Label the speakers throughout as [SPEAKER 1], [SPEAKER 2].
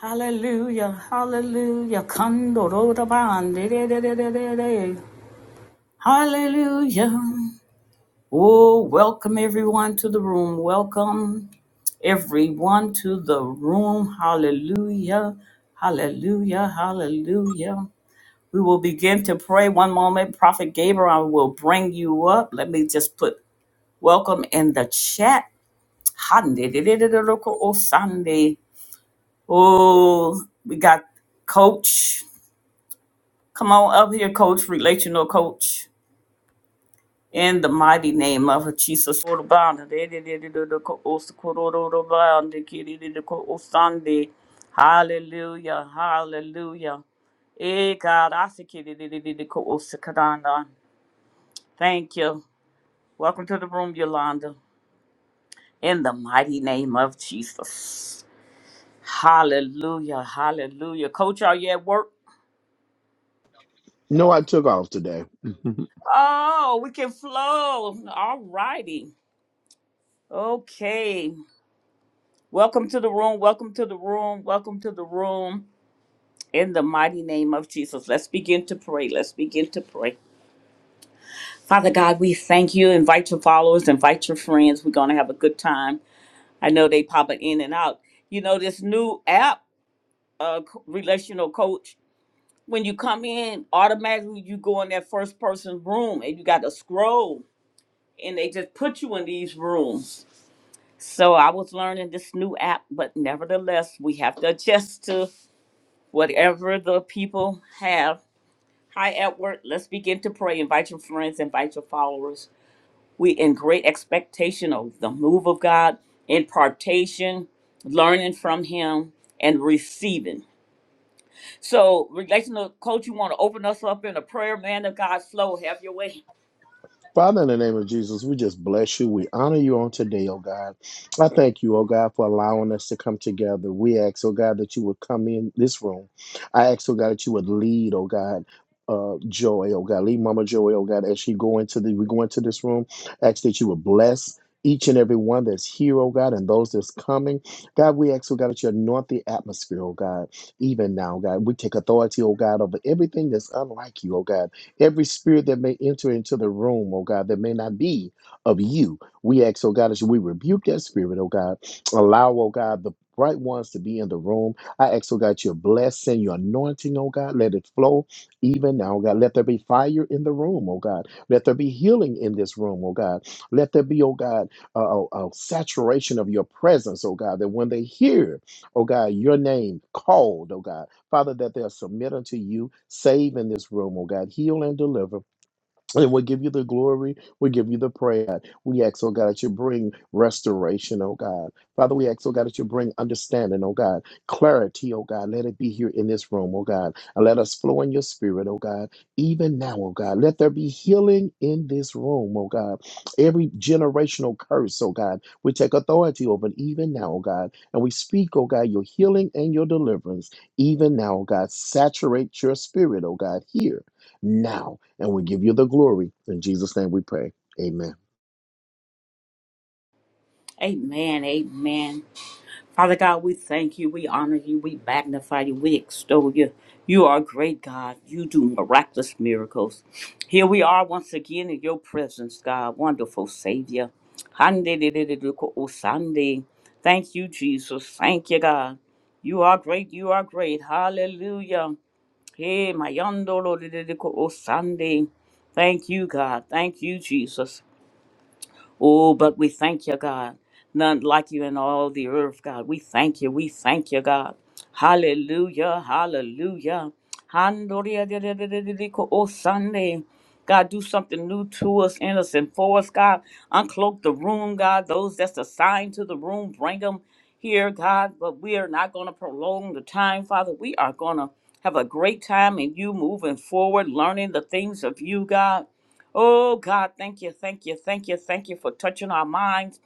[SPEAKER 1] Hallelujah, hallelujah, kandorodaban, de de de hallelujah. Oh, welcome everyone to the room. Welcome everyone to the room. Hallelujah, hallelujah, hallelujah. We will begin to pray. One moment, Prophet Gabriel, I will bring you up. Let me just put welcome in the chat. Hande, de de de de de Oh, Sunday. Oh, we got Coach. Come on up here, coach, relational coach, in the mighty name of Jesus. Hallelujah, hallelujah. Eh, God, I see Thank you. Welcome to the room, Yolanda. In the mighty name of Jesus. Hallelujah, hallelujah. Coach, are you at work?
[SPEAKER 2] No, I took off today.
[SPEAKER 1] Oh, we can flow. All righty. Okay. Welcome to the room. Welcome to the room. Welcome to the room. In the mighty name of Jesus, let's begin to pray. Let's begin to pray. Father God, we thank you. Invite your followers, invite your friends. We're going to have a good time. I know they popping in and out. You know, this new app, uh, Co- Relational Coach, when you come in, automatically you go in that first person room and you got to scroll and they just put you in these rooms. So I was learning this new app, but nevertheless, we have to adjust to Whatever the people have, hi at work, let's begin to pray. Invite your friends, invite your followers. We in great expectation of the move of God, impartation, learning from Him, and receiving. So, relational coach, you want to open us up in a prayer, man of God, flow, have your way.
[SPEAKER 2] Father, in the name of Jesus, we just bless you. We honor you on today, oh God. I thank you, oh God, for allowing us to come together. We ask, oh God, that you would come in this room. I ask, oh God, that you would lead, oh God. Uh, joy, oh God, lead Mama Joy, oh God, as she go into the we go into this room, ask that you would bless each and every one that's here, oh God, and those that's coming. God, we ask, oh God, that you anoint the atmosphere, oh God, even now, God. We take authority, oh God, over everything that's unlike you, oh God. Every spirit that may enter into the room, oh God, that may not be of you, we ask, oh God, as we rebuke that spirit, oh God. Allow, oh God, the right ones to be in the room. I ask, oh God, your blessing, your anointing, oh God, let it flow even now, oh God. Let there be fire in the room, oh God. Let there be healing in this room, oh God. Let there be, oh God, a, a a saturation of your presence, oh God, that when they hear, oh God, your name called, oh God. Father, that they are submitted to you. Save in this room, oh God. Heal and deliver. And we give you the glory. we give you the praise. God. We ask, oh God, that you bring restoration, oh God. Father, we ask, oh God, that you bring understanding, oh God. Clarity, oh God. Let it be here in this room, oh God. And let us flow in your spirit, oh God. Even now, oh God. Let there be healing in this room, oh God. Every generational curse, oh God. We take authority over it even now, oh God. And we speak, oh God, your healing and your deliverance even now, oh God. Saturate your spirit, oh God, here now and we give you the glory. In Jesus' name we pray. Amen.
[SPEAKER 1] Amen. Amen. Father God, we thank you, we honor you, we magnify you, we extol you. You are a great God. You do miraculous miracles. Here we are once again in your presence, God, wonderful Savior. Hande-de-de-de-de-ko-osande. Thank you, Jesus. Thank you, God. You are great. You are great. Hallelujah. Hey, my yondolo Thank you, God. Thank you, Jesus. Oh, but we thank you, God. None like you in all the earth, God. We thank you. We thank you, God. Hallelujah. Hallelujah. Handoriadididididiko, Oh, Sunday. God, do something new to us, in us, and for us, God. Uncloak the room, God. Those that's assigned to the room, bring them here, God. But we are not going to prolong the time, Father. We are going to have a great time in you moving forward, learning the things of you, God. Oh God, thank you, thank you, thank you, thank you for touching our minds,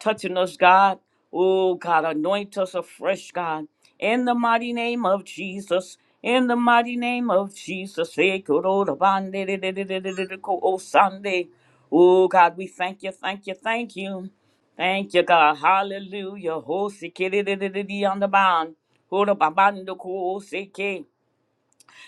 [SPEAKER 1] touching us, God. Oh God, anoint us afresh, God. In the mighty name of Jesus. In the mighty name of Jesus. Eh, koro bande de de de de de de de ko o Sunday. Oh God, we thank you, thank you, thank you. Thank you, God. Hallelujah. Ho si ki di di di di di on the bond. Ho da ba ban do ko o si ki.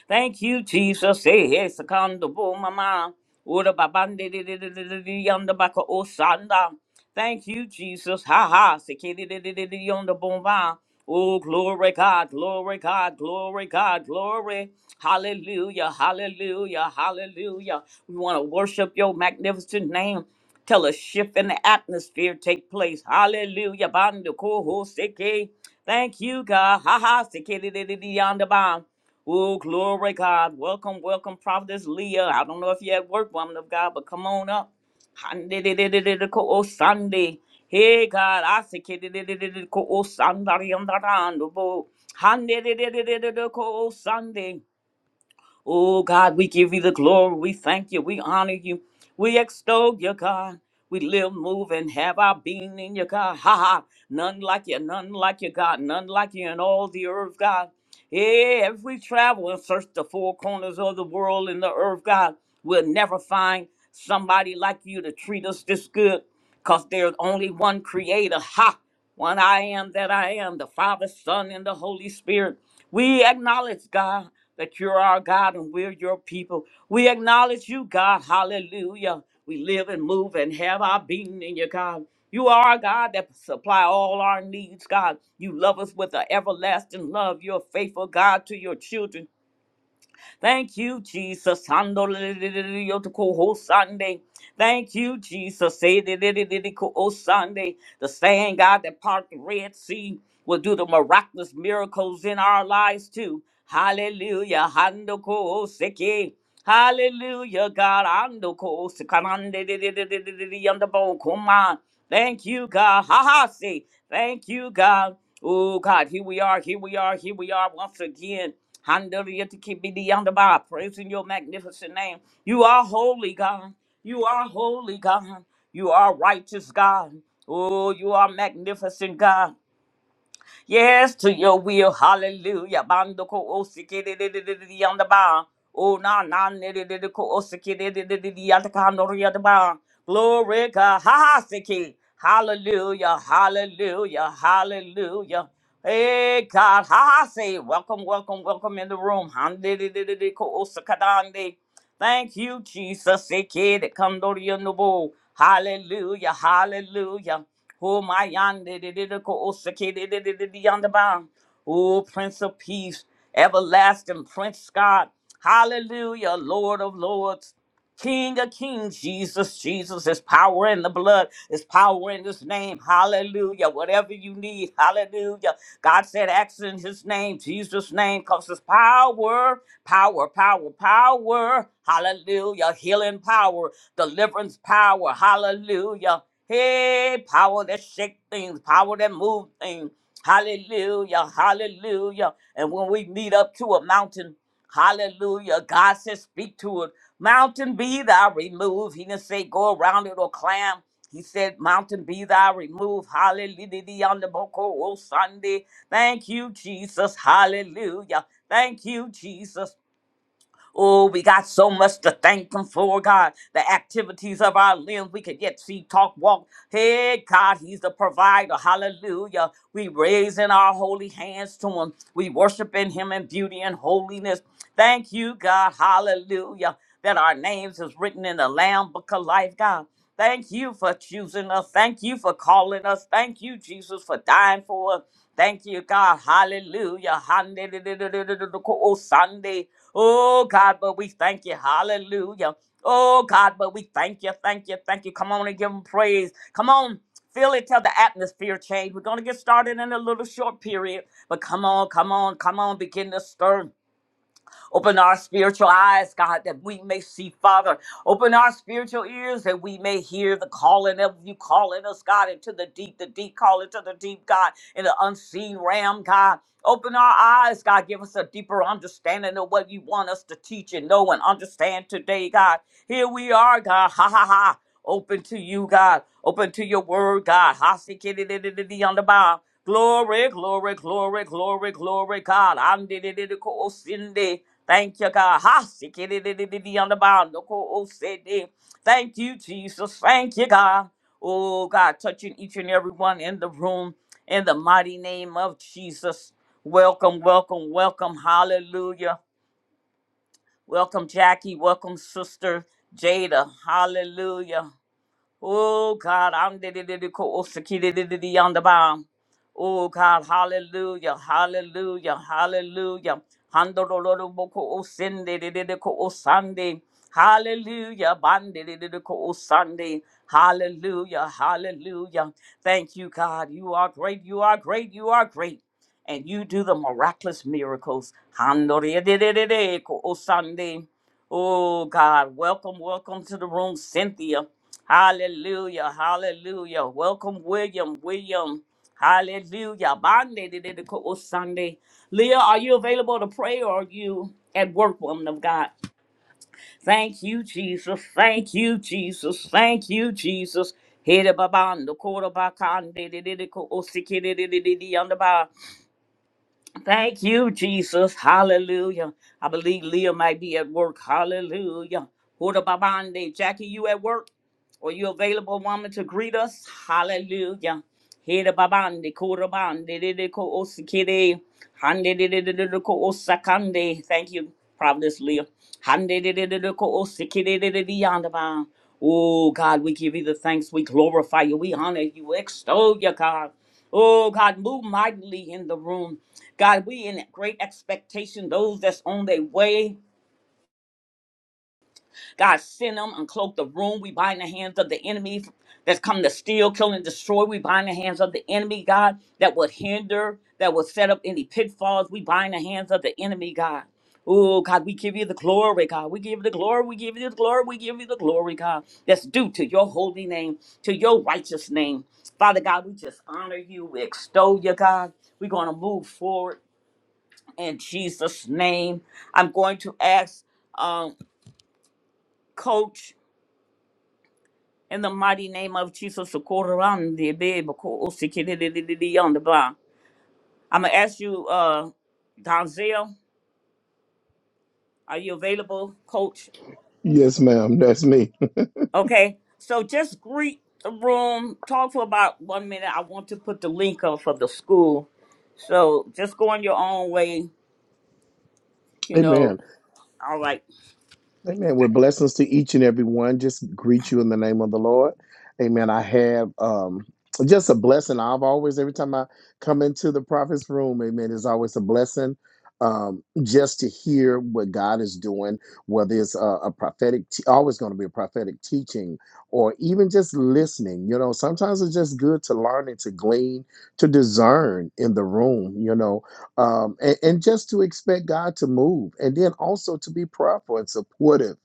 [SPEAKER 1] Thank you, Jesus. Hey, hey, second mama. Ora babande de de de de de de yonder baka osanda. Thank you, Jesus. Ha ha. Sekede de de de de yonder bomba. Oh, glory God, glory God, glory God, glory. Hallelujah, hallelujah, hallelujah. We want to worship your magnificent name. Tell a shift in the atmosphere take place. Hallelujah. Bandu koho seke. Thank you, God. Ha ha. Sekede de de de yonder bomb. Oh, glory, God. Welcome, welcome, Prophetess Leah. I don't know if you're at work, woman of God, but come on up. Oh, Sunday. Hey, God, I say, Oh, Sunday. Oh, Sunday. Oh God, we give you the glory. We thank you. We honor you. We extol you, God. We live, move, and have our being in you, God. Ha ha. None like you, none like you, God. None like you in all the earth, God. Yeah, if we travel and search the four corners of the world and the earth, God, we'll never find somebody like you to treat us this good because there's only one creator. Ha! One I am that I am, the Father, Son, and the Holy Spirit. We acknowledge, God, that you're our God and we're your people. We acknowledge you, God. Hallelujah. We live and move and have our being in you, God. You are our God that supply all our needs, God. You love us with an everlasting love. You're a faithful God to your children. Thank you, Jesus. Hando le le le le le to ko ho Sunday. Thank you, Jesus. Say le le le le le ko ho Sunday. The same God that parted Red Sea will do the miraculous miracles in our lives too. Hallelujah. Hando ko ho Seki. Hallelujah. God hando ko ho Sekanande le le le le le le le le le le le. I'm the Bokuma. Thank you, God. Ha ha. Say. Thank you, God. Oh God, here we are, here we are, here we are once again. Hallelujah to keep me beyond the bar, praising your magnificent name. You are holy, God. You are holy, God. You are righteous, God. Oh, you are magnificent, God. Yes, to your will. Hallelujah. Bando ko osiki di di di di di yanda ba. Oh na na ni di di di ko osiki di di di di di yanda ka no ri yanda ba. Glory God. Ha ha siki. Hallelujah. Hallelujah. Hallelujah. Hey God. Ha ha say. Welcome, welcome, welcome in the room. Han di di di di di ko osakadande. Thank you, Jesus. Eke de kandoria nobo. Hallelujah, hallelujah. Who my yonder the de de ko osake yonder bound. Oh, Prince of Peace, everlasting Prince God. Hallelujah, Lord of Lords. King of kings, Jesus, Jesus, there's power in the blood, there's power in his name, hallelujah. Whatever you need, hallelujah. God said, Acts in his name, Jesus' name, because there's power, power, power, power, hallelujah. Healing power, deliverance power, hallelujah. Hey, power that shake things, power that move things, hallelujah, hallelujah. And when we meet up to a mountain, Hallelujah. God says, speak to it. Mountain be thou removed. He didn't say go around it or climb. He said, Mountain be thou removed. Hallelujah. On the Boko Sunday. Thank you, Jesus. Hallelujah. Thank you, Jesus. Oh, we got so much to thank Him for, God. The activities of our limbs, we could yet see, talk, walk. Hey, God, He's the provider. Hallelujah. We raising our holy hands to Him. We worshiping Him in beauty and holiness. Thank you, God. Hallelujah. That our names is written in the Lamb Book of Life, God. Thank you for choosing us. Thank you for calling us. Thank you, Jesus, for dying for us. Thank you, God. Hallelujah. Hallelujah. Oh, Sunday. Oh, God, but we thank you. Hallelujah. Oh, God, but we thank you. Thank you. Thank you. Come on and give him praise. Come on. Feel it till the atmosphere change. We're going to get started in a little short period, but come on, come on, come on, begin to stir. Open our spiritual eyes, God, that we may see, Father. Open our spiritual ears that we may hear the calling of you calling us, God, into the deep, the deep calling to the deep, God, in the unseen realm, God. Open our eyes, God. Give us a deeper understanding of what you want us to teach and know and understand today, God. Here we are, God. Ha ha ha. Open to you, God. Open to your word, God. Ha si ki di di di di di on the bow. Glory, glory, glory, glory, glory, God. am di di di di ko o sin di. Thank you, God. Ha si ki di di di di di on the bow. No ko o se di. Thank you, Jesus. Thank you, God. Oh, God, touching each and every one in the room in the mighty name of Jesus. Welcome, welcome, welcome. Hallelujah. Welcome, Jackie. Welcome, Sister Jada. Hallelujah. Oh God, I'm the on the bound. Oh God, hallelujah, hallelujah, hallelujah. Handororoboko o sende de de de ko o sande. Hallelujah, bande de de de ko o sande. Hallelujah, hallelujah. Thank you, God. You are great, you are great, you are great. And you do the miraculous miracles. Handore de de de de ko o sande. Oh God, welcome, welcome to the room, Cynthia. Hallelujah, hallelujah. Welcome, William, William. Hallelujah. Bande de de de ko- o Sunday. Leah, are you available to pray or are you at work, woman of God? Thank you, Jesus. Thank you, Jesus. Thank you, Jesus. Hede babando, koda bakande, de de de ko- o sike de de de de de yanda ba. Thank you, Jesus. Hallelujah. I believe Leah might be at work. Hallelujah. Huda Babande. Jackie, you at work? Are you available, woman, to greet us? Hallelujah. Huda Babande. Kuda Bande. Dede Ko Osikide. Hande Dede Dede Ko Osakande. Thank you, Providence Leah. Handededededeko-osikidedededeyandaba. Oh God, we give you the thanks. We glorify you. We honor you. We extol you, God. Oh God, move mightily in the room. God, we in great expectation. Those that's on their way. God, send them, uncloak the room. We bind the hands of the enemy that's come to steal, kill, and destroy. We bind the hands of the enemy, God, that would hinder, that would set up any pitfalls. We bind the hands of the enemy, God. Oh, God, we give you the glory, God. We give you the glory. We give you the glory. We give you the glory, God. That's due to your holy name, to your righteous name. Father God, we just honor you. We extol you, God. We're going to move forward in Jesus' name. I'm going to ask um, Coach. In the mighty name of Jesus, the Koran, the baby, ko- sikididididi, on the block. I'm gonna ask you, uh, Donzel, are you available, Coach?
[SPEAKER 2] Yes, ma'am. That's me.
[SPEAKER 1] Okay, so just greet the room, talk for about one minute. I want to put the link up for the school, so just go on your own way. You know,
[SPEAKER 2] Amen.
[SPEAKER 1] all right.
[SPEAKER 2] Amen. With blessings to each and every one. Just greet you in the name of the Lord. Amen. I have um just a blessing. I've always, every time I come into the prophet's room, amen, it's always a blessing um, just to hear what God is doing, whether it's a, a prophetic, te- always going to be a prophetic teaching, or even just listening. You know, sometimes it's just good to learn and to glean, to discern in the room, you know, um, and, and just to expect God to move, and then also to be prayerful and supportive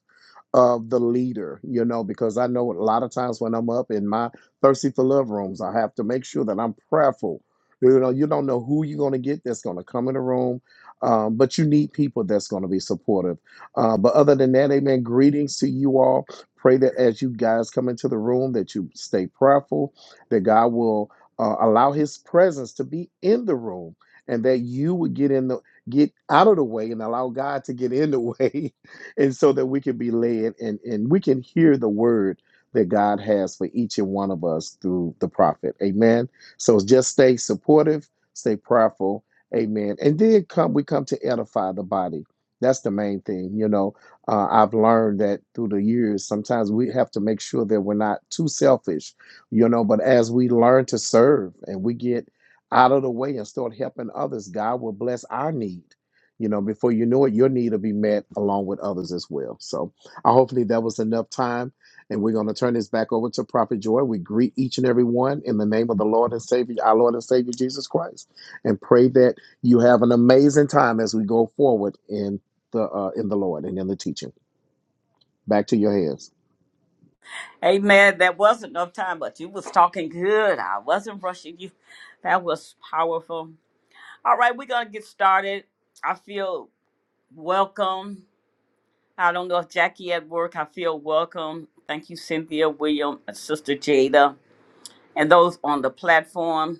[SPEAKER 2] of the leader, you know, because I know a lot of times when I'm up in my thirsty for love rooms, I have to make sure that I'm prayerful. You know, you don't know who you're going to get that's going to come in the room, um, but you need people that's going to be supportive. Uh, but other than that, amen. Greetings to you all. Pray that as you guys come into the room, that you stay prayerful, that God will uh, allow His presence to be in the room, and that you would get in the get out of the way and allow God to get in the way and so that we can be led and, and we can hear the word that God has for each and one of us through the prophet. Amen. So just stay supportive, stay prayerful. Amen. And then come we come to edify the body. That's the main thing. You know, uh, I've learned that through the years, sometimes we have to make sure that we're not too selfish, you know, but as we learn to serve and we get out of the way and start helping others, God will bless our need you know before you know it your need will be met along with others as well so uh, hopefully that was enough time and we're going to turn this back over to prophet joy we greet each and every one in the name of the lord and savior our lord and savior jesus christ and pray that you have an amazing time as we go forward in the uh, in the lord and in the teaching back to your hands
[SPEAKER 1] Amen. That wasn't enough time, but you was talking good. I wasn't rushing you. That was powerful. All right, we're gonna get started. I feel welcome. I don't know if Jackie at work. I feel welcome. Thank you, Cynthia, William, and Sister Jada, and those on the platform.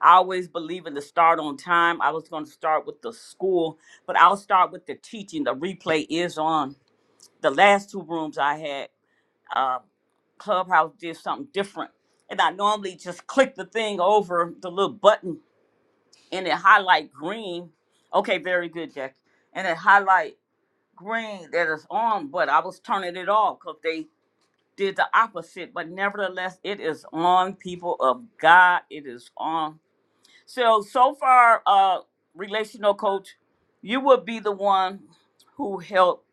[SPEAKER 1] I always believe in the start on time. I was going to start with the school, but I'll start with the teaching. The replay is on. The last two rooms I had, uh, Clubhouse did something different. And I normally just click the thing over the little button and it highlight green. Okay, very good, Jackie. And it highlight green that is on, but I was turning it off because they did the opposite. But nevertheless, it is on, people of God. It is on. So, so far, uh, relational coach, you will be the one who helped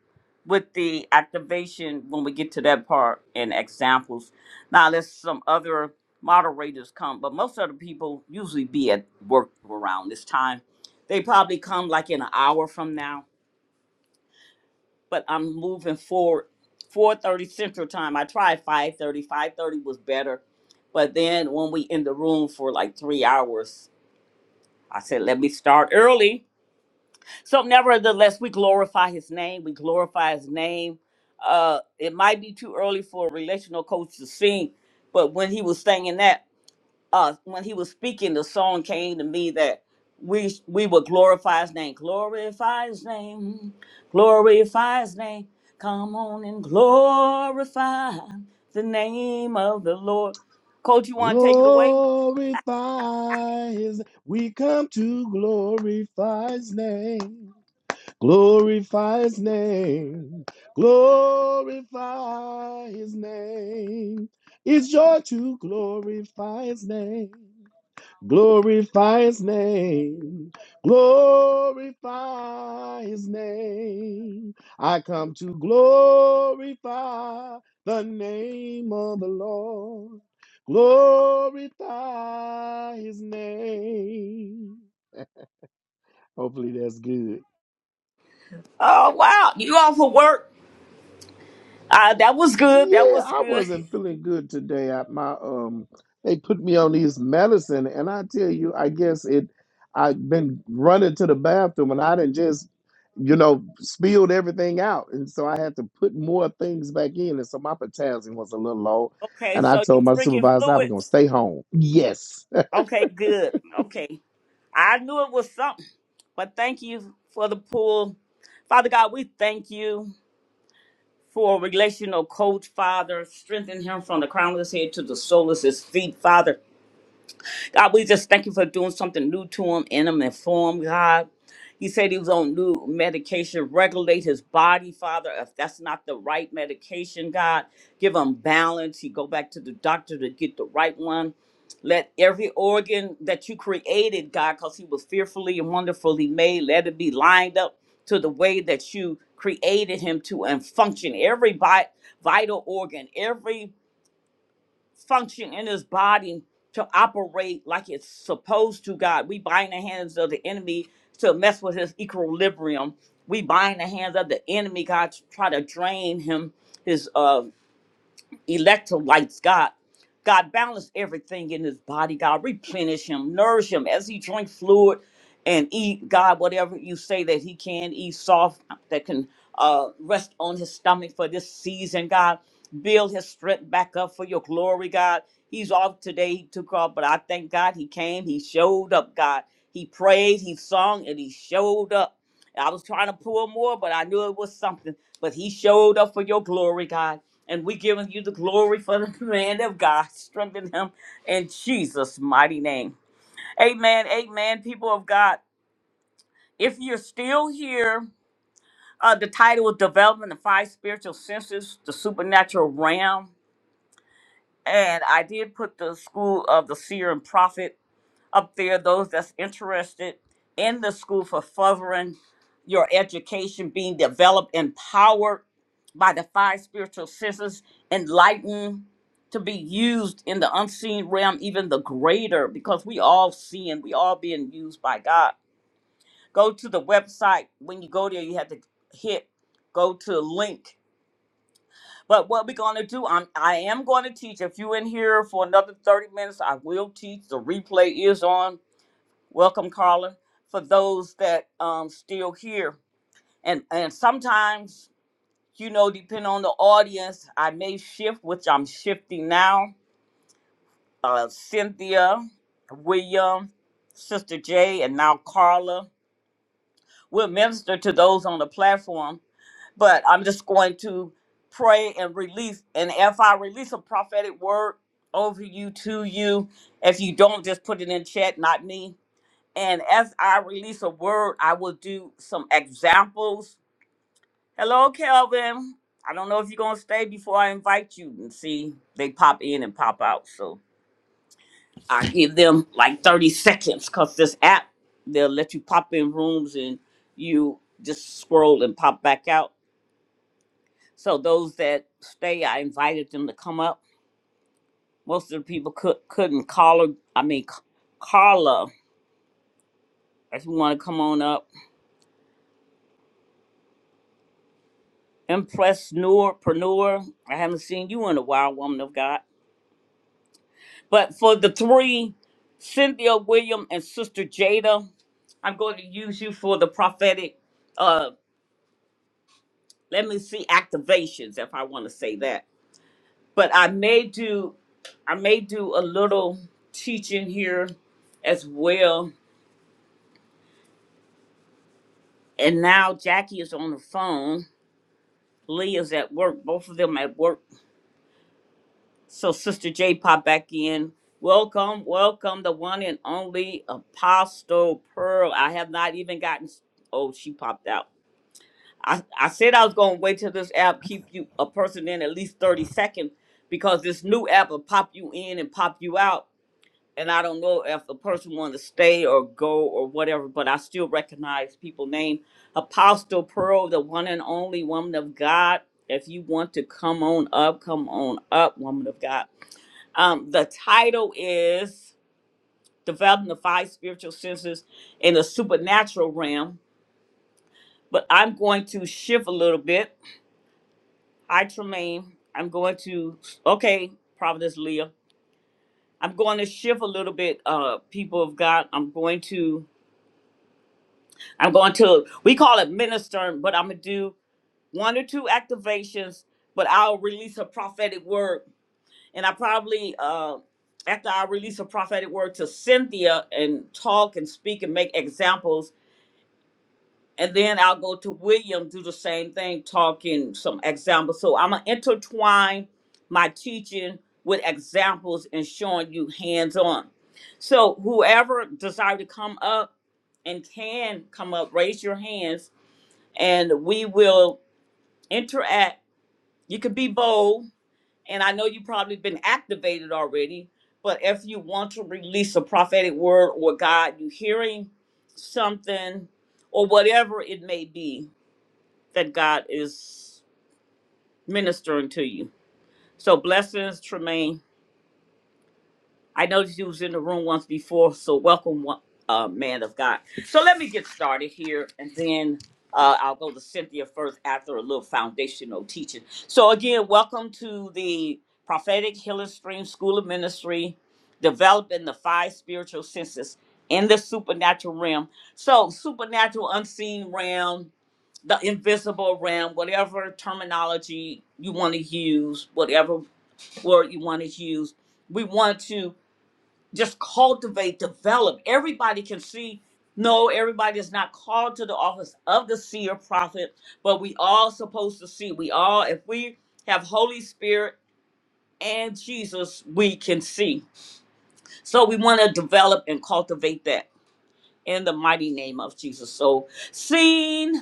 [SPEAKER 1] with the activation when we get to that part and examples. Now, let's some other moderators come, but most of the people usually be at work around this time. They probably come like in an hour from now but I'm moving forward. 4:30 Central Time. I tried 5:30. 5:30 was better, but then when we in the room for like three hours, I said, "Let me start early." So, nevertheless, we glorify His name. We glorify His name. Uh, it might be too early for a relational coach to sing, but when he was singing that uh when he was speaking the song came to me that we we would glorify his name glorify his name glorify his name come on and glorify the name of the lord coach you want to take it away
[SPEAKER 2] Glorify his we come to glorify his name. Glorify his name. Glorify his name. It's joy to glorify his name. Glorify his name. Glorify his name. I come to glorify the name of the Lord. Glorify his name. Hopefully that's good.
[SPEAKER 1] oh wow you off for work uh that was good that
[SPEAKER 2] Yeah,
[SPEAKER 1] was
[SPEAKER 2] I
[SPEAKER 1] good
[SPEAKER 2] wasn't feeling good today. I, my um, they put me on these medicine, and I tell you, I guess it. I've been running to the bathroom, and I didn't just, you know, spilled everything out, and so I had to put more things back in, and so my potassium was a little low,
[SPEAKER 1] okay
[SPEAKER 2] and I
[SPEAKER 1] so you
[SPEAKER 2] told my
[SPEAKER 1] drinking
[SPEAKER 2] supervisor I was gonna
[SPEAKER 1] fluids
[SPEAKER 2] stay home. Yes.
[SPEAKER 1] okay good okay i knew it was something but thank you for the pool father god we thank you for a relational coach, Father. Strengthen him from the crown of his head to the sole of his feet, Father. God, we just thank you for doing something new to him, in him, and for him, God. He said he was on new medication. Regulate his body, Father. If that's not the right medication, God, give him balance. He go back to the doctor to get the right one. Let every organ that you created, God, because he was fearfully and wonderfully made, let it be lined up to the way that you created him to and function. Every vi- vital organ, every function in his body to operate like it's supposed to, God. We bind the hands of the enemy to mess with his equilibrium. We bind the hands of the enemy, God, to try to drain him, his uh, electrolytes, God. God, balance everything in his body, God. Replenish him, nourish him as he drink fluid and eat, God, whatever you say that he can eat soft, that can uh, rest on his stomach for this season, God. Build his strength back up for your glory, God. He's off today. He took off, but I thank God he came. He showed up, God. He prayed, he sung, and he showed up. I was trying to pull more, but I knew it was something. But he showed up for your glory, God. And we giving you the glory for the man of God. Strengthen him in Jesus' mighty name. Amen. Amen. People of God, if you're still here, uh, the title is Developing the Five Spiritual Senses, the Supernatural Realm. And I did put the School of the Seer and Prophet up there, those that's interested in the school for furthering your education, being developed, empowered by the five spiritual senses, enlightened to be used in the unseen realm, even the greater, because we all seeing, we all being used by God. Go to the website. When you go there, you have to hit go to link. But what we're gonna do, I'm I am going to teach. If you in here for another 30 minutes, I will teach. The replay is on Welcome, Carla. For those that um still here, and and sometimes you know, depending on the audience, I may shift, which I'm shifting now. Uh, Cynthia, William, Sister J, and now Carla will minister to those on the platform. But I'm just going to pray and release, and if I release a prophetic word over you to you, if you don't, just put it in chat, not me And as I release a word, I will do some examples. Hello, Kelvin. I don't know if you're going to stay before I invite you. And see, they pop in and pop out. So I give them like 30 seconds because this app, they'll let you pop in rooms and you just scroll and pop back out. So those that stay, I invited them to come up. Most of the people could, couldn't. call her. I mean, Carla, if you want to come on up. Impresspreneur. I haven't seen you in a while, woman of God. But for the three, Cynthia William and Sister Jada, I'm going to use you for the prophetic. Uh, let me see activations, if I want to say that. But I may do, I may do a little teaching here as well. And now Jackie is on the phone. Lee is at work. Both of them at work. So Sister J pop back in. Welcome, welcome, the one and only Apostle Pearl. I have not even gotten. Oh, she popped out. I, I said I was gonna wait till this app keep you a person in at least thirty seconds because this new app will pop you in and pop you out, and I don't know if the person want to stay or go or whatever. But I still recognize people name Apostle Pearl, the one and only woman of God. If you want to come on up, come on up, woman of God. Um, the title is Developing the Five Spiritual Senses in the Supernatural Realm. But I'm going to shift a little bit. I, Tremaine, I'm going to, okay, Providence Leah. I'm going to shift a little bit, uh, people of God. I'm going to, I'm going to, we call it ministering, but I'm going to do one or two activations, but I'll release a prophetic word and I probably uh, after I release a prophetic word to Cynthia and talk and speak and make examples, and then I'll go to William do the same thing, talking some examples. So I'm gonna intertwine my teaching with examples and showing you hands on. So whoever desire to come up and can come up, raise your hands, and we will interact. You can be bold and I know you've probably been activated already, but if you want to release a prophetic word or God, you hearing something or whatever it may be that God is ministering to you. So blessings, Tremaine. I noticed you was in the room once before, so welcome, wo- uh, man of God. So let me get started here, and then uh, I'll go to Cynthia first after a little foundational teaching. So again, welcome to the Prophetic Healing Stream School of Ministry, developing the five spiritual senses in the supernatural realm. So supernatural, unseen realm, the invisible realm, whatever terminology you want to use, whatever word you want to use. We want to just cultivate, develop. Everybody can see. No, everybody is not called to the office of the seer prophet, but we all supposed to see. We all, if we have Holy Spirit and Jesus, we can see. So we want to develop and cultivate that in the mighty name of Jesus. So seen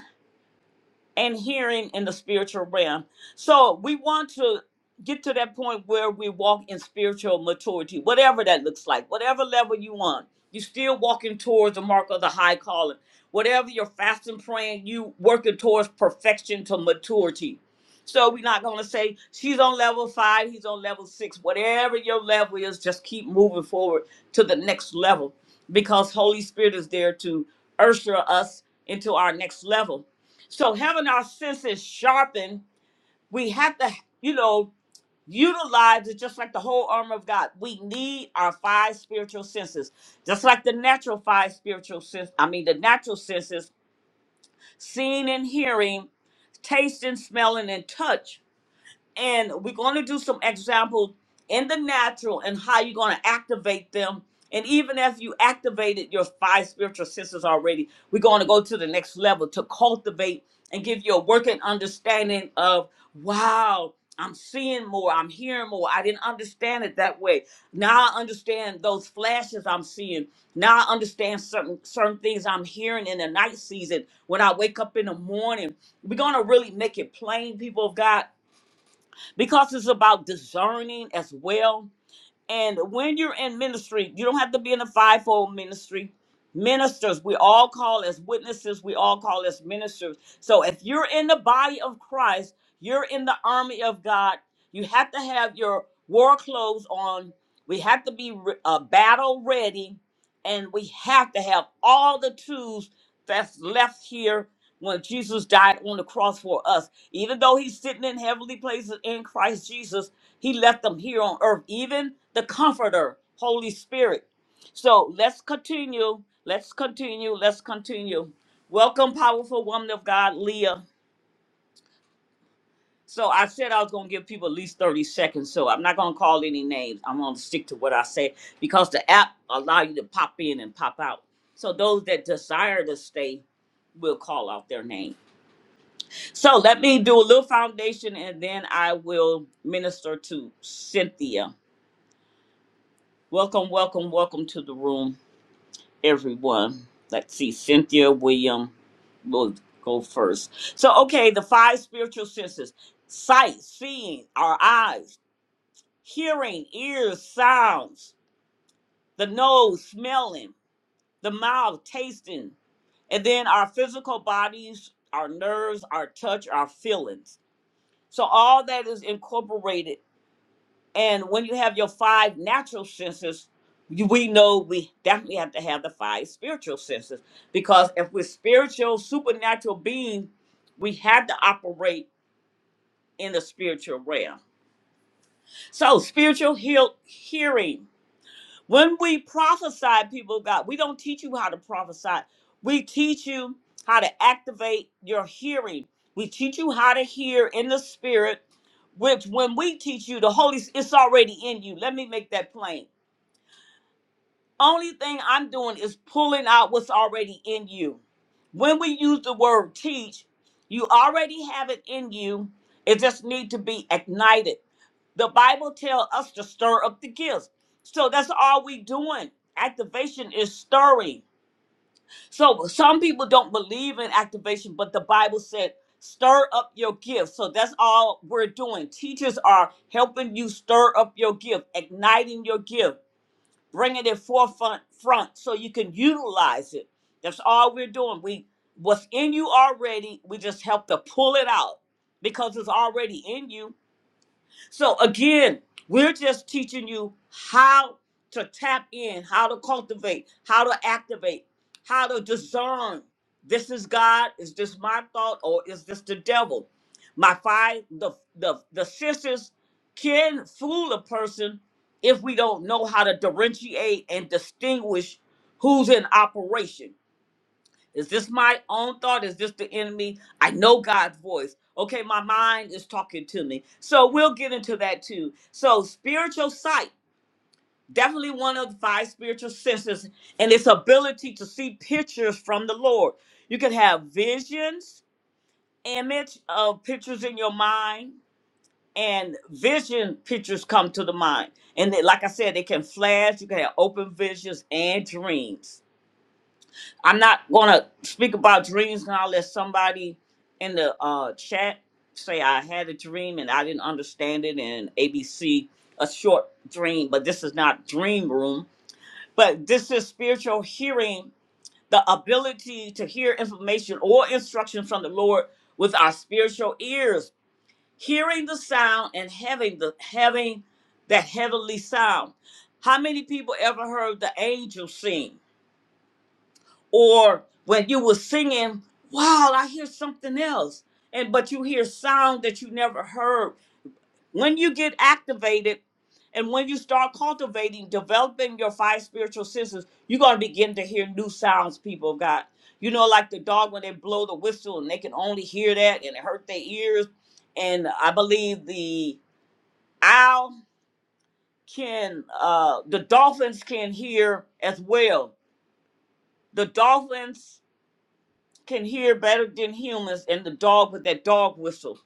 [SPEAKER 1] and hearing in the spiritual realm. So we want to get to that point where we walk in spiritual maturity, whatever that looks like, whatever level you want. You're still walking towards the mark of the high calling. Whatever you're fasting, praying, you working towards perfection to maturity. So we're not going to say she's on level five, he's on level six. Whatever your level is, just keep moving forward to the next level because Holy Spirit is there to usher us into our next level. So having our senses sharpened, we have to, you know, utilize it just like the whole armor of God. We need our five spiritual senses, just like the natural five spiritual sense. I mean, the natural senses: seeing and hearing, tasting, smelling, and touch and we're going to do some examples in the natural and how you're going to activate them. And even if you activated your five spiritual senses already, we're going to go to the next level to cultivate and give you a working understanding of wow, I'm seeing more, I'm hearing more. I didn't understand it that way. Now I understand those flashes I'm seeing. Now I understand certain certain things I'm hearing in the night season when I wake up in the morning. We're going to really make it plain, people of God because it's about discerning as well. And when you're in ministry, you don't have to be in a fivefold ministry. Ministers, we all call as witnesses, we all call as ministers. So if you're in the body of Christ, you're in the army of God, you have to have your war clothes on. We have to be re- uh, battle ready and we have to have all the tools that's left here when Jesus died on the cross for us. Even though he's sitting in heavenly places in Christ Jesus, he left them here on earth, even the comforter, Holy Spirit. So let's continue. Let's continue. Let's continue. Welcome, powerful woman of God, Leah. So I said I was gonna give people at least 30 seconds, so I'm not gonna call any names. I'm gonna stick to what I say because the app allow you to pop in and pop out. So those that desire to stay will call out their name. So let me do a little foundation and then I will minister to Cynthia. Welcome, welcome, welcome to the room, everyone. Let's see, Cynthia William will go first. So okay, the five spiritual senses. Sight, seeing, our eyes hearing, ears, sounds, the nose, smelling, the mouth, tasting, and then our physical bodies, our nerves, our touch, our feelings. So all that is incorporated. And when you have your five natural senses, you- we know we definitely have to have the five spiritual senses because if we're spiritual, supernatural beings, we have to operate in the spiritual realm. So spiritual heal, hearing. When we prophesy, people of God, we don't teach you how to prophesy. We teach you how to activate your hearing. We teach you how to hear in the spirit, which when we teach you, the Holy, it's already in you. Let me make that plain. Only thing I'm doing is pulling out what's already in you. When we use the word teach, you already have it in you. It just need to be ignited. The Bible tells us to stir up the gifts. So that's all we doing. Activation is stirring. So some people don't believe in activation, but the Bible said stir up your gift. So that's all we're doing. Teachers are helping you stir up your gift, igniting your gift, bringing it forefront front so you can utilize it. That's all we're doing. We what's in you already, we just help to pull it out because it's already in you so again, we're just teaching you how to tap in, how to cultivate, how to activate, how to discern. This is God. Is this my thought or is this the devil? My five the the the sisters can fool a person if we don't know how to differentiate and distinguish who's in operation. Is this my own thought? Is this the enemy? I know God's voice. Okay, my mind is talking to me. So we'll get into that too. So, spiritual sight, definitely one of the five spiritual senses, and its ability to see pictures from the Lord. You can have visions, image of pictures in your mind, and vision pictures come to the mind. And they- like I said, they can flash, you can have open visions and dreams. I'm not gonna speak about dreams now. Let somebody in the uh, chat say I had a dream and I didn't understand it, and ABC a short dream, but this is not dream room. But this is spiritual hearing, the ability to hear information or instruction from the Lord with our spiritual ears, hearing the sound and having the having that heavenly sound. How many people ever heard the angels sing? or when you were singing, wow, I hear something else. And but you hear sound that you never heard. When you get activated and when you start cultivating, developing your five spiritual senses, you're gonna begin to hear new sounds, people of God. You know, like the dog when they blow the whistle and they can only hear that and it hurt their ears. And I believe the owl can uh the dolphins can hear as well. The dolphins can hear better than humans and the dog with that dog whistle.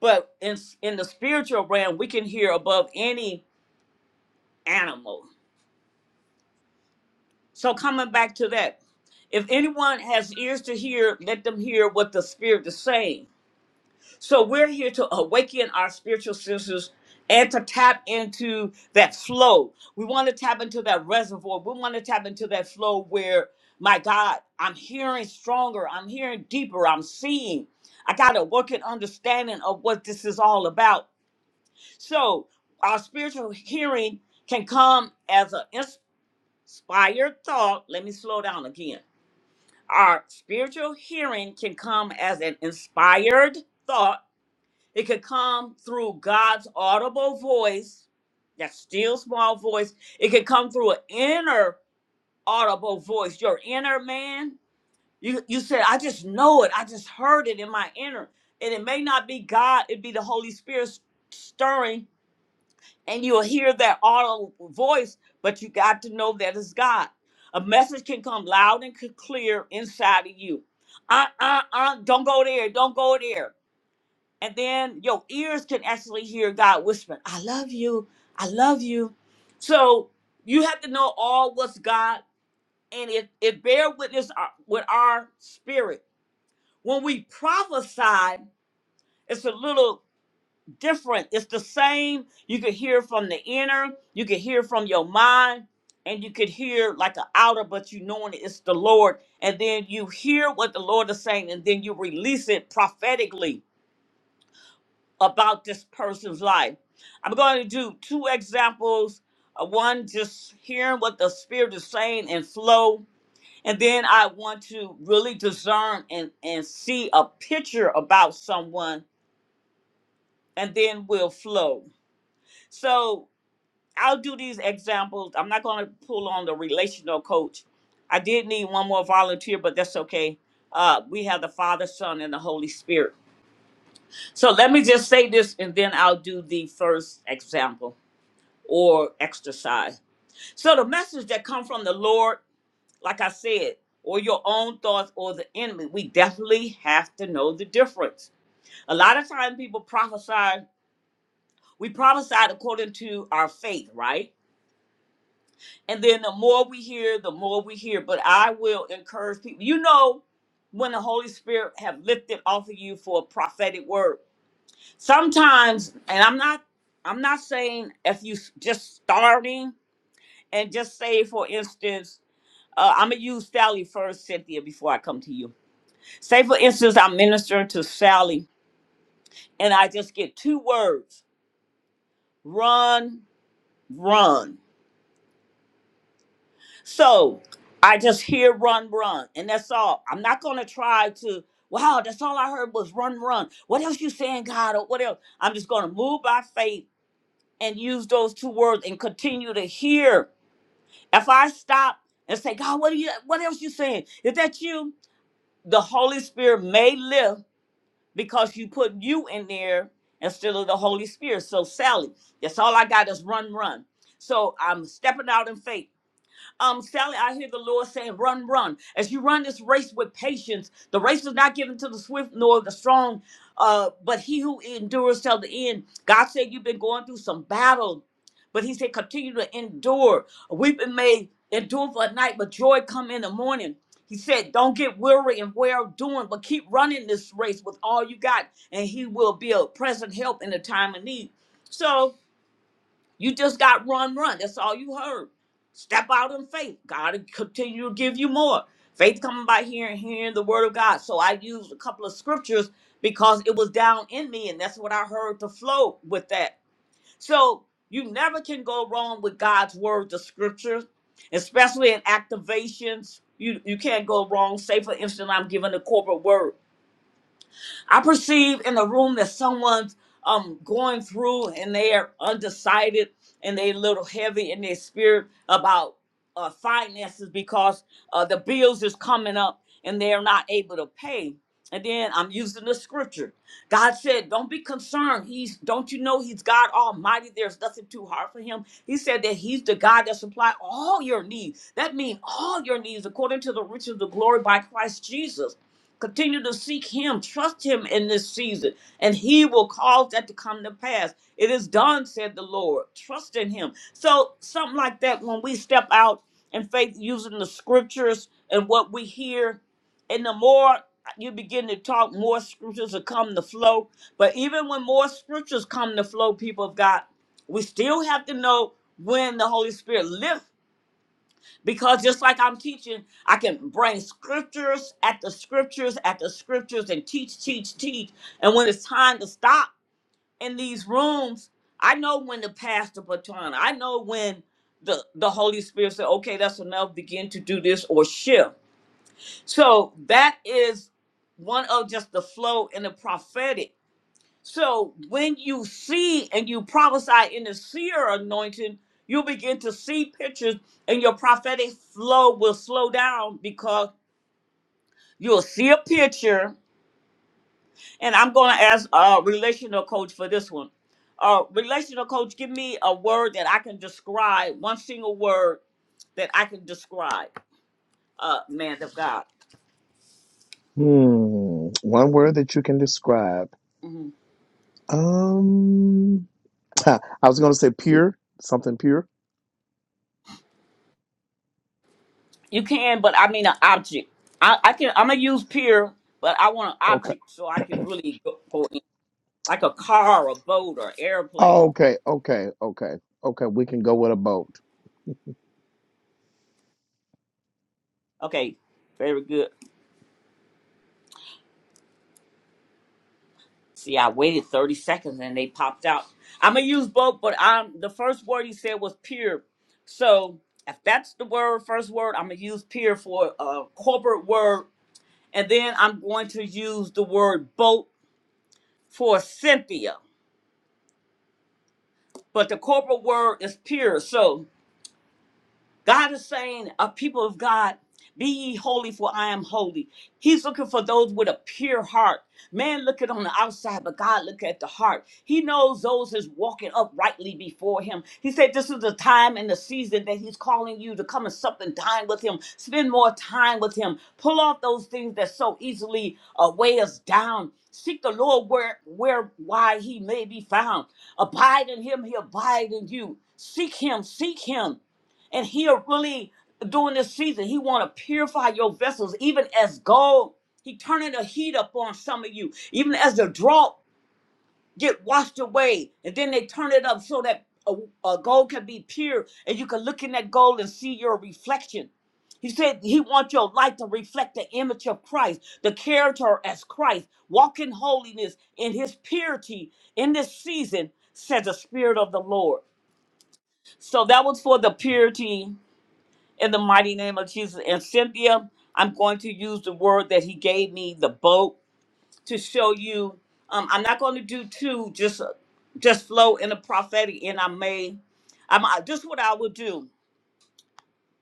[SPEAKER 1] But in in the spiritual realm, we can hear above any animal. So coming back to that, if anyone has ears to hear, let them hear what the spirit is saying. So we're here to awaken our spiritual senses and to tap into that flow. We want to tap into that reservoir. We want to tap into that flow where, my God, I'm hearing stronger, I'm hearing deeper, I'm seeing. I got a working understanding of what this is all about. So our spiritual hearing can come as an inspired thought. Let me slow down again. Our spiritual hearing can come as an inspired thought it could come through God's audible voice, that still small voice. It could come through an inner audible voice, your inner man. You you said, I just know it. I just heard it in my inner. And it may not be God, it'd be the Holy Spirit s- stirring, and you'll hear that audible voice, but you got to know that it's God. A message can come loud and c- clear inside of you. Uh, uh, uh, don't go there. Don't go there and then your ears can actually hear God whispering, I love you, I love you. So you have to know all what's God, and it, it bear witness uh, with our spirit. When we prophesy, it's a little different. It's the same. You can hear from the inner, you can hear from your mind, and you could hear like an outer, but you knowing it's the Lord. And then you hear what the Lord is saying, and then you release it prophetically about this person's life. I'm going to do two examples. uh, One, just hearing what the Spirit is saying and flow. And then I want to really discern and, and see a picture about someone, and then we'll flow. So I'll do these examples. I'm not going to pull on the relational coach. I did need one more volunteer, but that's okay. Uh, we have the Father, Son, and the Holy Spirit. So let me just say this, and then I'll do the first example. or exercise. So the message that come from the Lord, like I said, or your own thoughts or the enemy, we definitely have to know the difference. A lot of times, people prophesy, we prophesy according to our faith, right? And then the more we hear, the more we hear. But I will encourage people, you know, when the Holy Spirit have lifted off of you for a prophetic word. Sometimes, and I'm not I'm not saying if you s- just starting and just say for instance Uh, I'm gonna use Sally first, Cynthia, before I come to you. Say, for instance, I'm ministering to Sally, and I just get two words: run, run. So I just hear run, run, and that's all. I'm not gonna try to. Wow, that's all I heard was run, run. What else you saying, God, or what else? I'm just gonna move by faith and use those two words and continue to hear. If I stop and say, God, what are you? What else you saying? Is that you? The Holy Spirit may lift because you put you in there instead of the Holy Spirit. So, Sally, that's all I got is run, run. So, I'm stepping out in faith. Um, Sally, I hear the Lord saying, run, run. As you run this race with patience, the race is not given to the swift nor the strong, uh, but he who endures till the end. God said you've been going through some battle, but he said continue to endure. Weeping may endure for a night, but joy come in the morning. He said, Don't get weary and wear doing, but keep running this race with all you got, and he will be a present help in the time of need. So you just got run, run. That's all you heard. Step out in faith. God will continue to give you more. Faith coming by hearing, hearing the word of God. So I used a couple of scriptures because it was down in me, and that's what I heard to flow with that. So you never can go wrong with God's word, the scriptures, especially in activations. You you can't go wrong. Say for instance, I'm giving a corporate word. I perceive in the room that someone's um going through and they are undecided and they a little heavy in their spirit about uh, finances because uh, the bills is coming up and they're not able to pay. And then I'm using the scripture. God said, "Don't be concerned. He's don't you know He's God Almighty. There's nothing too hard for Him." He said that He's the God that supplies all your needs. That means all your needs according to the riches of glory by Christ Jesus. Continue to seek him, trust him in this season, and he will cause that to come to pass. It is done, said the Lord. Trust in him. So, something like that, when we step out in faith using the scriptures and what we hear, and the more you begin to talk, more scriptures will come to flow. But even when more scriptures come to flow, people of God, we still have to know when the Holy Spirit lifts. Because just like I'm teaching, I can bring scriptures at the scriptures at the scriptures and teach, teach, teach. And when it's time to stop in these rooms, I know when to pass the baton. I know when the, the Holy Spirit said, okay, that's enough, begin to do this or shift. So that is one of just the flow in the prophetic so when you see and you prophesy in the seer anointing, you begin to see pictures and your prophetic flow will slow down because you'll see a picture. And I'm going to ask a relational coach for this one. Uh, relational coach, give me a word that I can describe, one single word that I can describe, uh, man of God.
[SPEAKER 2] Hmm. One word that you can describe.
[SPEAKER 1] Mhm.
[SPEAKER 2] Um, I was going to say pure, something pure.
[SPEAKER 1] You can, but I mean an object. I, I can. I'm gonna use peer, but I want an object so I can really go, go in. like a car a boat or airplane.
[SPEAKER 2] Okay, okay, okay, okay. We can go with a boat.
[SPEAKER 1] Okay, very good. See, I waited 30 seconds and they popped out. I'm gonna use boat, but I'm the first word he said was pure. So if that's the word, first word, I'm gonna use pure for a corporate word, and then I'm going to use the word boat for Cynthia. But the corporate word is pure. So God is saying, a people of God, be ye holy, for I am holy. He's looking for those with a pure heart. Man look at on the outside, but God look at the heart. He knows those is walking uprightly before him. He said, This is the time and the season that he's calling you to come and sup and dine with him. Spend more time with him. Pull off those things that so easily uh, weigh us down. Seek the Lord where where why he may be found. Abide in him, he abide in you. Seek him, seek him. And he'll really during this season, he want to purify your vessels, even as gold. He turning the heat up on some of you, even as the drought get washed away, and then they turn it up so that a, a gold can be pure, and you can look in that gold and see your reflection. He said he wants your life to reflect the image of Christ, the character as Christ. Walk in holiness in his purity in this season, says the Spirit of the Lord. So that was for the purity in the mighty name of Jesus. And Cynthia, I'm going to use the word that he gave me, the boat, to show you. Um, I'm not going to do two, just just flow in the prophetic, and I may. I'm I, this is what I would do.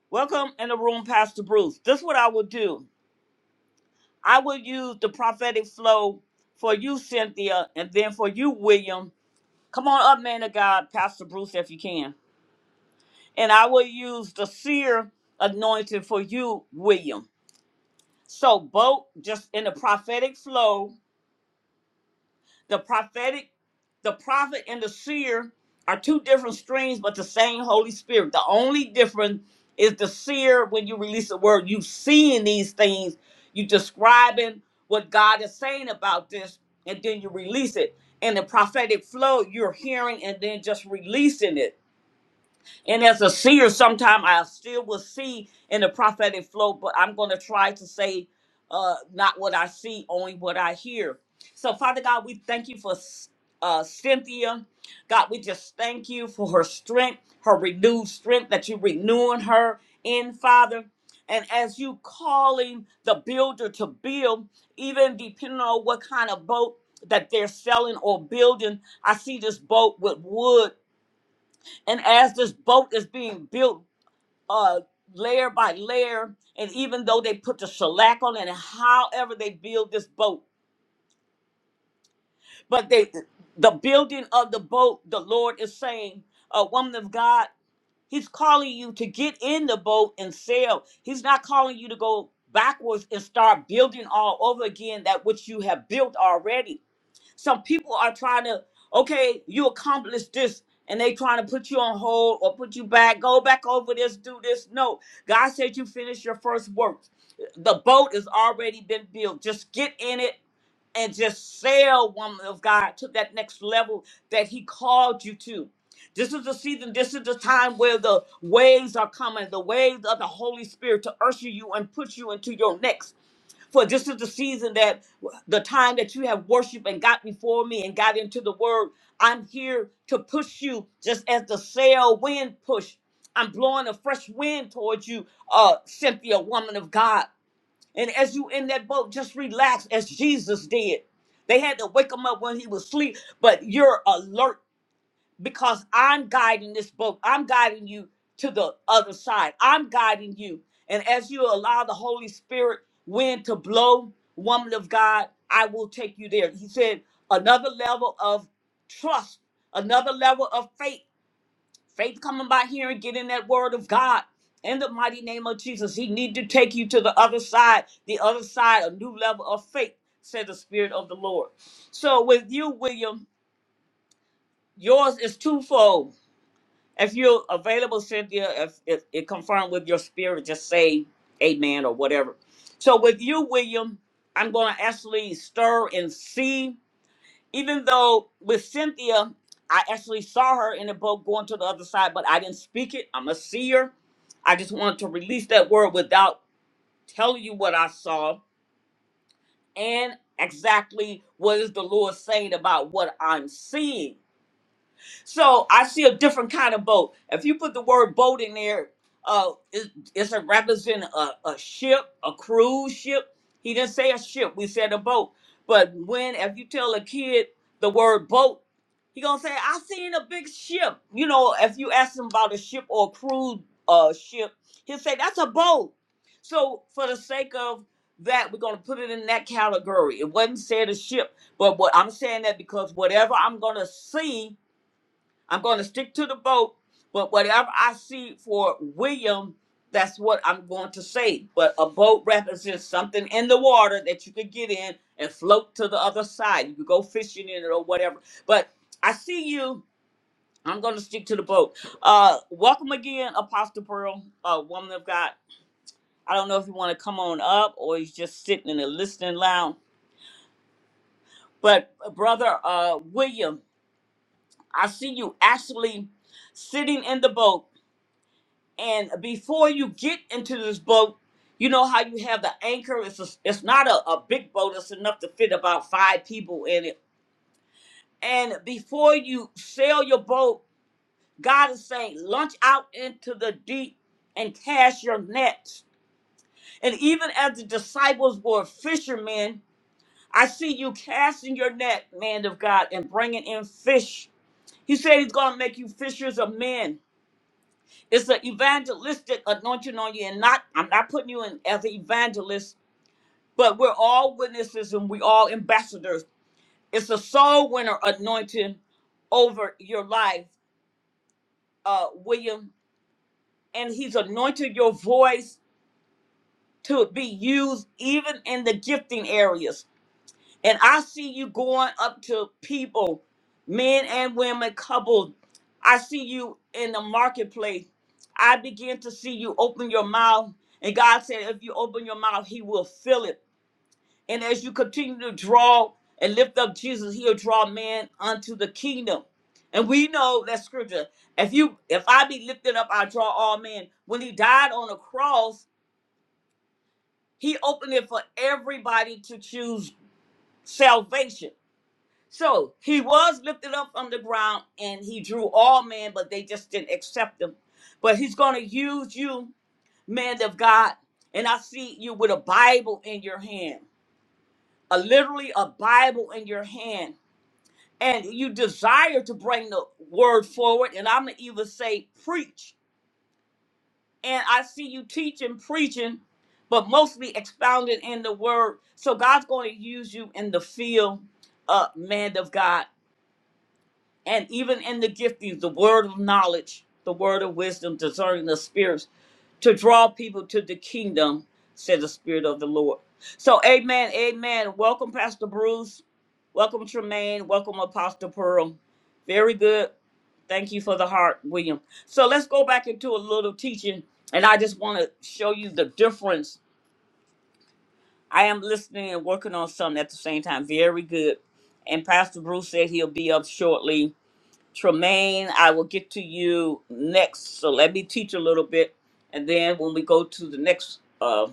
[SPEAKER 1] Welcome in the room, Pastor Bruce. This is what I would do. I will use the prophetic flow for you, Cynthia, and then for you, William. Come on up, man of God, Pastor Bruce, if you can. And I will use the seer anointing for you, William So both just in the prophetic flow, the prophetic, the prophet and the seer are two different streams, but the same Holy Spirit. The only difference is the seer when you release the word, you seeing these things, you describing what God is saying about this, and then you release it. In the prophetic flow, you're hearing and then just releasing it. And as a seer, sometime I still will see in the prophetic flow, but I'm going to try to say uh, not what I see, only what I hear. So, Father God, we thank you for uh, Cynthia. God, we just thank you for her strength, her renewed strength that you are renewing her in, Father. And as you calling the builder to build, even depending on what kind of boat that they're selling or building, I see this boat with wood and as this boat is being built uh, layer by layer, and even though they put the shellac on it, and however they build this boat, but they the building of the boat, the Lord is saying, a woman of God, He's calling you to get in the boat and sail. He's not calling you to go backwards and start building all over again that which you have built already. some people are trying to okay you accomplished this and they trying to put you on hold or put you back go back over this do this no god said you finish your first work the boat has already been built just get in it and just sail woman of god to that next level that he called you to this is the season this is the time where the waves are coming the waves of the holy spirit to usher you and put you into your next for this is the season that the time that you have worshiped and got before me and got into the word. I'm here to push you just as the sail wind push. I'm blowing a fresh wind towards you, uh, Cynthia, woman of God. And as you in that boat, just relax as Jesus did. They had to wake him up when he was asleep, but you're alert because I'm guiding this boat. I'm guiding you to the other side. I'm guiding you. And as you allow the Holy Spirit wind to blow, woman of God, I will take you there. He said, another level of trust, another level of faith. Faith coming by hearing, getting that word of God. In the mighty name of Jesus, he need to take you to the other side, the other side, a new level of faith, said the Spirit of the Lord. So with you, William, yours is twofold if you're available, Cynthia, if, if it confirmed with your spirit, just say amen or whatever. So with you, William, I'm going to actually stir and see. Even though with Cynthia, I actually saw her in the boat going to the other side, but I didn't speak it. I'm a seer. I just wanted to release that word without telling you what I saw and exactly what is the Lord saying about what I'm seeing. So I see a different kind of boat. If you put the word boat in there, uh, it, it's a represent a, a ship, a cruise ship. He didn't say a ship. We said a boat. But when if you tell a kid the word boat, he gonna say, "I seen a big ship." You know, if you ask him about a ship or a cruise uh, ship, he'll say, "That's a boat." So for the sake of that, we're gonna put it in that category. It wasn't said a ship, but what I'm saying that because whatever I'm gonna see I'm going to stick to the boat, but whatever I see for William, that's what I'm going to say. But a boat represents something in the water that you could get in and float to the other side. You could go fishing in it or whatever. But I see you. I'm going to stick to the boat. Uh, welcome again, Apostle Pearl, uh, woman of God. I don't know if you want to come on up or you're just sitting in the listening lounge. But, uh, brother uh, William, I see you actually sitting in the boat And before you get into this boat, you know how you have the anchor. It's a, it's not a, a big boat. It's enough to fit about five people in it. And before you sail your boat, God is saying, launch out into the deep and cast your nets. And even as the disciples were fishermen, I see you casting your net, man of God, and bringing in fish. He said he's going to make you fishers of men. It's an evangelistic anointing on you, and not I'm not putting you in as an evangelist, but we're all witnesses and we all ambassadors. It's a soul winner anointing over your life, uh, William, and He's anointed your voice to be used even in the gifting areas And I see you going up to people, men and women, couples. I see you in the marketplace. I begin to see you open your mouth. And God said, if you open your mouth, He will fill it. And as you continue to draw and lift up Jesus, He'll draw man unto the kingdom. And we know that scripture. If you if I be lifted up, I draw all men. When he died on the cross, he opened it for everybody to choose salvation. So he was lifted up from the ground and he drew all men, but they just didn't accept him. But he's going to use you, man of God. And I see you with a Bible in your hand, a literally a Bible in your hand. And you desire to bring the word forward. And I'm going to even say preach. And I see you teaching, preaching, but mostly expounded in the word. So God's going to use you in the field, uh, man of God. And even in the giftings, the word of knowledge, the word of wisdom, discerning the spirits, to draw people to the kingdom, said the Spirit of the Lord. So, amen, amen. Welcome, Pastor Bruce. Welcome, Tremaine. Welcome, Apostle Pearl. Very good. Thank you for the heart, William. So, let's go back into a little teaching, and I just want to show you the difference. I am listening and working on something at the same time. Very good. And Pastor Bruce said he'll be up shortly Tremaine, I will get to you next. So let me teach a little bit. And then when we go to the next uh,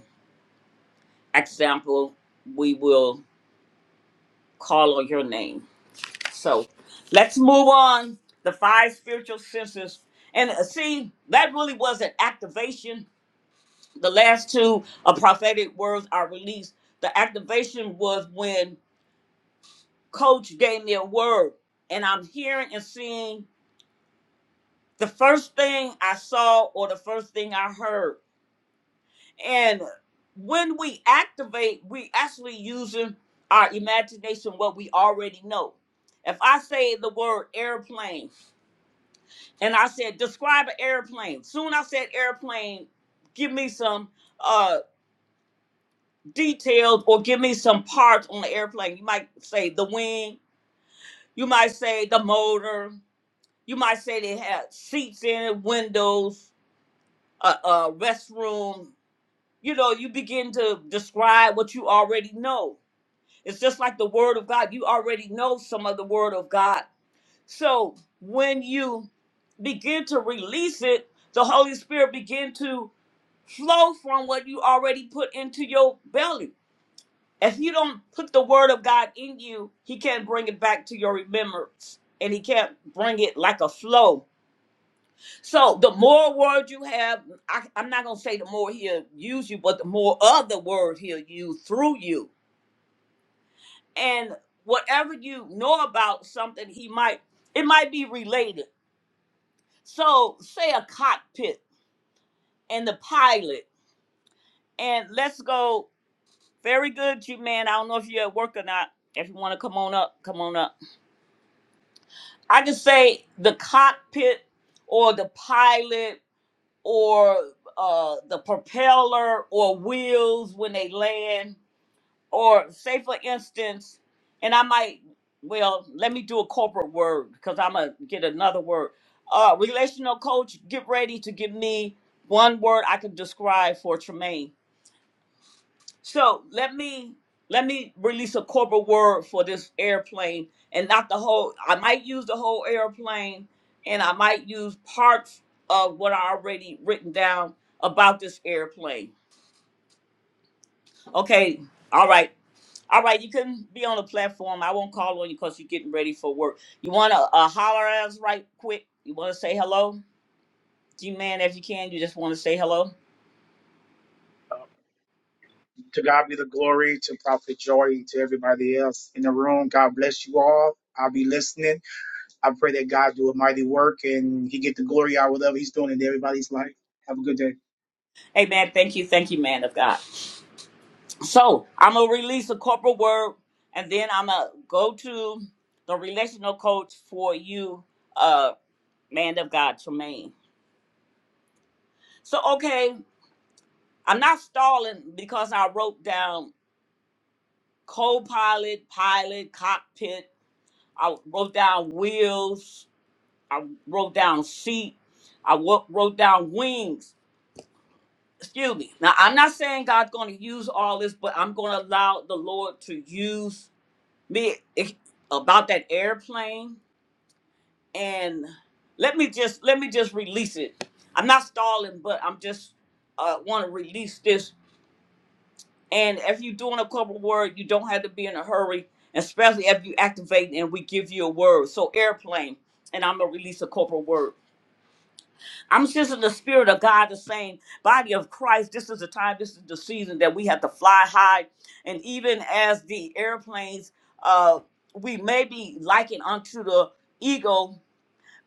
[SPEAKER 1] example, we will call on your name. So let's move on. The five spiritual senses. And uh, see, that really was an activation. The last two uh, prophetic words are released. The activation was when Coach gave me a word, and I'm hearing and seeing the first thing I saw or the first thing I heard And when we activate, we actually using our imagination, what we already know. If I say the word airplane and I said, describe an airplane, soon I said airplane, give me some uh details or give me some parts on the airplane. You might say the wing, you might say the motor, you might say they had seats in it, windows, a, a restroom. You know, you begin to describe what you already know It's just like the word of God. You already know some of the word of God. So when you begin to release it, the Holy Spirit begin to flow from what you already put into your belly. If you don't put the word of God in you, he can't bring it back to your remembrance. And he can't bring it like a flow. So the more word you have, I, I'm not gonna say the more he'll use you, but the more of the word he'll use through you and whatever you know about something he might it might be related so say a cockpit and the pilot and let's go very good you man i don't know if you're at work or not if you want to come on up come on up i can say the cockpit or the pilot or uh, the propeller or wheels when they land or say for instance, and I might well let me do a corporate word because I'm gonna get another word. Uh, relational coach, get ready to give me one word I can describe for Tremaine. So let me let me release a corporate word for this airplane and not the whole. I might use the whole airplane and I might use parts of what I already written down about this airplane. Okay, all right. All right, you can be on the platform. I won't call on you because you're getting ready for work. You want to uh, holler at us right quick? You want to say hello? G man, if you can, you just want to say hello. Hey man, thank you, thank you, man of God. So I'm gonna release a corporate word, and then I'm gonna go to the relational coach for you, uh, man of God, Tremaine. So okay, I'm not stalling because I wrote down co-pilot, pilot, cockpit. I wrote down wheels. I wrote down seat. I wo- wrote down wings. Excuse me. Now I'm not saying God's going to use all this, but I'm going to allow the Lord to use me It- about that airplane. And let me just let me just release it. I'm not stalling, but I'm just uh, want to release this. And if you're doing a couple word, you don't have to be in a hurry, especially if you activate and we give you a word. So airplane, and I'm gonna release a corporate word. I'm sensing the spirit of God, the same body of Christ. This is the time, this is the season that we have to fly high. And even as the airplanes, uh, we may be likened unto the eagle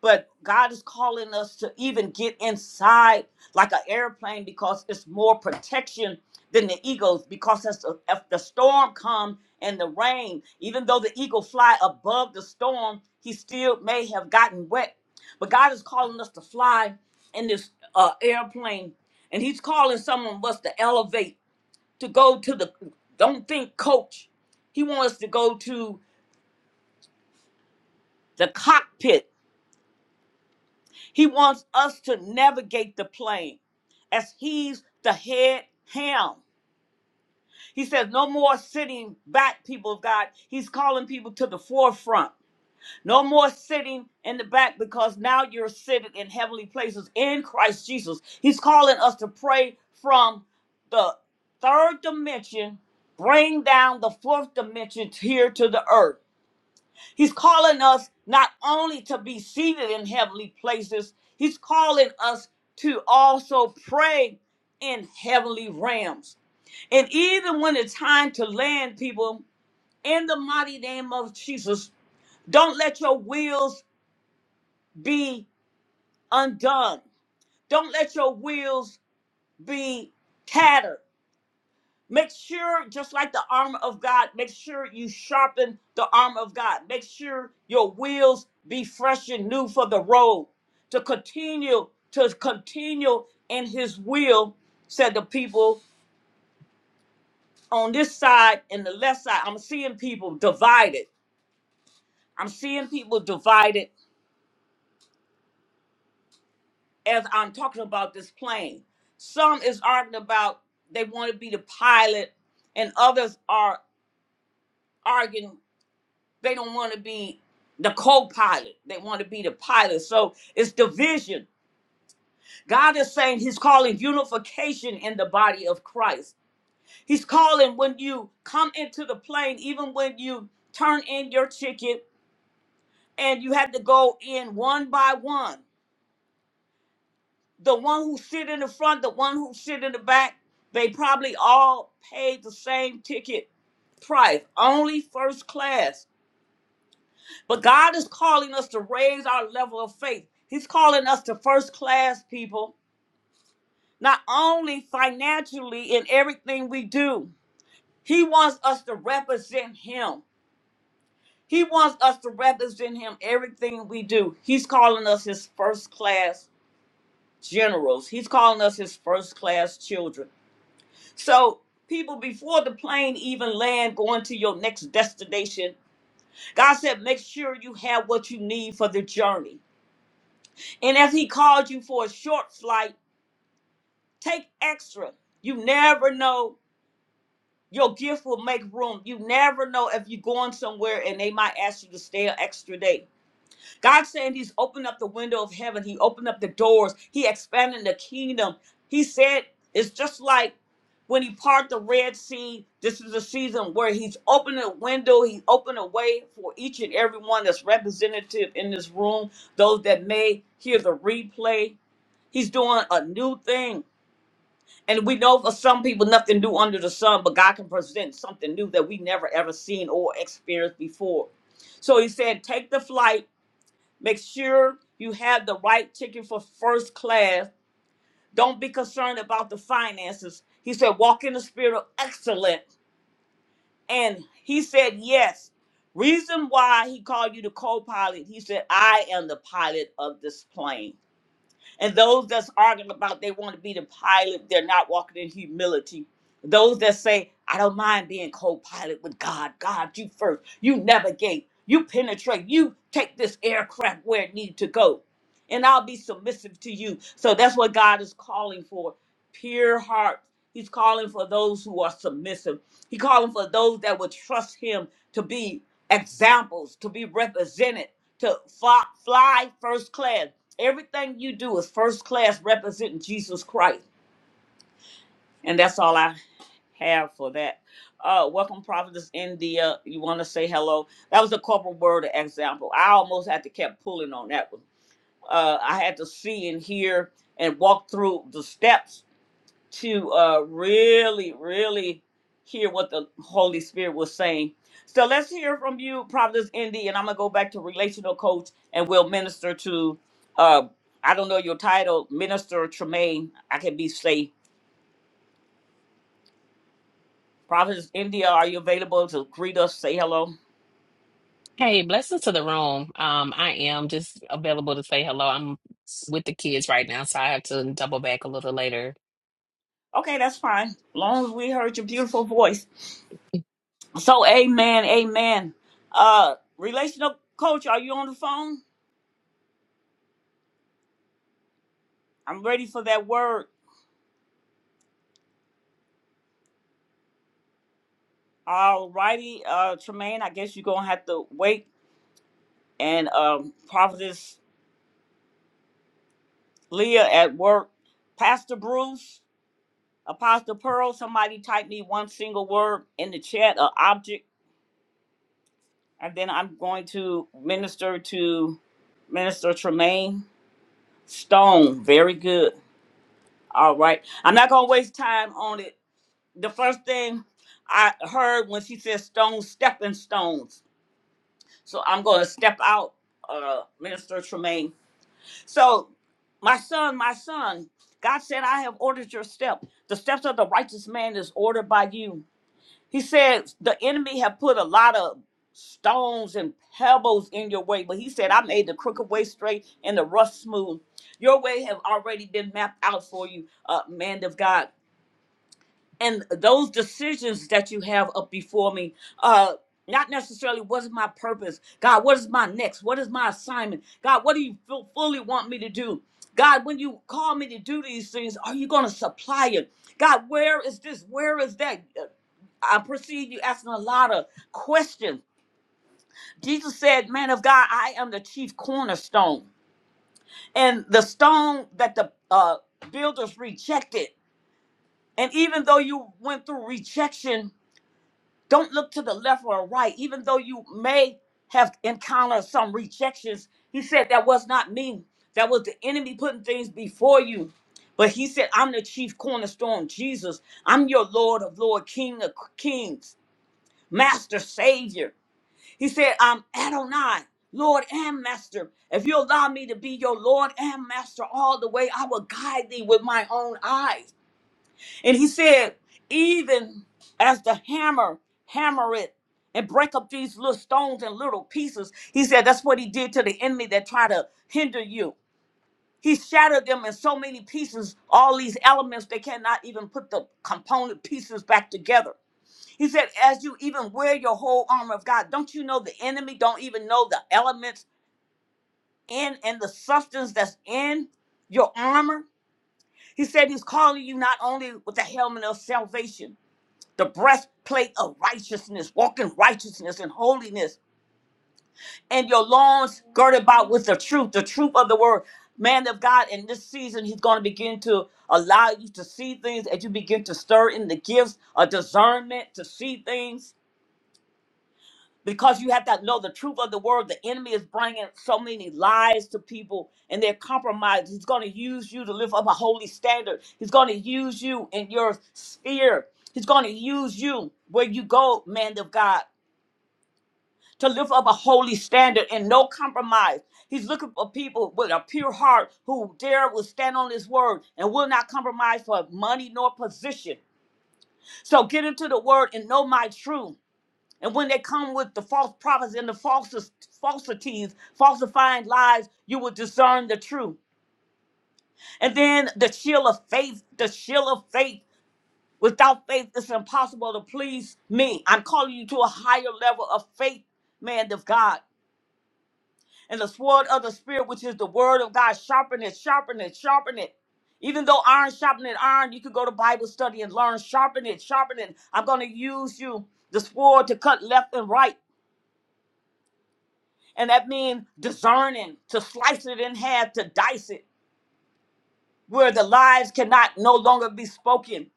[SPEAKER 1] but God is calling us to even get inside like an airplane because it's more protection than the eagles. Because as the, if the storm comes and the rain, even though the eagle fly above the storm, he still may have gotten wet. But God is calling us to fly in this uh, airplane, and He's calling some of us to elevate, to go to the. Don't think coach. He wants us to go to the cockpit He wants us to navigate the plane as he's the head ham. He says, No more sitting back, people of God. He's calling people to the forefront. No more sitting in the back because now you're sitting in heavenly places in Christ Jesus. He's calling us to pray from the third dimension, bring down the fourth dimension here to the earth. He's calling us not only to be seated in heavenly places, he's calling us to also pray in heavenly realms. And even when it's time to land, people, in the mighty name of Jesus, don't let your wheels be undone. Don't let your wheels be tattered. Make sure, just like the armor of God, make sure you sharpen the armor of God. Make sure your wheels be fresh and new for the road. To continue, to continue in his will, said the people on this side and the left side. I'm seeing people divided. I'm seeing people divided as I'm talking about this plane. Some is arguing about they want to be the pilot, and others are arguing They don't want to be the co-pilot. They want to be the pilot. So it's division. God is saying he's calling unification in the body of Christ. He's calling when you come into the plane, even when you turn in your ticket and you have to go in one by one. The one who sit in the front, the one who sit in the back, they probably all paid the same ticket price, only first class But God is calling us to raise our level of faith. He's calling us to first class people, not only financially in everything we do. He wants us to represent Him. He wants us to represent Him everything we do. He's calling us His first class generals, He's calling us His first class children. So, people, before the plane even land, going to your next destination, God said, make sure you have what you need for the journey. And if he called you for a short flight, take extra. You never know. Your gift will make room. You never know if you're going somewhere and they might ask you to stay an extra day. God's saying He's opened up the window of heaven. He opened up the doors. He expanded the kingdom. He said it's just like when He parted the Red Sea. This is a season where He's opened a window. He opened a way for each and every one that's representative in this room. Those that may hear the replay He's doing a new thing. And we know for some people nothing new under the sun, but God can present something new that we never ever seen or experienced before. So he said, take the flight, make sure you have the right ticket for first class. Don't be concerned about the finances. He said, walk in the spirit of excellence. And he said, yes. Reason why he called you the co pilot, he said, I am the pilot of this plane. And those that's arguing about they want to be the pilot, they're not walking in humility. Those that say, I don't mind being co pilot with God, God, you first, you navigate, you penetrate, you take this aircraft where it needs to go. And I'll be submissive to you. So that's what God is calling for pure heart. He's calling for those who are submissive. He calling for those that would trust Him to be examples, to be represented, to fly, fly first class. Everything you do is first class representing Jesus Christ. And that's all I have for that. Uh, welcome, Prophetess India. You want to say hello? That was a corporate word example. I almost had to kept pulling on that one. Uh, I had to see and hear and walk through the steps to uh, really, really hear what the Holy Spirit was saying. So let's hear from you, Providence Indy, and I'm gonna go back to relational coach, and we'll minister to. Uh, I don't know your title, Minister Tremaine. I can be safe. Providence India, are you available to greet us, say hello?
[SPEAKER 3] Hey, blessings to the room. Um, I am just available to say hello. I'm with the kids right now, so I have to double back a little later.
[SPEAKER 1] Okay, that's fine. Long as we heard your beautiful voice. So, amen, amen. Uh, relational coach, are you on the phone? I'm ready for that word. All righty, uh, Tremaine, I guess you're gonna have to wait. And um, Prophetess Leah at work, Pastor Bruce, Apostle Pearl, somebody type me one single word in the chat, or object, and then I'm going to minister to Minister Tremaine Stone. Very good. All right, I'm not gonna waste time on it. The first thing I heard when she said stone, stepping stones. So I'm gonna step out, uh, Minister Tremaine. So, my son, my son, God said, I have ordered your step. The steps of the righteous man is ordered by you. He said, the enemy have put a lot of stones and pebbles in your way, but he said, I made the crooked way straight and the rough smooth. Your way have already been mapped out for you, uh, man of God and those decisions that you have up before me uh not necessarily what is my purpose god what is my next what is my assignment god what do you fu- fully want me to do god when you call me to do these things are you going to supply it god where is this where is that Uh, i perceive you asking a lot of questions jesus said man of god i am the chief cornerstone and the stone that the uh, builders rejected and even though you went through rejection Don't look to the left or right, even though you may have encountered some rejections. He said, That was not me. That was the enemy putting things before you. But he said, I'm the chief cornerstone, Jesus. I'm your Lord of Lord, King of Kings, Master, Savior. He said, I'm Adonai, Lord and Master. If you allow me to be your Lord and Master all the way, I will guide thee with my own eyes. And he said, even as the hammer, hammer it and break up these little stones and little pieces. He said that's what he did to the enemy that try to hinder you. He shattered them in so many pieces, all these elements, they cannot even put the component pieces back together. He said, as you even wear your whole armor of God, don't you know the enemy don't even know the elements in and the substance that's in your armor? He said he's calling you not only with the helmet of salvation, the breastplate of righteousness, walking righteousness and holiness, and your loins girded about with the truth, the truth of the word. Man of God, in this season, He's going to begin to allow you to see things as you begin to stir in the gifts of discernment to see things because you have to know the truth of the word. The enemy is bringing so many lies to people and they're compromised. He's going to use you to lift up a holy standard, He's going to use you in your sphere, He's going to use you where you go, man of God to lift up a holy standard and no compromise. He's looking for people with a pure heart who dare will stand on his word and will not compromise for money nor position. So get into the word and know my truth. And when they come with the false prophets and the falses, falsities, falsifying lies, you will discern the truth. And then the shield of faith, the shield of faith. Without faith, it's impossible to please me. I'm calling you to a higher level of faith, man of God. And the sword of the spirit, which is the word of God, sharpen it, sharpen it, sharpen it. Even though iron sharpen it, iron, you could go to Bible study and learn, sharpen it, sharpen it. I'm gonna use you, the sword, to cut left and right. And that means discerning, to slice it in half, to dice it, where the lies cannot no longer be spoken.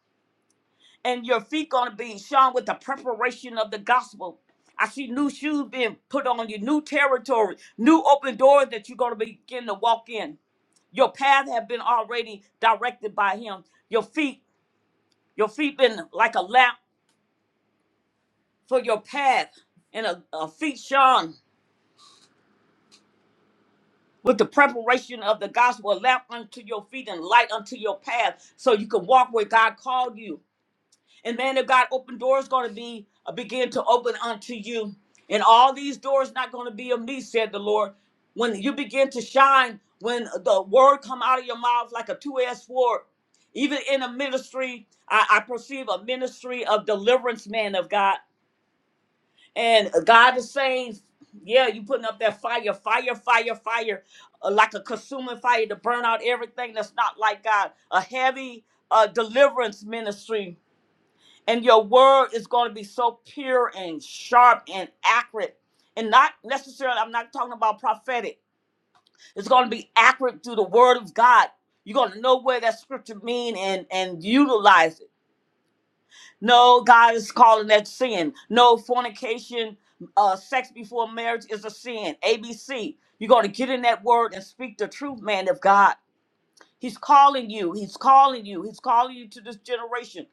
[SPEAKER 1] And your feet gonna be shone with the preparation of the gospel. I see new shoes being put on you, new territory, new open doors that you're gonna begin to walk in. Your path have been already directed by him. Your feet, your feet been like a lamp for your path. And a, a feet shone with the preparation of the gospel, a lamp unto your feet and light unto your path. So you can walk where God called you And man of God, open doors going to be uh, begin to open unto you. And all these doors not going to be of me, said the Lord. When you begin to shine, when the word come out of your mouth like a two-edged sword, even in a ministry, I, I perceive a ministry of deliverance, man of God. And God is saying, yeah, you putting up that fire, fire, fire, fire, uh, like a consuming fire to burn out everything that's not like God. A heavy uh, deliverance ministry and your word is going to be so pure and sharp and accurate and not necessarily i'm not talking about prophetic it's going to be accurate through the word of god you're going to know where that scripture mean and and utilize it no god is calling that sin no fornication uh sex before marriage is a sin abc you're going to get in that word and speak the truth man of god he's calling you he's calling you he's calling you to this generation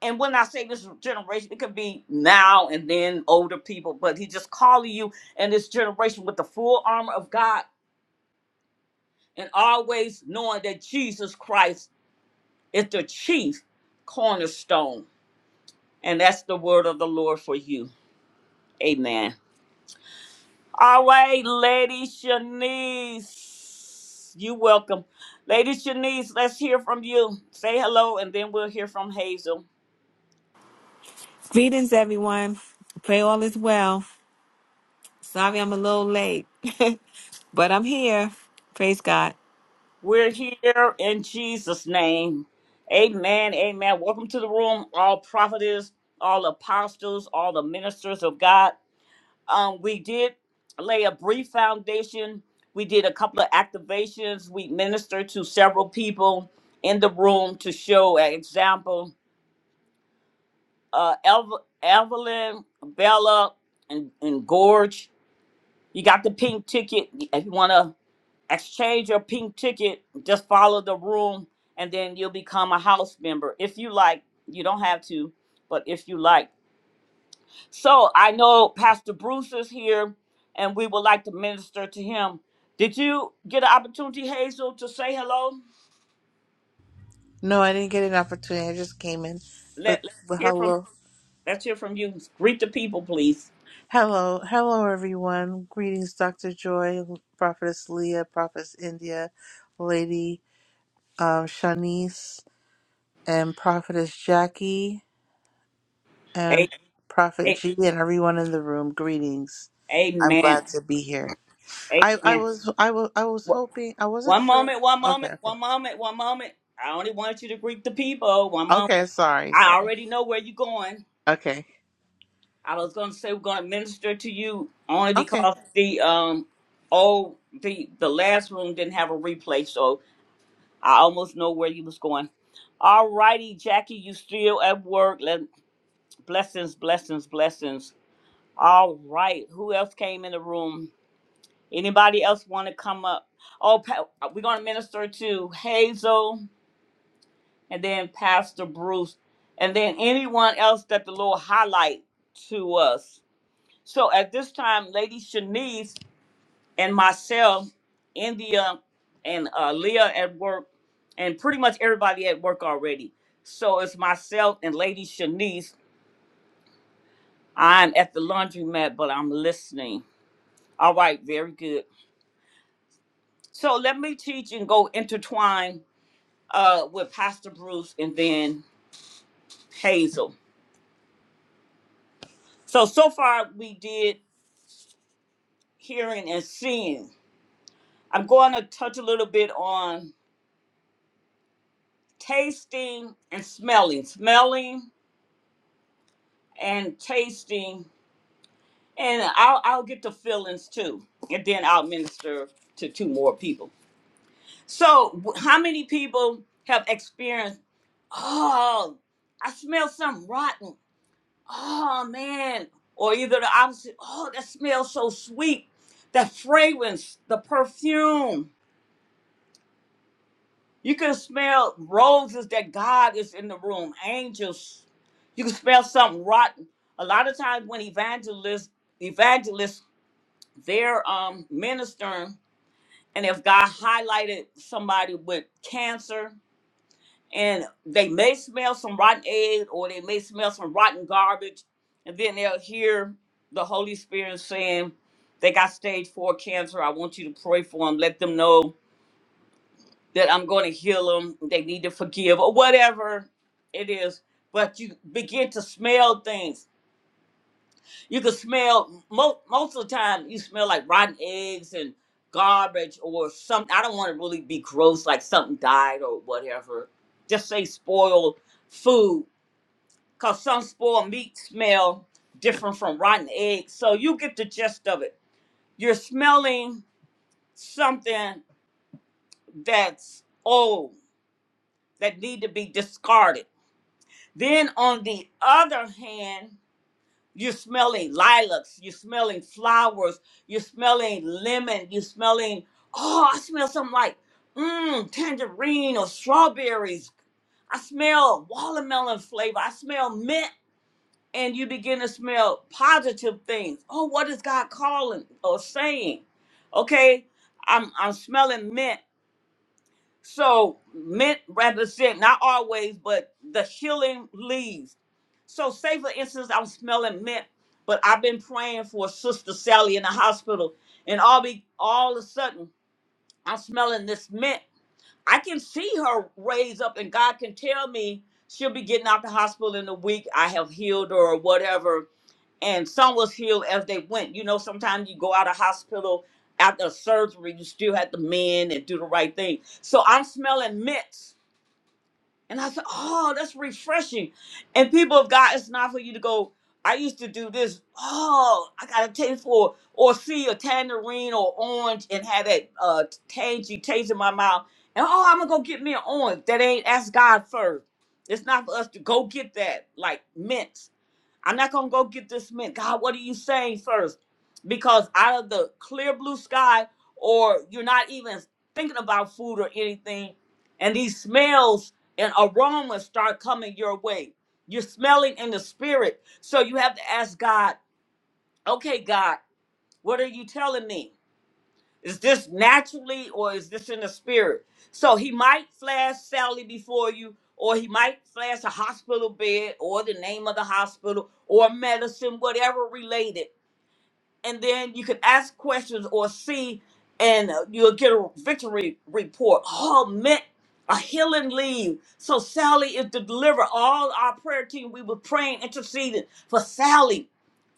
[SPEAKER 1] and when I say this generation, it could be now and then older people, but he just calling you and this generation with the full armor of God and always knowing that Jesus Christ is the chief cornerstone. And that's the word of the Lord for you. Amen. All right, Lady Shanice, you welcome. Lady Shanice, let's hear from you. Say hello, and then we'll hear from Hazel.
[SPEAKER 4] Greetings, everyone. Pray all is well. Sorry I'm a little late, but I'm here. Praise God.
[SPEAKER 1] We're here in Jesus' name. Amen. Amen. Welcome to the room, all prophets, all apostles, all the ministers of God. Um, we did lay a brief foundation. We did a couple of activations. We ministered to several people in the room to show an example. Uh, Ev- Evelyn, Bella, and, and Gorge. You got the pink ticket if you want to exchange your pink ticket, just follow the room, and then you'll become a house member if you like. You don't have to, but if you like. So I know Pastor Bruce is here, and we would like to minister to him. Did you get an opportunity, Hazel, to say hello?
[SPEAKER 5] No, I didn't get an opportunity. I just came in. But,
[SPEAKER 1] Let Let's
[SPEAKER 5] but
[SPEAKER 1] hear from
[SPEAKER 5] hello.
[SPEAKER 1] Let's hear from you. Greet the people, please.
[SPEAKER 5] Hello. Hello, everyone. Greetings, Dr. Joy, Prophetess Leah, Prophetess India, Lady um, Shanice, and Prophetess Jackie, and
[SPEAKER 1] A-
[SPEAKER 5] Prophet
[SPEAKER 1] a-
[SPEAKER 5] G, and everyone in the room. Greetings. I'm
[SPEAKER 1] Amen.
[SPEAKER 5] glad to be here. I, I
[SPEAKER 1] Amen.
[SPEAKER 5] was I was I was
[SPEAKER 1] Wha-
[SPEAKER 5] hoping I wasn't
[SPEAKER 1] One
[SPEAKER 5] sure.
[SPEAKER 1] moment. One
[SPEAKER 5] Okay,
[SPEAKER 1] moment.
[SPEAKER 5] okay.
[SPEAKER 1] One moment. One moment. I only want you to greet the people. One moment.
[SPEAKER 5] Okay, sorry,
[SPEAKER 1] I
[SPEAKER 5] sorry.
[SPEAKER 1] already know where you're going.
[SPEAKER 5] Okay.
[SPEAKER 1] I was gonna say we're gonna minister to you only
[SPEAKER 5] Okay.
[SPEAKER 1] because the um oh the the last room didn't have a replay, so I almost know where you was going. All righty, Jackie, you still at work. Let, blessings, blessings, blessings. All right, who else came in the room? Anybody else want to come up? Oh, pa- we're gonna minister to Hazel and then Pastor Bruce, and then anyone else that the Lord highlight to us. So at this time, Lady Shanice and myself, India and uh, Leah at work, and pretty much everybody at work already. So it's myself and Lady Shanice. I'm at the laundromat, but I'm listening. All right, very good. So let me teach and go intertwine uh, with Pastor Bruce and then Hazel. So so far we did hearing and seeing. I'm going to touch a little bit on tasting and smelling, smelling and tasting, and I'll I'll get the feelings too, and then I'll minister to two more people. So, w- how many people have experienced? Oh, I smell something rotten. Oh man, or either the opposite. Oh, that smells so sweet. That fragrance, the perfume. You can smell roses that God is in the room, angels. You can smell something rotten. A lot of times when evangelists, evangelists, they're um, ministering, and if God highlighted somebody with cancer, and they may smell some rotten egg or they may smell some rotten garbage, and then they'll hear the Holy Spirit saying, "They got stage four cancer. I want you to pray for them. Let them know." that I'm going to heal them, they need to forgive, or whatever it is. But you begin to smell things. You can smell most most of the time. You smell like rotten eggs and garbage or something. I don't want to really be gross, like something died or whatever. Just say spoiled food, cause some spoiled meat smell different from rotten eggs. So you get the gist of it. You're smelling something that's old that need to be discarded Then on the other hand, you're smelling lilacs, you're smelling flowers, you're smelling lemon, you're smelling, oh, I smell something like mmm, tangerine or strawberries. I smell watermelon flavor. I smell mint. And you begin to smell positive things. Oh, what is God calling or saying? Okay, I'm I'm smelling mint. So mint represent not always, but the healing leaves. So say for instance, I'm smelling mint, but I've been praying for Sister Sally in the hospital, and all be all of a sudden I'm smelling this mint. I can see her raise up, and God can tell me she'll be getting out the hospital in a week. I have healed her or whatever and some was healed as they went. You know, sometimes you go out of hospital after a surgery, you still had to mend and do the right thing. So I'm smelling mints, and I said, "Oh, that's refreshing." And people of God, it's not for you to go. I used to do this. Oh, I got a taste for or see a tangerine or orange and have that uh, tangy taste in my mouth. And oh, I'm gonna go get me an orange. That ain't ask God first. It's not for us to go get that like mints. I'm not gonna go get this man. God, what are you saying first? Because out of the clear blue sky, or you're not even thinking about food or anything, and these smells and aromas start coming your way. You're smelling in the spirit. So you have to ask God, okay, God, what are you telling me? Is this naturally or is this in the spirit? So he might flash Sally before you, or he might flash a hospital bed, or the name of the hospital, or medicine, whatever related and then you can ask questions or see, and uh, you'll get a victory report. Oh, meant a healing leave. So Sally is to deliver all our prayer team. We were praying, interceding for Sally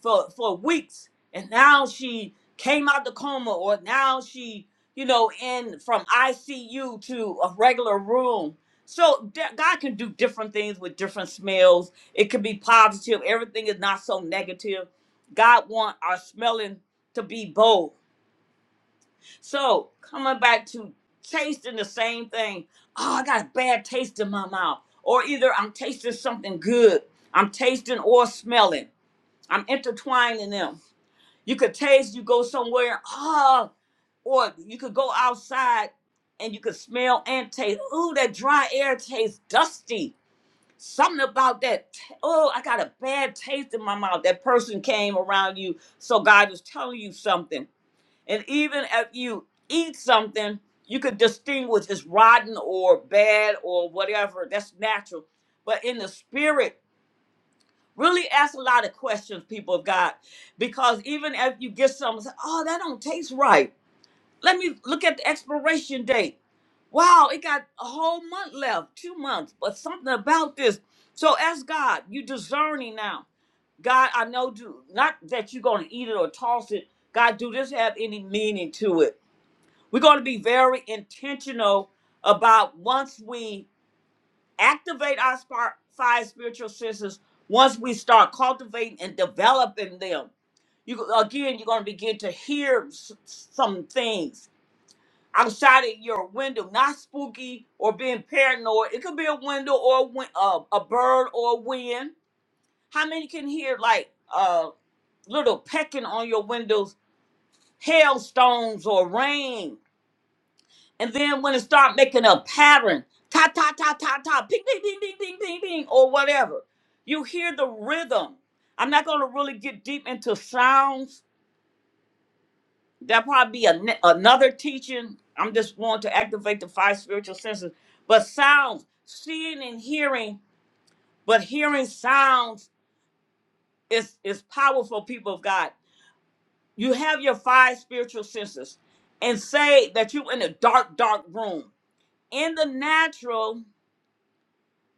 [SPEAKER 1] for for weeks, and now she came out the coma, or now she, you know, in from ICU to a regular room. So d- God can do different things with different smells. It can be positive. Everything is not so negative God want our smelling to be bold. So coming back to tasting the same thing. Oh, I got a bad taste in my mouth. Or either I'm tasting something good. I'm tasting or smelling. I'm intertwining them. You could taste, you go somewhere, ah, or you could go outside and you could smell and taste. Ooh, that dry air tastes dusty. Something about that. t- Oh, I got a bad taste in my mouth. That person came around you so God is telling you something. And even if you eat something, you could distinguish it's rotten or bad or whatever. That's natural. But in the spirit, really ask a lot of questions, people of God. Because even if you get something, say, oh, that don't taste right. Let me look at the expiration date. Wow, it got a whole month left, two months, but something about this. So ask God, you discerning now. God, I know do not that you're gonna eat it or toss it. God, do this have any meaning to it? We're going to be very intentional about once we activate our spar- five spiritual senses, once we start cultivating and developing them, you again, you're going to begin to hear s- some things outside of your window, not spooky or being paranoid. It could be a window or a, win- uh, a bird or a wind. How many can hear like uh, little pecking on your windows, hailstones or rain? And then when it start making a pattern, ta ta ta ta ta, ping ping ping ping ping ping ping, or whatever, you hear the rhythm. I'm not going to really get deep into sounds. That'll probably be a, ne- another teaching. I'm just wanting to activate the five spiritual senses. But sounds, seeing and hearing, but hearing sounds is is powerful. People of God, you have your five spiritual senses, and say that you in a dark, dark room in the natural.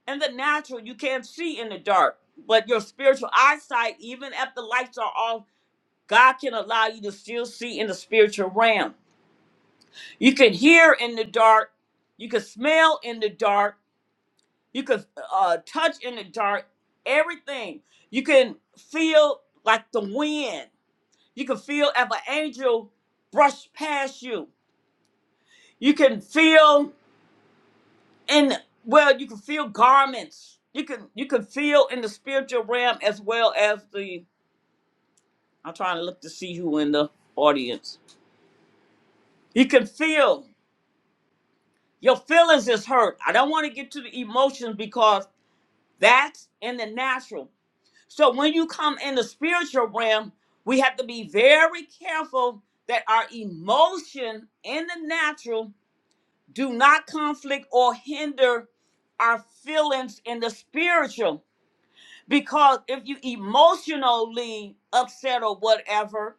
[SPEAKER 1] In the natural, you can't see in the dark, but your spiritual eyesight, even if the lights are off, God can allow you to still see in the spiritual realm. You can hear in the dark, you can smell in the dark, you can uh, touch in the dark, everything. You can feel like the wind. You can feel if an angel brushed past you. You can feel in well, you can feel garments. You can you can feel in the spiritual realm as well as the I'm trying to look to see who in the audience. You can feel your feelings is hurt. I don't want to get to the emotions because that's in the natural. So when you come in the spiritual realm, we have to be very careful that our emotion in the natural do not conflict or hinder our feelings in the spiritual. Because if you emotionally upset or whatever,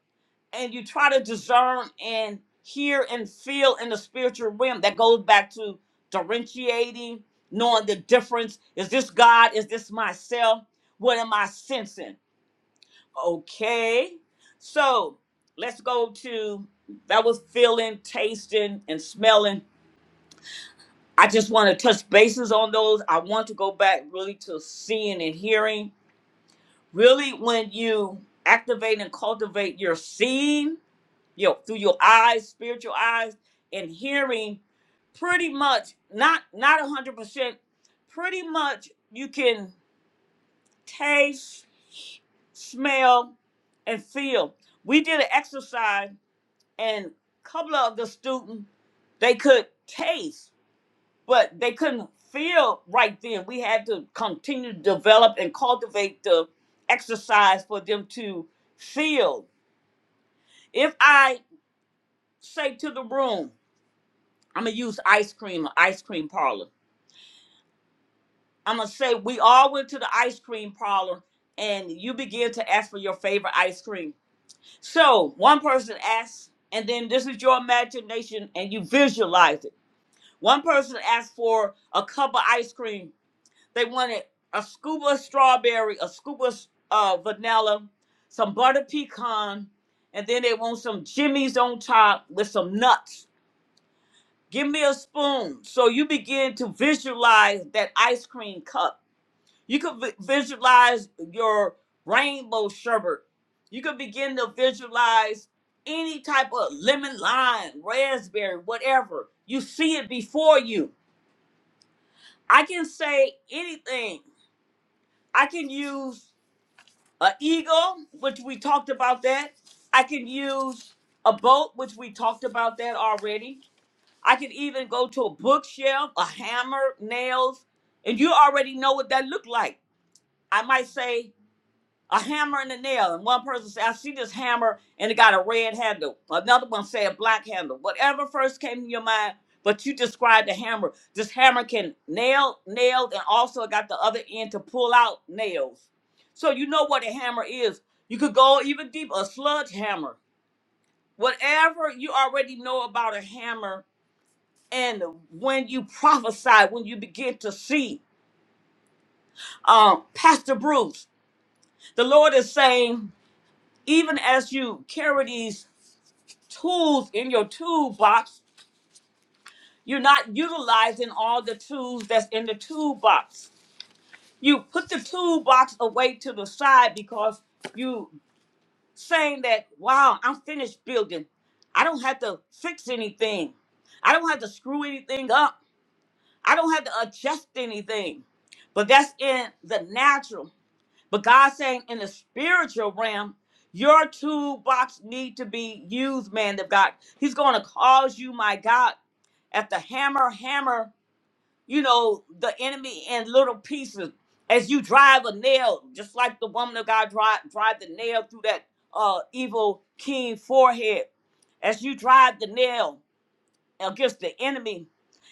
[SPEAKER 1] and you try to discern and hear and feel in the spiritual realm. That goes back to differentiating, knowing the difference. Is this God? Is this myself? What am I sensing? Okay. So let's go to that was feeling, tasting, and smelling. I just want to touch bases on those. I want to go back really to seeing and hearing. Really, when you activate and cultivate your seeing you know, through your eyes, spiritual eyes, and hearing pretty much not not a hundred percent, pretty much you can taste, smell, and feel. We did an exercise and a couple of the students they could taste, but they couldn't feel right then. We had to continue to develop and cultivate the exercise for them to feel. If I say to the room, I'm gonna use ice cream, or ice cream parlor. I'm gonna say we all went to the ice cream parlor, and you begin to ask for your favorite ice cream. So one person asks, and then this is your imagination, and you visualize it. One person asked for a cup of ice cream. They wanted a scoop of strawberry, a scoop of uh, vanilla, some butter pecan, and then they want some jimmies on top with some nuts. Give me a spoon. So you begin to visualize that ice cream cup. You could vi- visualize your rainbow sherbet. You could begin to visualize any type of lemon lime, raspberry, whatever. You see it before you. I can say anything. I can use an eagle, which we talked about that. I can use a boat, which we talked about that already. I could even go to a bookshelf, a hammer, nails, and you already know what that looked like. I might say a hammer and a nail, and one person say, "I see this hammer and it got a red handle." Another one say a black handle. Whatever first came to your mind, but you described the hammer. This hammer can nail nails, and also it got the other end to pull out nails. So you know what a hammer is. You could go even deeper, a sludge hammer. Whatever you already know about a hammer, and when you prophesy, when you begin to see, um, Pastor Bruce, the Lord is saying, even as you carry these tools in your toolbox, you're not utilizing all the tools that's in the toolbox. You put the toolbox away to the side because you saying that, wow, I'm finished building. I don't have to fix anything. I don't have to screw anything up. I don't have to adjust anything. But that's in the natural. But God's saying in the spiritual realm, your toolbox need to be used, man of God. He's going to cause you, my God, at the hammer, hammer, you know, the enemy in little pieces as you drive a nail, just like the woman of God drive, drive the nail through that uh, evil king forehead. As you drive the nail, against the enemy.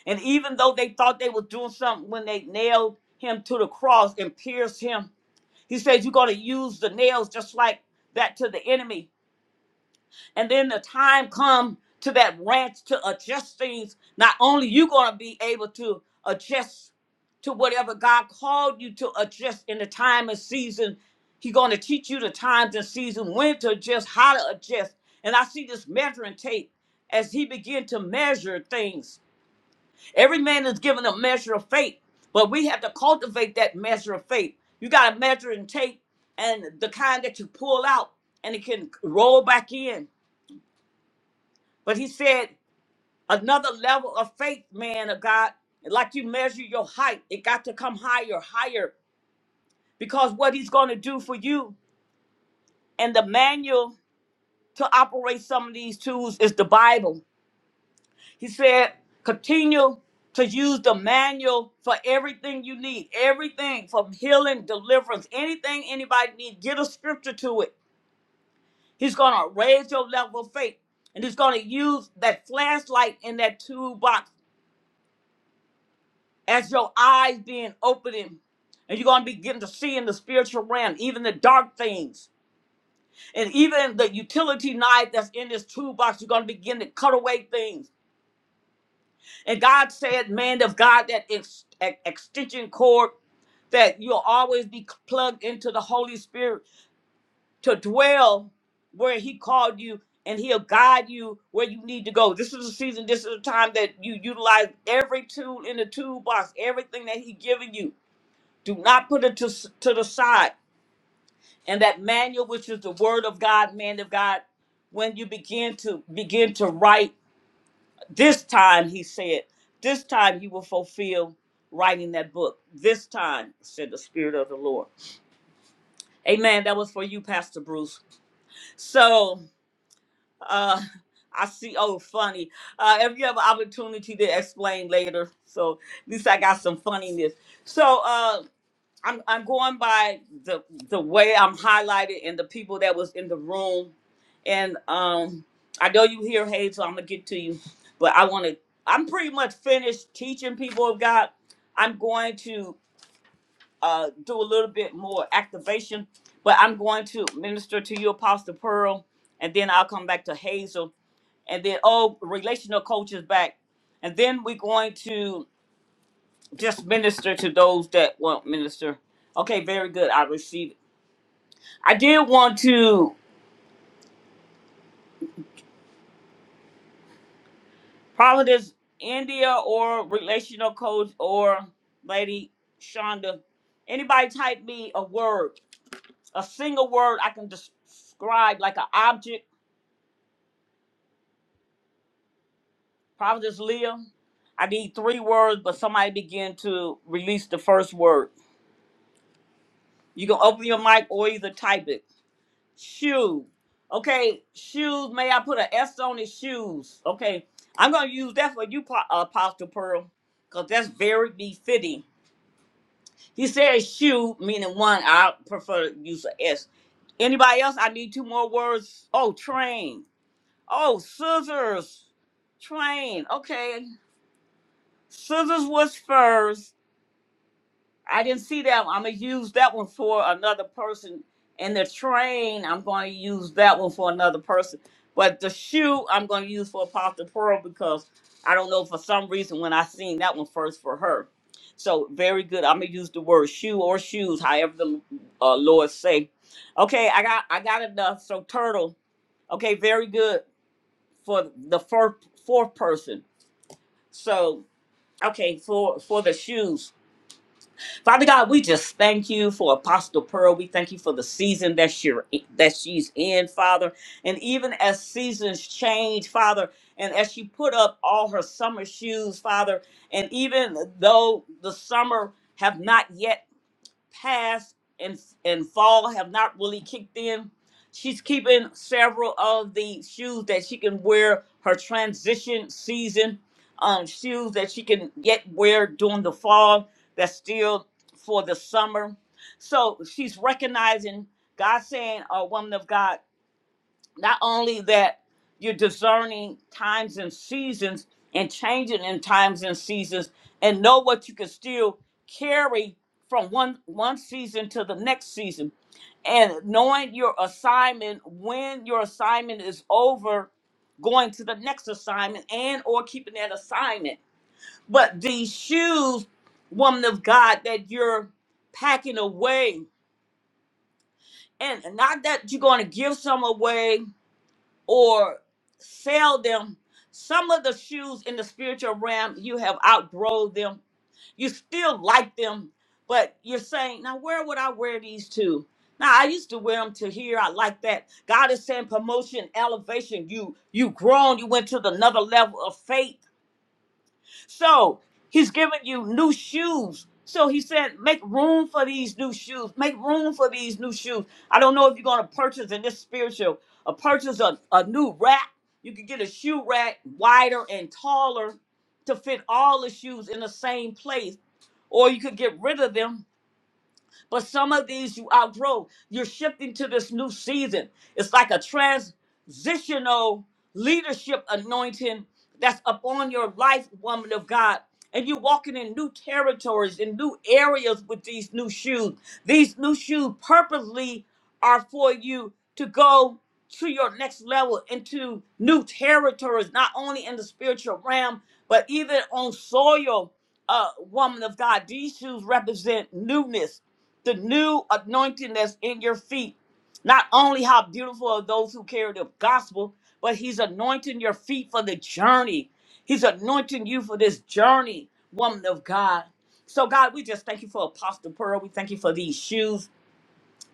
[SPEAKER 1] And even though they thought they were doing something when they nailed him to the cross and pierced him, he says, You're going to use the nails just like that to the enemy. And then the time come to that ranch to adjust things. Not only you going to be able to adjust to whatever God called you to adjust in the time and season, He's going to teach you the times and season when to adjust, how to adjust. And I see this measuring tape as he began to measure things Every man is given a measure of faith, but we have to cultivate that measure of faith. You got to measure and take, and the kind that you pull out and it can roll back in. But he said, another level of faith, man of God, like you measure your height, it got to come higher, higher, because what he's going to do for you and the manual to operate some of these tools is the Bible. He said, continue to use the manual for everything you need, everything from healing, deliverance, anything anybody needs. Get a scripture to it. He's going to raise your level of faith. And he's going to use that flashlight in that toolbox as your eyes being opening. And you're going to be getting to see in the spiritual realm, even the dark things. And even the utility knife that's in this toolbox, you're going to begin to cut away things And God said, man of God, that ex- ex- extension cord, that you'll always be plugged into the Holy Spirit to dwell where He called you and He'll guide you where you need to go. This is a season, this is a time that you utilize every tool in the toolbox, everything that He's giving you. Do not put it to, s- to the side. And that manual, which is the Word of God, man of God, when you begin to begin to write this time, he said, this time you will fulfill writing that book. This time, said the Spirit of the Lord. Amen. That was for you, Pastor Bruce. So, uh, I see, oh, funny. Uh, if you have an opportunity to explain later. So, at least I got some funniness. So, uh, I'm I'm going by the the way I'm highlighted and the people that was in the room, and um I know you hear Hayes, so I'm gonna get to you, but I want to. I'm pretty much finished teaching people of God. I'm going to uh do a little bit more activation, but I'm going to minister to you, Apostle Pearl, and then I'll come back to Hazel, and then oh, relational coach is back, and then we're going to just minister to those that want minister. Okay, very good. I receive. I did want to probably this India or relational coach or Lady Shonda. Anybody type me a word, a single word I can describe like an object. Probably this Leah. I need three words, but somebody begin to release the first word. You can open your mic or either type it. Shoe. Okay, shoes. May I put an S on his shoes? Okay, I'm gonna use that for you, Pa- Apostle Pearl, because that's very befitting. He said shoe, meaning one. I prefer to use a S. Anybody else? I need two more words. Oh, train. Oh, scissors. Train. Okay. Scissors was first. I didn't see that. one. I'm gonna use that one for another person. And the train, I'm gonna use that one for another person. But the shoe, I'm gonna use for Apostle Pearl because I don't know for some reason when I seen that one first for her. So very good. I'm gonna use the word shoe or shoes, however the uh, Lord say. Okay, I got I got enough. So turtle. Okay, very good for the first fourth person. So okay for for the shoes. Father God, we just thank you for Apostle Pearl. We thank you for the season that she that she's in, Father. And even as seasons change, Father, and as she put up all her summer shoes, Father, and even though the summer have not yet past and and fall have not really kicked in. She's keeping several of the shoes that she can wear her transition season, um, shoes that she can yet wear during the fall that's still for the summer. So she's recognizing God saying, a woman of God, not only that you're discerning times and seasons and changing in times and seasons and know what you can still carry from one one season to the next season and knowing your assignment when your assignment is over going to the next assignment and or keeping that assignment but these shoes woman of god that you're packing away and not that you're going to give some away or sell them. Some of the shoes in the spiritual realm, you have outgrown them. You still like them, but you're saying, now where would I wear these to? Now I used to wear them to here. I like that. God is saying promotion, elevation. You you grown. You went to the another level of faith so he's giving you new shoes. So he said, make room for these new shoes. Make room for these new shoes. I don't know if you're going to purchase in this spiritual, a purchase a, a new rack. You could get a shoe rack wider and taller to fit all the shoes in the same place, or you could get rid of them but some of these you outgrow. You're shifting to this new season. It's like a transitional leadership anointing that's upon your life, woman of God. And you're walking in new territories, in new areas with these new shoes. These new shoes purposely are for you to go to your next level into new territories, not only in the spiritual realm, but even on soil, uh, woman of God. These shoes represent newness the new anointing that's in your feet. Not only how beautiful are those who carry the gospel, but he's anointing your feet for the journey. He's anointing you for this journey, woman of God. So, God, we just thank you for Apostle Pearl. We thank you for these shoes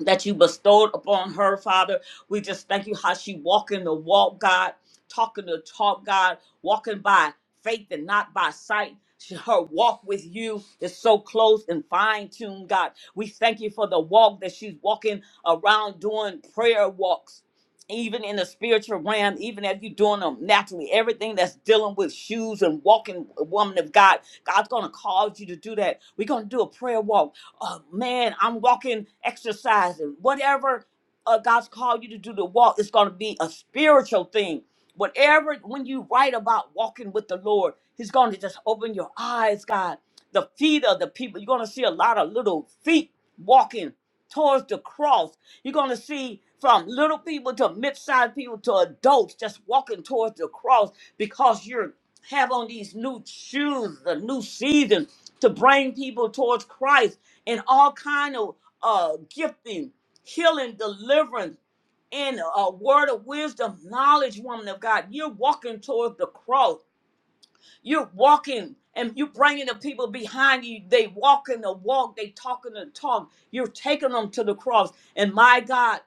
[SPEAKER 1] that you bestowed upon her, Father. We just thank you how she walking the walk, God, talking the talk, God, walking by faith and not by sight. She- Her walk with you is so close and fine tuned, God. We thank you for the walk that she's walking around doing prayer walks, even in the spiritual realm, even if you're doing them naturally. Everything that's dealing with shoes and walking, woman of God, God's going to cause you to do that. We're going to do a prayer walk oh man, I'm walking, exercising, whatever uh, God's called you to do to walk, it's going to be a spiritual thing. Whatever, when you write about walking with the Lord, He's going to just open your eyes, God. The feet of the people, you're going to see a lot of little feet walking towards the cross. You're going to see from little people to mid sized people to adults just walking towards the cross because you have on these new shoes, the new season to bring people towards Christ and all kind of uh gifting, healing, deliverance, and a word of wisdom, knowledge, woman of God. You're walking towards the cross. You're walking and you're bringing the people behind you. They walking the walk. They talking the talk. You're taking them to the cross. And my God.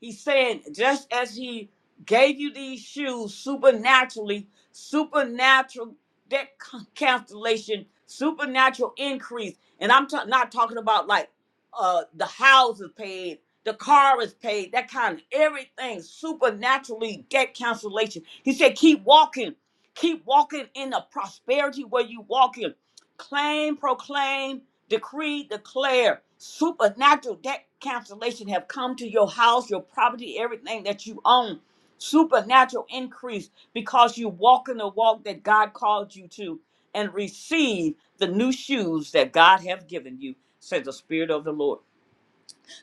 [SPEAKER 1] He's saying, just as he gave you these shoes supernaturally, supernatural debt c- cancellation, supernatural increase. And I'm ta- not talking about like uh, the house is paid, the car is paid, that kind of everything, supernaturally debt cancellation. He said, keep walking, keep walking in the prosperity where you walk in. Claim, proclaim, decree, declare supernatural debt cancellation have come to your house, your property, everything that you own. Supernatural increase because you walk in the walk that God called you to and receive the new shoes that God have given you, says the Spirit of the Lord.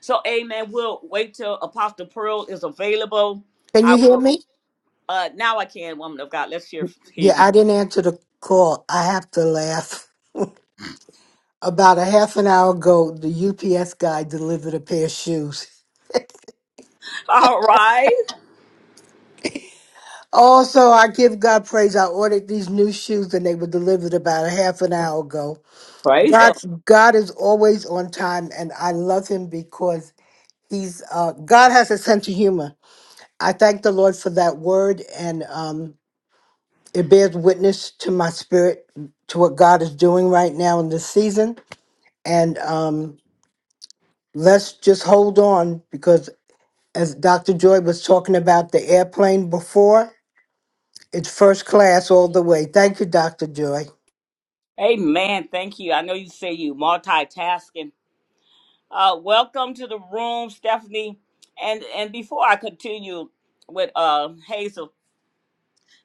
[SPEAKER 1] So, amen. We'll wait till Apostle Pearl is available.
[SPEAKER 6] Can you
[SPEAKER 1] I
[SPEAKER 6] hear
[SPEAKER 1] will.
[SPEAKER 6] me?
[SPEAKER 1] Uh, now I can, woman of God. Let's hear, hear
[SPEAKER 6] Yeah,
[SPEAKER 1] you.
[SPEAKER 6] I didn't answer the call. I have to laugh. About a half an hour ago, the UPS guy delivered a pair of shoes.
[SPEAKER 1] All right.
[SPEAKER 6] Also, I give God praise. I ordered these new shoes and they were delivered about a half an hour ago.
[SPEAKER 1] Praise him.
[SPEAKER 6] God, God is always on time and I love him because he's, uh, God has a sense of humor. I thank the Lord for that word and, um, it bears witness to my spirit to what God is doing right now in this season. And, um, let's just hold on because as Dr. Joy was talking about the airplane before, it's first class all the way. Thank you, Dr. Joy.
[SPEAKER 1] Amen. Thank you. I know you say you multitasking, Uh, welcome to the room, Stephanie. And and before I continue with uh, Hazel,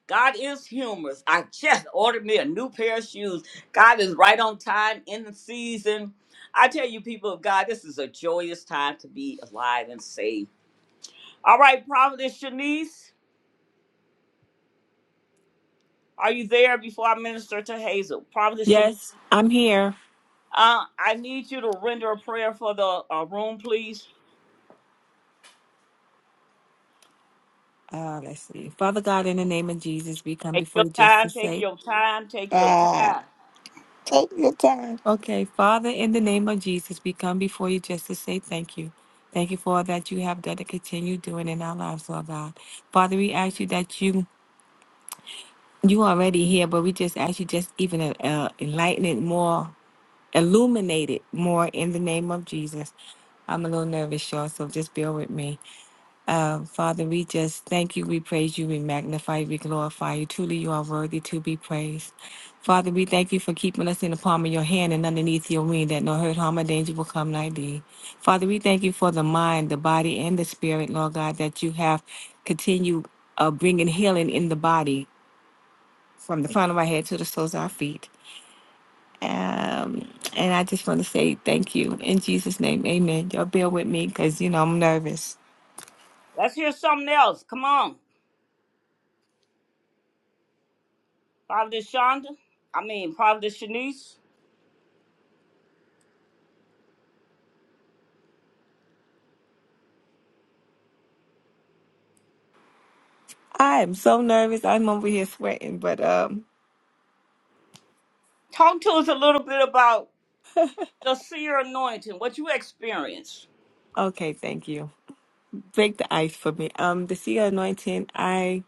[SPEAKER 1] God is humorous. I just ordered me a new pair of shoes. God is right on time in the season. I tell you, people of God, this is a joyous time to be alive and saved. All right, Providence Shanice, are you there before I minister to Hazel? Providence Shanice,
[SPEAKER 4] Yes, I'm here.
[SPEAKER 1] uh, I need you to render a prayer for the uh, room, please.
[SPEAKER 4] Uh, let's see. Father God, in the name of Jesus, we come
[SPEAKER 1] Take
[SPEAKER 4] before
[SPEAKER 1] your
[SPEAKER 4] you just
[SPEAKER 1] time,
[SPEAKER 4] to
[SPEAKER 1] take
[SPEAKER 4] say,
[SPEAKER 1] your time, take your time.
[SPEAKER 4] okay, Father, in the name of Jesus, we come before you just to say thank you. Thank you for all that you have done to continue doing in our lives, Lord God. Father, we ask you that you you already here, but we just ask you just even uh, enlighten it more illuminated more in the name of Jesus. I'm a little nervous, y'all, so just bear with me. Uh, Father, we just thank you, we praise you, we magnify you, we glorify you. Truly, you are worthy to be praised. Father, we thank you for keeping us in the palm of your hand and underneath your wing that no hurt, harm, or danger will come nigh thee. Father, we thank you for the mind, the body, and the spirit, Lord God, that you have continued uh, bringing healing in the body from the crown of our head to the soles of our feet. Um, and I just want to say thank you in Jesus' name, amen. Y'all bear with me because you know I'm nervous.
[SPEAKER 1] Let's hear something else. Come on. Prophet Shonda. I mean, Prophet Shanice.
[SPEAKER 4] I am so nervous. I'm over here sweating, but um,
[SPEAKER 1] Talk to us a little bit about the seer anointing, what you experience.
[SPEAKER 4] okay, thank you. Break the ice for me. Um, the seal anointing, I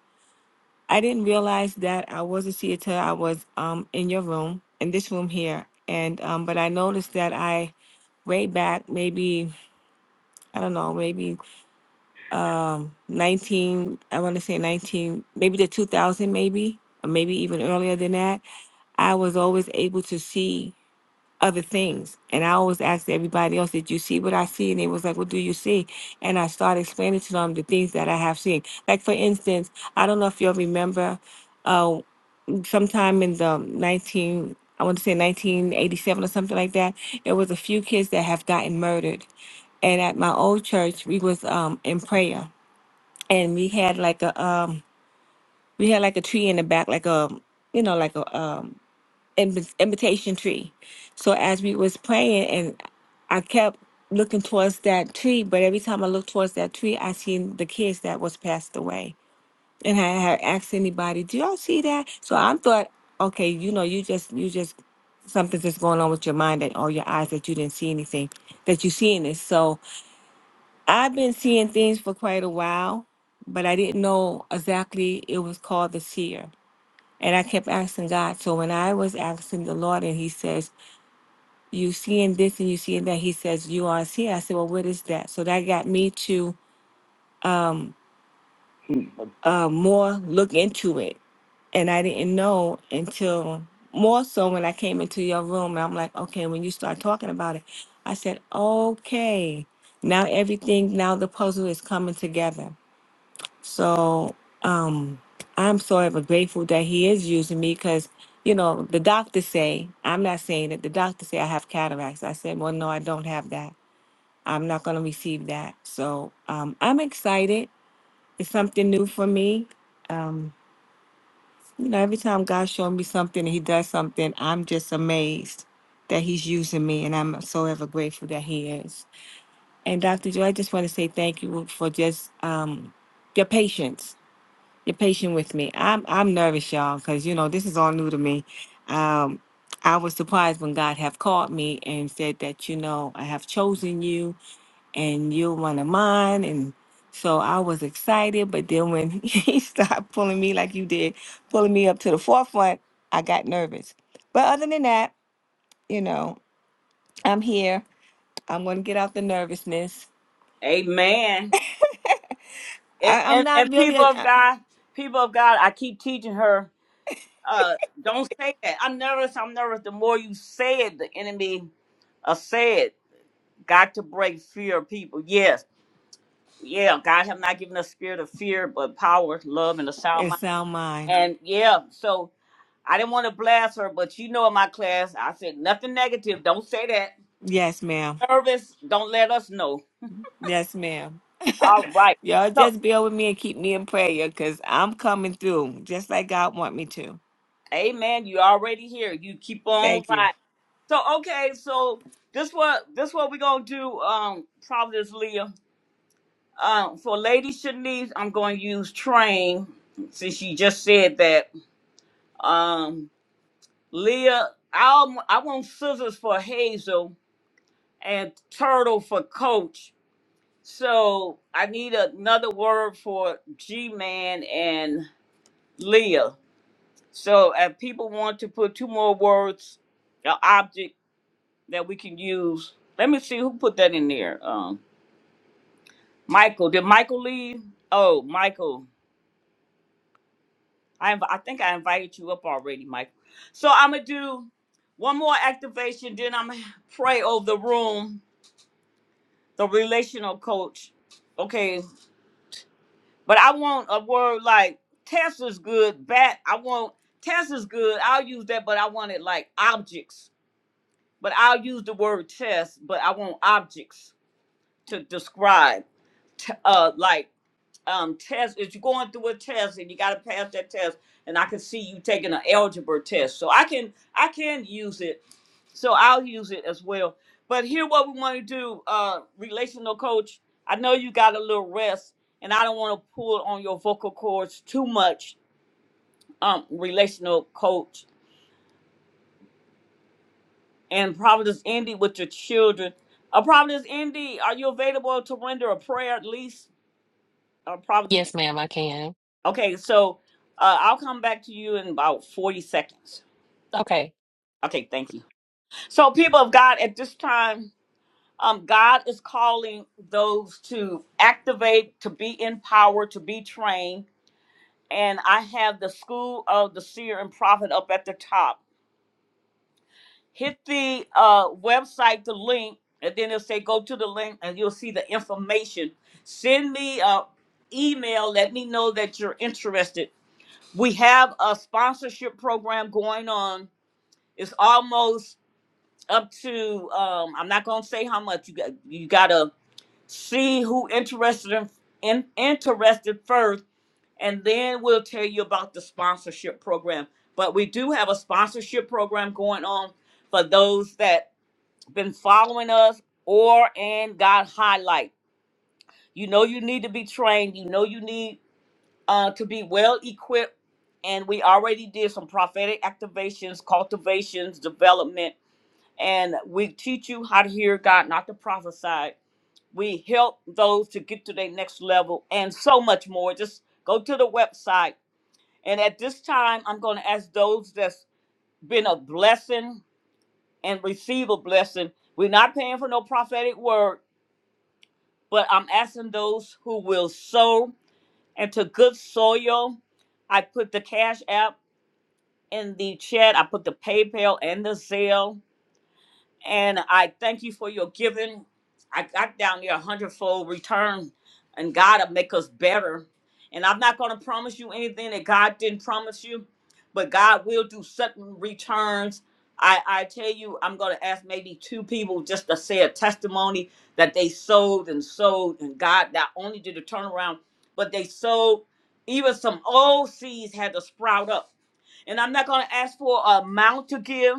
[SPEAKER 4] I didn't realize that I was a seer till I was um in your room, in this room here. And um, but I noticed that I way back maybe I don't know, maybe um 19 i want to say 19 maybe the 2000 maybe or maybe even earlier than that i was always able to see other things and i always asked everybody else did you see what i see and they was like what do you see and i started explaining to them the things that i have seen like for instance i don't know if you'll remember uh sometime in the 19 i want to say 1987 or something like that it was a few kids that have gotten murdered and at my old church we was um in prayer and we had like a um we had like a tree in the back like a you know like a um im- imitation tree so as we was praying and i kept looking towards that tree but every time i looked towards that tree i seen the kids that was passed away and i had asked anybody do y'all see that so i thought okay you know you just you just something's just going on with your mind that or your eyes that you didn't see anything that you seeing this. So I've been seeing things for quite a while, but I didn't know exactly it was called the seer. And I kept asking God. So when I was asking the Lord, and He says, "You seeing this and you seeing that," He says, "You are a seer." I said, "Well, what is that?" So that got me to um, uh, more look into it, and I didn't know until more so when I came into your room. And I'm like, okay, when you start talking about it, I said, okay, now everything, now the puzzle is coming together So um, I'm so ever grateful that he is using me because, you know, the doctors say, I'm not saying that the doctors say I have cataracts. I said, well, no, I don't have that. I'm not going to receive that. So um, I'm excited. It's something new for me. Um, you know, every time God shows me something and he does something, I'm just amazed that he's using me. And I'm so ever grateful that he is. And Dr. Joy, I just want to say thank you for just um, your patience you're patient with me. I'm I'm nervous, y'all, because you know this is all new to me. Um, I was surprised when God have called me and said that you know I have chosen you and you're one of mine, and so I was excited. But then when He started pulling me like you did, pulling me up to the forefront, I got nervous. But other than that, you know, I'm here. I'm gonna get out the nervousness.
[SPEAKER 1] Amen. And,
[SPEAKER 4] I, I'm
[SPEAKER 1] and,
[SPEAKER 4] not
[SPEAKER 1] and
[SPEAKER 4] really
[SPEAKER 1] people
[SPEAKER 4] a,
[SPEAKER 1] of God, people of God, I keep teaching her, uh, don't say that. I'm nervous. I'm nervous. The more you say it, the enemy uh, say it. Got to break fear of people. Yes. Yeah, God have not given us spirit of fear, but power, love, and a sound
[SPEAKER 4] a
[SPEAKER 1] mind.
[SPEAKER 4] sound mind.
[SPEAKER 1] And yeah, so I didn't want to blast her, but you know in my class, I said nothing negative. Don't say that.
[SPEAKER 4] Yes, ma'am.
[SPEAKER 1] Nervous, don't let us know.
[SPEAKER 4] Yes, ma'am.
[SPEAKER 1] All right.
[SPEAKER 4] Y'all
[SPEAKER 1] So,
[SPEAKER 4] just bear with me and keep me in prayer because I'm coming through just like God want me to.
[SPEAKER 1] amen. You already here. You keep on
[SPEAKER 4] Thank you.
[SPEAKER 1] right. So, okay, so this what this what we gonna do, um, Providence Leah. Um, for Lady Shanice, I'm gonna use train since she just said that. Um, Leah, I'll I want scissors for Hazel and turtle for Coach. So I need another word for G Man and Leah. So if people want to put two more words, an object that we can use. Let me see who put that in there. Um, Michael. Did Michael leave? Oh, Michael. I inv- I think I invited you up already, Michael. So I'm gonna do one more activation, then I'm gonna pray over the room, the relational coach. Okay, But I want a word like Tesla's good, bat. I want Tesla's good. I'll use that, but I want it like objects. But I'll use the word test, but I want objects to describe. T- uh, like um, test. If you're going through a test and you got to pass that test, and I can see you taking an algebra test, so I can I can use it so I'll use it as well. But here, what we want to do, uh, relational coach. I know you got a little rest, and I don't want to pull on your vocal cords too much. Um, relational coach and Providence Indy with your children. Uh, Providence Indy, are you available to render a prayer at least? Uh, Providence.
[SPEAKER 3] Yes, ma'am, I can.
[SPEAKER 1] Okay, so uh, I'll come back to you in about forty seconds.
[SPEAKER 3] Okay.
[SPEAKER 1] Okay, thank you. So, people of God, at this time. um, God is calling those to activate, to be empowered, to be trained. And I have the School of the Seer and Prophet up at the top. Hit the uh, website, the link, and then it'll say go to the link and you'll see the information. Send me a email. Let me know that you're interested. We have a sponsorship program going on. It's almost up to um, I'm not gonna say how much you got. You gotta see who interested in, in interested first, and then we'll tell you about the sponsorship program. But we do have a sponsorship program going on for those that been following us or and got highlight. You know you need to be trained. You know you need uh, to be well equipped. And we already did some prophetic activations, cultivations, development, and we teach you how to hear God, not to prophesy we help those to get to their next level and so much more. Just go to the website. And at this time, I'm going to ask those that's been a blessing and receive a blessing. We're not paying for no prophetic word, but I'm asking those who will sow into good soil. I put the Cash App in the chat, I put the PayPal and the Zelle. And I thank you for your giving. I got down there a hundredfold return, and God will make us better. And I'm not going to promise you anything that God didn't promise you, but God will do sudden returns. I, I tell you, I'm going to ask maybe two people just to say a testimony that they sold and sold, and God not only did a turnaround, but they sold. Even some old seeds had to sprout up. And I'm not going to ask for an amount to give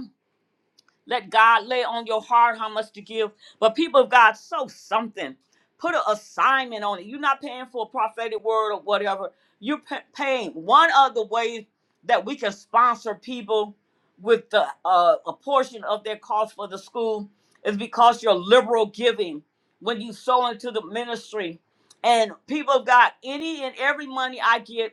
[SPEAKER 1] let God lay on your heart how much to give. But people of God, sow something. Put an assignment on it. You're not paying for a prophetic word or whatever. You're pa- paying. One of the ways that we can sponsor people with the, uh, a portion of their cost for the school is because you're liberal giving when you sow into the ministry. And people of God, any and every money I get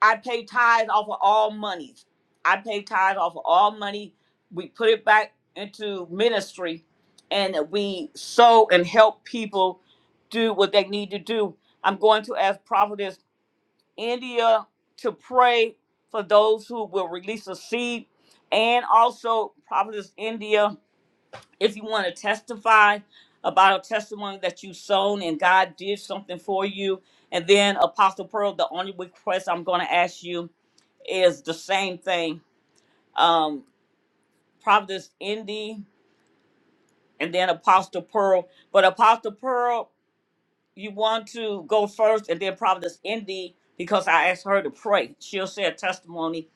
[SPEAKER 1] I pay tithes off of all monies. I pay tithes off of all money. We put it back into ministry and we sow and help people do what they need to do. I'm going to ask Prophetess India to pray for those who will release a seed. And also, Prophetess India, if you want to testify about a testimony that you sown and God did something for you. And then, Apostle Pearl, the only request I'm going to ask you is the same thing. Um, Providence Indy and then Apostle Pearl. But Apostle Pearl, you want to go first and then Providence Indy because I asked her to pray. She'll share a testimony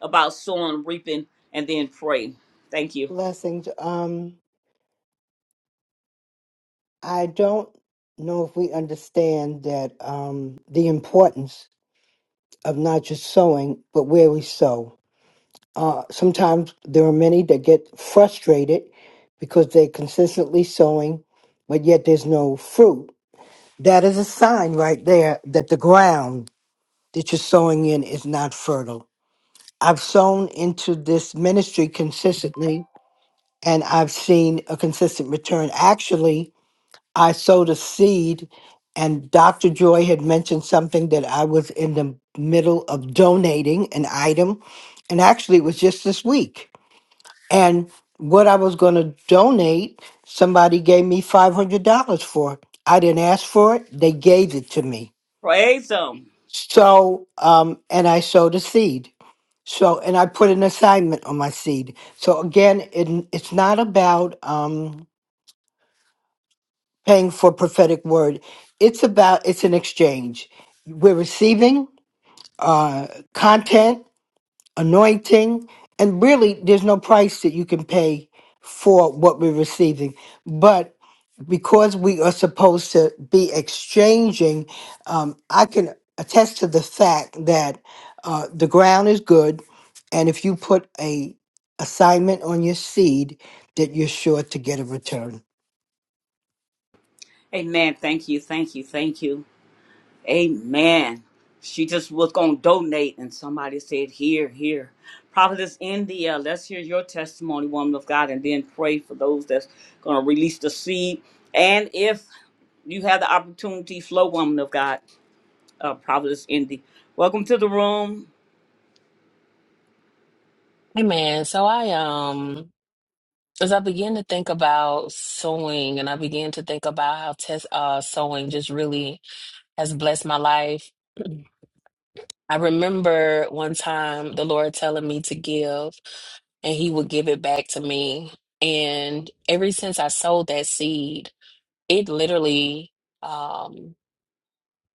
[SPEAKER 1] about sowing, reaping, and then pray. Thank you.
[SPEAKER 6] Blessings. Um, I don't know if we understand that um, the importance of not just sowing, but where we sow. Uh, sometimes there are many that get frustrated because they're consistently sowing, but yet there's no fruit. That is a sign right there that the ground that you're sowing in is not fertile. I've sown into this ministry consistently and I've seen a consistent return. Actually, I sowed a seed, and Dr. Joy had mentioned something that I was in the middle of donating an item. And actually, it was just this week. And what I was going to donate, somebody gave me $500 for it. I didn't ask for it, they gave it to me.
[SPEAKER 1] Praise Him.
[SPEAKER 6] So, um, and I sowed a seed So, and I put an assignment on my seed. So again, it, it's not about um, paying for prophetic word. It's about it's an exchange. We're receiving uh, content anointing, and really there's no price that you can pay for what we're receiving. But because we are supposed to be exchanging, um, I can attest to the fact that uh, the ground is good, and if you put a assignment on your seed, that you're sure to get a return.
[SPEAKER 1] Amen. Thank you. Thank you. Thank you. Amen. She just was going to donate, and somebody said, Here, here. Prophetess India, let's hear your testimony, woman of God, and then pray for those that's going to release the seed. And if you have the opportunity, flow, woman of God, uh, Prophetess Indy. Welcome to the room.
[SPEAKER 3] Hey, man. So I um as I begin to think about sewing and I begin to think about how test uh sewing just really has blessed my life. I remember one time the Lord telling me to give, and He would give it back to me. And ever since I sowed that seed, it literally um,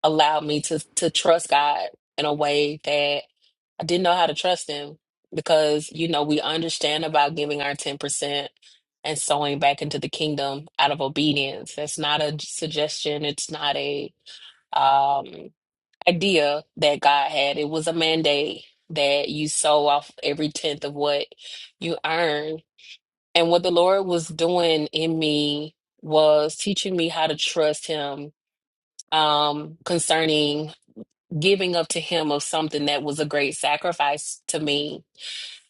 [SPEAKER 3] allowed me to to trust God in a way that I didn't know how to trust Him because you know we understand about giving our ten percent and sowing back into the kingdom out of obedience. That's not a suggestion. It's not a um, idea that God had. It was a mandate that you sow off every tenth of what you earn. And what the Lord was doing in me was teaching me how to trust Him um, concerning giving up to Him of something that was a great sacrifice to me.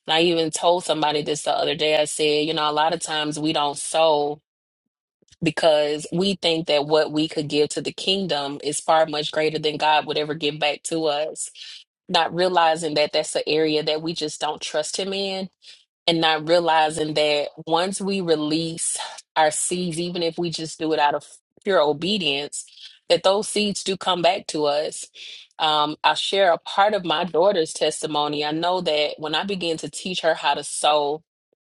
[SPEAKER 3] And I even told somebody this the other day. I said, you know, a lot of times we don't sow because we think that what we could give to the kingdom is far much greater than God would ever give back to us. not realizing that that's an area that we just don't trust him in and not realizing that once we release our seeds even if we just do it out of pure obedience that those seeds do come back to us um, i'll share a part of my daughter's testimony i know that when i began to teach her how to sow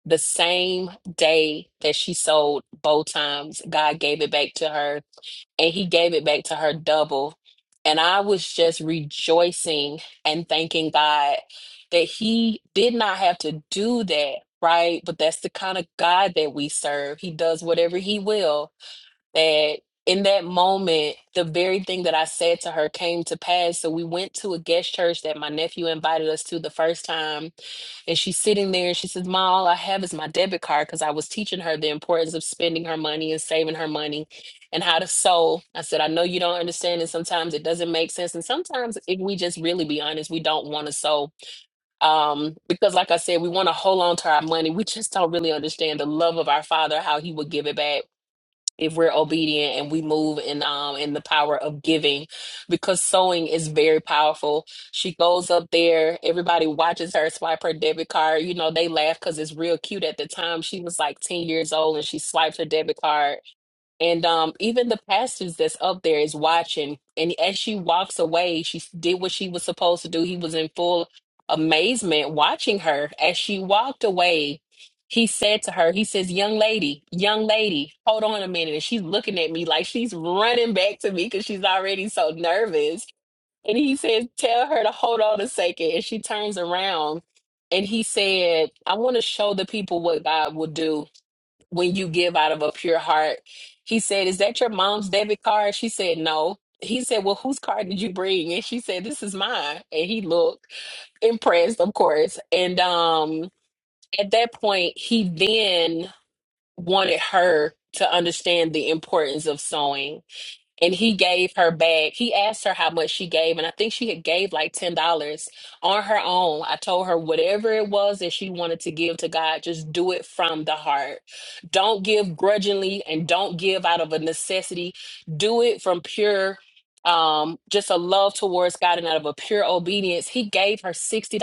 [SPEAKER 3] the same day that she sold both times god gave it back to her and he gave it back to her double. And I was just rejoicing and thanking God that he did not have to do that, right? But that's the kind of God that we serve. He does whatever he will. That in that moment, the very thing that I said to her came to pass. So we went to a guest church that my nephew invited us to the first time and she's sitting there and she says, Ma, all I have is my debit card because I was teaching her the importance of spending her money and saving her money and how to sow. I said, I know you don't understand, and sometimes it doesn't make sense. And sometimes, if we just really be honest, we don't want to sow. Um, because, like I said, we want to hold on to our money. We just don't really understand the love of our Father, how He would give it back if we're obedient and we move in um in the power of giving because sewing is very powerful she goes up there everybody watches her swipe her debit card you know they laugh because it's real cute at the time she was like 10 years old and she swiped her debit card and um, even the pastors that's up there is watching. And as she walks away, she s- did what she was supposed to do. He was in full amazement watching her. As she walked away, he said to her, he says, Young lady, young lady, hold on a minute. And she's looking at me like she's running back to me because she's already so nervous. And he says, Tell her to hold on a second." And she turns around and he said, I want to show the people what God will do when you give out of a pure heart. He said, Is that your mom's debit card? She said, No. He said, Well, whose card did you bring? And she said, This is mine. And he looked impressed, of course. And um, at that point, he then wanted her to understand the importance of sewing and he gave her back. He asked her how much she gave, and I think she had gave like ten dollars on her own. I told her whatever it was that she wanted to give to God, just do it from the heart. Don't give grudgingly and don't give out of a necessity. Do it from pure um just a love towards God and out of a pure obedience. He gave her $60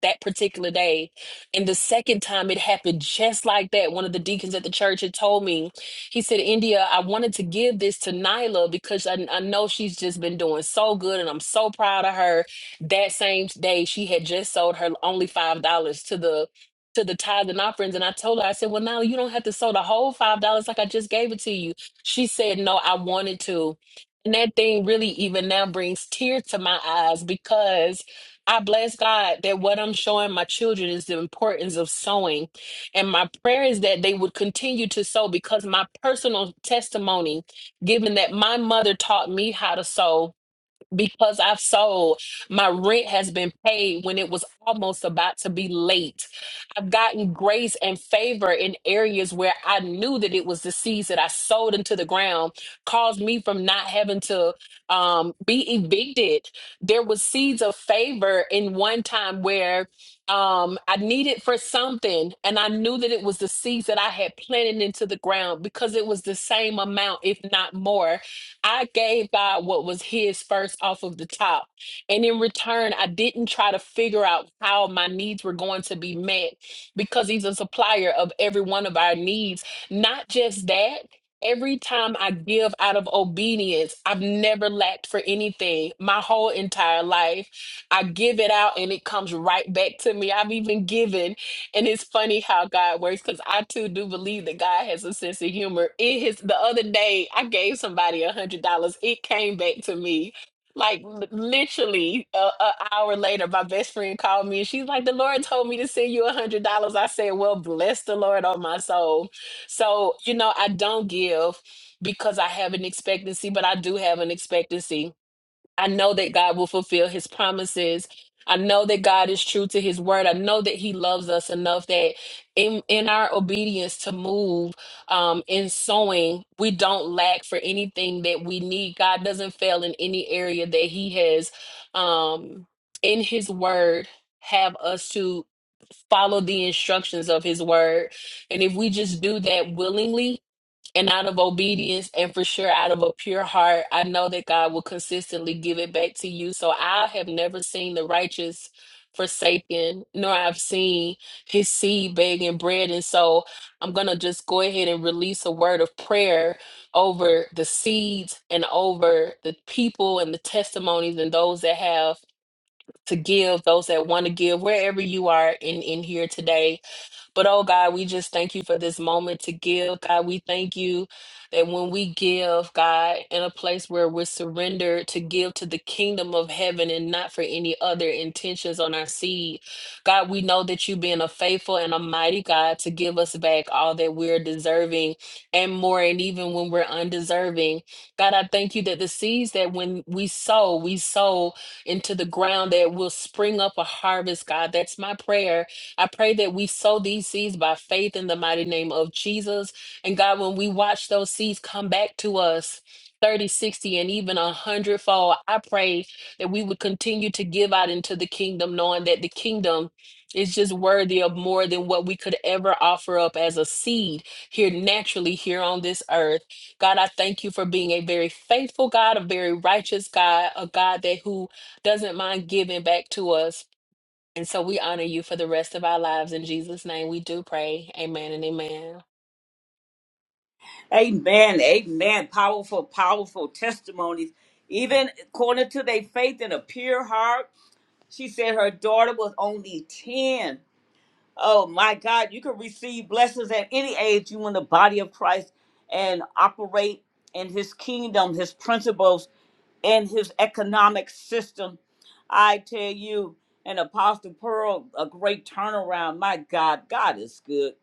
[SPEAKER 3] that particular day. And the second time it happened just like that, one of the deacons at the church had told me he said, India, I wanted to give this to Nyla because I, I know she's just been doing so good and I'm so proud of her. That same day, she had just sold her only $5 to the to the tithe and offerings. And I told her, I said, Well, now you don't have to sow the whole five dollars like I just gave it to you. She said, No, I wanted to. And that thing really even now brings tears to my eyes because I bless God that what I'm showing my children is the importance of sowing and my prayer is that they would continue to sow because my personal testimony, given that my mother taught me how to sow because I've sold. My rent has been paid when it was almost about to be late. I've gotten grace and favor in areas where I knew that it was the seeds that I sowed into the ground caused me from not having to um, be evicted. There was seeds of favor in one time where um, I needed for something, and I knew that it was the seeds that I had planted into the ground because it was the same amount, if not more I gave God what was His first off of the top. And in return, I didn't try to figure out how my needs were going to be met because He's a supplier of every one of our needs. Not just that. Every time I give out of obedience, I've never lacked for anything my whole entire life. I give it out and it comes right back to me. I've even given and it's funny how God works because I too do believe that God has a sense of humor. It is the other day I gave somebody a hundred dollars. It came back to me. Like li- literally a, a hour later, my best friend called me and she's like, "The Lord told me to send you a hundred dollars." I said, "Well, bless the Lord on my soul." So you know, I don't give because I have an expectancy, but I do have an expectancy I know that God will fulfill his promises. I know that God is true to his word. I know that he loves us enough that in, in our obedience to move um, in sowing, we don't lack for anything that we need. God doesn't fail in any area that he has um, in his word have us to follow the instructions of his word. And if we just do that willingly, and out of obedience and for sure out of a pure heart i know that god will consistently give it back to you so i have never seen the righteous forsaken nor i've seen his seed begging bread and so i'm gonna just go ahead and release a word of prayer over the seeds and over the people and the testimonies and those that have to give those that want to give wherever you are in in here today but oh God, we just thank you for this moment to give. God, we thank you that when we give, God, in a place where we're surrendered to give to the kingdom of heaven and not for any other intentions on our seed, God, we know that you being a faithful and a mighty God to give us back all that we're deserving and more, and even when we're undeserving. God, I thank you that the seeds that when we sow, we sow into the ground that will spring up a harvest, God. That's my prayer I pray that we sow these seeds by faith in the mighty name of Jesus. And God, when we watch those seeds come back to us, 30, 60, and even a hundredfold, I pray that we would continue to give out into the kingdom, knowing that the kingdom is just worthy of more than what we could ever offer up as a seed here naturally here on this earth. God, I thank you for being a very faithful God, a very righteous God, a God that who doesn't mind giving back to us. And so we honor you for the rest of our lives. In Jesus' name we do pray. Amen and amen.
[SPEAKER 1] Amen. Amen. Powerful, powerful testimonies. Even according to their faith and a pure heart, she said her daughter was only 10 Oh my God, you can receive blessings at any age you in the body of Christ and operate in his kingdom, his principles, and his economic system. I tell you, and Apostle Pearl, a great turnaround. My God, God is good.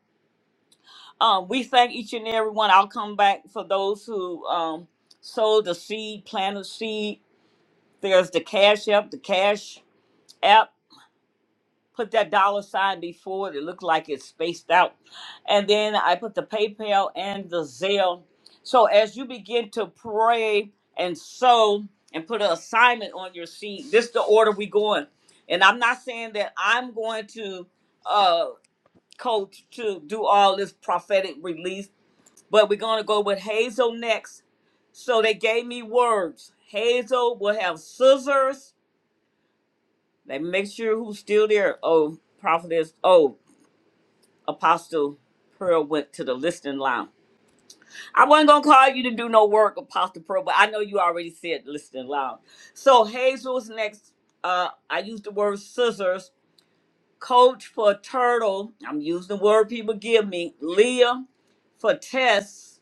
[SPEAKER 1] Um, we thank each and every one. I'll come back for those who um sowed the seed, planted seed. There's the Cash App, the Cash App. put that dollar sign before it. It looked like it's spaced out. And then I put the PayPal and the Zelle. So as you begin to pray and sow and put an assignment on your seed, this is the order we going. And I'm not saying that I'm going to uh coach to do all this prophetic release, but we're gonna go with Hazel next. So they gave me words. Hazel will have scissors. Let me make sure who's still there. Oh, prophetess. Oh, Apostle Pearl went to the listening lounge. I wasn't gonna call you to do no work, Apostle Pearl, but I know you already said listening lounge. So Hazel's next. Uh, I used the word scissors. Coach for turtle. I'm using the word people give me. Leah for Tess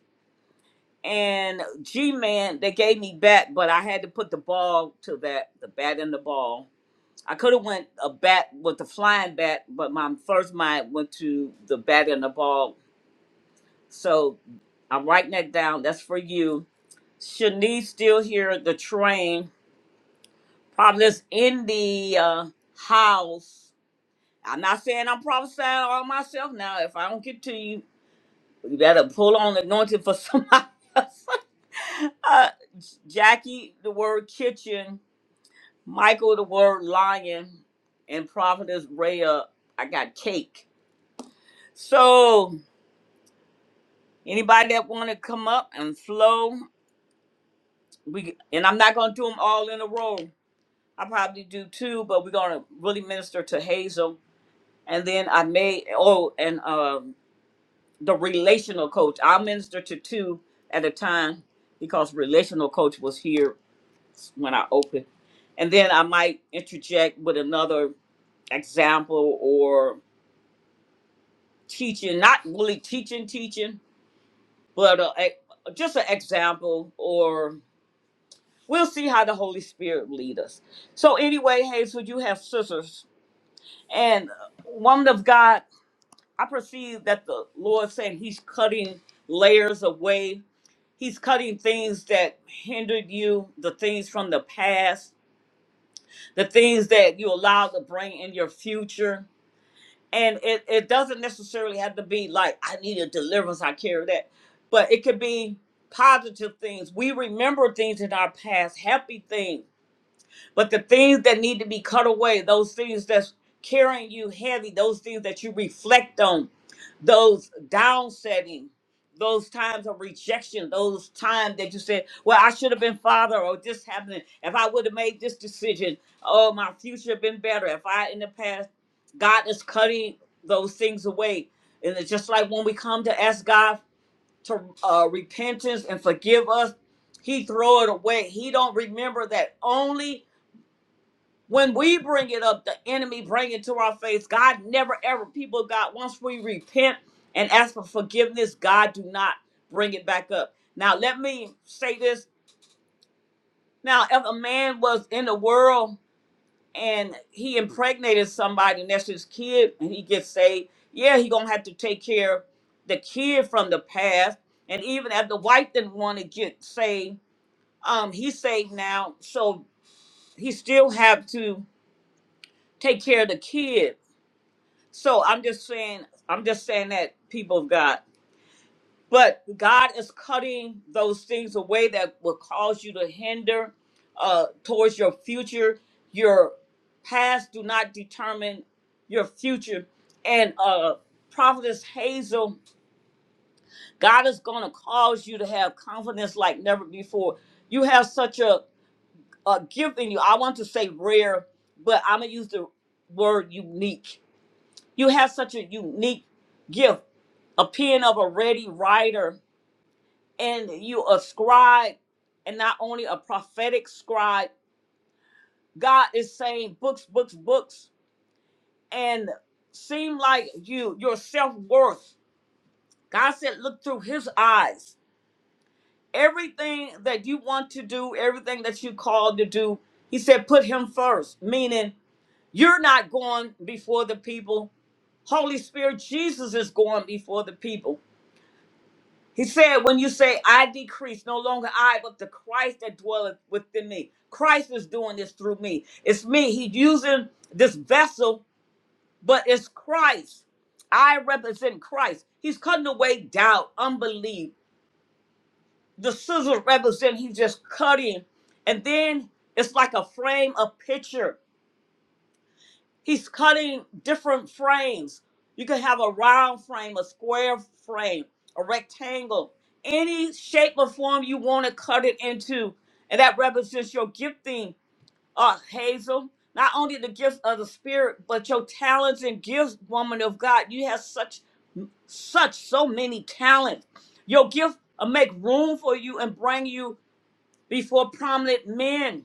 [SPEAKER 1] and G Man. They gave me bat, but I had to put the ball to that. The bat and the ball. I could have went a bat with the flying bat, but my first mind went to the bat and the ball So I'm writing that down. That's for you. Shanice still here. The train Providence in the uh, house. I'm not saying I'm prophesying all myself now. If I don't get to you, you better pull on the anointing for somebody else. uh, Jackie, the word kitchen. Michael, the word lion. And Providence Rhea, I got cake. So anybody that want to come up and flow, we and I'm not gonna do them all in a row. I probably do two, but we're gonna really minister to Hazel, and then I may oh and um the relational coach. I'll minister to two at a time because relational coach was here when I opened, and then I might interject with another example or teaching, not really teaching, teaching, but uh, e- just an example or. We'll see how the Holy Spirit lead us. So anyway, Hazel, you have sisters. And uh, woman of God, I perceive that the Lord said he's cutting layers away. He's cutting things that hindered you, the things from the past, the things that you allowed to bring in your future. And it, it doesn't necessarily have to be like, I need a deliverance, I carry that. But it could be positive things. We remember things in our past, happy things But the things that need to be cut away, those things that's carrying you heavy, those things that you reflect on, those down setting, those times of rejection, those times that you said, Well, I should have been father, or this happened. If I would have made this decision, oh, my future been better. If I in the past, God is cutting those things away. And it's just like when we come to ask God to uh, repentance and forgive us, He throw it away. He don't remember that only when we bring it up, the enemy bring it to our face. God never ever people of God. Once we repent and ask for forgiveness, God do not bring it back up. Now let me say this. Now, if a man was in the world and he impregnated somebody and that's his kid and he gets saved, yeah, he gonna have to take care of the kid from the past. And even if the wife didn't want to get saved, um, he's saved now, so he still have to take care of the kid So I'm just saying, I'm just saying that people of God, but God is cutting those things away that will cause you to hinder uh, towards your future. Your past do not determine your future. And uh, Prophetess Hazel, God is going to cause you to have confidence like never before. You have such a, a gift in you. I want to say rare, but I'm going to use the word unique You have such a unique gift, a pen of a ready writer, and you a scribe, and not only a prophetic scribe. God is saying books, books, books, and seem like you, your self worth. God said, look through His eyes. Everything that you want to do, everything that you called to do, He said, put Him first. Meaning, you're not going before the people. Holy Spirit, Jesus is going before the people. He said, when you say, I decrease, no longer I, but the Christ that dwelleth within me. Christ is doing this through me. It's me. He's using this vessel, but it's Christ. I represent Christ. He's cutting away doubt, unbelief. The scissors represent, he's just cutting. And then it's like a frame, a picture. He's cutting different frames. You can have a round frame, a square frame, a rectangle, any shape or form you want to cut it into. And that represents your gifting, uh, Hazel. Not only the gifts of the spirit, but your talents and gifts, woman of God. You have such, such, so many talents. Your gift will make room for you and bring you before prominent men.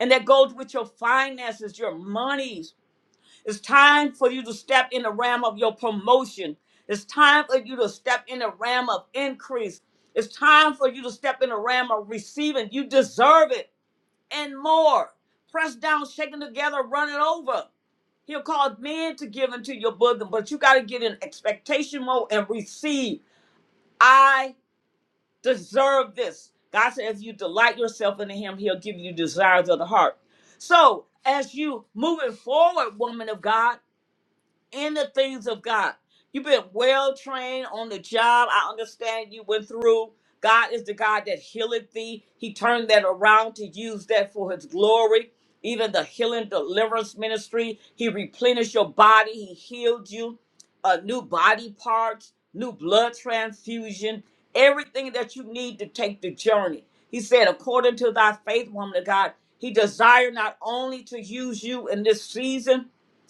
[SPEAKER 1] And that goes with your finances, your monies it's time for you to step in the realm of your promotion. It's time for you to step in the realm of increase. It's time for you to step in the realm of receiving. You deserve it and more. Press down, shaking together, running over. He'll cause men to give into your bosom, but you got to get in expectation mode and receive. I deserve this. God said, if you delight yourself in Him, He'll give you desires of the heart. So, as you moving forward, woman of God, in the things of God. You've been well trained on the job. I understand you went through. God is the God that healeth thee. He turned that around to use that for his glory. Even the healing deliverance ministry, he replenished your body. He healed you. Uh, new body parts, new blood transfusion, everything that you need to take the journey. He said, according to thy faith, woman of God, he desired not only to use you in this season,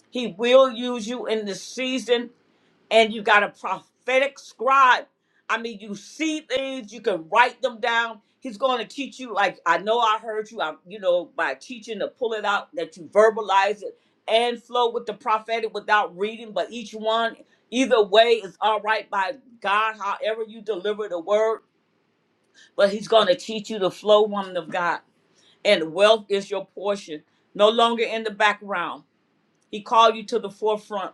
[SPEAKER 1] he will use you in this season, and you got a prophetic scribe. I mean, you see things, you can write them down. He's going to teach you, like I know I heard you. I'm, you know, by teaching to pull it out, that you verbalize it and flow with the prophetic without reading. But each one, either way, is all right by God. However you deliver the word, but He's going to teach you to flow, woman of God. And wealth is your portion, no longer in the background. He called you to the forefront,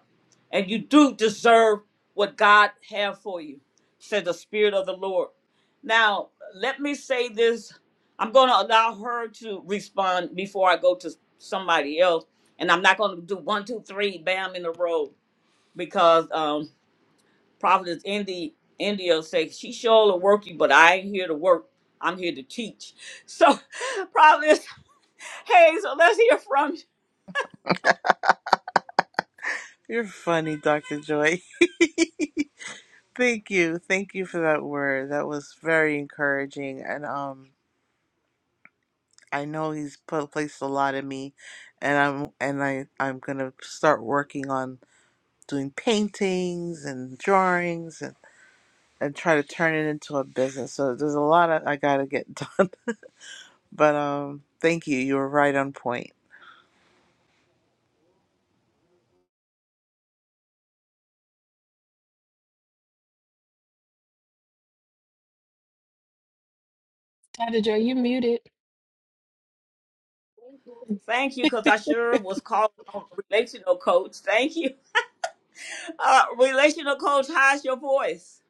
[SPEAKER 1] and you do deserve what God have for you, said the Spirit of the Lord. Now, let me say this. I'm going to allow her to respond before I go to somebody else, and I'm not going to do one, two, three, bam, in a row because um, Prophetess Indy India says she sure will work you, but I ain't here to work. I'm here to teach. So, Providence, hey, so let's hear from you.
[SPEAKER 5] You're funny, Dr. Joy. Thank you. Thank you for that word. That was very encouraging and um I know he's put placed a lot in me and I'm and I I'm going to start working on doing paintings and drawings and and try to turn it into a business. So there's a lot of, I got to get done. but um thank you. You were right on point.
[SPEAKER 3] Dr. Joy, you muted.
[SPEAKER 1] Thank you, because I sure was calling on relational coach. Thank you. Uh, relational coach, how's your voice?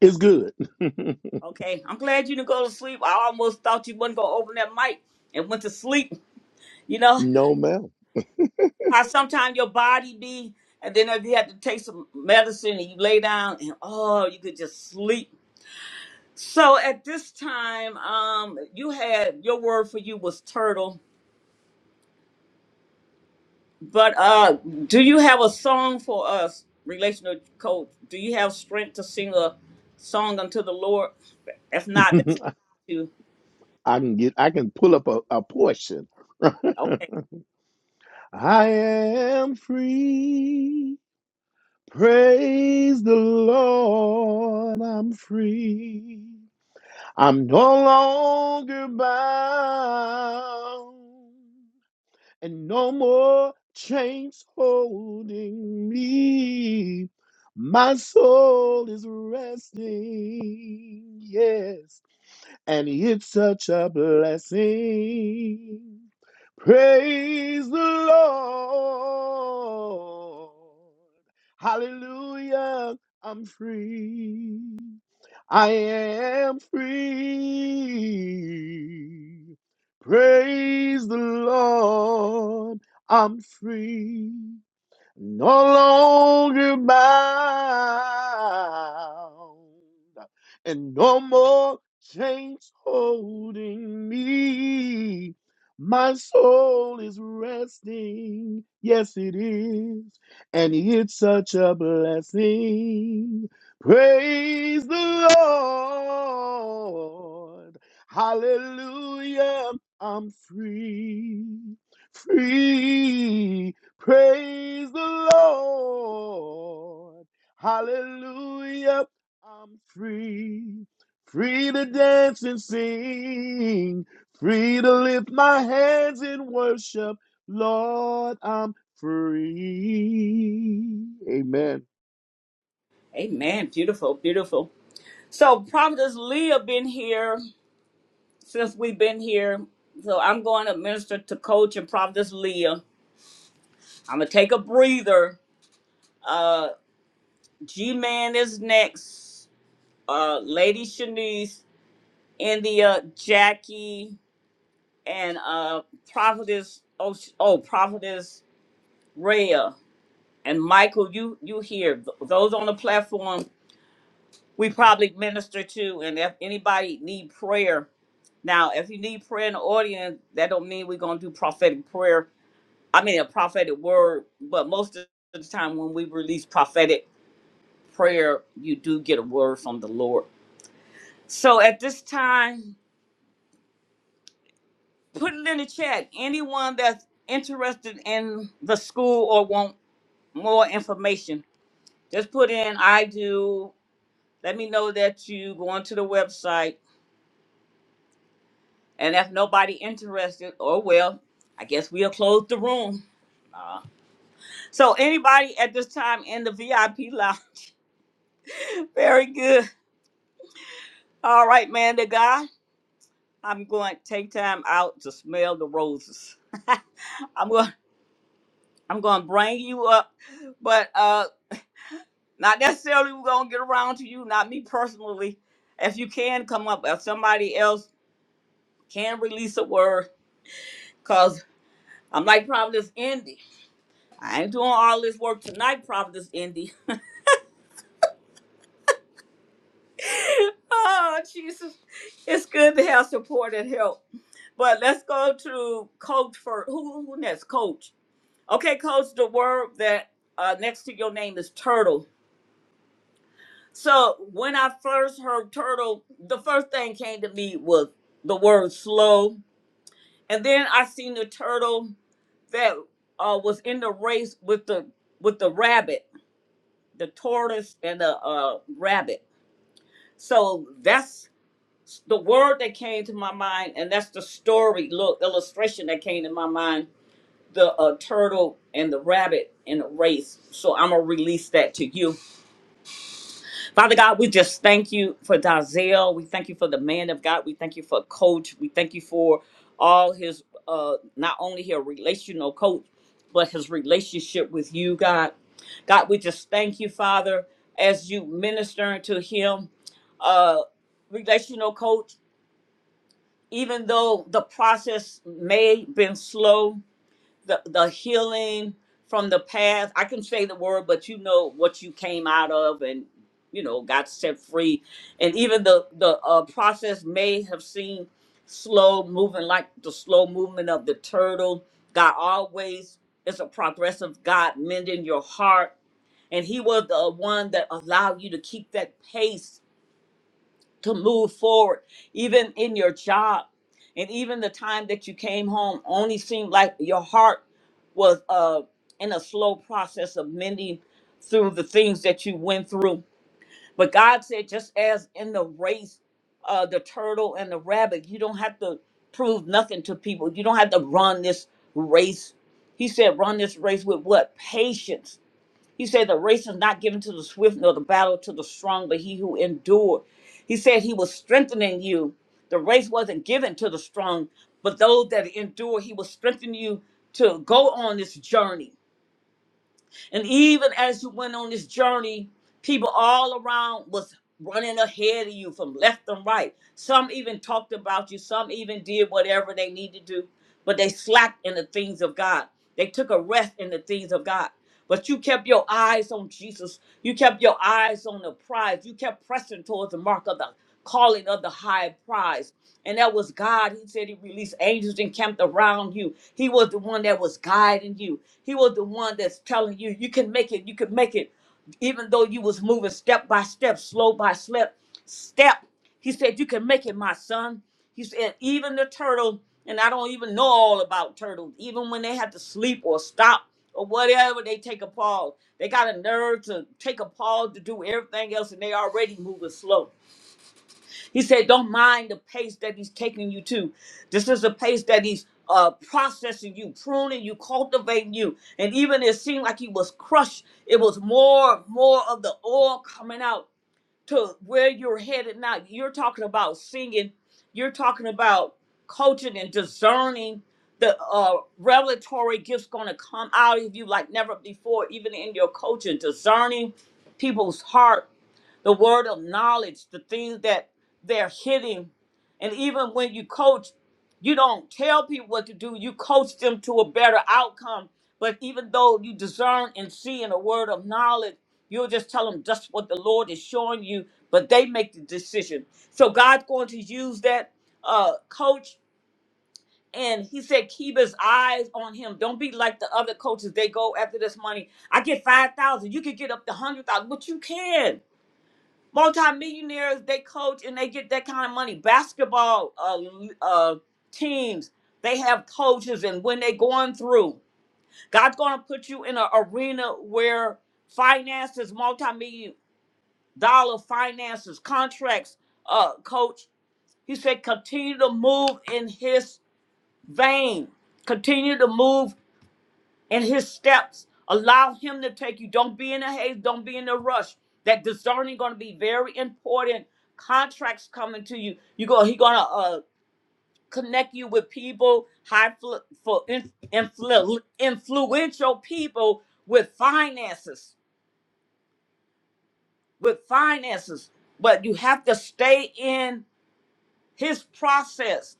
[SPEAKER 2] It's good.
[SPEAKER 1] Okay, I'm glad you didn't go to sleep. I almost thought you wouldn't go open that mic and went to sleep. You know
[SPEAKER 2] no, ma'am.
[SPEAKER 1] how sometimes your body be, and then if you had to take some medicine and you lay down and oh, you could just sleep. So at this time, um, you had your word for you was turtle But uh, do you have a song for us, relational coach? Do you have strength to sing a song unto the Lord? If not, that's you.
[SPEAKER 2] I can get. I can pull up a, a portion.
[SPEAKER 1] Okay.
[SPEAKER 2] I am free. Praise the Lord. I'm free. I'm no longer bound. and no more chains holding me. My soul is resting, yes, and it's such a blessing. Praise the Lord. Hallelujah, I'm free. I am free. Praise the Lord. I'm free no longer bound, and no more chains holding me. My soul is resting, yes, it is, and it's such a blessing. Praise the Lord, hallelujah, I'm free, free. Praise the Lord. Hallelujah. I'm free. Free to dance and sing. Free to lift my hands in worship. Lord, I'm free. Amen.
[SPEAKER 1] Amen. Beautiful, beautiful. So Prophetess Leah been here since we've been here. So I'm going to minister to Coach and Prophetess Leah. I'm gonna take a breather. Uh, G Man is next. Uh, Lady Shanice, India, Jackie. and uh prophetess oh, sh- oh prophetess Rhea and Michael you you here Th- those on the platform we probably minister to and if anybody need prayer now if you need prayer in the audience that don't mean we're going to do prophetic prayer I mean a prophetic word but most of the time when we release prophetic prayer you do get a word from the Lord so at this time put it in the chat anyone that's interested in the school or want more information, just put in I do. Let me know that you go onto the website. And if nobody interested, oh well, I guess we'll close the room. Uh, so anybody at this time in the VIP lounge, very good. All right, man, the guy, I'm going to take time out to smell the roses. I'm going, I'm going to bring you up, but uh, not necessarily we're going to get around to you, not me personally. If you can come up, if somebody else can release a word, Cause I'm like Providence Indy. I ain't doing all this work tonight, Providence Indy. oh Jesus. It's good to have support and help. But let's go to coach for who who next? Coach. Okay, coach, the word that uh, next to your name is turtle. So when I first heard turtle, the first thing came to me was the word slow. And then I seen the turtle that uh, was in the race with the with the rabbit the tortoise and the uh, rabbit. So that's the word that came to my mind, and that's the story, look, illustration that came to my mind the uh, turtle and the rabbit in a race. So I'm going to release that to you. Father God, we just thank you for Dazelle. We thank you for the man of God. We thank you for coach. We thank you for all his, uh, not only his relational coach, but his relationship with you, God. God, we just thank you, Father, as you ministering to him, uh, relational coach, even though the process may been slow, the, the healing from the past. I can say the word, but you know what you came out of and you know got set free. And even the the uh, process may have seemed slow moving, like the slow movement of the turtle. God always is a progressive God, mending your heart, and He was the one that allowed you to keep that pace to move forward, even in your job. And even the time that you came home only seemed like your heart was uh, in a slow process of mending through the things that you went through. But God said, just as in the race, uh, the turtle and the rabbit, you don't have to prove nothing to people. You don't have to run this race. He said, run this race with what? Patience he said the race is not given to the swift nor the battle to the strong, but he who endured. He said he was strengthening you. The race wasn't given to the strong, but those that endure, he will strengthen you to go on this journey. And even as you went on this journey, people all around was running ahead of you from left and right some even talked about you. Some even did whatever they need to do, but they slacked in the things of God. They took a rest in the things of God. But you kept your eyes on Jesus. You kept your eyes on the prize. You kept pressing towards the mark of the calling of the high prize. And that was God. He said he released angels encamped around you. He was the one that was guiding you. He was the one that's telling you, you can make it, you can make it. Even though you was moving step by step, slow by step, step. He said, You can make it, my son. He said, Even the turtle, and I don't even know all about turtles, even when they have to sleep or stop or whatever, they take a pause. They got a nerve to take a pause to do everything else, and they already moving slow. He said, Don't mind the pace that he's taking you to. This is the pace that he's uh, processing you, pruning you, cultivating you. And even it seemed like he was crushed, it was more, more of the oil coming out to where you're headed now. You're talking about singing, you're talking about coaching and discerning the uh, revelatory gifts going to come out of you like never before, even in your coaching, discerning people's heart the word of knowledge, the things that they're hitting. And even when you coach, you don't tell people what to do, you coach them to a better outcome. But even though you discern and see in a word of knowledge, you'll just tell them just what the Lord is showing you, but they make the decision. So God's going to use that uh, coach. And he said, keep his eyes on him. Don't be like the other coaches. They go after this money. I get 5,000. You could get up to 100,000, but you can multimillionaires they coach and they get that kind of money basketball uh, uh teams they have coaches and when they are going through god's going to put you in an arena where finances multi-million dollar finances contracts uh coach he said continue to move in his vein continue to move and his steps. Allow him to take you. Don't be in a haze. Don't be in a rush. That discerning going to be very important. Contracts coming to you. You go. He going to uh, connect you with people high fl- for in, influ- influential people with finances. With finances, but you have to stay in his process.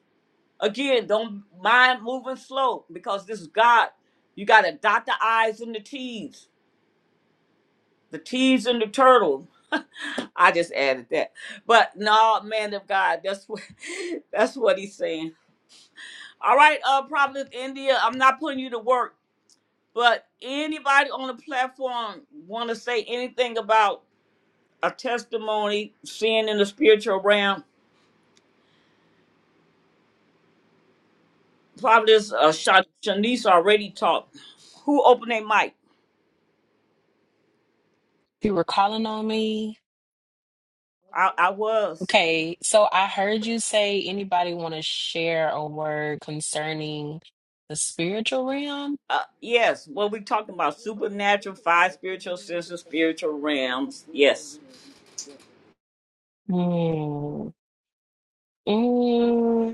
[SPEAKER 1] Again, don't mind moving slow because this is God. You got to dot the I's and the T's The T's and the turtle. I just added that. But no, man of God, that's what that's what he's saying. All right, uh Providence India, I'm not putting you to work, but anybody on the platform wanna say anything about a testimony, seeing in the spiritual realm? Providence uh Sha- Shanice already talked. Who opened their mic?
[SPEAKER 3] You were calling on me.
[SPEAKER 1] I, I was.
[SPEAKER 3] Okay, so I heard you say anybody want to share a word concerning the spiritual realm?
[SPEAKER 1] Uh, yes, what we talking about? Supernatural, five spiritual senses, spiritual realms. Yes.
[SPEAKER 3] Mm. Mm.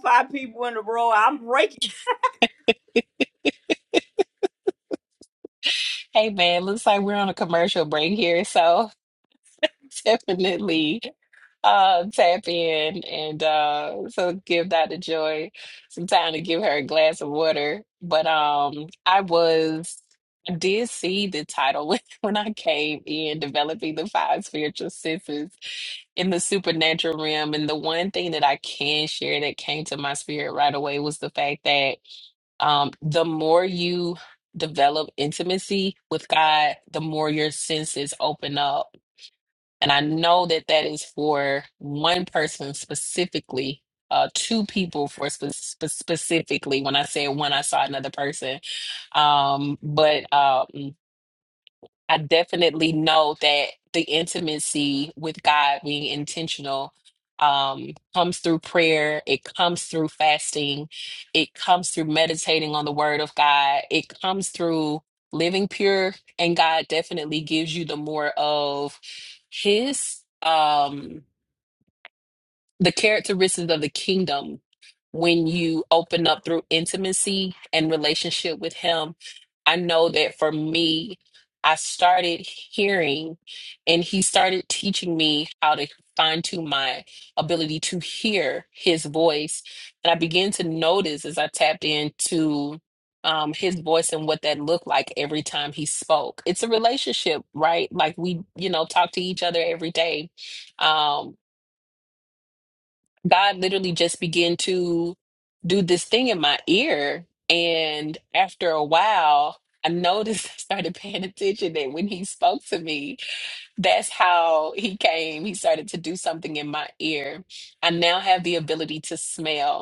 [SPEAKER 1] five people in a row. I'm breaking.
[SPEAKER 3] Hey man, looks like we're on a commercial break here, so definitely. uh tap in and uh so give Dr. Joy some time to give her a glass of water. But um I was I did see the title when, when I came in developing the five spiritual senses in the supernatural realm. And the one thing that I can share that came to my spirit right away was the fact that um the more you develop intimacy with God, the more your senses open up and I know that that is for one person specifically, uh, two people for spe- spe- specifically. When I said one, I saw another person. Um, but um I definitely know that the intimacy with God being intentional um, comes through prayer, it comes through fasting, it comes through meditating on the word of God, it comes through living pure, and God definitely gives you the more of His. Um, the characteristics of the kingdom when you open up through intimacy and relationship with him i know that for me i started hearing and he started teaching me how to fine tune my ability to hear his voice and i began to notice as i tapped into um, his voice and what that looked like every time he spoke it's a relationship right like we you know talk to each other every day Um, God literally just began to do this thing in my ear. And after a while, I noticed I started paying attention that when he spoke to me, that's how he came. He started to do something in my ear. I now have the ability to smell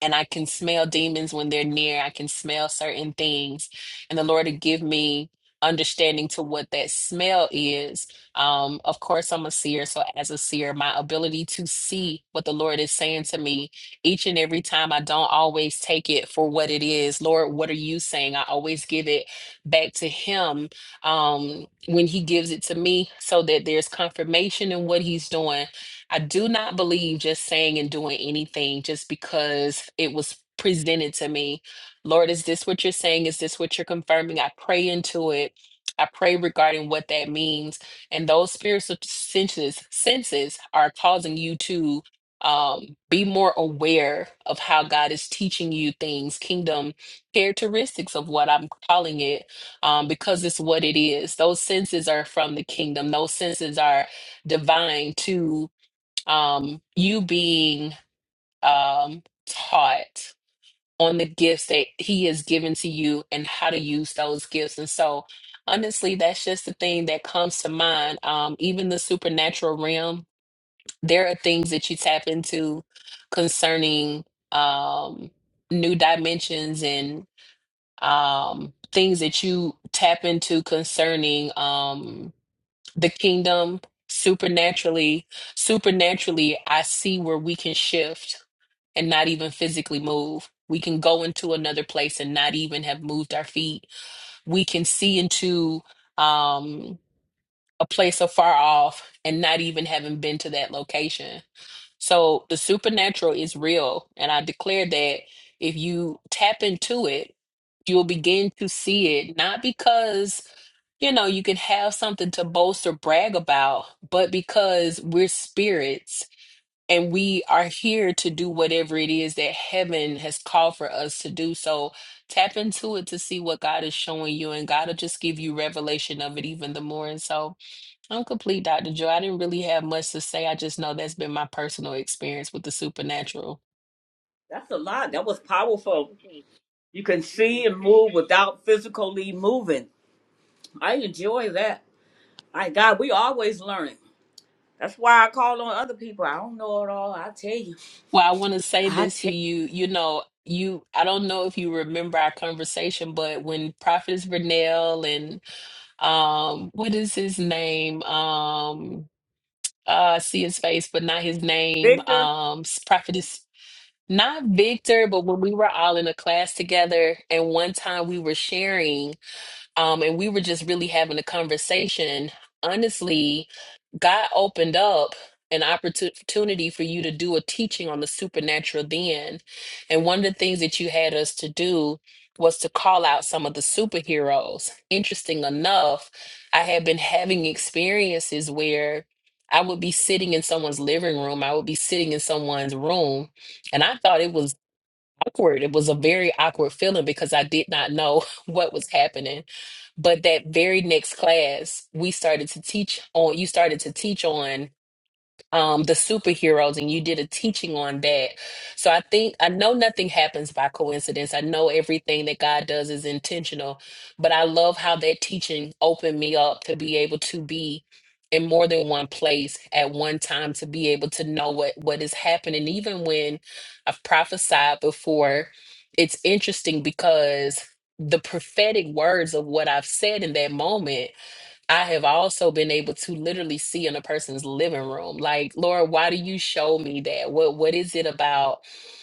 [SPEAKER 3] and I can smell demons when they're near. I can smell certain things, and the Lord will give me understanding to what that smell is. Um, of course, I'm a seer, so as a seer, my ability to see what the Lord is saying to me each and every time, I don't always take it for what it is. Lord, what are you saying? I always give it back to Him um, when He gives it to me, so that there's confirmation in what He's doing I do not believe just saying and doing anything just because it was presented to me. Lord, is this what you're saying? Is this what you're confirming? I pray into it. I pray regarding what that means. And those spiritual senses senses are causing you to um, be more aware of how God is teaching you things, kingdom characteristics of what I'm calling it, um, because it's what it is. Those senses are from the kingdom. Those senses are divine to um, you being um, taught on the gifts that he has given to you and how to use those gifts. And so, honestly, that's just the thing that comes to mind. Um, even the supernatural realm, there are things that you tap into concerning um, new dimensions and um, things that you tap into concerning. Um, the kingdom supernaturally supernaturally i see where we can shift and not even physically move we can go into another place and not even have moved our feet we can see into um a place so far off and not even having been to that location so the supernatural is real and i declare that if you tap into it you'll begin to see it not because you know, you can have something to boast or brag about, but because we're spirits and we are here to do whatever it is that heaven has called for us to do. So tap into it to see what God is showing you, and God will just give you revelation of it even the more. And so I'm complete, Dr. Joy. I didn't really have much to say. I just know that's been my personal experience with the supernatural.
[SPEAKER 1] That's a lot. That was powerful. You can see and move without physically moving. I enjoy that. My God, we always learning. That's why I call on other people. I don't know it all. I tell you.
[SPEAKER 3] Well, I want to say
[SPEAKER 1] I
[SPEAKER 3] this to
[SPEAKER 1] tell
[SPEAKER 3] you. You know, you I don't know if you remember our conversation, but when Prophetess Vernell and um what is his name um uh I see his face but not his name
[SPEAKER 1] Victor.
[SPEAKER 3] um s- prophetess not Victor but when we were all in a class together and one time we were sharing um, and we were just really having a conversation. Honestly, God opened up an opportu- opportunity for you to do a teaching on the supernatural then. And one of the things that you had us to do was to call out some of the superheroes. Interesting enough, I had been having experiences where I would be sitting in someone's living room, I would be sitting in someone's room, and I thought it was awkward. It was a very awkward feeling because I did not know what was happening. But that very next class, we started to teach on, you started to teach on um the superheroes and you did a teaching on that so i think i know nothing happens by coincidence i know everything that god does is intentional but i love how that teaching opened me up to be able to be in more than one place at one time to be able to know what what is happening even when i've prophesied before it's interesting because the prophetic words of what i've said in that moment I have also been able to literally see in a person's living room, like, Lord, why do you show me that? What what is it about,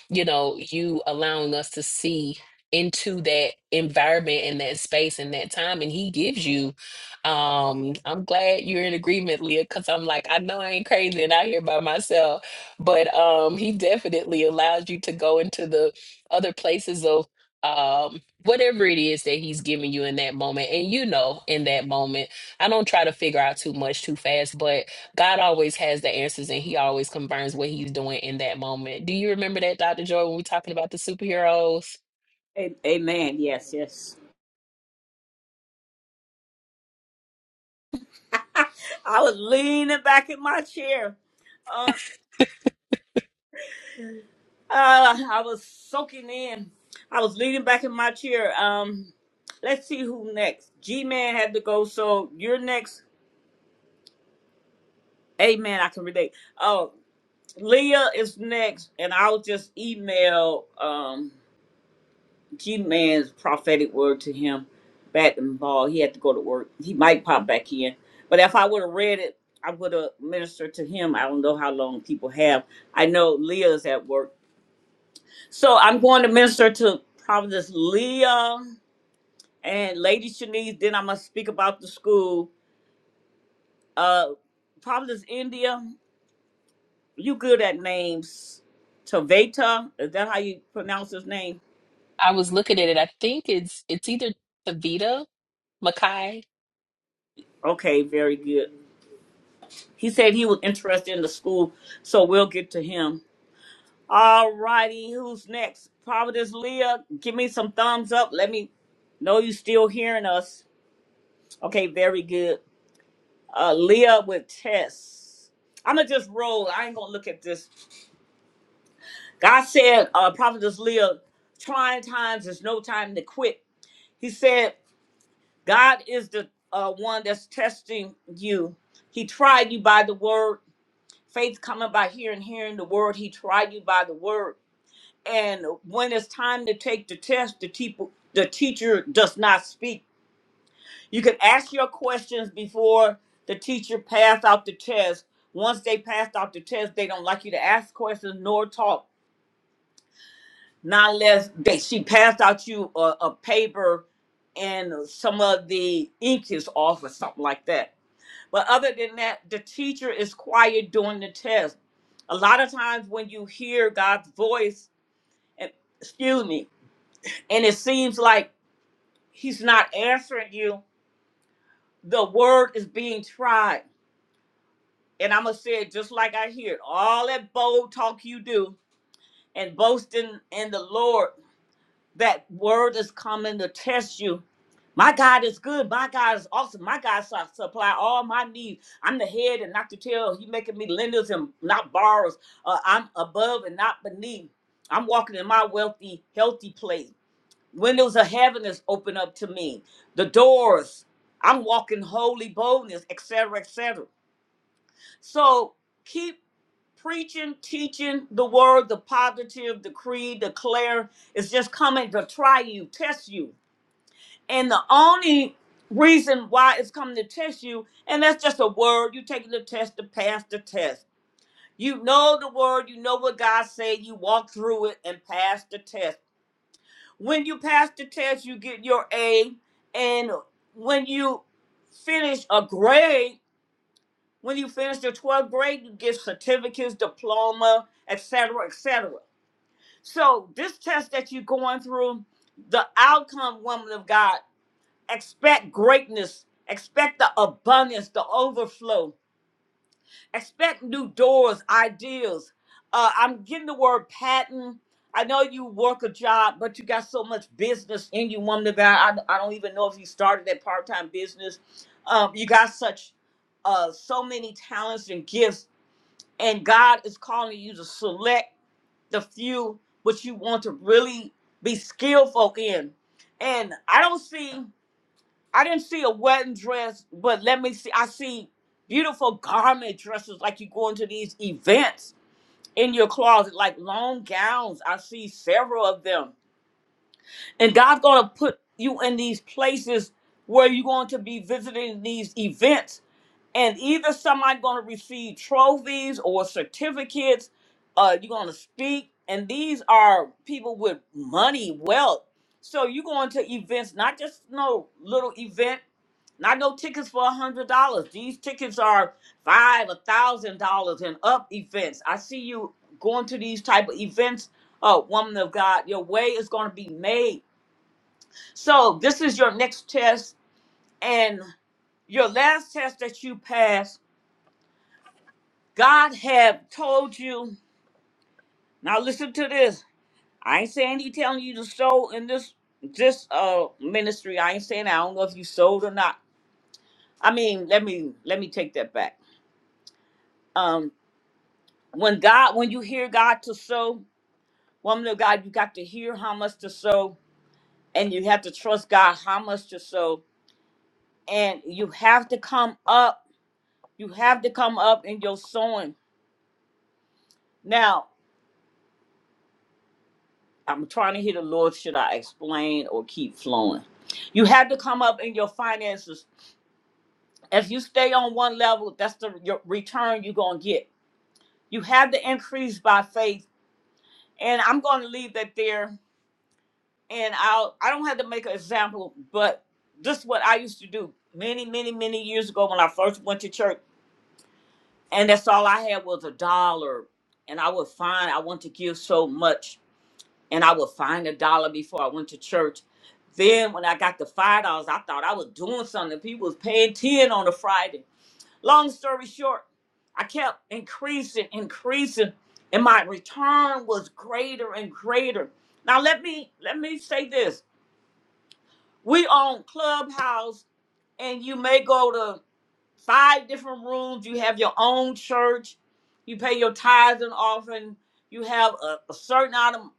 [SPEAKER 3] you know, you allowing us to see into that environment and that space and that time? And he gives you. Um, I'm glad you're in agreement, Leah, because I'm like, I know I ain't crazy and out here by myself. But um he definitely allows you to go into the other places of um whatever it is that he's giving you in that moment. And you know in that moment I don't try to figure out too much too fast, but God always has the answers and He always confirms what He's doing in that moment. Do you remember that, Dr. Joy, when we were talking about the superheroes?
[SPEAKER 1] a- Amen. Yes, yes. I was leaning back in my chair. Uh, uh, I was soaking in. I was leaning back in my chair. Um, let's see who next. G Man had to go, so you're next. Amen. I can relate. Oh, Leah is next, and I'll just email um G Man's prophetic word to him Bat and ball. He had to go to work. He might pop back in. But if I would have read it, I would have ministered to him. I don't know how long people have. I know Leah's at work. So I'm going to minister to Providence Leah and Lady Shanice. Then I must speak about the school. Uh Providence, India. You good at names. Taveta, is that how you pronounce his name?
[SPEAKER 3] I was looking at it. I think it's it's either Tavita Makai.
[SPEAKER 1] Okay, very good. He said he was interested in the school, so we'll get to him. All righty, who's next? Providence Leah, give me some thumbs up. Let me know you still hearing us. Okay, very good. Uh, Leah with Tess. I'ma just roll. I ain't gonna look at this. God said, uh, Providence Leah, trying times is no time to quit. He said. God is the uh, one that's testing you. He tried you by the word. Faith coming by hearing, hearing the word. He tried you by the word. And when it's time to take the test, the, teacher, the teacher does not speak. You can ask your questions before the teacher pass out the test. Once they passed out the test, they don't like you to ask questions nor talk. Not unless they, she passed out you a, a paper and some of the ink is off or something like that But other than that, the teacher is quiet during the test. A lot of times when you hear God's voice, and excuse me, and it seems like He's not answering you, the word is being tried. And I'm going to say it just like I hear it all that bold talk you do and boasting in the Lord. that word is coming to test you. My God is good. My God is awesome. My God su- supply all my needs. I'm the head and not the tail. He making me lenders and not borrowers. Uh, I'm above and not beneath. I'm walking in my wealthy, healthy place. Windows of heaven is open up to me. The doors. I'm walking holy boldness, etc., etc. So keep preaching, teaching the word, the positive, decree, declare. is just coming to try you, test you. And the only reason why it's coming to test you, and that's just a word, you taking the test to pass the test. You know the word, you know what God said, you walk through it and pass the test. When you pass the test, you get your A. And when you finish a grade, when you finish the 12th grade, you get certificates, diploma, etc., etc. So this test that you're going through, the outcome, woman of God, expect greatness, expect the abundance, the overflow, expect new doors, ideas. Uh, I'm getting the word patent. I know you work a job, but you got so much business in you, woman of God. I, I don't even know if you started that part-time business. Um, you got such uh, so many talents and gifts, and God is calling you to select the few which you want to really be skillful in. And I don't see, I didn't see a wedding dress, but let me see, I see beautiful garment dresses like you go into these events in your closet, like long gowns. I see several of them. And God's going to put you in these places where you're going to be visiting these events and either somebody going to receive trophies or certificates uh you're going to speak and these are people with money wealth so you're going to events not just no little event not no tickets for a hundred dollars these tickets are five a thousand dollars and up events i see you going to these type of events uh woman of god your way is going to be made so this is your next test and your last test that you pass. God have told you. Now listen to this. I ain't saying he telling you to sow in this this uh ministry. I ain't saying I don't know if you sold or not. I mean, let me let me take that back. Um, when God, when you hear God to sow, woman of God, you got to hear how much to sow, and you have to trust God how much to sow, and you have to come up. You have to come up in your sowing. Now. I'm trying to hear the Lord. Should I explain or keep flowing? You had to come up in your finances. If you stay on one level, that's the your return you're going to get. You have to increase by faith. And I'm going to leave that there. And I'll, I don't have to make an example, but this is what I used to do many, many, many years ago when I first went to church. And that's all I had was a dollar. And I would find I want to give so much and I would find a dollar before I went to church. Then when I got the five dollars, I thought I was doing something. People was paying ten on a Friday. Long story short, I kept increasing, increasing, and my return was greater and greater. Now let me let me say this: we own Clubhouse, and you may go to five different rooms. You have your own church. You pay your tithes and offering. You have a, a certain item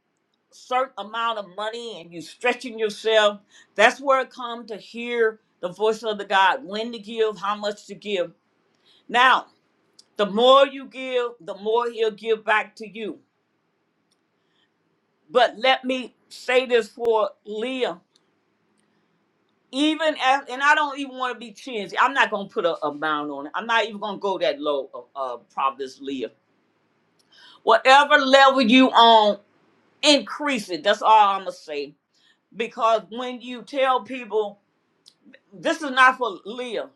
[SPEAKER 1] certain amount of money and you stretching yourself. That's where it come to hear the voice of the God, when to give, how much to give. Now, the more you give, the more he'll give back to you. But let me say this for Leah. Even as, and I don't even want to be cheesy. I'm not gonna put a amount on it. I'm not even gonna go that low, uh, uh Providence Leah. Whatever level you on, increase it. That's all I'm gonna say. Because when you tell people this is not for Leah.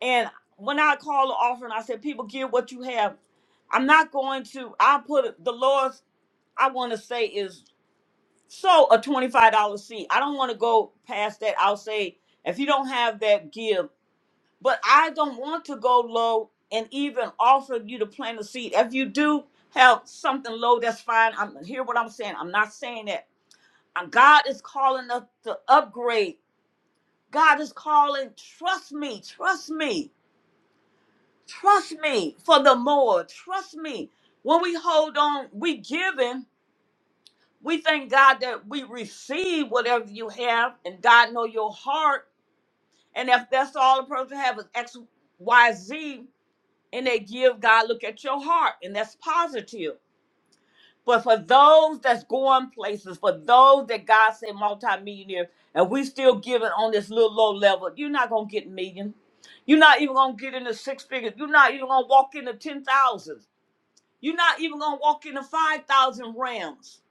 [SPEAKER 1] And when I call the offering, I said, people give what you have. I'm not going to, I put it- the Lord's, I want to say is so a $25 seed. I don't want to go past that. I'll say, if you don't have that, give. But I don't want to go low and even offer you to plant a seed. If you do have something low, that's fine. I'm hear what I'm saying. I'm not saying that. Uh, God is calling us to upgrade. God is calling, trust me, trust me. Trust me for the more. Trust me. When we hold on, we giving. We thank God that we receive whatever you have, and God know your heart. And if that's all a person have is X, Y, Z, and they give, God look at your heart, and that's positive. But for those that's going places, for those that God said multimillionaire, and we still giving on this little low level, you're not gonna get million. You're not even gonna get in the six figures. You're not even gonna walk into ten thousands. You're not even going to walk into 5,000 realms.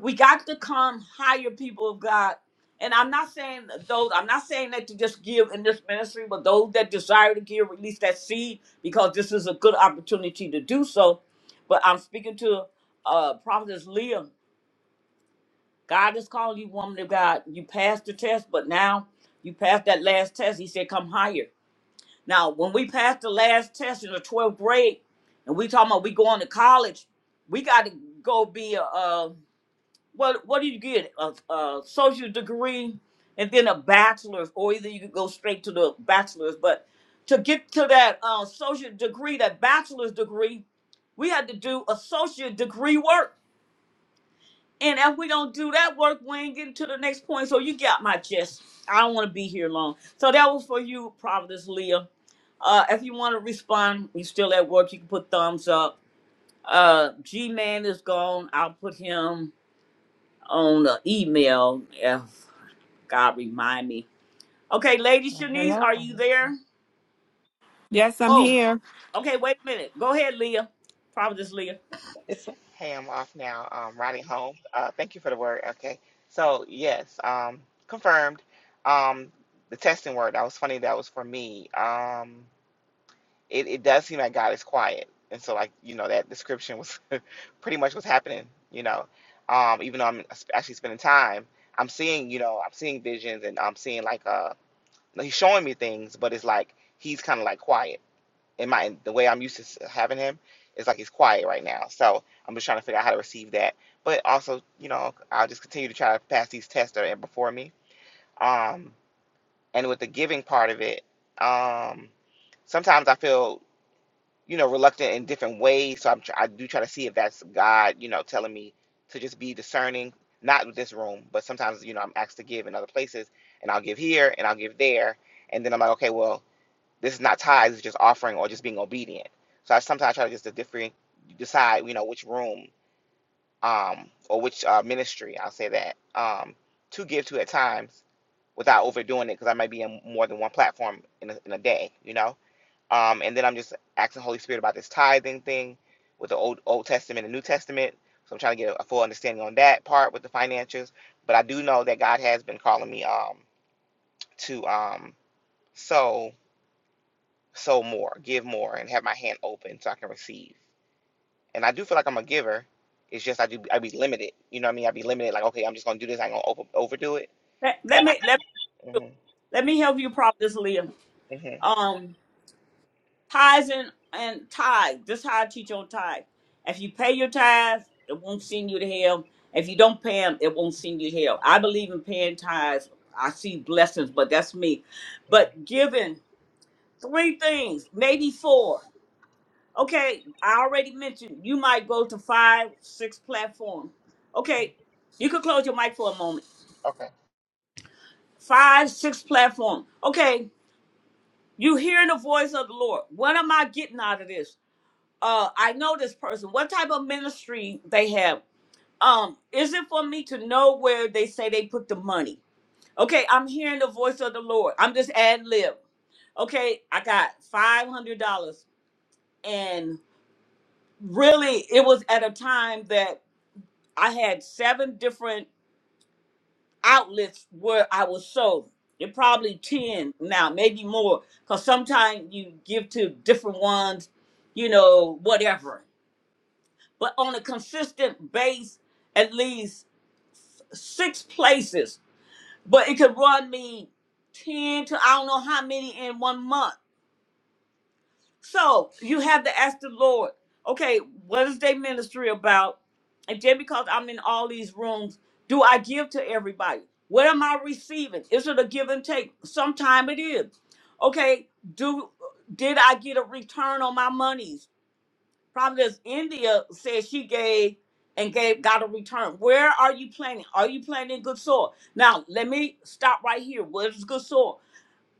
[SPEAKER 1] We got to come higher people of God. And I'm not saying those, I'm not saying that to just give in this ministry, but those that desire to give, release that seed because this is a good opportunity to do so. But I'm speaking to uh, Prophetess Leah. God is calling you, woman of God. You passed the test, but now you passed that last test. He said, come higher. Now, when we passed the last test in the 12th grade, and we talking about we going to college, we got to go be a, uh, what what do you get? A, a social degree, and then a bachelor's, or either you could go straight to the bachelor's. But to get to that uh, social degree, that bachelor's degree, we had to do associate degree work. And if we don't do that work, we ain't getting to the next point. So you got my gist. I don't want to be here long. So that was for you, Providence Leah. Uh, if you want to respond, you still at work, you can put thumbs up. Uh, G Man is gone. I'll put him on the email if God remind me. Okay, Lady
[SPEAKER 7] Uh,
[SPEAKER 1] Shanice,
[SPEAKER 7] hello.
[SPEAKER 1] are you
[SPEAKER 7] Oh,
[SPEAKER 1] there?
[SPEAKER 7] okay.
[SPEAKER 4] Yes, I'm
[SPEAKER 1] Oh,
[SPEAKER 4] here.
[SPEAKER 1] okay, wait a minute. Go ahead, Leah. Providence Leah.
[SPEAKER 7] It's
[SPEAKER 8] Hey, I'm off now. Um, riding home. Uh, thank you for the word. Okay. So yes, um, confirmed. Um, the testing word. That was funny. That was for me. Um, it, it does seem like God is quiet, and so like you know that description was pretty much what's happening. You know, um, even though I'm actually spending time, I'm seeing you know I'm seeing visions and I'm seeing like uh he's showing me things, but it's like he's kind of like quiet in my the way I'm used to having him is like he's quiet right now. So I'm just trying to figure out how to receive that. But also, you know, I'll just continue to try to pass these tests that are before me. Um, and with the giving part of it, um, sometimes I feel, you know, reluctant in different ways. So I'm tr- I do try to see if that's God, you know, telling me to just be discerning, not with this room, but sometimes you know I'm asked to give in other places, and I'll give here and I'll give there, and then I'm like, okay, well. This is not tithes, it's just offering or just being obedient. So I sometimes try to just to different decide, you know, which room um or which uh, ministry I'll say that um to give to at times without overdoing it because I might be in more than one platform in a, in a day, you know. Um, and then I'm just asking the Holy Spirit about this tithing thing with the old Old Testament and New Testament. So I'm trying to get a, a full understanding on that part with the financials. But I do know that God has been calling me um to um sow sow more, give more, and have my hand open so I can receive. And I do feel like I'm a giver. It's just I do I be limited. You know what I mean? I be limited. Like okay, I'm just gonna do this. I'm gonna over, overdo it.
[SPEAKER 1] Let, let
[SPEAKER 8] And I,
[SPEAKER 1] me let me
[SPEAKER 8] hmm
[SPEAKER 1] let me help you, Providence Leah.
[SPEAKER 8] hmm
[SPEAKER 1] Um. Tithes and, and tithe. This is how I teach on tithe. If you pay your tithes, it won't send you to hell. If you don't pay them, it won't send you to hell. I believe in paying tithes. I see blessings, but that's me. But giving three things, maybe four. Okay, I already mentioned you might go to five, six platform. Okay, you could close your mic for a moment.
[SPEAKER 8] okay.
[SPEAKER 1] Five, six platform. Okay, you hearing the voice of the Lord. What am I getting out of this? uh I know this person. What type of ministry they have? Um, is it for me to know where they say they put the money? Okay, I'm hearing the voice of the Lord. I'm just ad lib. Okay, I got five hundred dollars, and really, it was at a time that I had seven different outlets where I was sold. It probably ten now, maybe more, because sometimes you give to different ones, you know, whatever. but on a consistent base, at least six places. But it could run me 10 to I don't know how many in one month. So you have to ask the Lord, okay, what is their ministry about? And just because I'm in all these rooms, do I give to everybody? What am I receiving? Is it a give and take? Sometime it is. Okay, do did I get a return on my monies? Providence, India said she gave and gave got a return. Where are you planting? Are you planting good soil? Now let me stop right here. What is good soil?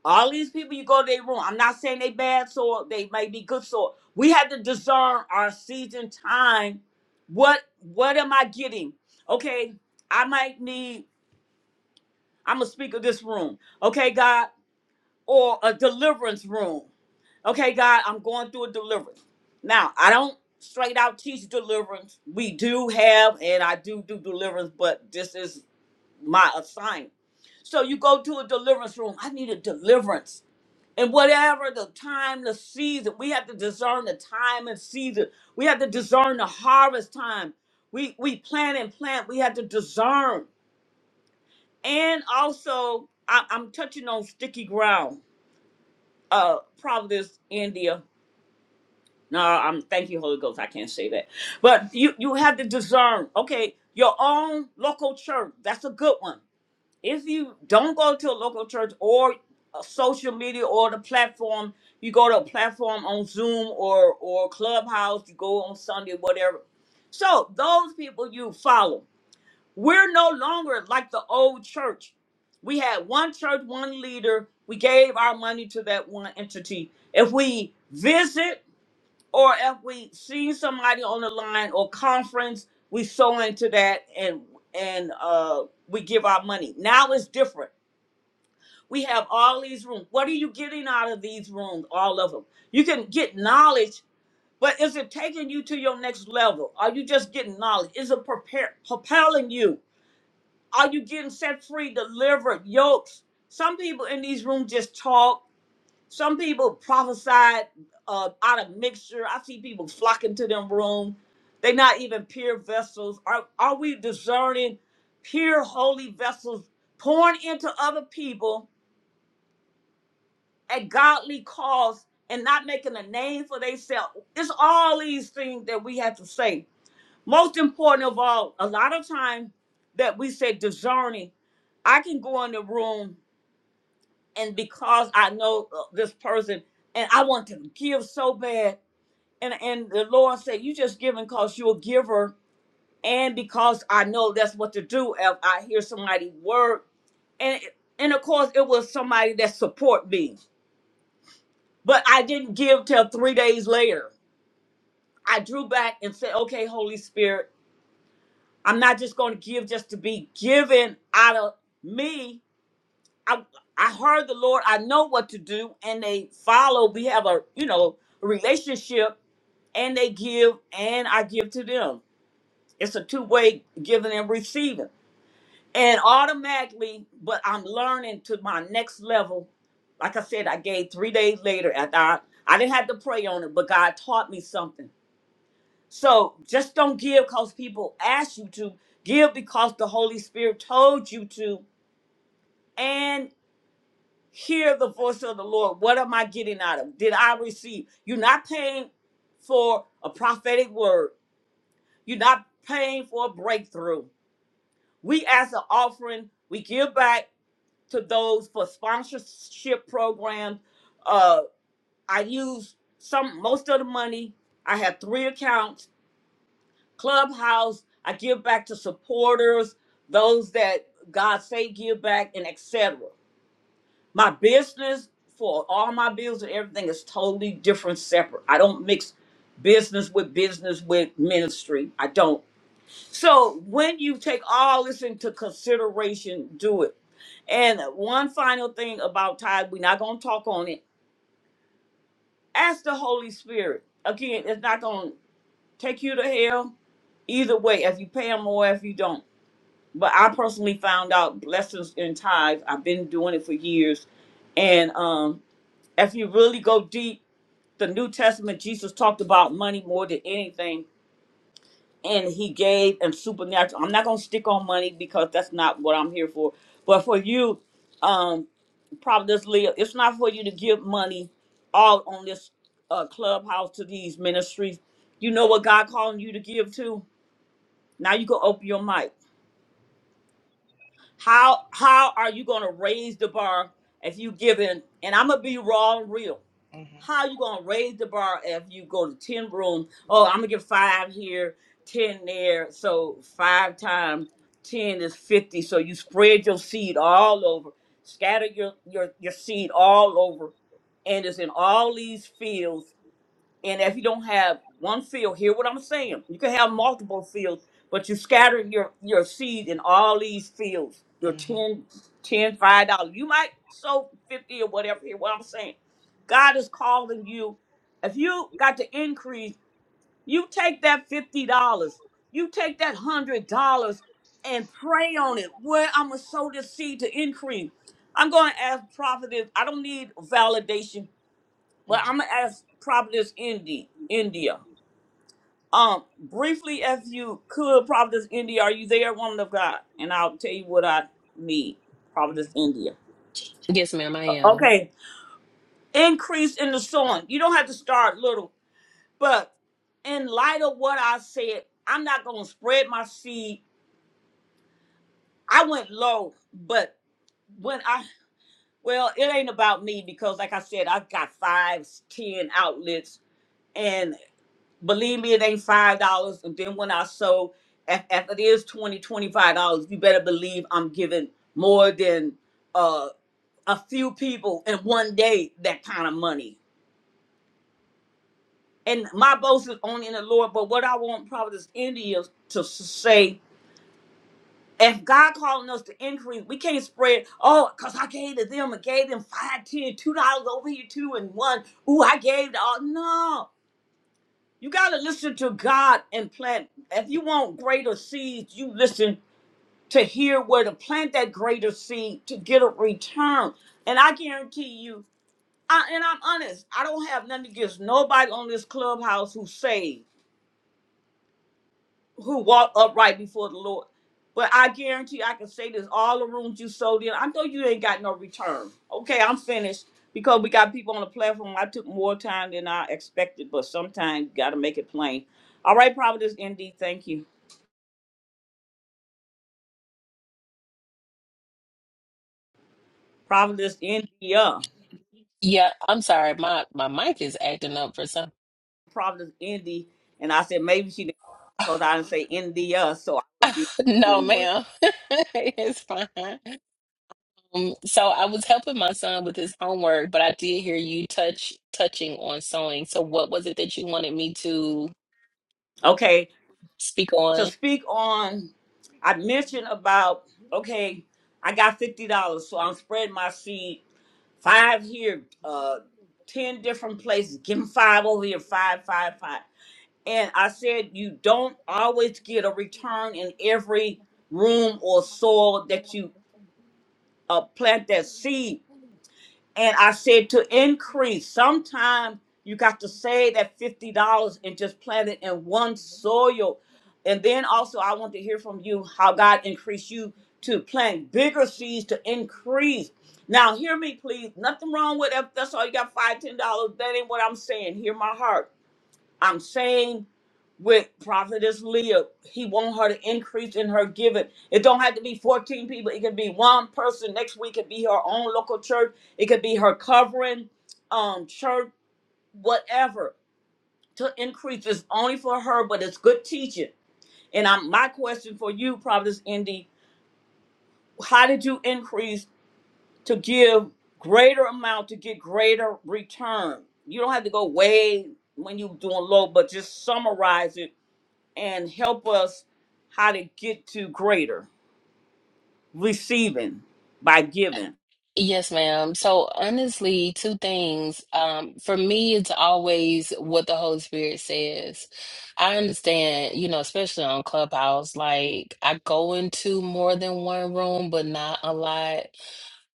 [SPEAKER 1] All these people you go to their room. I'm not saying they bad soil. They may be good soil. We have to discern our season time. What what am I getting? Okay, I might need. I'm a speaker this room. Okay, God, or a deliverance room. Okay, God, I'm going through a deliverance. Now, I don't straight out teach deliverance. We do have, and I do do deliverance, but this is my assignment. So you go to a deliverance room. I need a deliverance. And whatever the time, the season, we have to discern the time and season. We have to discern the harvest time. We we plant and plant. We have to discern. And also, I, I'm touching on sticky ground. Uh, Providence, India. No, I'm thank you, Holy Ghost. I can't say that. But you you have to discern. Okay, your own local church. That's a good one. If you don't go to a local church or a social media or the platform, you go to a platform on Zoom or or Clubhouse. You go on Sunday, whatever. So those people you follow. We're no longer like the old church. We had one church, one leader. We gave our money to that one entity. If we visit or if we see somebody on the line or conference, we sow into that and and uh, we give our money. Now it's different. We have all these rooms. What are you getting out of these rooms? All of them. You can get knowledge, but is it taking you to your next level? Are you just getting knowledge? Is it prepare, propelling you? Are you getting set free, delivered, yokes? Some people in these rooms just talk some people prophesied uh, out of mixture. I see people flocking to them room. They not even pure vessels. Are are we discerning pure holy vessels pouring into other people at godly cause and not making a name for themselves? It's all these things that we have to say. Most important of all, a lot of time that we say discerning, I can go in the room and because I know uh, this person and I want to give so bad and and the Lord said, "You just giving cause you're a giver, and because I know that's what to do. If I hear somebody word, and and of course it was somebody that support me, but I didn't give till three days later. I drew back and said, "Okay, Holy Spirit, I'm not just going to give just to be given out of me. I I heard the Lord. I know what to do, and they follow. We have a you know relationship, and they give, and I give to them." It's a two-way giving and receiving. And automatically, but I'm learning to my next level. Like I said, I gave three days later after I, I didn't have to pray on it, but God taught me something. So just don't give because people ask you to. Give because the Holy Spirit told you to. And hear the voice of the Lord. What am I getting out of? Did I receive? You're not paying for a prophetic word. You're not paying for a breakthrough. We as an offering, we give back to those for sponsorship programs. Uh, I use some most of the money. I have three accounts. Clubhouse, I give back to supporters, those that God say give back, and etc my business for all my bills and everything is totally different, separate. I don't mix business with business with ministry. I don't. So when you take all this into consideration, do it. And one final thing about tithe, we're not going to talk on it. Ask the Holy Spirit. Again, it's not going to take you to hell either way, if you pay them or if you don't. But I personally found out blessings in tithe. I've been doing it for years. And um, if you really go deep, the New Testament, Jesus talked about money more than anything, and he gave and supernatural. I'm not going to stick on money because that's not what I'm here for. But for you, um, Providence Leah, it's not for you to give money all on this uh, clubhouse to these ministries. You know what God calling you to give to? Now you can open your mic. How how are you gonna raise the bar if you giving? And I'm gonna be raw and real.
[SPEAKER 8] hmm
[SPEAKER 1] How you gonna raise the bar if you go to ten room? Oh, I'm gonna give five here, ten there. So five times ten is fifty. So you spread your seed all over, scatter your your your seed all over, and it's in all these fields and if you don't have one field, hear what I'm saying. You can have multiple fields, but you scatter your, your seed in all these fields. Your
[SPEAKER 8] hmm
[SPEAKER 1] ten, ten, five dollars You might sow 50 or whatever. Hear what I'm saying. God is calling you. If you got the increase, you take that $50. You take that $100 and pray on it. Where I'm going to sow this seed to increase. I'm going to ask prophetess. I don't need validation
[SPEAKER 8] hmm
[SPEAKER 1] but I'm gonna ask Providence Indy, India. Um, briefly, if you could, Providence India, are you there, woman of God? And I'll tell you what I need, Providence India.
[SPEAKER 3] Yes, ma'am, I am.
[SPEAKER 1] Okay, increase in the sowing. You don't have to start little, but in light of what I said, I'm not gonna spread my seed. I went low, but when I well, it ain't about me because, like I said, I got five, ten outlets, and. Believe me, it ain't five dollars. And then when I sold, if, if it is twenty, twenty-five dollars, you better believe I'm giving more than uh, a few people in one day that kind of money. And my boast is only in the Lord. But what I want Providence India to s- say, if God calling us to increase, we can't spread. Oh, cause I gave to them and gave them five, ten, two dollars over here, two and one. Ooh, I gave to all. No, You got to listen to God and plant. If you want greater seeds, you listen to hear where to plant that greater seed to get a return. And I guarantee you, I, and I'm honest, I don't have nothing against nobody on this clubhouse who saved who walk upright before the Lord. But I guarantee I can say this: all the rooms you sold in, I know you ain't got no return. Okay, I'm finished because we got people on the platform. I took more time than I expected, but sometimes you got to make it plain. All right, Providence Indy, thank you. Providence India,
[SPEAKER 3] Yeah, I'm sorry. My my mic is acting up for some.
[SPEAKER 1] Providence Indy, and I said maybe she didn't because I didn't say India, so I would be
[SPEAKER 3] No, ma'am. It's fine. Um, so I was helping my son with his homework, but I did hear you touch touching on sewing. So what was it that you wanted me to?
[SPEAKER 1] okay.
[SPEAKER 3] speak
[SPEAKER 1] to
[SPEAKER 3] on?
[SPEAKER 1] speak on I mentioned about okay, I got fifty dollars, so I'm spreading my seed five here, uh ten different places, give them five over here, five, five, five. And I said you don't always get a return in every room or soil that you uh, plant that seed and I said to increase. Sometime you got to save that fifty dollars and just plant it in one soil. And then also I want to hear from you how God increased you to plant bigger seeds to increase. Now hear me please. Nothing wrong with if that's all you got five, ten dollars. That ain't what I'm saying. Hear my heart I'm saying with Prophetess Leah, he want her to increase in her giving. It don't have to be 14 people. It can be one person. Next week It be her own local church. It could be her covering um church, whatever. To increase is only for her, but it's good teaching. And I'm my question for you, Prophetess Indy, how did you increase to give greater amount to get greater return? You don't have to go way when you doing low, but just summarize it and help us how to get to greater receiving by giving.
[SPEAKER 3] Yes, ma'am. So honestly, two things. Um, for me, it's always what the Holy Spirit says. I understand, you know, especially on Clubhouse, like I go into more than one room, but not a lot.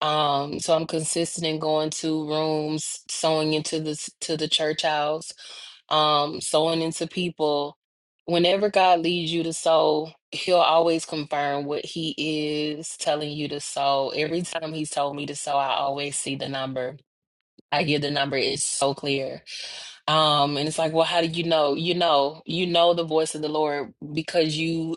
[SPEAKER 3] Um, so I'm consistent in going to rooms, sewing into the to the church house. um, sowing into people. Whenever God leads you to sow, He'll always confirm what He is telling you to sow. Every time He's told me to sow, I always see the number. I hear the number, it's so clear. Um, and it's like, well, how do you know? You know, you know the voice of the Lord because you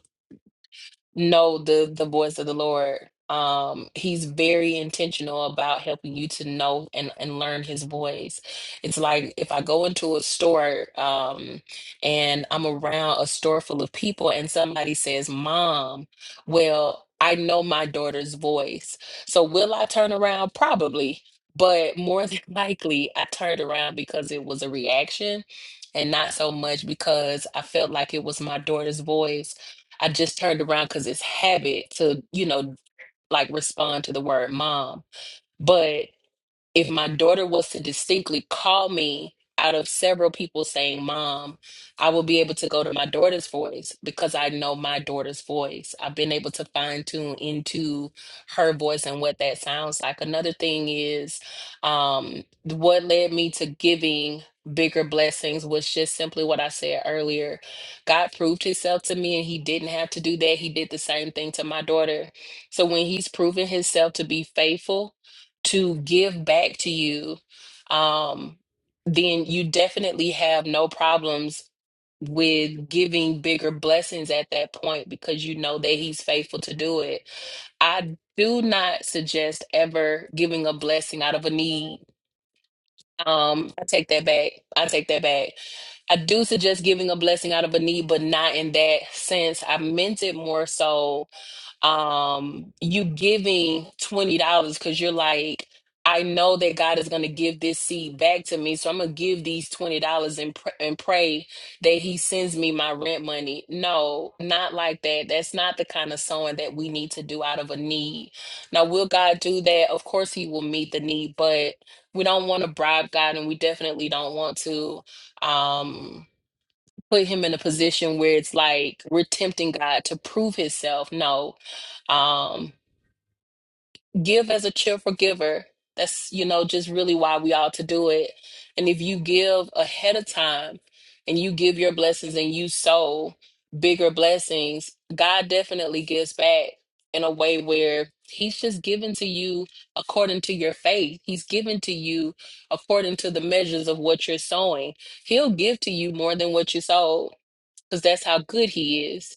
[SPEAKER 3] know the the voice of the Lord. Um, he's very intentional about helping you to know and, and learn his voice. It's like if I go into a store, um, and I'm around a store full of people and somebody says, Mom, well, I know my daughter's voice. So will I turn around? Probably, but more than likely I turned around because it was a reaction and not so much because I felt like it was my daughter's voice I just turned around because it's habit to, you know, like respond to the word mom. But if my daughter was to distinctly call me out of several people saying mom i will be able to go to my daughter's voice because i know my daughter's voice i've been able to fine tune into her voice and what that sounds like another thing is um what led me to giving bigger blessings was just simply what i said earlier god proved himself to me and he didn't have to do that he did the same thing to my daughter so when he's proven himself to be faithful to give back to you, um, then you definitely have no problems with giving bigger blessings at that point because you know that he's faithful to do it. I do not suggest ever giving a blessing out of a need. Um, I take that back. I take that back. I do suggest giving a blessing out of a need, but not in that sense. I meant it more so um you giving twenty dollars because you're like I know that God is going to give this seed back to me so I'm gonna give these twenty dollars and pr- and pray that he sends me my rent money no not like that that's not the kind of sowing that we need to do out of a need now will God do that of course he will meet the need but we don't want to bribe God and we definitely don't want to um put him in a position where it's like we're tempting God to prove himself. No. Um, give as a cheerful giver. That's, you know, just really why we ought to do it. And if you give ahead of time and you give your blessings and you sow bigger blessings, God definitely gives back in a way where he's just given to you according to your faith. He's given to you according to the measures of what you're sowing. He'll give to you more than what you sow because that's how good he is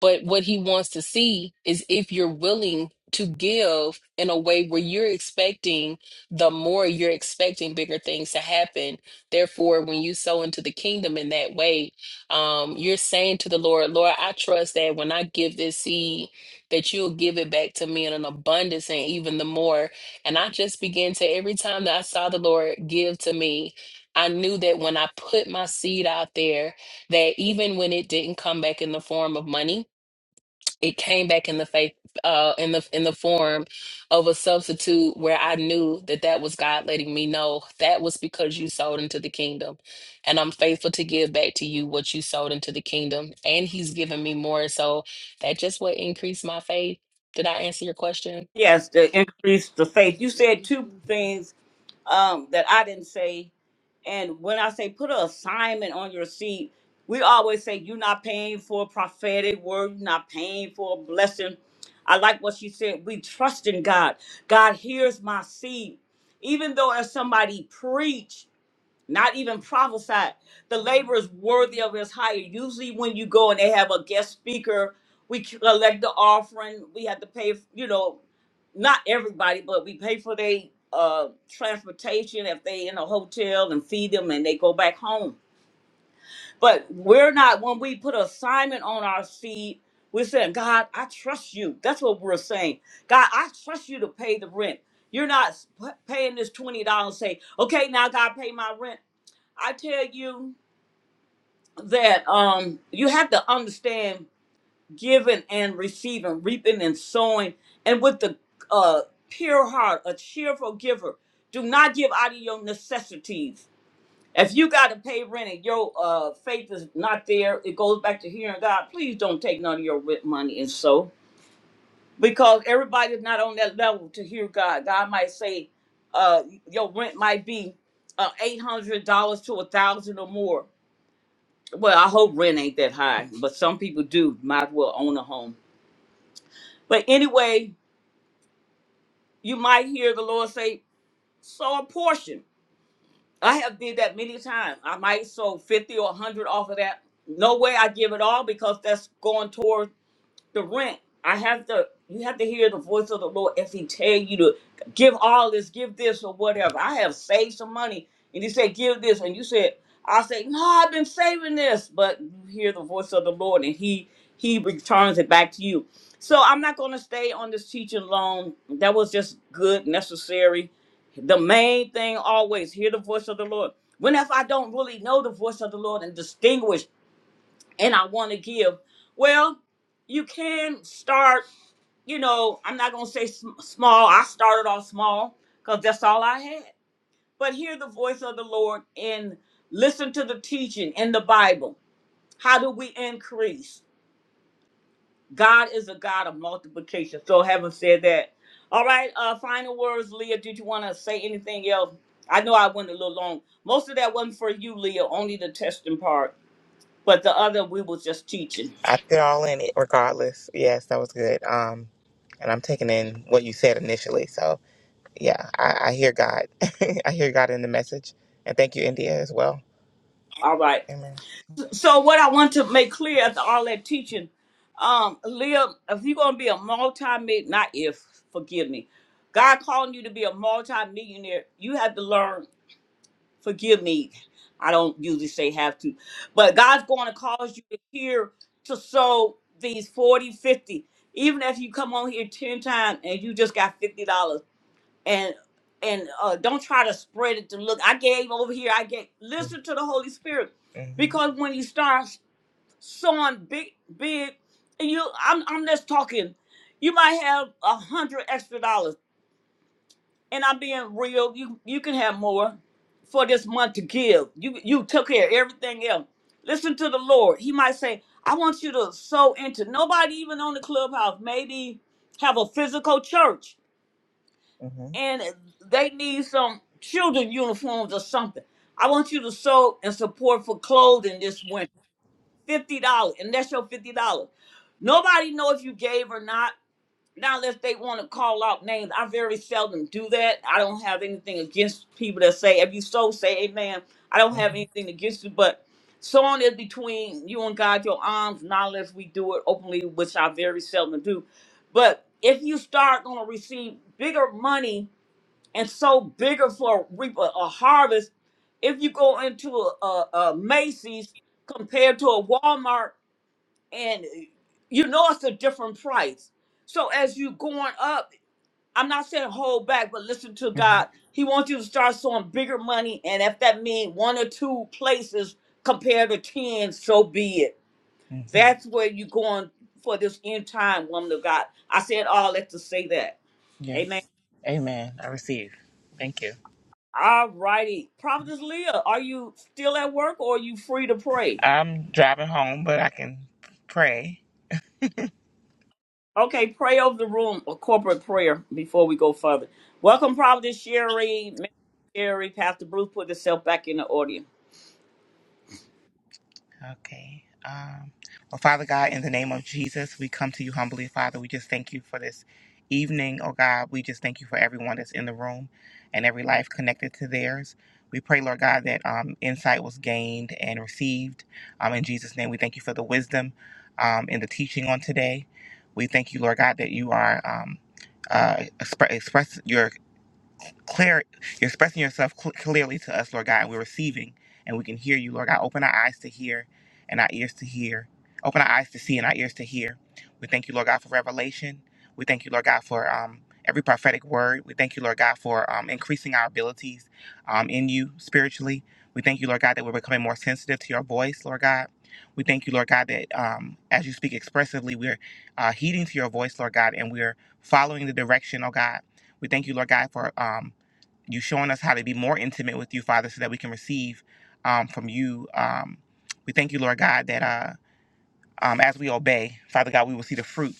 [SPEAKER 3] but what he wants to see is if you're willing to give in a way where you're expecting the more you're expecting bigger things to happen. Therefore, when you sow into the kingdom in that way, um, you're saying to the Lord, Lord, I trust that when I give this seed, that you'll give it back to me in an abundance and even the more. And I just began to every time that I saw the Lord give to me, I knew that when I put my seed out there, that even when it didn't come back in the form of money, it came back in the faith uh in the in the form of a substitute where i knew that that was god letting me know that was because you sold into the kingdom and i'm faithful to give back to you what you sold into the kingdom and he's given me more so that just what increased my faith did i answer your question
[SPEAKER 1] Yes, to increase the faith. You said two things um, that I didn't say. And when I say put an assignment on your seat, we always say you're not paying for a prophetic word, you're not paying for a blessing. I like what she said. We trust in God. God hears my seed. Even though if somebody preach. not even prophesied. The labor is worthy of his hire. Usually, when you go and they have a guest speaker, we collect the offering. We have to pay, you know, not everybody, but we pay for their uh, transportation if they in a hotel and feed them and they go back home. But we're not when we put assignment on our seed. We're saying, God, I trust you. That's what we're saying. God, I trust you to pay the rent. You're not s- p- paying this twenty dollars. Say, okay, now God, pay my rent. I tell you that um you have to understand giving and receiving, reaping and sowing, and with the uh pure heart, a cheerful giver. Do not give out of your necessities. If you gotta pay rent and your uh faith is not there, it goes back to hearing God. Please don't take none of your rent money and sow. Because everybody's not on that level to hear God. God might say, uh, your rent might be uh, eight hundred dollars to a thousand or more Well, I hope rent ain't that high, but some people do might as well own a home. But anyway, you might hear the Lord say, sow a portion. I have did that many times. I might sow 50 or 100 off of that. No way I give it all because that's going toward the rent. I have to. You have to hear the voice of the Lord if He tell you to give all this, give this, or whatever. I have saved some money, and He said, "Give this," and you said, "I say no, I've been saving this," but you hear the voice of the Lord, and He He returns it back to you. So I'm not going to stay on this teaching long. That was just good, necessary. The main thing always hear the voice of the Lord. When if I don't really know the voice of the Lord and distinguish and I want to give. Well, you can start, you know, I'm not going to say sm- small. I started off small because that's all I had. But hear the voice of the Lord and listen to the teaching in the Bible. How do we increase? God is a God of multiplication. So, having said that, all right, uh, final words, Leah. Did you want to say anything else? I know I went a little long. Most of that wasn't for you, Leah, only the testing part, but the other we was just teaching.
[SPEAKER 8] I put all in it, regardless. Yes, that was good. Um, and I'm taking in what you said initially. So yeah, I, I hear God. I hear God in the message. And thank you, India, as well.
[SPEAKER 1] All right.
[SPEAKER 8] Amen.
[SPEAKER 1] So what I want to make clear after all that teaching, um, live if you're gonna be a multi not if, forgive me. God calling you to be a multi-millionaire, you have to learn, forgive me. I don't usually say have to, but God's gonna cause you to hear to sow these 40, 50. Even if you come on here 10 times and you just got fifty dollars and and uh, don't try to spread it to look. I gave over here. I gave.
[SPEAKER 8] Mm-hmm.
[SPEAKER 1] Listen to the Holy Spirit,
[SPEAKER 8] Mm-hmm.
[SPEAKER 1] because when you start sowing big, big. And you, I'm, I'm just talking. You might have a hundred extra dollars, and I'm being real. You, you can have more for this month to give. You, you took care of everything else. Listen to the Lord. He might say, "I want you to sow into nobody, even on the clubhouse. Maybe have a physical church,
[SPEAKER 8] Mm-hmm.
[SPEAKER 1] and they need some children uniforms or something. I want you to sow and support for clothing this winter." fifty dollars, and that's your fifty dollars. Nobody know if you gave or not. Now, unless they want to call out names, I very seldom do that. I don't have anything against people that say, "If you so say, Amen." I don't have anything against you, but sowing is between you and God, your arms. Not unless we do it openly, which I very seldom do. But if you start going to receive bigger money and sow bigger for a reap a, a harvest, if you go into a, a, a Macy's compared to a Walmart and you know it's a different price. So as you going up, I'm not saying hold back, but listen to
[SPEAKER 8] Mm-hmm.
[SPEAKER 1] God. He wants you to start sowing bigger money, and if that means one or two places compared to ten, so be it.
[SPEAKER 8] Mm-hmm.
[SPEAKER 1] That's where you going for this end time, woman of God. I said all that to say that. Amen.
[SPEAKER 8] Yes. Amen. I receive. Thank you.
[SPEAKER 1] All righty, Prophetess Leah, are you still at work or are you free to pray?
[SPEAKER 8] I'm driving home, but I can pray.
[SPEAKER 1] Okay, pray over the room, a corporate prayer before we go further. Welcome, Providence Sherry, Minister Sherry, Pastor Bruce put himself back in the audience.
[SPEAKER 8] Okay. Um, well, Father God, in the name of Jesus, we come to you humbly, Father. We just thank you for this evening, oh God. We just thank you for everyone that's in the room and every life connected to theirs. We pray, Lord God, that um, insight was gained and received. Um, in Jesus' name, we thank you for the wisdom um, and the teaching on today. We thank you, Lord God, that you are um, uh, expre- express your clear you're expressing yourself cl- clearly to us lord god and we're receiving and we can hear you lord god open our eyes to hear and our ears to hear open our eyes to see and our ears to hear we thank you lord god for revelation we thank you lord god for um every prophetic word we thank you lord god for um, increasing our abilities um, in you spiritually we thank you lord god that we're becoming more sensitive to your voice lord god we thank you lord god that um, as you speak expressively we're uh, heeding to your voice lord god and we're following the direction oh god we thank you lord god for um, you showing us how to be more intimate with you, Father, so that we can receive um, from you. Um, we thank you, Lord God, that uh, um, as we obey, Father God, we will see the fruit.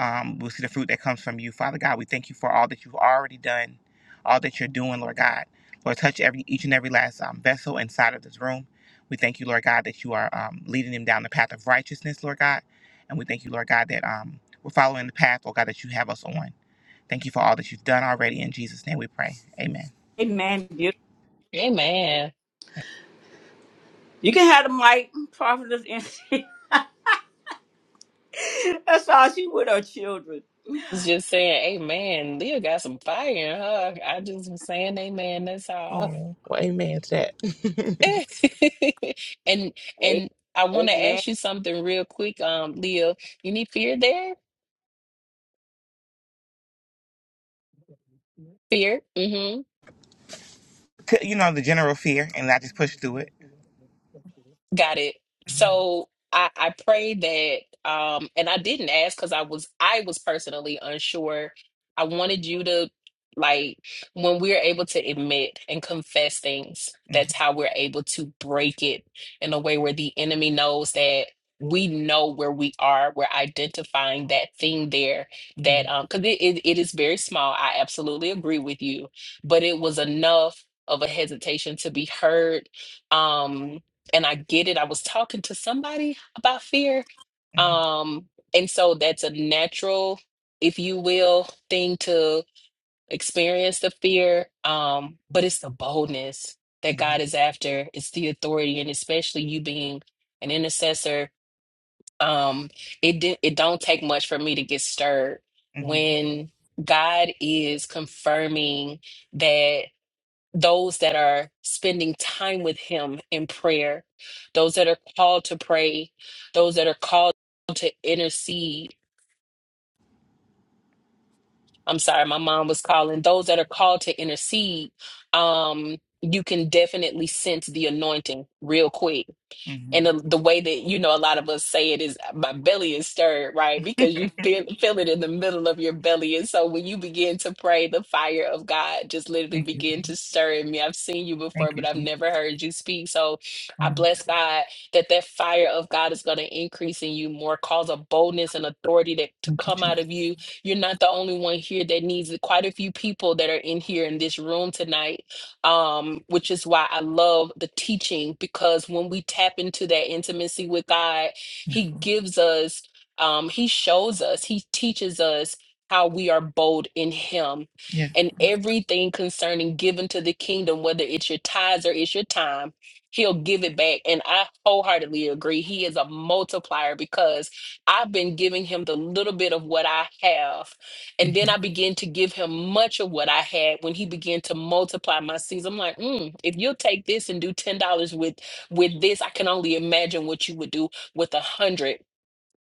[SPEAKER 8] Um, we'll see the fruit that comes from you, Father God. We thank you for all that you've already done, all that you're doing, Lord God. Lord, touch every each and every last um, vessel inside of this room. We thank you, Lord God, that you are um, leading them down the path of righteousness, Lord God. And we thank you, Lord God, that um, we're following the path, Lord God, that you have us on. Thank you for all that you've done already. In Jesus' name we pray. Amen.
[SPEAKER 1] Amen. Beautiful.
[SPEAKER 3] amen
[SPEAKER 1] You can have the mic, Providence. and- That's all she with her children.
[SPEAKER 3] I was just saying amen leah got some fire in her i just was saying amen that's all
[SPEAKER 8] Oh, well, amen to that. C-
[SPEAKER 3] And
[SPEAKER 1] A-
[SPEAKER 3] and I want to
[SPEAKER 1] Amen.
[SPEAKER 3] ask you something real quick, um, Leah. You need fear there? Fear? Mm-hmm.
[SPEAKER 8] You know, the general fear, and I just pushed through it.
[SPEAKER 3] Got it.
[SPEAKER 8] Mhm.
[SPEAKER 3] So I, I pray that um and I didn't ask because I was I was personally unsure. I wanted you to like when we're able to admit and confess things, that's how we're able to break it in a way where the enemy knows that we know where we are. We're identifying that thing there that
[SPEAKER 8] Mhm.
[SPEAKER 3] um because it, it, it is very small. I absolutely agree with you. But it was enough of a hesitation to be heard. Um, and I get it. I was talking to somebody about fear.
[SPEAKER 8] Mhm.
[SPEAKER 3] Um, and so that's a natural, if you will, thing to experience the fear. Um, but it's the boldness that
[SPEAKER 8] Mhm.
[SPEAKER 3] God is after, it's the authority, and especially you being an intercessor. Um, it di- it don't take much for me to get stirred
[SPEAKER 8] Mhm.
[SPEAKER 3] when God is confirming that those that are spending time with him in prayer, those that are called to pray, those that are called to intercede. I'm sorry, my mom was calling. Those that are called to intercede, um, you can definitely sense the anointing real quick
[SPEAKER 8] Mhm. Mhm.
[SPEAKER 3] And the, the way that, you know, a lot of us say it is my belly is stirred, right? Because you feel, feel it in the middle of your belly. And so when you begin to pray, the fire of God just literally
[SPEAKER 8] Thank you,
[SPEAKER 3] begin to
[SPEAKER 8] Lord.
[SPEAKER 3] stir in me. I've seen you before,
[SPEAKER 8] Thank you,
[SPEAKER 3] but I've
[SPEAKER 8] Jesus.
[SPEAKER 3] never heard you speak. So I
[SPEAKER 8] Oh,
[SPEAKER 3] bless God that that fire of God is going to increase in you more, cause a boldness and authority that to
[SPEAKER 8] thank you,
[SPEAKER 3] come out
[SPEAKER 8] Jesus.
[SPEAKER 3] of you. You're not the only one here that needs it. Quite a few people that are in here in this room tonight um, which is why I love the teaching because when we tap into that intimacy with God,
[SPEAKER 8] Yeah.
[SPEAKER 3] He gives us, um, He shows us, He teaches us how we are bold in Him.
[SPEAKER 8] Yeah.
[SPEAKER 3] And everything concerning given to the kingdom, whether it's your tithes or it's your time, He'll give it back. And I wholeheartedly agree. He is a multiplier because I've been giving Him the little bit of what I have and then
[SPEAKER 8] hmm
[SPEAKER 3] I began to give him much of what I had when he began to multiply my seeds. I'm like, mm, if you'll take this and do $10 with with this, I can only imagine what you would do with a hundred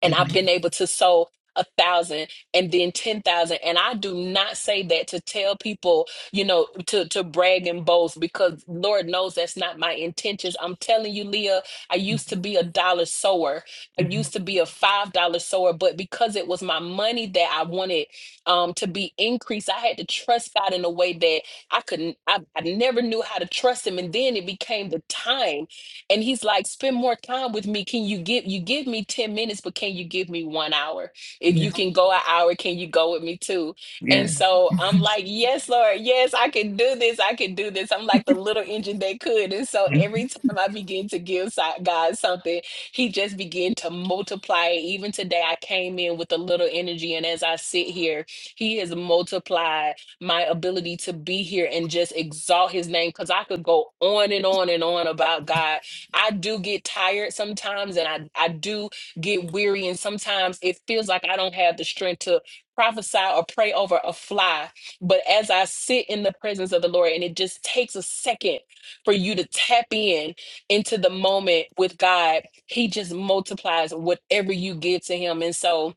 [SPEAKER 3] and I've
[SPEAKER 8] Amen.
[SPEAKER 3] been able to sow a thousand and then ten thousand. And I do not say that to tell people, you know, to to brag and boast because Lord knows that's not my intentions. I'm telling you, Leah, I used to
[SPEAKER 8] Mm-hmm.
[SPEAKER 3] be a dollar sower. I used
[SPEAKER 8] Mm-hmm.
[SPEAKER 3] to be a five dollar sower, but because it was my money that I wanted um to be increased, I had to trust God in a way that I couldn't I, I never knew how to trust him. And then it became the time. And he's like, spend more time with me. Can you give you give me 10 minutes, but can you give me one hour? If
[SPEAKER 8] Yeah.
[SPEAKER 3] you can go an hour, can you go with me too? And
[SPEAKER 8] Yeah.
[SPEAKER 3] so I'm like, yes, Lord, yes, I can do this. I can do this. I'm like the little engine that could. And so
[SPEAKER 8] Mhm.
[SPEAKER 3] every time I begin to give si- God something, he just began to multiply it. Even today, I came in with a little energy. And as I sit here, he has multiplied my ability to be here and just exalt his name because I could go on and on and on about God I do get tired sometimes and I, I do get weary. And sometimes it feels like I don't have the strength to prophesy or pray over a fly. But as I sit in the presence of the Lord, and it just takes a second for you to tap in into the moment with God, He just multiplies whatever you give to Him. And so,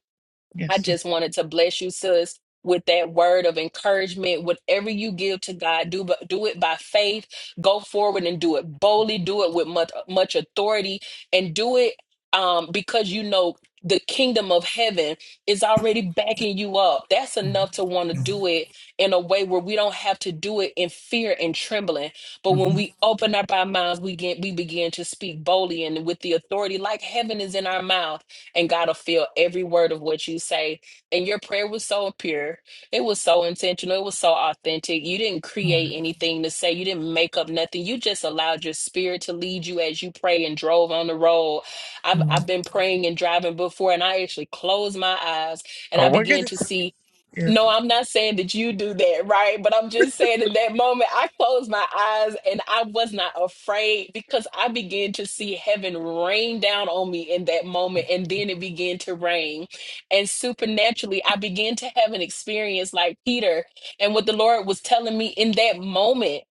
[SPEAKER 3] I
[SPEAKER 8] Yes.
[SPEAKER 3] just wanted to bless you, sis, with that word of encouragement. Whatever you give to God, do but do it by faith. Go forward and do it boldly. Do it with much much authority, and do it um, because you know the kingdom of heaven is already backing you up. That's enough to want to
[SPEAKER 8] Mm-hmm. Mm-hmm.
[SPEAKER 3] do it in a way where we don't have to do it in fear and trembling. But when
[SPEAKER 8] Mm-hmm.
[SPEAKER 3] we open up our mouths, we get we begin to speak boldly and with the authority like heaven is in our mouth and God will feel every word of what you say. And your prayer was so pure. It was so intentional. It was so authentic. You didn't
[SPEAKER 8] All
[SPEAKER 3] create
[SPEAKER 8] right.
[SPEAKER 3] anything to say. You didn't make up nothing. You just allowed your spirit to lead you as you pray and drove on the road. I've,
[SPEAKER 8] Amen.
[SPEAKER 3] I've been praying and driving before, and I actually closed my eyes and
[SPEAKER 8] Oh,
[SPEAKER 3] I
[SPEAKER 8] we're
[SPEAKER 3] began
[SPEAKER 8] good.
[SPEAKER 3] to see.
[SPEAKER 8] Yes.
[SPEAKER 3] No, I'm not saying that you do that, right? But I'm just saying in that moment, I closed my eyes and I was not afraid because I began to see heaven rain down on me in that moment. And then it began to rain. And supernaturally, I began to have an experience like Peter and what the Lord was telling me in that moment.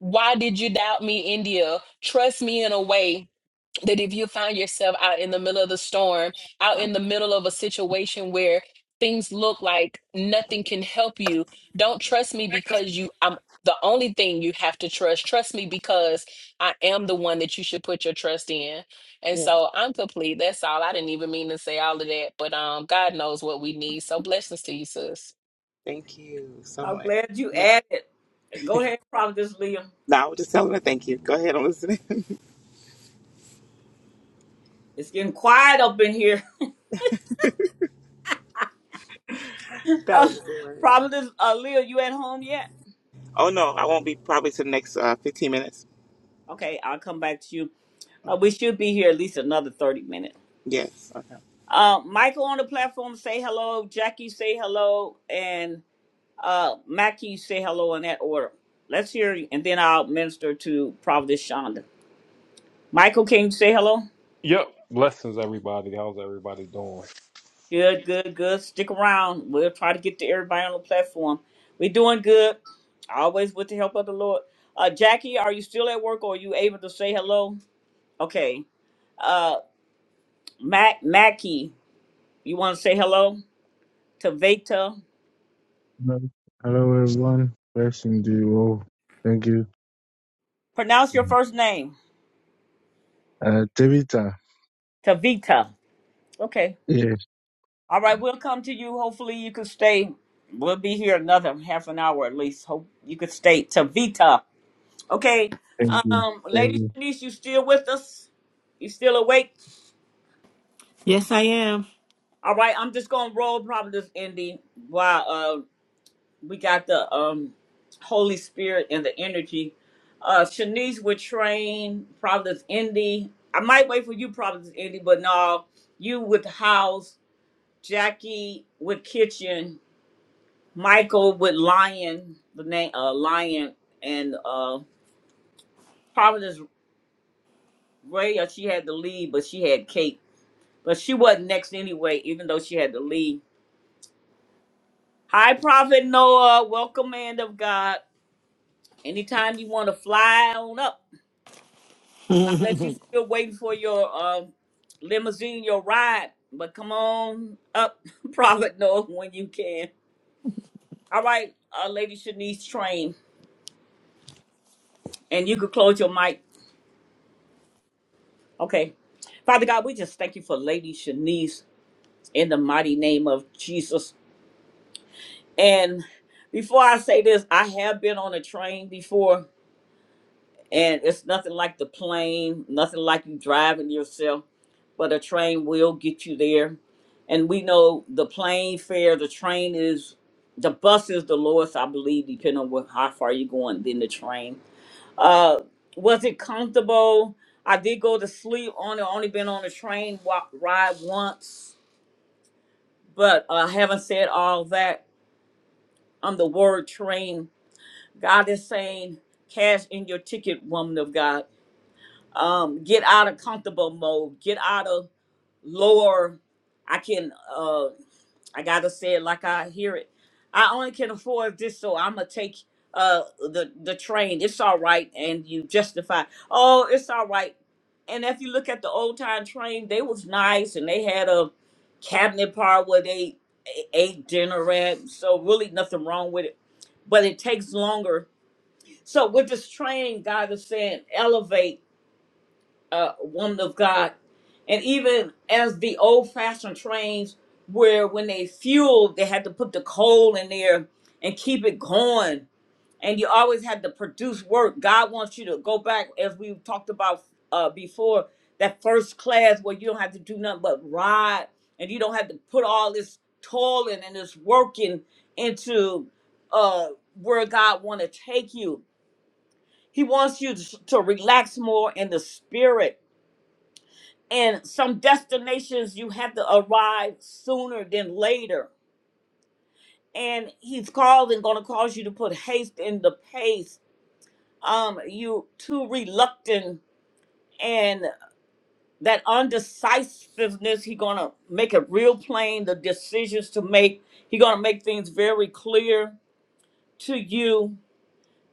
[SPEAKER 3] Why did you doubt me, India? Trust me in a way that if you find yourself out in the middle of the storm, out in the middle of a situation where things look like nothing can help you, don't trust me because you I'm the only thing you have to trust. Trust me because I am the one that you should put your trust in. And so I'm complete. That's all. I didn't even mean to say all of that, but um God knows what we need. So blessings to you, sis.
[SPEAKER 8] Thank you so
[SPEAKER 1] I'm
[SPEAKER 8] much.
[SPEAKER 1] glad you
[SPEAKER 8] Man,
[SPEAKER 1] added. Go ahead, Providence Leah.
[SPEAKER 8] No, I was just telling her thank you. Go ahead, I'm listening.
[SPEAKER 1] It's getting quiet up in here.
[SPEAKER 8] that was a good word.
[SPEAKER 1] Providence uh, Leah, you at home yet?
[SPEAKER 8] Oh no, I won't be probably to the next uh, 15 minutes.
[SPEAKER 1] Okay, I'll come back to you. Uh,
[SPEAKER 8] Okay.
[SPEAKER 1] we should be here at least another 30 minutes.
[SPEAKER 8] Yes. Okay.
[SPEAKER 1] Uh, Michael on the platform, say hello. Jackie, say hello. And uh, Mackie, say hello in that order. Let's hear, you, and then I'll minister to Providence Shonda. Michael, can you say hello?
[SPEAKER 9] Yep. Blessings, everybody. How's everybody doing?
[SPEAKER 1] Good, good, good. Stick around. We'll try to get to everybody on the platform. We're doing good, always with the help of the Lord. Uh, Jackie, are you still at work or are you able to say hello? Okay. Uh, Mac, Mackie, you want to say hello? Tavita.
[SPEAKER 10] Hello, hello, everyone. Blessing to you all. Thank you.
[SPEAKER 1] Pronounce your first name.
[SPEAKER 10] Uh, Tabitha.
[SPEAKER 1] Tavita. Okay.
[SPEAKER 10] Yes,
[SPEAKER 1] All right, we'll come to you. Hopefully, you could stay. We'll be here another half an hour at least. Hope you could stay. Tavita. Okay.
[SPEAKER 10] thank you.
[SPEAKER 1] Um,
[SPEAKER 10] Thank
[SPEAKER 1] Lady
[SPEAKER 10] you.
[SPEAKER 1] Shanice, you still with us? You still awake?
[SPEAKER 4] Yes, I am.
[SPEAKER 1] All right, I'm just gonna roll probably this Indy while uh we got the um Holy Spirit and the energy. Uh Shanice would train Providence Indy. I might wait for you, Providence Indy, but no, you with house, Jackie with kitchen, Michael with Lion, the name uh Lion and uh Providence Raya, she had the lead, but she had Kate. But she wasn't next anyway, even though she had the lead. Hi Prophet Noah, welcome man of God. Anytime you want to fly on up. Not unless you still waiting for your uh limousine, your ride. But come on up, Prophet Noah, when you can. All right, uh Lady Shanice Train. And you can close your mic. Okay. Father God, we just thank you for Lady Shanice in the mighty name of Jesus. And before I say this, I have been on a train before, and it's nothing like the plane, nothing like you driving yourself, but a train will get you there. And we know the plane fare, the train is, the bus is the lowest, I believe, depending on what, how far you're going, than the train. Uh, was it comfortable? I did go to sleep on it. Only been on a train walk, ride once, but I haven't said all that. on the word train. God is saying, cash in your ticket, woman of God. Um, get out of comfortable mode. Get out of lower. I can. Uh, I gotta say it like I hear it. I only can afford this, so I'm gonna take uh the the train. It's all right, and you justify. Oh, it's all right. And if you look at the old time train, they was nice, and they had a cabinet part where they a- ate dinner at. So really, nothing wrong with it. But it takes longer. So with this train, God is saying elevate uh, woman of God, and even as the old-fashioned trains, where when they fueled, they had to put the coal in there and keep it going, and you always had to produce work. God wants you to go back, as we talked about uh, before, that first class where you don't have to do nothing but ride, and you don't have to put all this toiling and this working into uh, where God want to take you. He wants you to to relax more in the spirit and some destinations you have to arrive sooner than later. And he's called and gonna cause you to put haste in the pace. Um, you too reluctant and that undecisiveness, he gonna make it real plain, the decisions to make. He gonna make things very clear to you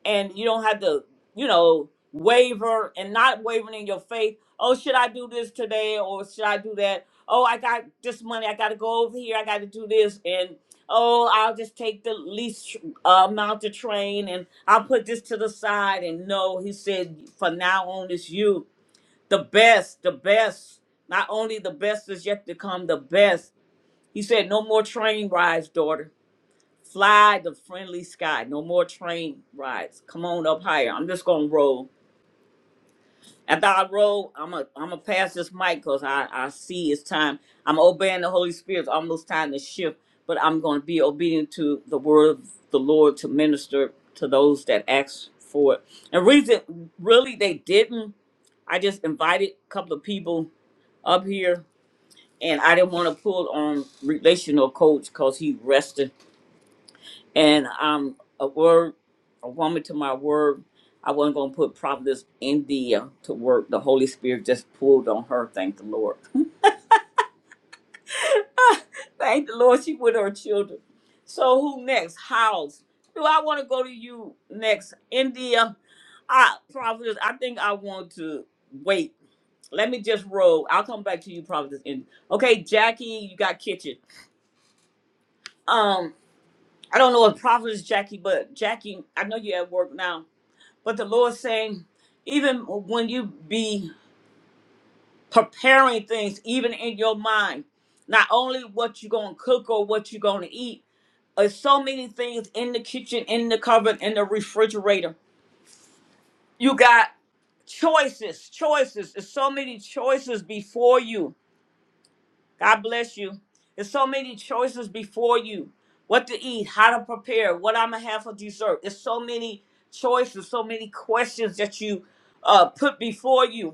[SPEAKER 1] and you don't have to, you know, waver and not wavering in your faith. Oh, should I do this today or should I do that? Oh, I got this money. I got to go over here. I got to do this. And oh, I'll just take the least uh, amount of train and I'll put this to the side. And no, he said, for now on, it's you. The best, the best. Not only the best is yet to come, the best. He said, no more train rides, daughter Fly the friendly sky. No more train rides. Come on up higher. I'm just gonna roll. After I roll, I'm a I'm gonna pass this mic because I I see it's time. I'm obeying the Holy Spirit. It's almost time to shift, but I'm gonna be obedient to the word of the Lord to minister to those that ask for it. And reason really they didn't. I just invited a couple of people up here, and I didn't want to pull on relational coach because he rested and I'm a word, a woman to my word. I wasn't going to put Providence India to work. The Holy Spirit just pulled on her. Thank the Lord. thank the Lord. She with her children. So who next? House. Do I want to go to you next? India. I Providence. I think I want to wait. Let me just roll. I'll come back to you, Providence. India. Okay, Jackie, you got kitchen. Um, I don't know if Providence Jackie, but Jackie, I know you're at work now. But the Lord saying, even when you be preparing things, even in your mind, not only what you're gonna cook or what you're gonna eat, there's so many things in the kitchen, in the cupboard, in the refrigerator. You got choices, choices. There's so many choices before you. God bless you. There's so many choices before you. What to eat, how to prepare, what I'm gonna have for dessert. There's so many choices, so many questions that you uh, put before you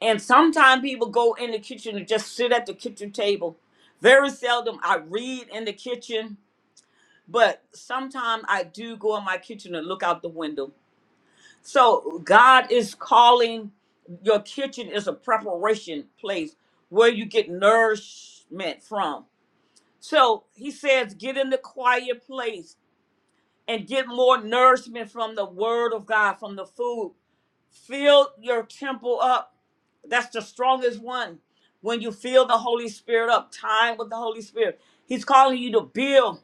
[SPEAKER 1] And sometimes people go in the kitchen and just sit at the kitchen table. Very seldom I read in the kitchen, but sometimes I do go in my kitchen and look out the window. So God is calling your kitchen is a preparation place where you get nourishment from. So he says, get in the quiet place and get more nourishment from the word of God, from the food. Fill your temple up That's the strongest one. When you feel the Holy Spirit up, time with the Holy Spirit. He's calling you to build.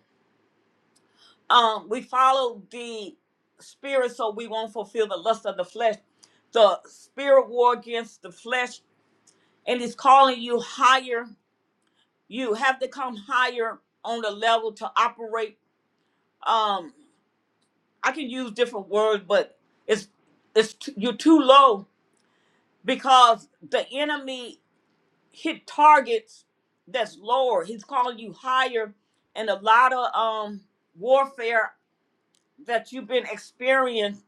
[SPEAKER 1] Um, we follow the spirit so we won't fulfill the lust of the flesh. The spirit war against the flesh, and he's calling you higher. You have to come higher on the level to operate. Um, I can use different words, but it's it's t- you're too low because the enemy hit targets that's lower. He's calling you higher, and a lot of um warfare that you've been experiencing.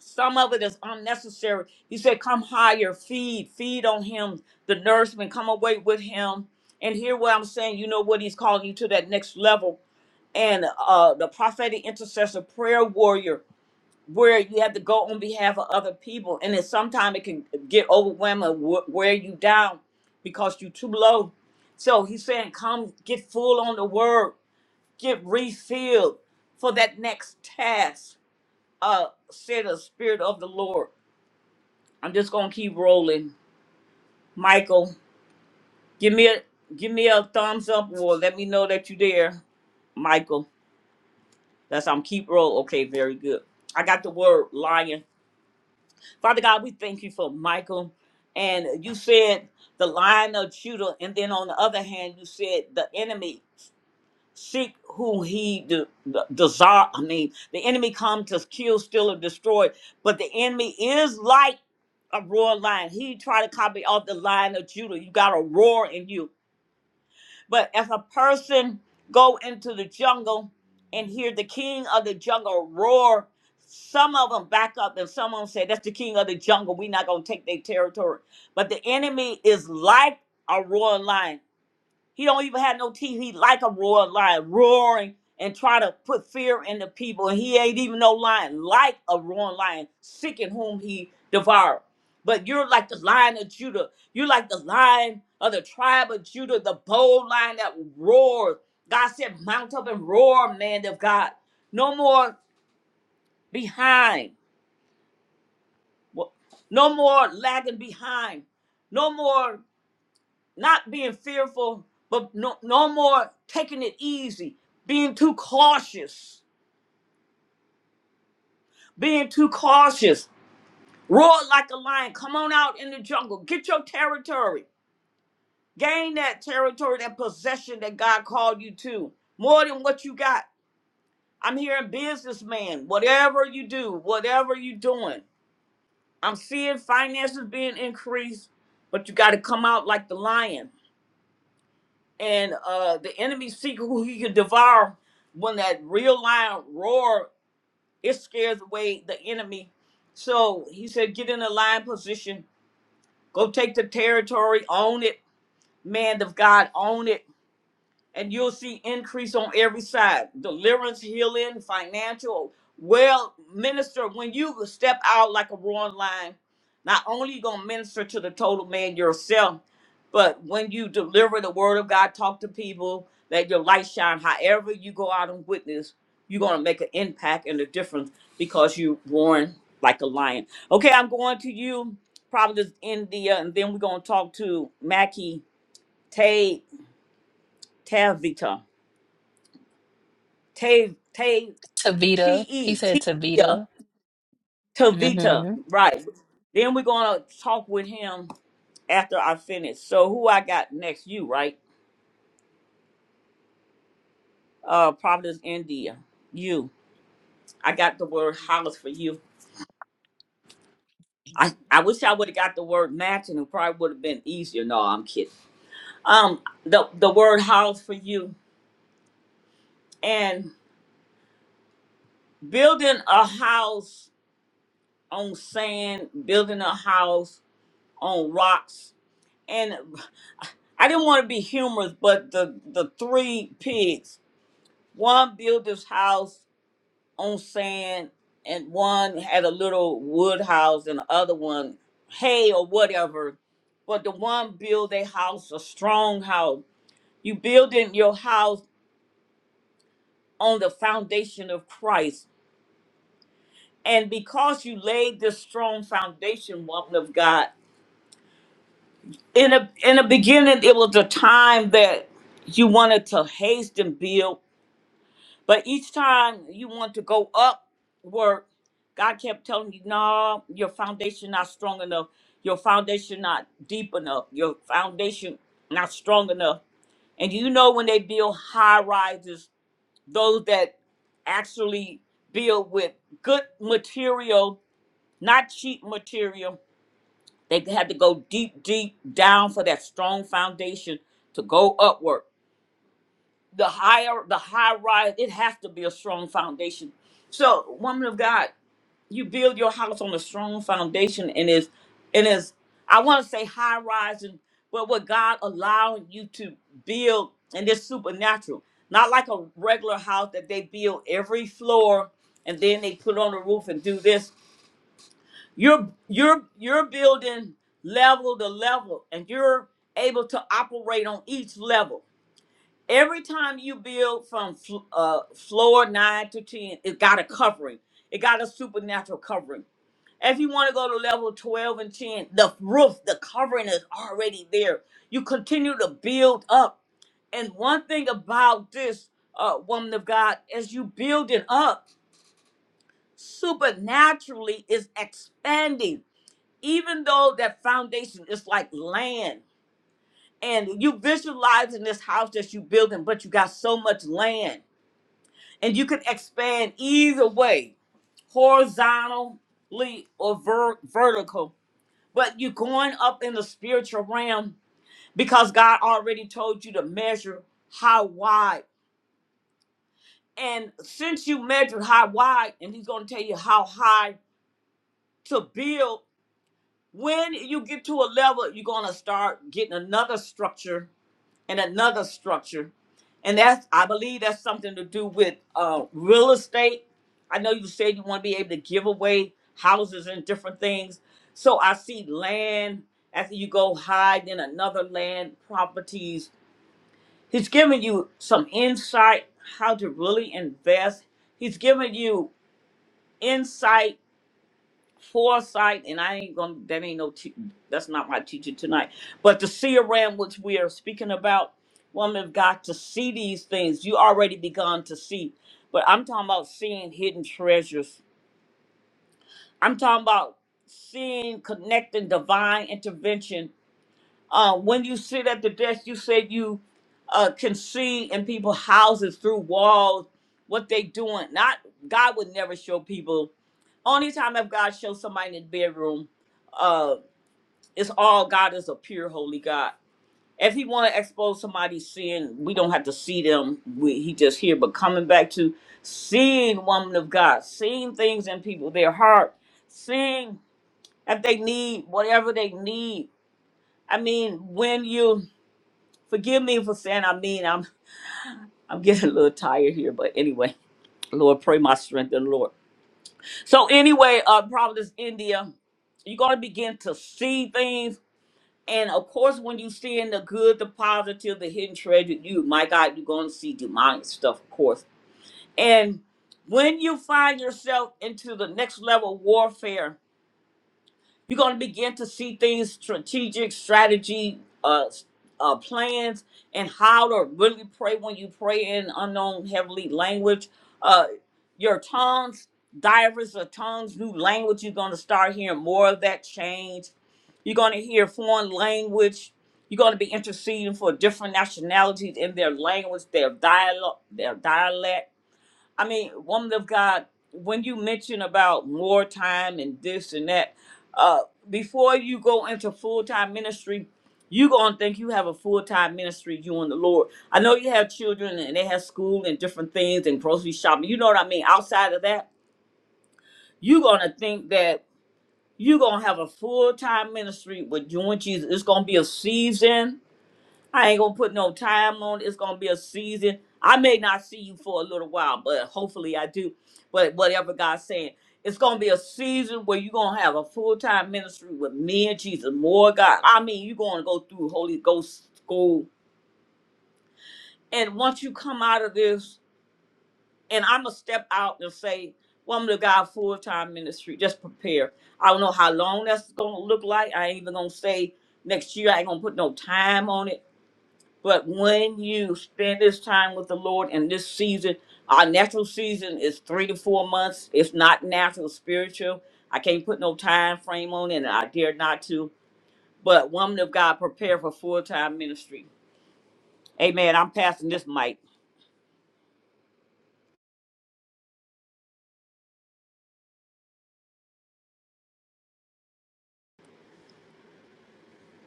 [SPEAKER 1] Some of it is unnecessary. He said, "Come higher, feed, feed on Him, the nourishment. Come away with Him, and hear what I'm saying. You know what He's calling you to that next level." And uh, the prophetic intercessor, prayer warrior where you have to go on behalf of other people and then sometimes it can get overwhelming wh- wear you down because you're too low so he's saying come get full on the word get refilled for that next task uh said the spirit of the lord i'm just gonna keep rolling michael give me a give me a thumbs up or let me know that you're there michael that's i'm keep roll okay very good i got the word lion Father God, we thank you for Michael. And you said the lion of Judah. And then on the other hand, you said the enemy seek who he de- de- desire. I mean, the enemy come to kill, steal, and destroy. But the enemy is like a roaring lion. He try to copy off the lion of Judah. You got a roar in you. But if a person go into the jungle and hear the king of the jungle roar, some of them back up and some of them say, that's the king of the jungle. we are not going to take their territory. But the enemy is like a roaring lion. He don't even have no teeth. He like a roaring lion, roaring and try to put fear in the people. And he ain't even no lion, like a roaring lion, seeking whom he devoured. But you're like the lion of Judah. You're like the lion of the tribe of Judah, the bold lion that roars. God said, mount up and roar, man of God. No more behind. No more lagging behind. No more not being fearful, but no, no more taking it easy, being too cautious, being too cautious. Roar like a lion, come on out in the jungle, get your territory, gain that territory, that possession that God called you to, more than what you got. I'm hearing businessman, whatever you do, whatever you doing. I'm seeing finances being increased, but you got to come out like the lion. and uh the enemy seek who he can devour when that real lion roar it scares away the enemy so he said get in a lion position go take the territory own it man of god own it and you'll see increase on every side deliverance healing financial well minister when you step out like a roaring lion not only you gonna minister to the total man yourself but when you deliver the word of god talk to people let your light shine however you go out and witness you're gonna make an impact and a difference because you roaring like a lion okay i'm going to you probably india and then we're gonna talk to mackie tay tavita Te Te T
[SPEAKER 3] Tavita. He
[SPEAKER 1] E
[SPEAKER 3] said
[SPEAKER 1] Tia
[SPEAKER 3] Tavita. Mm-hmm.
[SPEAKER 1] Tavita. Right. Then we're gonna talk with him after I finish. So who I got next? You, right? Uh Providence India. You. I got the word house for you. I, I wish I would have got the word matching. It probably would have been easier. No, I'm kidding. Um, the the word house for you and building a house on sand, building a house on rocks, and I didn't want to be humorous, but the the three pigs, one built his house on sand, and one had a little wood house, and the other one hay or whatever. But the one built a house, a strong house. You building your house on the foundation of Christ, and because you laid this strong foundation, woman of God, in a in the beginning, it was a time that you wanted to haste and build But each time you want to go upward, God kept telling you, no, your foundation not strong enough. Your foundation not deep enough. Your foundation not strong enough. And you know when they build high rises, those that actually build with good material, not cheap material, they had to go deep, deep down for that strong foundation to go upward the higher the high rise it has to be a strong foundation so woman of god you build your house on a strong foundation and is and is i want to say high rise, and but what god allowing you to build and it's supernatural not like a regular house that they build every floor and then they put on the roof and do this you're you're you're building level to level and you're able to operate on each level Every time you build from fl- uh, floor nine to 10, it got a covering, it got a supernatural covering. If you want to go to level 12 and 10, the roof, the covering is already there. You continue to build up. And one thing about this uh, woman of God, as you build it up, supernaturally is expanding. Even though that foundation is like land, and you visualizing this house that you building, but you got so much land and you can expand either way, horizontally or ver- vertical. But you're going up in the spiritual realm because God already told you to measure how wide. And since you measured how wide, and He's going to tell you how high to build, when you get to a level, you're going to start getting another structure and another structure. And that's, I believe that's something to do with uh, real estate. I know you said you want to be able to give away houses and different things. So I see land after you go hide in another land properties. He's giving you some insight how to really invest. He's giving you insight foresight, and I ain't gonna. That ain't no. Te- that's not my teaching tonight. But the seer ram, which we are speaking about, woman of God, to see these things you already begun to see. But I'm talking about seeing hidden treasures. I'm talking about seeing, connecting divine intervention uh, when you sit at the desk, you said you uh, can see in people's houses through walls what they doing. Not God would never show people. Only time if God shows somebody in the bedroom, uh, it's all God is a pure holy God. If He want to expose somebody's sin, we don't have to see them. We, he just here. But coming back to seeing woman of God, seeing things in people, their heart, seeing if they need whatever they need. I mean, when you Forgive me for saying I mean. I'm I'm getting a little tired here, but anyway, Lord, pray my strength in the Lord. So anyway, uh, Providence, India, you're gonna begin to see things, and of course, when you see in the good, the positive, the hidden treasure, you, my God, you're gonna see demonic stuff, of course, and when you find yourself into the next level warfare You're going to begin to see things, strategic strategy, uh, s- uh, plans, and how to really pray when you pray in unknown heavenly language. Uh, your tongues, divers of tongues, new language. You're going to start hearing more of that change. You're going to hear foreign language. You're going to be interceding for different nationalities in their language, their dialogue, their dialect I mean, woman of God, when you mention about more time and this and that, uh, before you go into full time ministry, you gonna think you have a full time ministry, you and the Lord. I know you have children and they have school and different things and grocery shopping. You know what I mean? Outside of that, you gonna think that you gonna have a full time ministry with you and Jesus. It's gonna be a season I ain't gonna put no time on it. It's gonna be a season. I may not see you for a little while, but hopefully I do. But whatever God's saying, it's gonna be a season where you're gonna have a full time ministry with me and Jesus, more God. I mean, you're gonna go through Holy Ghost school. And once you come out of this, and I'm gonna step out and say, Woman of God, full time ministry, just prepare. I don't know how long that's gonna look like. I ain't even gonna say next year, I ain't gonna put no time on it But when you spend this time with the Lord in this season, our natural season is three to four months. It's not natural, it's spiritual. I can't put no time frame on it, and I dare not to. But woman of God, prepare for full time ministry. Amen. I'm passing this mic.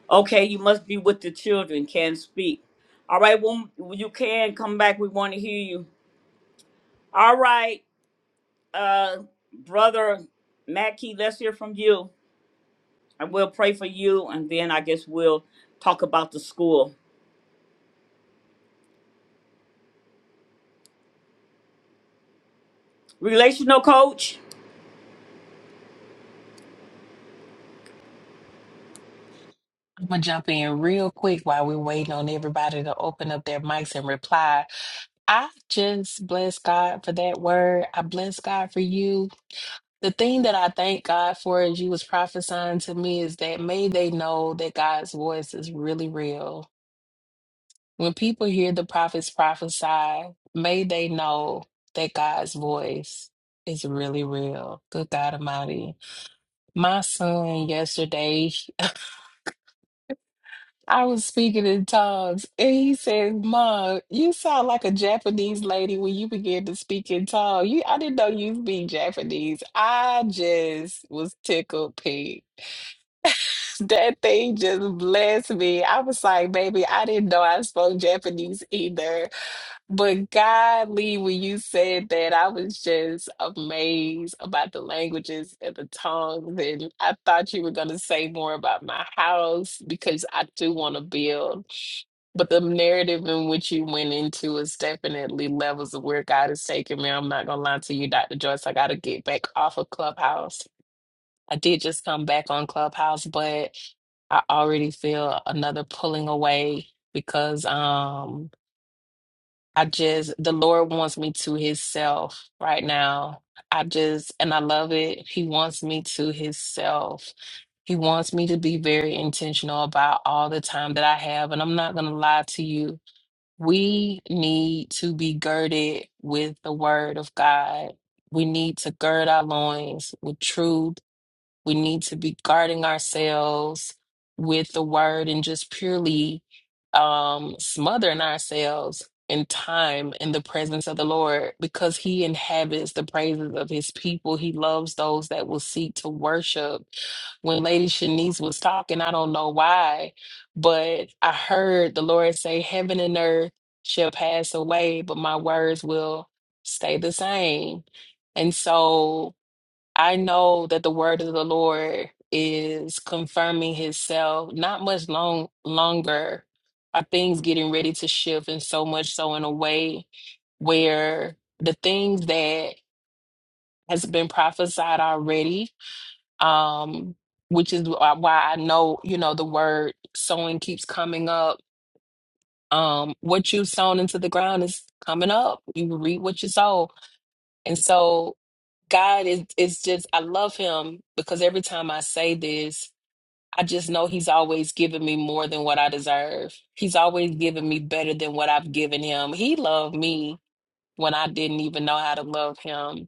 [SPEAKER 1] Okay, you must be with the children, can speak. All right, well, you can come back. We want to hear you. All right, uh, brother Mackey, let's hear from you. I will pray for you, and then I guess we'll talk about the school. Relational coach,
[SPEAKER 3] I'm gonna jump in real quick while we're waiting on everybody to open up their mics and reply. I just bless God for that word. I bless God for you. The thing that I thank God for as you was prophesying to me is that may they know that God's voice is really real. When people hear the prophets prophesy, may they know that God's voice is really real. Good God Almighty. My son yesterday, I was speaking in tongues, and he said, "Mom, you sound like a Japanese lady when you began to speak in tongues. You, I didn't know you speak Japanese. I just was tickled pink. That thing just blessed me. I was like, baby, I didn't know I spoke Japanese either. But God, Lee, when you said that, I was just amazed about the languages and the tongues. And I thought you were going to say more about my house because I do want to build. But the narrative in which you went into is definitely levels of where God is taking me. I'm not going to lie to you, Dr. Joyce. I got to get back off of Clubhouse. I did just come back on Clubhouse, but I already feel another pulling away because. um. I just, the Lord wants me to Himself right now. I just, and I love it. He wants me to Himself. He wants me to be very intentional about all the time that I have. And I'm not going to lie to you. We need to be girded with the word of God. We need to gird our loins with truth we need to be guarding ourselves with the word and just purely um, smothering ourselves in time in the presence of the Lord because He inhabits the praises of His people. He loves those that will seek to worship. When Lady Shanice was talking, I don't know why, but I heard the Lord say, Heaven and earth shall pass away, but my words will stay the same. And so I know that the word of the Lord is confirming himself not much long longer. Are things getting ready to shift and so much so in a way where the things that has been prophesied already, um, which is wh- uh, why I know, you know, the word sowing keeps coming up. Um, what you've sown into the ground is coming up. You reap what you sow. And so God is it's just I love him because every time I say this, I just know he's always giving me more than what I deserve. He's always giving me better than what I've given him. He loved me when I didn't even know how to love him.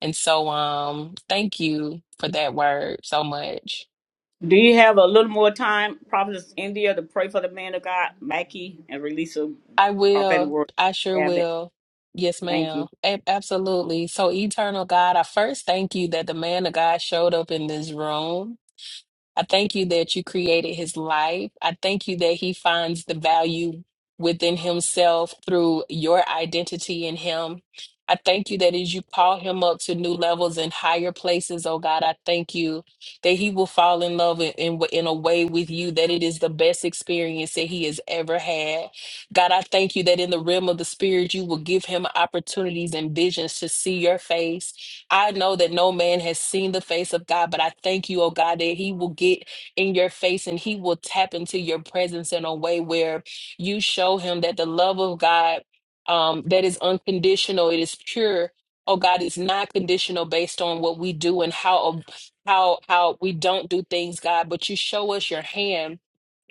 [SPEAKER 3] And so um thank you for that word so much.
[SPEAKER 1] do you have a little more time, Prophetess India, to pray for the man of God, Mackie, and release a
[SPEAKER 3] I
[SPEAKER 1] prophetic
[SPEAKER 3] will.
[SPEAKER 1] word?
[SPEAKER 3] I sure
[SPEAKER 1] Have it.
[SPEAKER 3] will. Yes,
[SPEAKER 1] Thank you.
[SPEAKER 3] ma'am. A- absolutely. So, eternal God, I first thank you that the man of God showed up in this room. I thank you that you created his life. I thank you that he finds the value within himself through your identity in him. I thank you that as you call him up to new levels and higher places, oh God, I thank you that he will fall in love in, in, w- in a way with you, that it is the best experience that he has ever had. God, I thank you that in the realm of the spirit, you will give him opportunities and visions to see your face I know that no man has seen the face of God, but I thank you, oh God, that He will get in your face and He will tap into your presence in a way where you show Him that the love of God um, that is unconditional, it is pure. Oh God, it's not conditional based on what we do and how how how we don't do things, God. But you show us your hand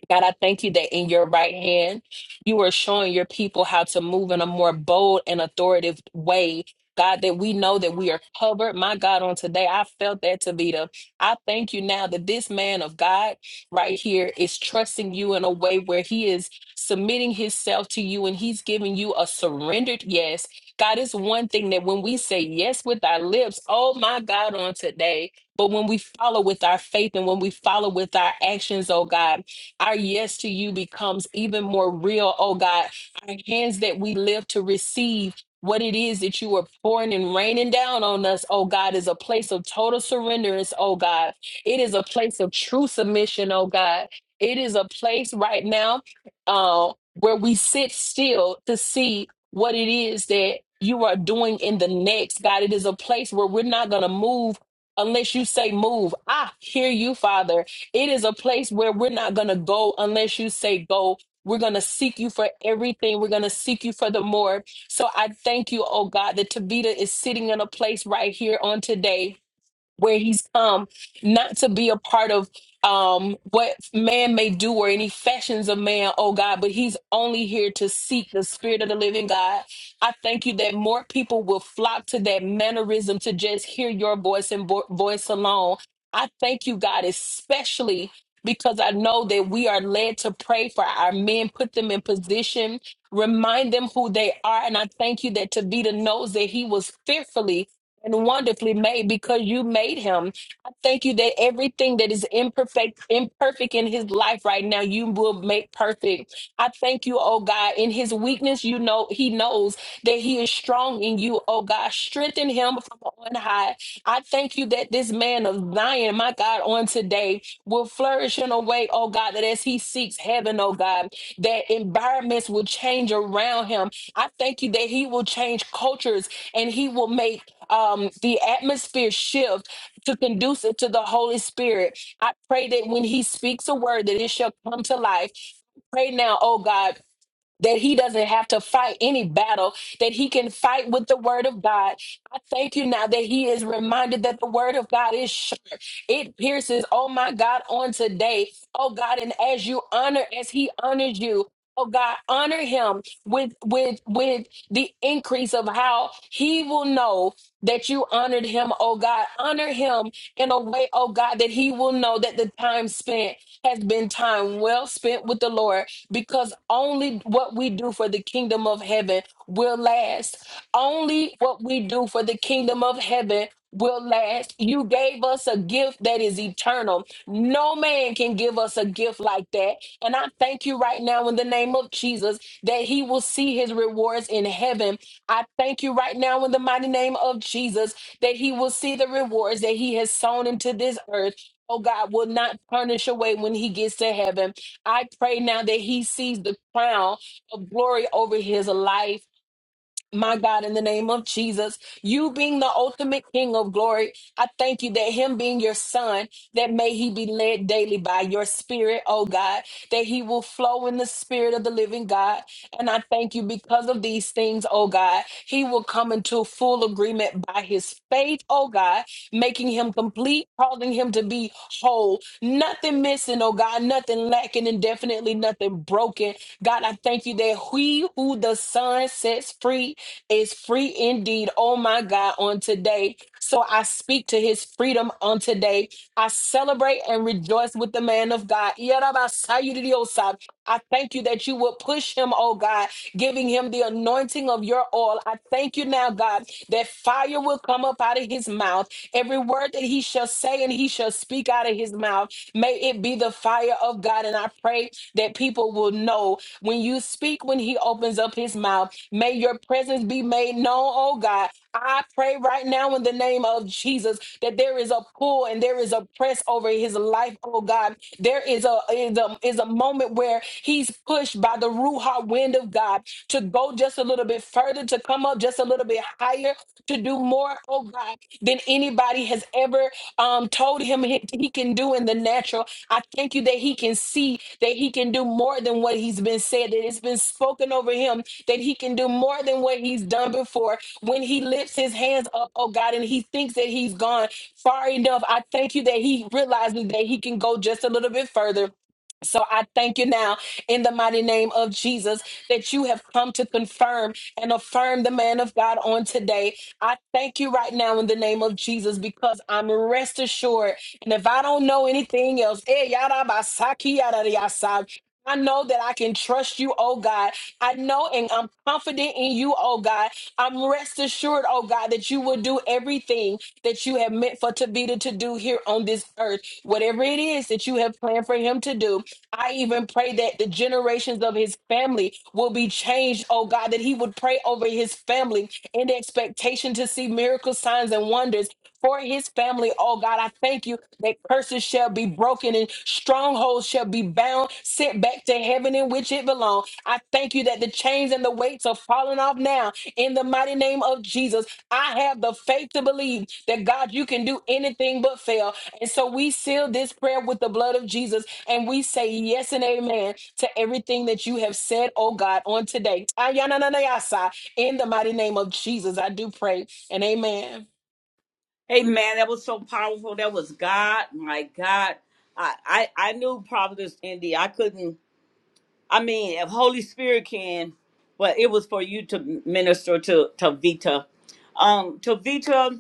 [SPEAKER 3] God, I thank you that in your right hand, you are showing your people how to move in a more bold and authoritative way. God, that we know that we are covered. My God, on today, I felt that, Tavita. I thank you now that this man of God right here is trusting you in a way where he is submitting himself to you and he's giving you a surrendered yes. God, it's one thing that when we say yes with our lips, oh my God, on today, but when we follow with our faith and when we follow with our actions, oh God, our yes to you becomes even more real, oh God. Our hands that we lift to receive what it is that you are pouring and raining down on us, oh God, is a place of total surrenderance, oh God. It is a place of true submission, oh God. It is a place right now uh, where we sit still to see what it is that you are doing in the next, God. It is a place where we're not going to move unless you say move. I hear you, Father. It is a place where we're not going to go unless you say go. We're going to seek you for everything. We're going to seek you for the more. So I thank you, oh God, that Tabita is sitting in a place right here on today where he's come not to be a part of um what man may do or any fashions of man oh god but he's only here to seek the spirit of the living god i thank you that more people will flock to that mannerism to just hear your voice and vo- voice alone i thank you god especially because I know that we are led to pray for our men, put them in position, remind them who they are. And I thank you that Tabitha knows that he was fearfully and wonderfully made because you made him. I thank you that everything that is imperfect, imperfect in his life right now, you will make perfect. I thank you, oh God, in his weakness, you know he knows that he is strong in you, oh God. Strengthen him from on high. I thank you that this man of Zion, my God, on today will flourish in a way, oh God, that as he seeks heaven, oh God, that environments will change around him. I thank you that he will change cultures and he will make um, the atmosphere shift to conduce it to the Holy Spirit. I pray that when He speaks a word, that it shall come to life. Pray now, oh God, that he doesn't have to fight any battle, that he can fight with the word of God. I thank you now that he is reminded that the word of God is sharp. It pierces, oh my God, on today. Oh God, and as you honor, as he honors you. Oh God, honor him with with with the increase of how he will know that you honored him. Oh God, honor him in a way, oh God, that he will know that the time spent has been time well spent with the Lord because only what we do for the kingdom of heaven will last. Only what we do for the kingdom of heaven will last. You gave us a gift that is eternal. No man can give us a gift like that. And I thank you right now in the name of Jesus that he will see his rewards in heaven. I thank you right now in the mighty name of Jesus that he will see the rewards that he has sown into this earth. Oh God will not tarnish away when he gets to heaven. I pray now that he sees the crown of glory over his life my God, in the name of Jesus, you being the ultimate King of glory, I thank you that Him being your Son, that may He be led daily by your Spirit, oh God, that He will flow in the Spirit of the living God. And I thank you because of these things, oh God, He will come into full agreement by His faith, oh God, making Him complete, causing Him to be whole, nothing missing, oh God, nothing lacking, and definitely nothing broken. God, I thank you that He who the Son sets free is free indeed, oh my God, on today. So I speak to his freedom on today. I celebrate and rejoice with the man of God. Yarabasayiridiosai. I thank you that you will push him, oh God, giving him the anointing of your oil. I thank you now, God, that fire will come up out of his mouth. Every word that he shall say and he shall speak out of his mouth, may it be the fire of God. And I pray that people will know when you speak, when he opens up his mouth May your presence be made known, oh God. I pray right now in the name of Jesus that there is a pull and there is a press over his life, oh God. There is a is a, is a moment where he's pushed by the Ruha wind of God to go just a little bit further, to come up just a little bit higher, to do more, oh God, than anybody has ever um, told him he he can do in the natural. I thank you that he can see that he can do more than what he's been said, that it's been spoken over him that he can do more than what he's done before when he lifts his hands up, oh God, and he thinks that he's gone far enough. I thank you that he realizes that he can go just a little bit further. So I thank you now in the mighty name of Jesus that you have come to confirm and affirm the man of God on today. I thank you right now in the name of Jesus because I'm rest assured. And if I don't know anything else, eh, yada ba sa ki yada ya sa, I know that I can trust you, oh God, I know and I'm confident in you, oh God. I'm rest assured, oh God, that you will do everything that you have meant for Tavita to do here on this earth. Whatever it is that you have planned for him to do, I even pray that the generations of his family will be changed, oh God, that he would pray over his family in expectation to see miracle signs and wonders for his family, oh God. I thank you that curses shall be broken and strongholds shall be bound, sent back to heaven in which it belongs. I thank you that the chains and the weights are falling off now in the mighty name of Jesus. I have the faith to believe that God, you can do anything but fail. And so we seal this prayer with the blood of Jesus and we say yes and amen to everything that you have said, oh God, on today. Ayananayasa, In the mighty name of Jesus, I do pray and amen.
[SPEAKER 1] Hey, man, that was so powerful. That was God. My God. I, I, I knew Prophetess India. I couldn't, I mean, if Holy Spirit can, but it was for you to minister to, to Vita. Um, to Vita.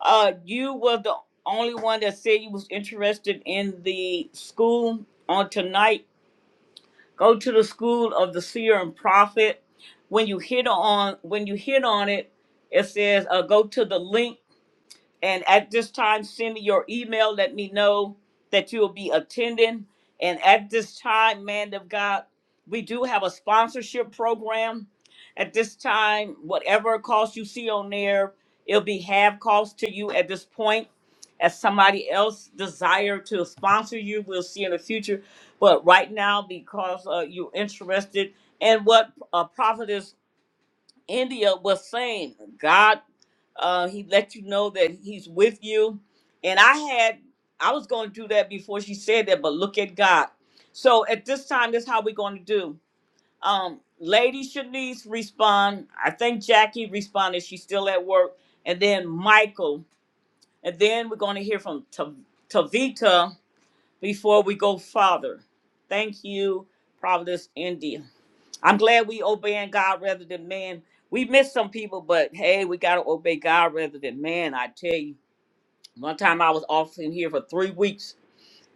[SPEAKER 1] Uh, you were the only one that said you was interested in the school on tonight. Go to the school of the seer and prophet. When you hit on when you hit on it, it says uh, go to the link and at this time, send me your email. Let me know that you'll be attending. And at this time, man of God, we do have a sponsorship program. At this time, whatever cost you see on there, it'll be half cost to you at this point. As somebody else desire to sponsor you, we'll see in the future. But right now, because uh, you're interested in what uh, Prophetess India was saying, God uh, he let you know that he's with you. And I had, I was going to do that before she said that, but look at God. So at this time, this is how we're going to do. Um, Lady Shanice respond. I think Jackie responded. She's still at work. And then Michael. And then we're going to hear from Ta- Tavita before we go farther. Thank you, Providence, India. I'm glad we obeying God rather than man. We miss some people, but hey, we gotta obey God rather than man. I tell you, one time I was off in here for three weeks,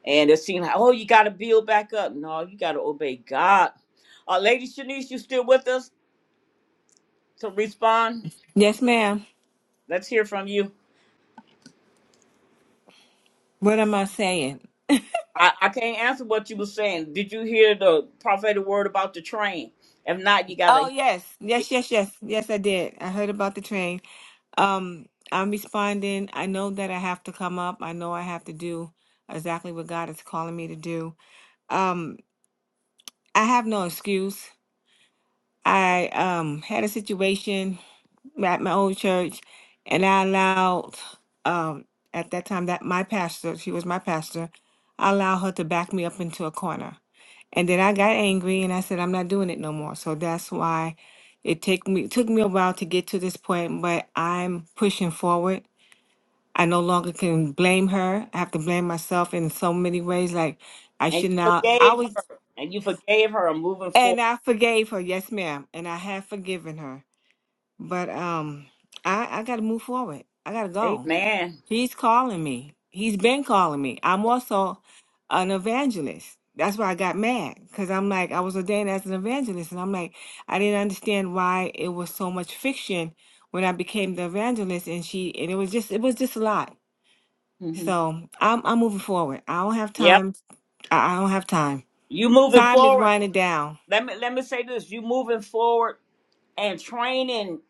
[SPEAKER 1] and it seemed like, oh, you gotta build back up. No, you gotta obey God. Uh, Lady Shanice, you still with us to respond?
[SPEAKER 4] Yes, ma'am.
[SPEAKER 1] Let's hear from you.
[SPEAKER 4] What am I saying?
[SPEAKER 1] I, I can't answer what you were saying. Did you hear the prophetic word about the train? If not, you gotta
[SPEAKER 4] Oh,
[SPEAKER 1] hear
[SPEAKER 4] yes.
[SPEAKER 1] it.
[SPEAKER 4] Yes, yes, yes. Yes, I did. I heard about the train. Um, I'm responding. I know that I have to come up. I know I have to do exactly what God is calling me to do. Um, I have no excuse. I um had a situation at my old church, and I allowed um, at that time that my pastor, she was my pastor, I allowed her to back me up into a corner, and then I got angry and I said I'm not doing it no more. So that's why it take me took me a while to get to this point, but I'm pushing forward. I no longer can blame her. I have to blame myself in so many ways. Like I
[SPEAKER 1] And
[SPEAKER 4] should
[SPEAKER 1] you
[SPEAKER 4] now. I
[SPEAKER 1] forgave
[SPEAKER 4] was,
[SPEAKER 1] her, and you forgave her. I'm moving
[SPEAKER 4] and
[SPEAKER 1] forward.
[SPEAKER 4] I forgave her. Yes, ma'am, and I have forgiven her but um, I I got to move forward. I got to go.
[SPEAKER 1] Amen.
[SPEAKER 4] He's calling me. He's been calling me. I'm also an evangelist. That's why I got mad because I'm like I was ordained as an evangelist, and I'm like I didn't understand why it was so much fiction when I became the evangelist, and she and it was just it was just a lot.
[SPEAKER 1] Mhm.
[SPEAKER 4] So I'm I'm moving forward. I don't have
[SPEAKER 1] Yep.
[SPEAKER 4] time. I I don't have time.
[SPEAKER 1] You moving
[SPEAKER 4] Time is
[SPEAKER 1] forward.
[SPEAKER 4] winding down.
[SPEAKER 1] Let me let me say this. You moving forward and training,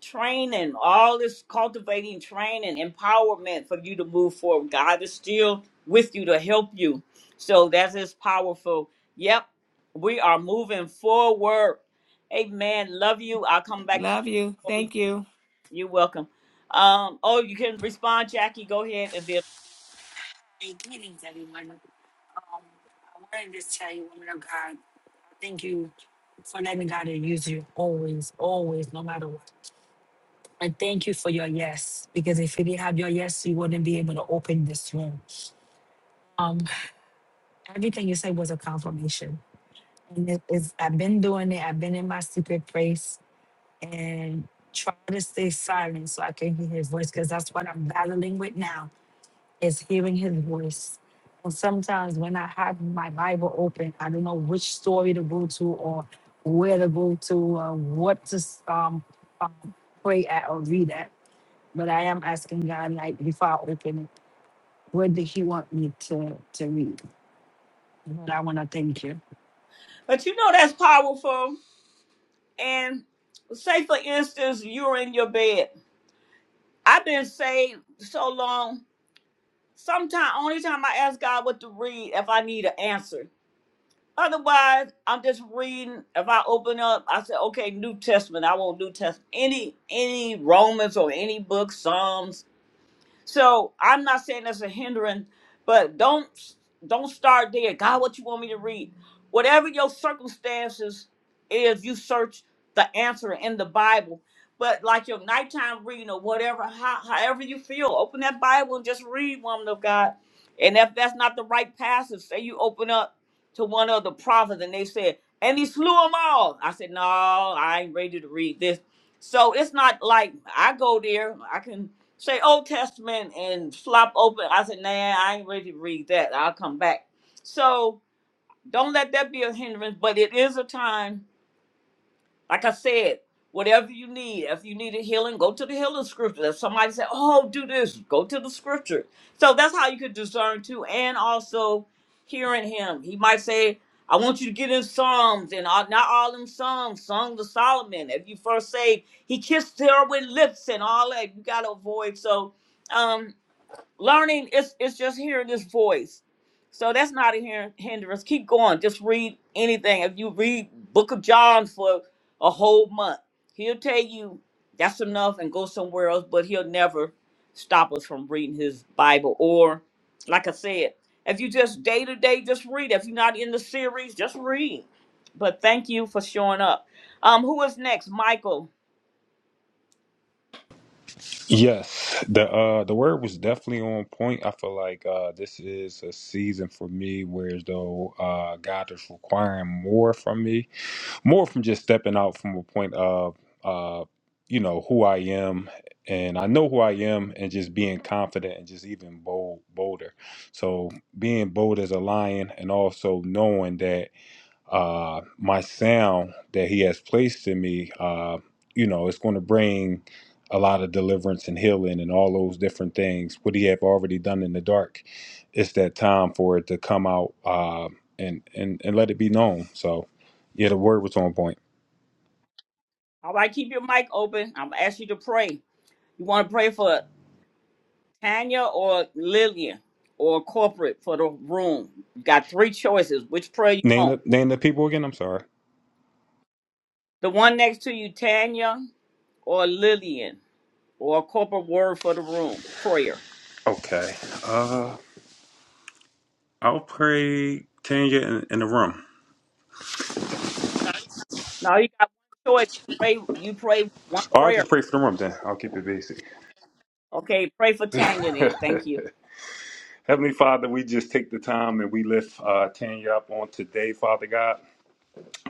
[SPEAKER 1] training, all this cultivating training, empowerment for you to move forward. God is still with you to help you. So that is powerful. Yep. We are moving forward. Amen. Love you. I'll come back to you
[SPEAKER 4] Love you.
[SPEAKER 1] before we
[SPEAKER 4] Thank you.
[SPEAKER 1] you're welcome. Um, oh, you can respond, Jackie. Go ahead and then
[SPEAKER 11] Hey, greetings, everyone. Um, I wanted to just tell you, woman of God, I thank you for letting God use you always, always, no matter what. And thank you for your yes, because if you didn't have your yes, you wouldn't be able to open this room. Um, everything you said was a confirmation. And it is, I've been doing it, I've been in my secret place and try to stay silent so I can hear his voice, because that's what I'm battling with now is hearing his voice. And sometimes when I have my Bible open, I don't know which story to go to or where to go to or what to um, um, pray at or read at. But I am asking God, like, before I open it, where did He want me to, to read? But I want to thank you.
[SPEAKER 1] but you know that's powerful. And say for instance, you're in your bed I've been saved so long. Sometimes, only time I ask God what to read if I need an answer. Otherwise, I'm just reading. If I open up, I say, "Okay, New Testament. I want New Testament. Any, any Romans or any book, Psalms, so I'm not saying that's a hindrance, but don't don't start there. God, what you want me to read? Whatever your circumstances is, you search the answer in the Bible. But like your nighttime reading or whatever, how, however you feel, open that Bible and just read, woman of God. And if that's not the right passage, say you open up to one of the prophets and they said, and he slew them all. I said, no, I ain't ready to read this. So it's not like I go there. I can say Old Testament and flop open. I said, nah, I ain't ready to read that. I'll come back. So don't let that be a hindrance, but it is a time, like I said, whatever you need. If you need a healing, go to the healing scripture. If somebody said, oh, do this, go to the scripture. So that's how you could discern too. And also hearing him. He might say, I want you to get in Psalms and all, not all them Psalms, Song of Solomon. If you first say, he kissed her with lips and all that, you got to avoid. So, um, learning it's it's just hearing this voice so that's not a hin- hindrance keep going just read anything if you read book of john for a whole month he'll tell you that's enough and go somewhere else but he'll never stop us from reading his bible or like i said if you just day to day just read if you're not in the series just read but thank you for showing up um who is next michael
[SPEAKER 9] Yes, the uh the word was definitely on point. I feel like uh this is a season for me where as though uh God is requiring more from me, more from just stepping out from a point of uh you know who I am and I know who I am and just being confident and just even bold bolder. So being bold as a lion and also knowing that uh, my sound that he has placed in me, uh, you know, it's going to bring a lot of deliverance and healing and all those different things. What he have already done in the dark, it's that time for it to come out uh, and and and let it be known. So, yeah, the word was on point.
[SPEAKER 1] all right keep your mic open i'm gonna ask you to pray you want to pray for Tanya or Lillian or corporate for the room. You got three choices. Which prayer you
[SPEAKER 9] Name
[SPEAKER 1] want?
[SPEAKER 9] the, name the people again. I'm sorry.
[SPEAKER 1] The one next to you, Tanya or Lillian or corporate word for the room prayer.
[SPEAKER 9] Okay. Uh, I'll pray Tanya in, in the room.
[SPEAKER 1] Now you got one choice. Pray. You pray one
[SPEAKER 9] Or I'll just
[SPEAKER 1] prayer.
[SPEAKER 9] pray for the room then. I'll keep it basic.
[SPEAKER 1] Okay. Pray for Tanya then. Thank you.
[SPEAKER 9] Heavenly Father, we just take the time and we lift uh, Tanya up on today, Father God.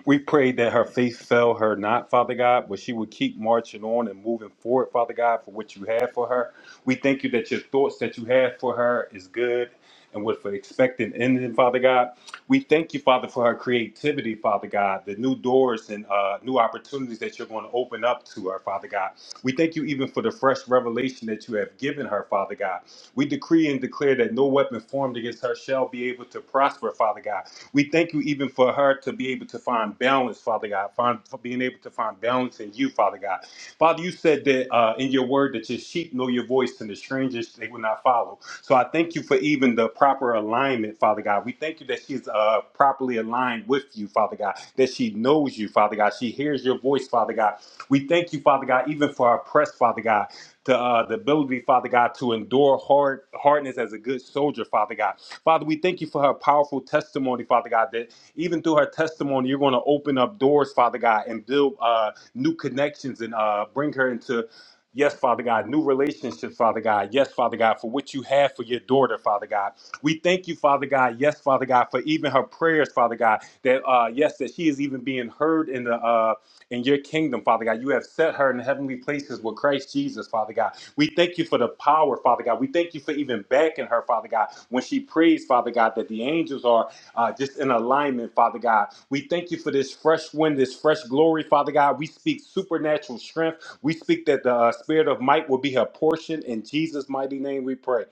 [SPEAKER 9] We pray that her faith fail her not, Father God, but she would keep marching on and moving forward, Father God, for what you have for her. We thank you that your thoughts that you have for her is good and with an expected ending, Father God. We thank you, Father, for her creativity, Father God, the new doors and uh, new opportunities that you're going to open up to her, Father God. We thank you even for the fresh revelation that you have given her, Father God. We decree and declare that no weapon formed against her shall be able to prosper, Father God. We thank you even for her to be able to find balance, Father God, find, for being able to find balance in you, Father God. Father, you said that uh, in your word that your sheep know your voice and the strangers they will not follow. So I thank you for even the proper alignment, Father God. We thank you that she's uh, properly aligned with you, Father God, that she knows you, Father God. She hears your voice, Father God. We thank you, Father God, even for our press, Father God to uh, the ability, Father God, to endure hard hardness as a good soldier, Father God. Father, we thank you for her powerful testimony, Father God, that even through her testimony, you're going to open up doors, Father God, and build uh, new connections and uh, bring her into Yes, Father God, new relationships, Father God. Yes, Father God, for what you have for your daughter, Father God. We thank you, Father God. Yes, Father God, for even her prayers, Father God. That uh, yes, that she is even being heard in the uh, in your kingdom, Father God. You have set her in heavenly places with Christ Jesus, Father God. We thank you for the power, Father God. We thank you for even backing her, Father God, when she prays, Father God, that the angels are uh, just in alignment, Father God. We thank you for this fresh wind, this fresh glory, Father God. We speak supernatural strength. We speak that the uh, spirit of might will be her portion. In Jesus' mighty name we pray.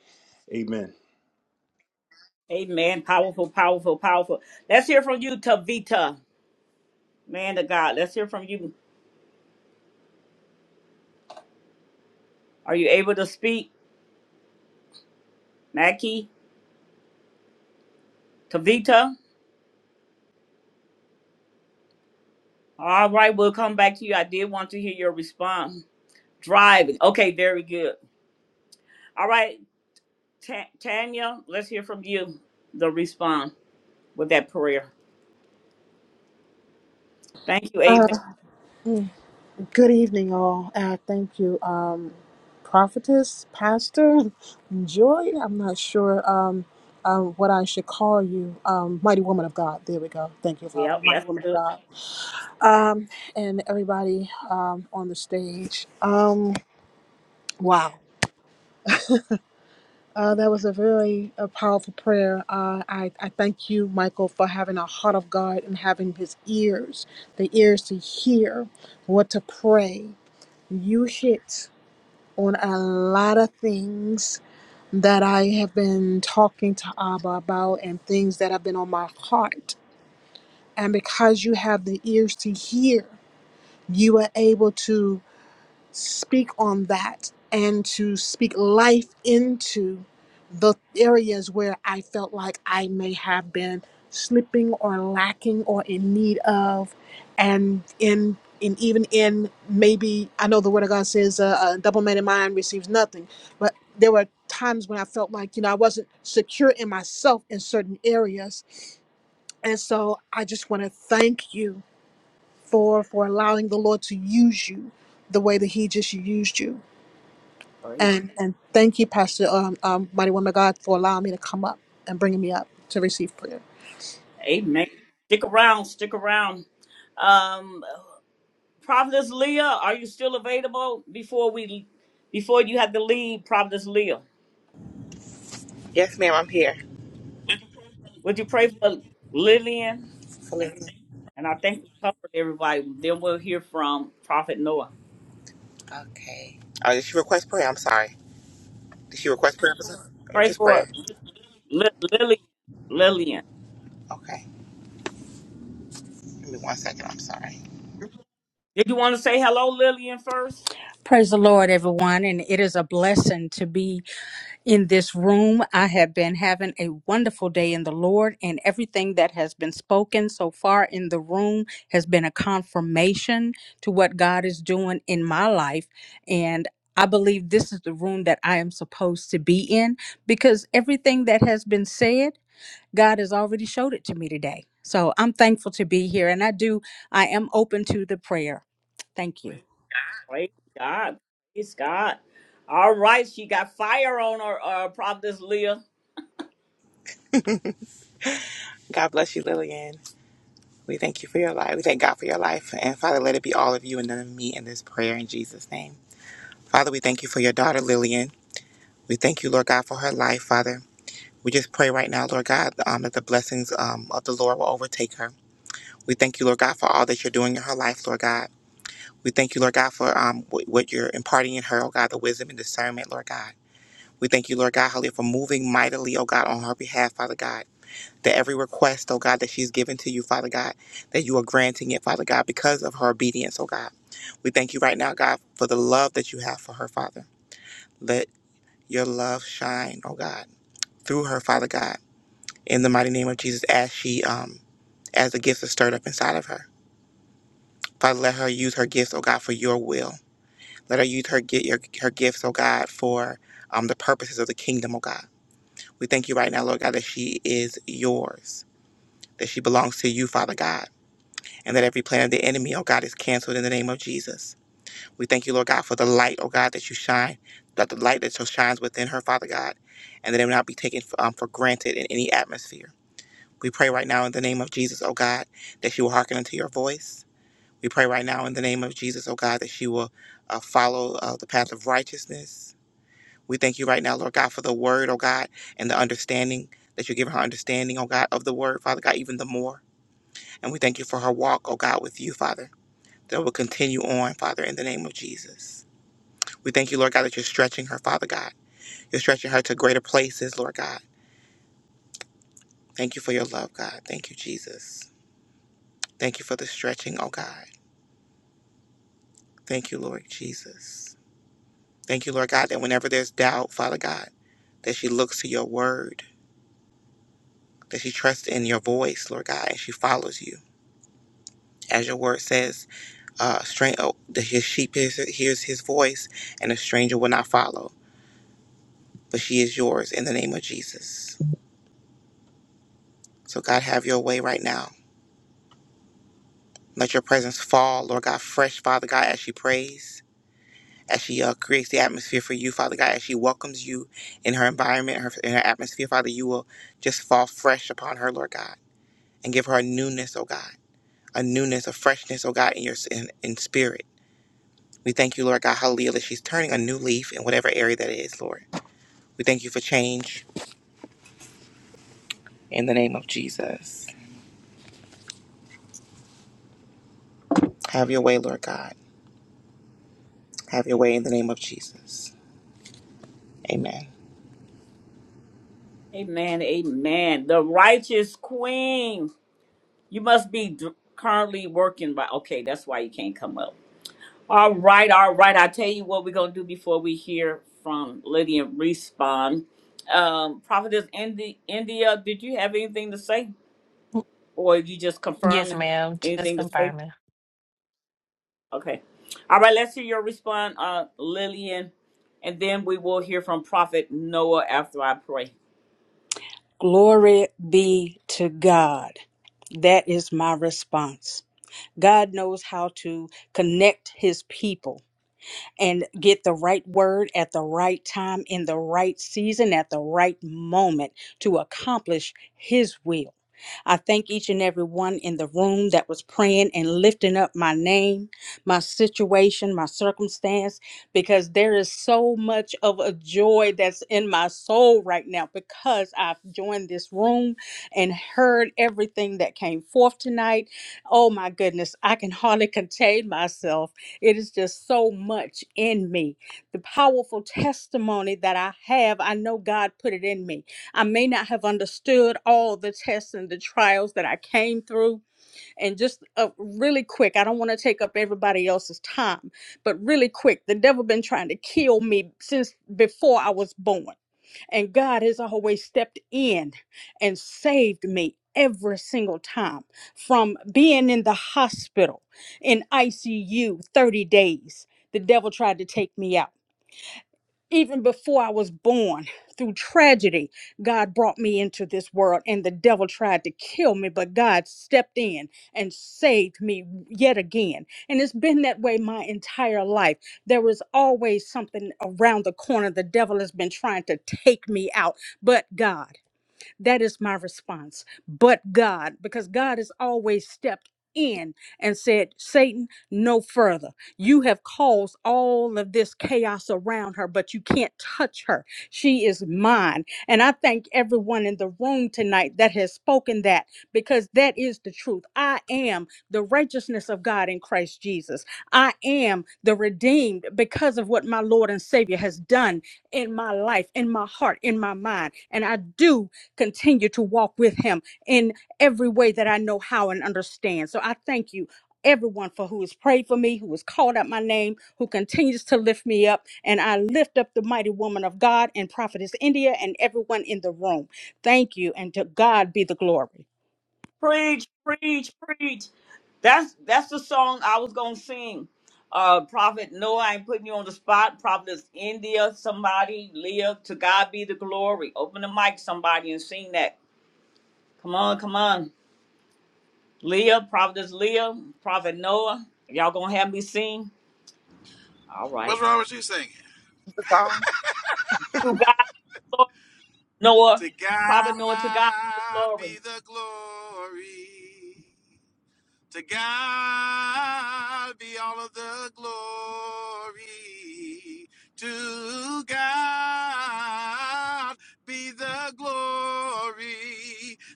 [SPEAKER 9] Amen.
[SPEAKER 1] Amen. Powerful. Powerful. Powerful. Let's hear from you, Tavita. Man of God. Let's hear from you. Are you able to speak, Mackie? Tavita. All right. We'll come back to you. I did want to hear your response. Driving. Okay, very good. All right, Ta- Tanya, let's hear from you. The response with that prayer. Thank you. Amen.
[SPEAKER 12] Good evening, all. Uh, thank you, um, prophetess, pastor, joy. I'm not sure um, um, what I should call you. Um, mighty woman of God. There we go. Thank you, Father.
[SPEAKER 1] Yep,
[SPEAKER 12] Mighty
[SPEAKER 1] that's
[SPEAKER 12] woman of
[SPEAKER 1] good.
[SPEAKER 12] God. Um, and everybody um, on the stage. Um, wow. Uh, that was a very uh powerful prayer. Uh, I, I thank you, Michael, for having a heart of God and having his ears, the ears to hear what to pray. You hit. on a lot of things that I have been talking to Abba about and things that have been on my heart. And because you have the ears to hear, you are able to speak on that and to speak life into the areas where I felt like I may have been slipping or lacking or in need of, and in in even in maybe I know the word of God says uh, a double-minded mind receives nothing, but there were times when I felt like you know I wasn't secure in myself in certain areas, and so I just want to thank you for for allowing the Lord to use you the way that He just used you.
[SPEAKER 1] Praise.
[SPEAKER 12] And and thank you, Pastor um, um Mighty Woman of God, for allowing me to come up and bringing me up to receive prayer.
[SPEAKER 1] Amen. Stick around. Stick around. Um, Providence Leah, are you still available before we before you have to leave? Prophetess Leah,
[SPEAKER 8] Yes, ma'am, I'm here.
[SPEAKER 1] would you pray for Lillian?
[SPEAKER 8] So listen.
[SPEAKER 1] And I think we covered everybody. Then we'll hear from Prophet Noah.
[SPEAKER 8] Okay. Oh, did she request prayer? I'm sorry. Did she request prayer for something? Or
[SPEAKER 1] Pray
[SPEAKER 8] just
[SPEAKER 1] for
[SPEAKER 8] prayer?
[SPEAKER 1] Li- Lillian. Lillian.
[SPEAKER 8] Okay. Give me one second. I'm sorry.
[SPEAKER 1] Did you want to say hello, Lillian, first?
[SPEAKER 13] Praise the Lord, everyone. And it is a blessing to be in this room. I have been having a wonderful day in the Lord, and everything that has been spoken so far in the room has been a confirmation to what God is doing in my life. And I believe this is the room that I am supposed to be in because everything that has been said, God has already showed it to me today. So I'm thankful to be here, and I do, I am open to the prayer. Thank you.
[SPEAKER 1] Praise God. Praise God. All right. She got fire on her, uh, Prophetess Leah.
[SPEAKER 8] God bless you, Lillian. We thank you for your life. We thank God for your life. And Father, let it be all of you and none of me in this prayer in Jesus' name. Father, we thank you for your daughter, Lillian. We thank you, Lord God, for her life, Father. We just pray right now, Lord God, um, that the blessings um, of the Lord will overtake her. We thank you, Lord God, for all that you're doing in her life, Lord God. We thank you, Lord God, for um, wh- what you're imparting in her, oh God, the wisdom and discernment, Lord God. We thank you, Lord God, hallelujah, for moving mightily, oh God, on her behalf, Father God. That every request, oh God, that she's given to you, Father God, that you are granting it, Father God, because of her obedience, oh God. We thank you right now, God, for the love that you have for her, Father. Let your love shine, oh God, through her, Father God in the mighty name of Jesus as she um as the gifts are stirred up inside of her. Father, let her use her gifts, oh God, for your will. Let her use her get your her gifts, oh God, for um the purposes of the kingdom, oh God. We thank you right now, Lord God, that she is yours, that she belongs to you, Father God, and that every plan of the enemy, oh God, is canceled in the name of Jesus. We thank you, Lord God, for the light, oh God, that you shine, that the light that so shines within her, Father God, and that it will not be taken um, for granted in any atmosphere. We pray right now in the name of Jesus, oh God, that you will hearken unto your voice. We pray right now in the name of Jesus, oh God, that you will uh, follow uh, the path of righteousness. We thank you right now, Lord God, for the word, oh God, and the understanding that you give her understanding, oh God, of the word, Father God, even the more. And we thank you for her walk, oh God, with you, Father, that will continue on, Father, in the name of Jesus. We thank you, Lord God, that you're stretching her, Father God. You're stretching her to greater places, Lord God. Thank you for your love, God. Thank you, Jesus. Thank you for the stretching, oh God. Thank you, Lord Jesus. Thank you, Lord God, that whenever there's doubt, Father God, that she looks to your word, that she trusts in your voice, Lord God, and she follows you. As your word says, uh, strain, oh, that his sheep hears, hears his voice, and a stranger will not follow, but she is yours in the name of Jesus. So, God, have your way right now. Let your presence fall, Lord God, fresh, Father God, as she prays. as she uh, creates the atmosphere for you, Father God, as she welcomes you in her environment, her, in her atmosphere, Father, you will just fall fresh upon her, Lord God, and give her a newness, oh God, a newness, a freshness, oh God, in your in, in spirit. We thank you, Lord God, hallelujah, that she's turning a new leaf in whatever area that is, Lord. We thank you for change in the name of Jesus. Have your way, Lord God. Have your way in the name of Jesus. Amen.
[SPEAKER 1] Amen. Amen. The righteous queen. You must be d- currently working by. Okay. That's why you can't come up. All right. All right. I tell you what we're going to do before we hear from Lydia Respond. Um, Prophetess Indi- India, did you have anything to say? Or you just
[SPEAKER 3] Yes,
[SPEAKER 1] confirming
[SPEAKER 3] ma'am. Just
[SPEAKER 1] anything to say?
[SPEAKER 3] confirming.
[SPEAKER 1] Okay. All right, let's hear your response, uh, Lillian, and then we will hear from Prophet Noah after I pray.
[SPEAKER 13] Glory be to God. That is my response. God knows how to connect his people and get the right word at the right time, in the right season, at the right moment to accomplish His will. I thank each and every one in the room that was praying and lifting up my name, my situation, my circumstance, because there is so much of a joy that's in my soul right now because I've joined this room and heard everything that came forth tonight. Oh my goodness, I can hardly contain myself it is just so much in me. The powerful testimony that I have, I know God put it in me. I may not have understood all the tests and the trials that I came through. And just uh, really quick, I don't want to take up everybody else's time, but really quick, the devil been trying to kill me since before I was born. And God has always stepped in and saved me every single time from being in the hospital in ICU 30 days. The devil tried to take me out even before I was born, through tragedy, God brought me into this world and the devil tried to kill me, but God stepped in and saved me yet again. And it's been that way my entire life. There is always something around the corner. The devil has been trying to take me out, but God. That is my response. But God, because God has always stepped in and said, Satan, no further. You have caused all of this chaos around her, but you can't touch her. She is mine. And I thank everyone in the room tonight that has spoken that because that is the truth. I am the righteousness of God in Christ Jesus. I am the redeemed because of what my Lord and Savior has done in my life, in my heart, in my mind. And I do continue to walk with him in every way that I know how and understand. So I thank you. Everyone for who has prayed for me, who has called out my name, who continues to lift me up. And I lift up the mighty woman of God and prophetess India and everyone in the room. Thank you. And to God be the glory.
[SPEAKER 1] Preach, preach, preach. That's that's the song I was gonna sing. Uh Prophet Noah, I ain't putting you on the spot. Prophet India, somebody, Leah, to God be the glory. Open the mic, somebody, and sing that. Come on, come on. Leah, Prophet Leah, Prophet Noah. Y'all gonna have me sing? All
[SPEAKER 14] What's
[SPEAKER 1] right.
[SPEAKER 14] wrong with you singing?
[SPEAKER 8] The song.
[SPEAKER 1] To God, Noah,
[SPEAKER 14] To
[SPEAKER 1] Prophet Noah, to God be the
[SPEAKER 14] God
[SPEAKER 1] glory.
[SPEAKER 14] be the glory. To God be all of the glory. To God be the glory.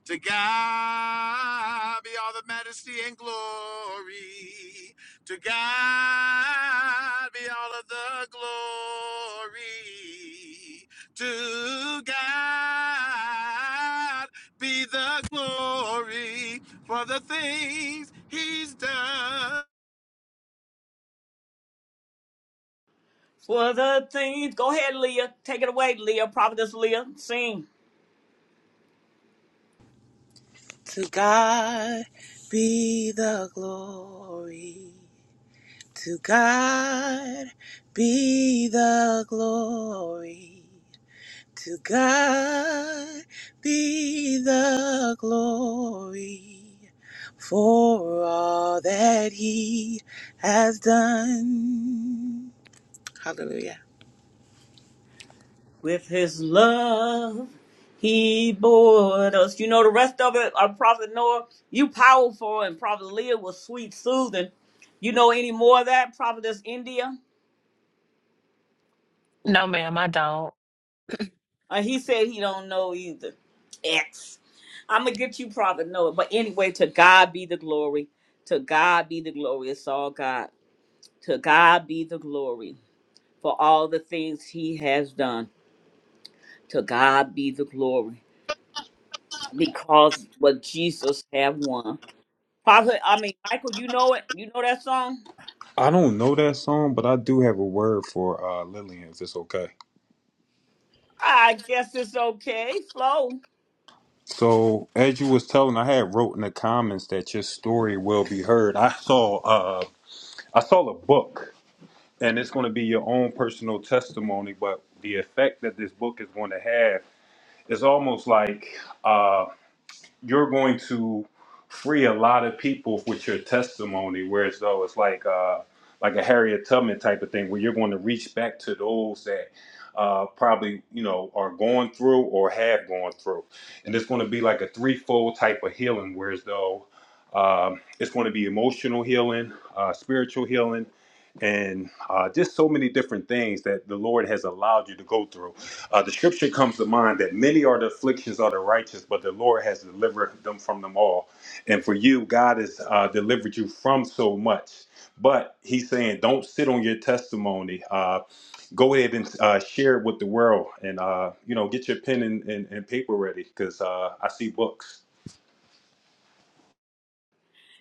[SPEAKER 14] To God be all the majesty and glory. To God be all of the glory. To God be the glory for the things he's done.
[SPEAKER 1] for the things. Go ahead, Leah. Take it away, Leah. Prophetess Leah. Sing.
[SPEAKER 8] To God be the glory. To God be the glory. To God be the glory for all that He has done. Hallelujah.
[SPEAKER 1] With his love, he bore us. You know the rest of it, uh, Prophet Noah, you powerful, and Prophet Leah was sweet, soothing. You know any more of that, Prophetess India?
[SPEAKER 3] No, ma'am, I don't.
[SPEAKER 1] Uh, he said he don't know either. X. I'm going to get you, Prophet Noah. But anyway, to God be the glory. To God be the glory. It's all God. To God be the glory for all the things he has done. To God be the glory. Because what Jesus have won. Prophet, I mean, Michael, you know it? You know that song?
[SPEAKER 9] I don't know that song, but I do have a word for uh, Lillian, if it's okay.
[SPEAKER 1] I guess it's okay. Flow.
[SPEAKER 9] So as you was telling, I had wrote in the comments that your story will be heard. I saw uh I saw a book and it's gonna be your own personal testimony, but the effect that this book is gonna have is almost like uh, you're going to free a lot of people with your testimony. Whereas though it's like uh, like a Harriet Tubman type of thing, where you're going to reach back to those that uh, probably you know are going through or have gone through, and it's going to be like a threefold type of healing. Whereas though um, it's going to be emotional healing, uh, spiritual healing, and uh, just so many different things that the Lord has allowed you to go through uh, the scripture comes to mind that many are the afflictions of the righteous, but the Lord has delivered them from them all. And for you, God has uh, delivered you from so much. But He's saying, don't sit on your testimony. Uh, go ahead and uh, share it with the world, and uh, you know, get your pen and, and, and paper ready because uh, I see books.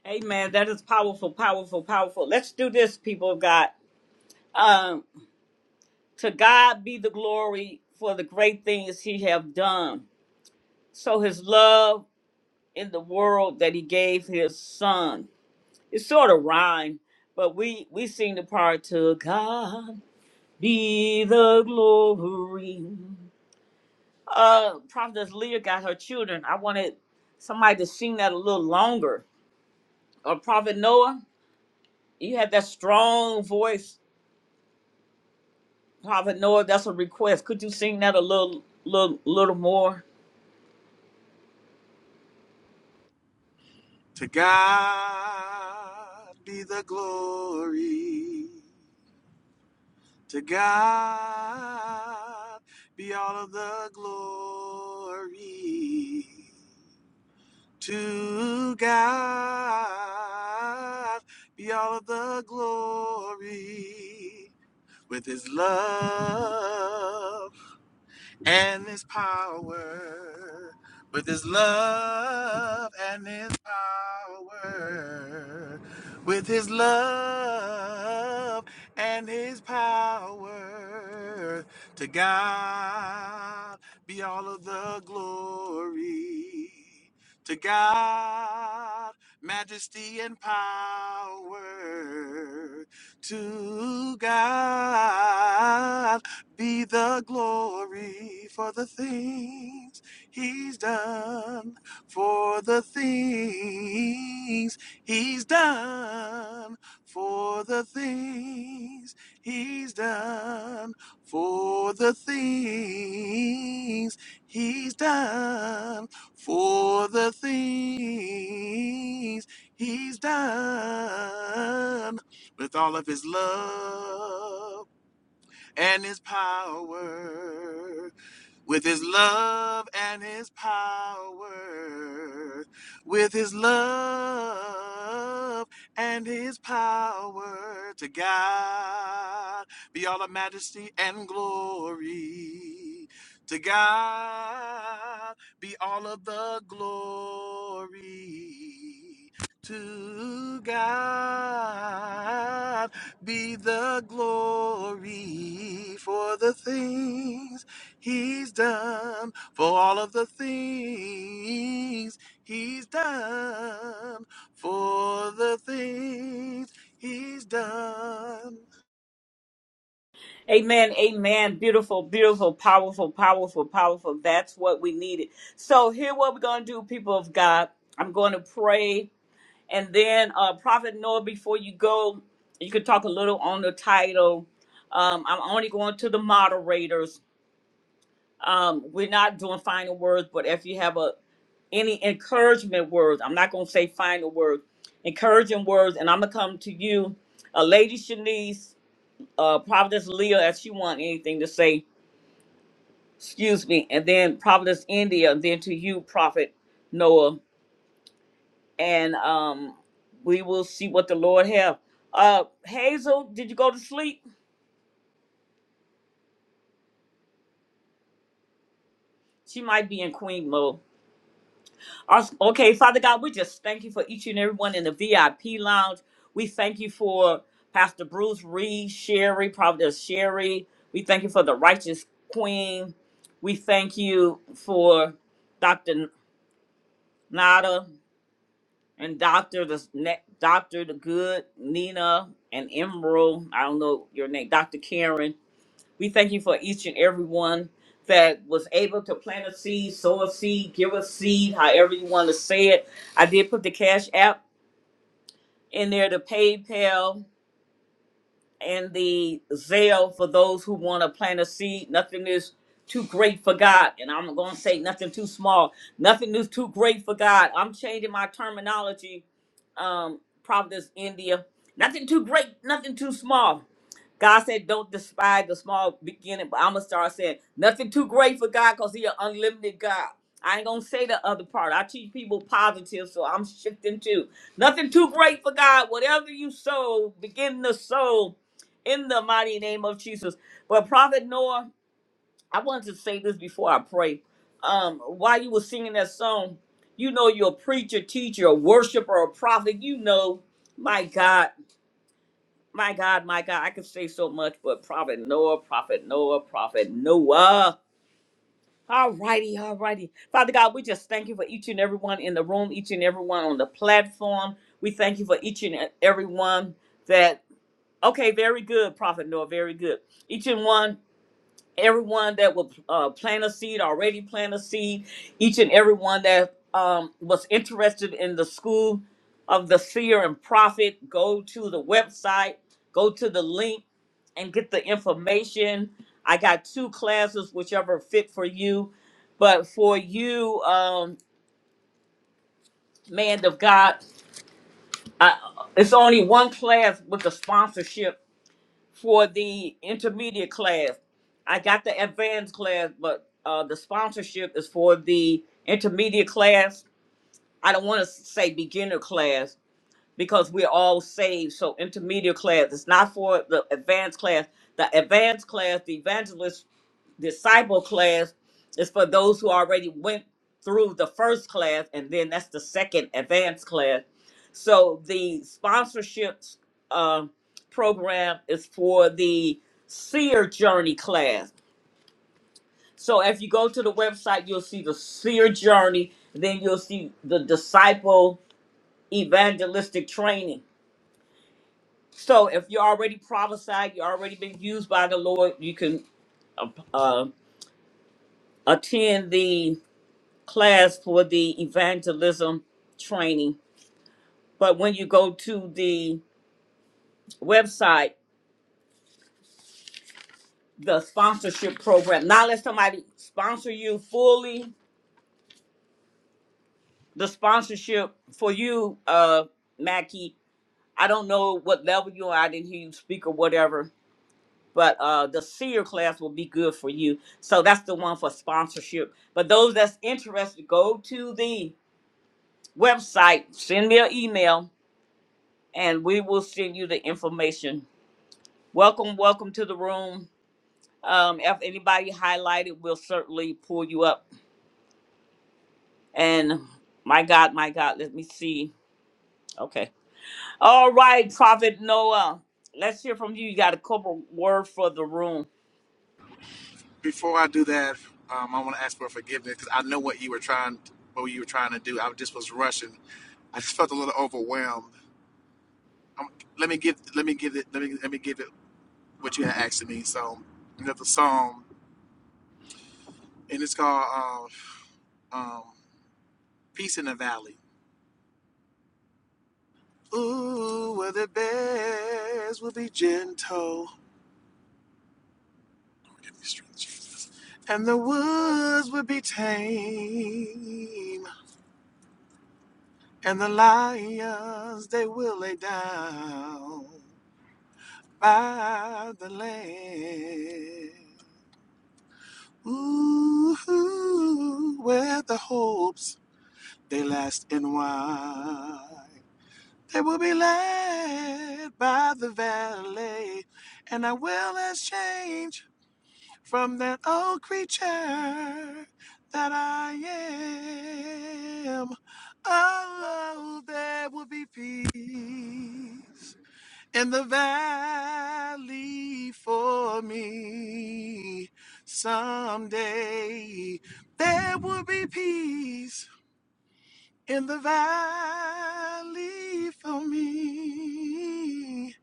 [SPEAKER 1] Amen. That is powerful, powerful, powerful. Let's do this, people of God. Um, to God be the glory for the great things he have done. So his love in the world that he gave his son. It's sort of rhyme, but we we sing the part to God. Be the glory. Uh, Prophetess Leah got her children. I wanted somebody to sing that a little longer. Uh, Prophet Noah, you had that strong voice. Prophet Noah, that's a request. Could you sing that a little, little, little more?
[SPEAKER 14] To God be the glory. To God be all of the glory. To God be all of the glory. With his love and there's power, but there's love and there's power, with his love and his power. To God be all of the glory. To God, majesty and power. To God be the glory for the things he's done, for the things he's done, for the things he's done, for the things he's done, for the things he's done, with all of his love and his power with his love and his power, with his love and his power to God be all the majesty and glory. To God be all of the glory. To God be the glory for the things He's done for all of the things he's done for the things he's done.
[SPEAKER 1] Amen, amen. Beautiful, beautiful, powerful, powerful, powerful. That's what we needed. So here, what we're gonna do, people of God. I'm going to pray And then uh, Prophet Noah, before you go, you could talk a little on the title. Um, I'm only going to the moderators. Um, we're not doing final words, but if you have a any encouragement words, I'm not going to say final words, encouraging words, and I'm gonna come to you, uh, Lady Shanice, uh, Providence Leah, if she want anything to say. Excuse me, and then Providence India, and then to you, Prophet Noah. and um, we will see what the Lord have. Uh, Hazel, did you go to sleep? She might be in queen mode. Us- Okay, Father God, we just thank you for each and every one in the VIP lounge. We thank you for Pastor Bruce Reed, Sherry, Providence Sherry. We thank you for the righteous queen. We thank you for Dr. Nada and Dr. the Ne- Dr. the Good, Nina and Emerald. I don't know your name, Dr. Karen. We thank you for each and every one that was able to plant a seed, sow a seed, give a seed, however you want to say it. I did put the Cash App in there, the PayPal and the Zelle for those who want to plant a seed. Nothing is too great for God. And I'm going to say nothing too small. Nothing is too great for God. I'm changing my terminology, um, Providence, India. Nothing too great, nothing too small God said, don't despise the small beginning, but I'm going to start saying nothing too great for God because He an unlimited God. I ain't going to say the other part. I teach people positive, so I'm shifting too. Nothing too great for God. Whatever you sow, begin to sow in the mighty name of Jesus. But Prophet Noah, I wanted to say this before I pray. Um, while you were singing that song, you know you're a preacher, teacher, a worshiper, a prophet. You know, my God my God, my God, I could say so much, but Prophet Noah, Prophet Noah, Prophet Noah. All righty, all righty. Father God, we just thank you for each and every one in the room, each and every one on the platform. We thank you for each and everyone that, okay, very good, Prophet Noah, very good. Each and one, everyone that will uh, plant a seed, already plant a seed, each and every one that um, was interested in the school of the seer and prophet, go to the website, go to the link and get the information. I got two classes, whichever fit for you. But for you, um, man of God, I, it's only one class with the sponsorship for the intermediate class. I got the advanced class, but uh, the sponsorship is for the intermediate class. I don't want to say beginner class because we're all saved. So intermediate class, it's not for the advanced class. The advanced class, the evangelist disciple class is for those who already went through the first class and then that's the second advanced class so the sponsorships uh, program is for the seer journey class so if you go to the website you'll see the seer journey then you'll see the disciple evangelistic training so if you're already prophesied you've already been used by the lord you can uh, uh, attend the class for the evangelism training. But when you go to the website, the sponsorship program, not let somebody sponsor you fully, the sponsorship for you, uh, Mackie, I don't know what level you are. I didn't hear you speak or whatever, but uh, the senior class will be good for you. So that's the one for sponsorship. But those that's interested, go to the website, send me an email, and we will send you the information Welcome, welcome to the room. Um, if anybody highlighted, we'll certainly pull you up. And my God, my God, let me see. Okay. All right, Prophet Noah, let's hear from you. You got a couple word for the room.
[SPEAKER 14] Before I do that, um, I want to ask for forgiveness because I know what you were trying, what you were trying to do. I just was rushing. I just felt a little overwhelmed. Um, let me give, let me give it, let me let me give it what you had asked of me. So, another song, and it's called um, um, "Peace in the Valley." Ooh, where the bears will be gentle. Give me strength, Jesus. And the woods will be tame. And the lions, they will lay down by the land. Ooh, where the hopes, they last and wide. They will be led by the valley, and our will has changed from that old creature that I am. Oh, there will be peace in the valley for me someday. There will be peace in the valley for me.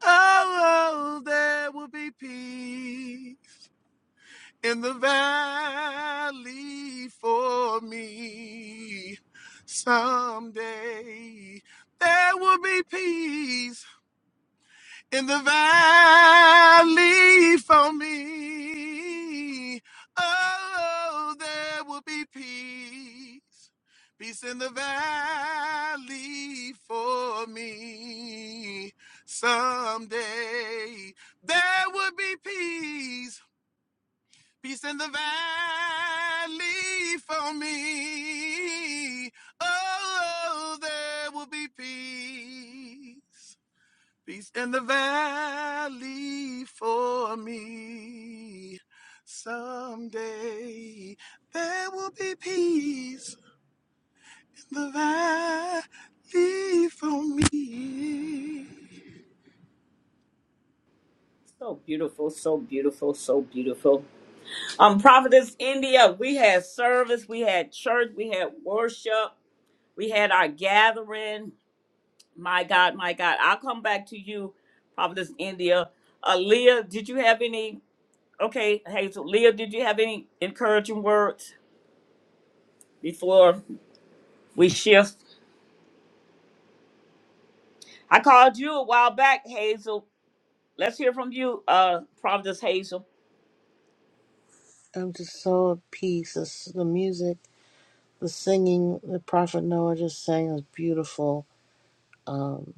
[SPEAKER 14] Oh, oh, there will be peace in the valley for me. Someday there will be peace in the valley for me. Oh, there will be peace, peace in the valley for me. Someday there will be peace Peace in the valley for me. Oh, there will be peace. Peace in the valley for me. Someday there will be peace in the valley for me.
[SPEAKER 1] So beautiful, so beautiful, so beautiful. Um, Prophetess India, we had service, we had church, we had worship, we had our gathering. My God, my God, I'll come back to you, Prophetess India. Aaliyah, did you have any? Okay, Hazel. Leah, did you have any encouraging words before we shift? I called you a while back, Hazel. Let's hear from you, uh, Providence Hazel.
[SPEAKER 5] I'm just so at peace. This, the music, the singing, the prophet Noah just sang is beautiful. Um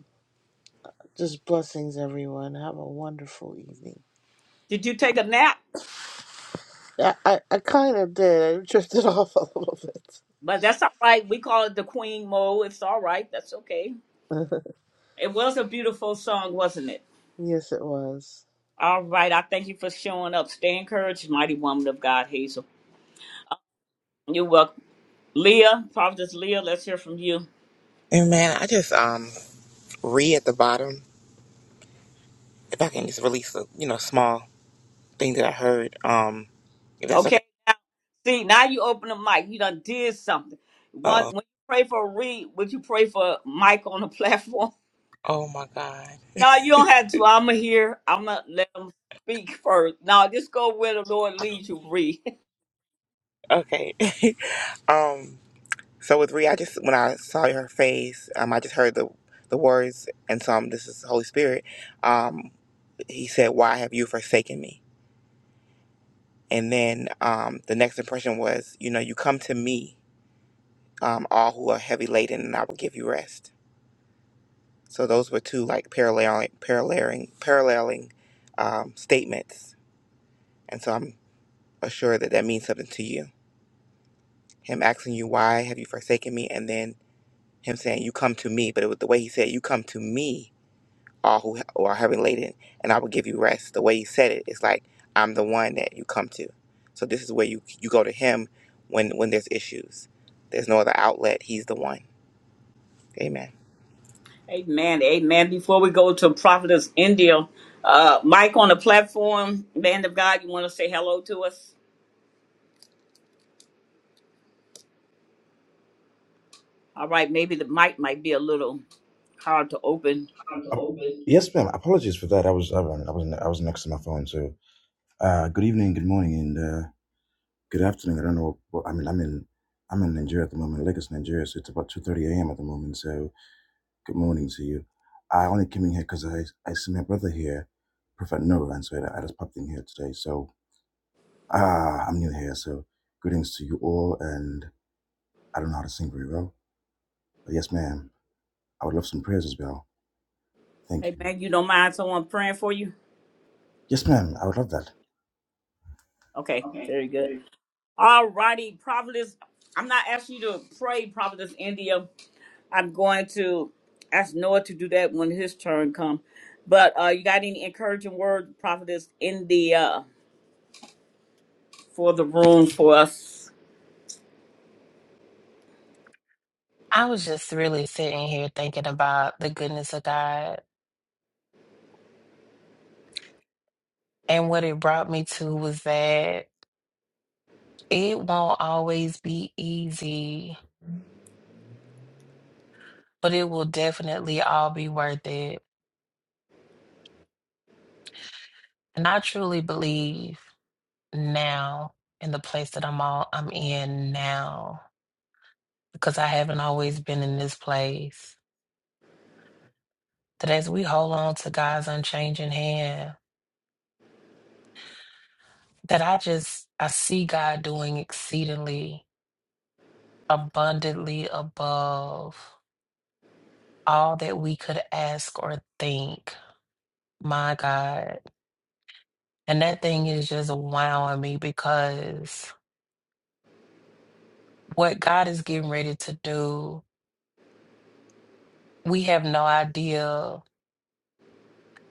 [SPEAKER 5] Just blessings, everyone. Have a wonderful evening.
[SPEAKER 1] Did you take a nap?
[SPEAKER 5] I, I, I kind of did. I drifted off a little bit.
[SPEAKER 1] But that's all right. We call it the Queen Mole. It's all right. That's okay. It was a beautiful song, wasn't it?
[SPEAKER 5] yes, it was.
[SPEAKER 1] All right. I thank you for showing up. Stay encouraged, mighty woman of God, Hazel. You're welcome. Leah, Providence Leah, let's hear from you.
[SPEAKER 8] And man, I just um read at the bottom if I can just release a you know small thing that I heard. Um, if that's okay.
[SPEAKER 1] Okay. See, now you open the mic. You done did something. One
[SPEAKER 8] Uh
[SPEAKER 1] when you pray for Reed, would you pray for Mike on the platform?
[SPEAKER 8] oh my God.
[SPEAKER 1] No, you don't have to. I'ma hear. I'ma let him speak first. No, just go where the Lord leads you, Reed.
[SPEAKER 8] Okay. um. So with Rhea, I just when I saw her face, um, I just heard the the words, and so um, this is the Holy Spirit. Um, he said, "Why have you forsaken me?" And then um, the next impression was, you know, you come to me, um, all who are heavy laden, and I will give you rest. So those were two like paralleling, paralleling, paralleling um, statements, and so I'm assured that that means something to you. Him asking you, "Why have you forsaken me?" and then him saying, "You come to me," but it was the way he said, "You come to me." all who are heavy laden, and I will give you rest. The way he said it, it's like I'm the one that you come to. So this is where you you go to him when when there's issues. There's no other outlet. He's the one. Amen.
[SPEAKER 1] amen. Amen. Before we go to Prophetess India, uh, Mike on the platform, man of God, you wanna say hello to us? All right, maybe the mic might be a little hard to open.
[SPEAKER 15] Yes, ma'am. Apologies for that. I was I was I was I was next to my phone. So, uh, good evening, good morning, and uh, good afternoon. I don't know. What, I mean, I'm in I'm in Nigeria at the moment, Lagos, Nigeria. So it's about two thirty a.m. at the moment. So, good morning to you. I only came in here because I I see my brother here, Prophet Noah, and so I, I just popped in here today. So, ah, I'm new here. So, greetings to you all, and I don't know how to sing very well, but yes, ma'am. I would love some prayers as well. Thank
[SPEAKER 1] Hey
[SPEAKER 15] you.
[SPEAKER 1] man, you don't mind someone praying for you?
[SPEAKER 15] Yes, ma'am. I would love that.
[SPEAKER 1] Okay, very good. All righty, Providence. I'm not asking you to pray, Providence India. I'm going to ask Noah to do that when his turn comes. But uh, you got any encouraging word, Providence India, for the room for us?
[SPEAKER 3] I was just really sitting here thinking about the goodness of God. And what it brought me to was that it won't always be easy, but it will definitely all be worth it. And I truly believe now in the place that I'm all I'm in now because I haven't always been in this place. that as we hold on to God's unchanging hand, that I just I see God doing exceedingly abundantly above all that we could ask or think. My God. And that thing is just wowing me because what God is getting ready to do, we have no idea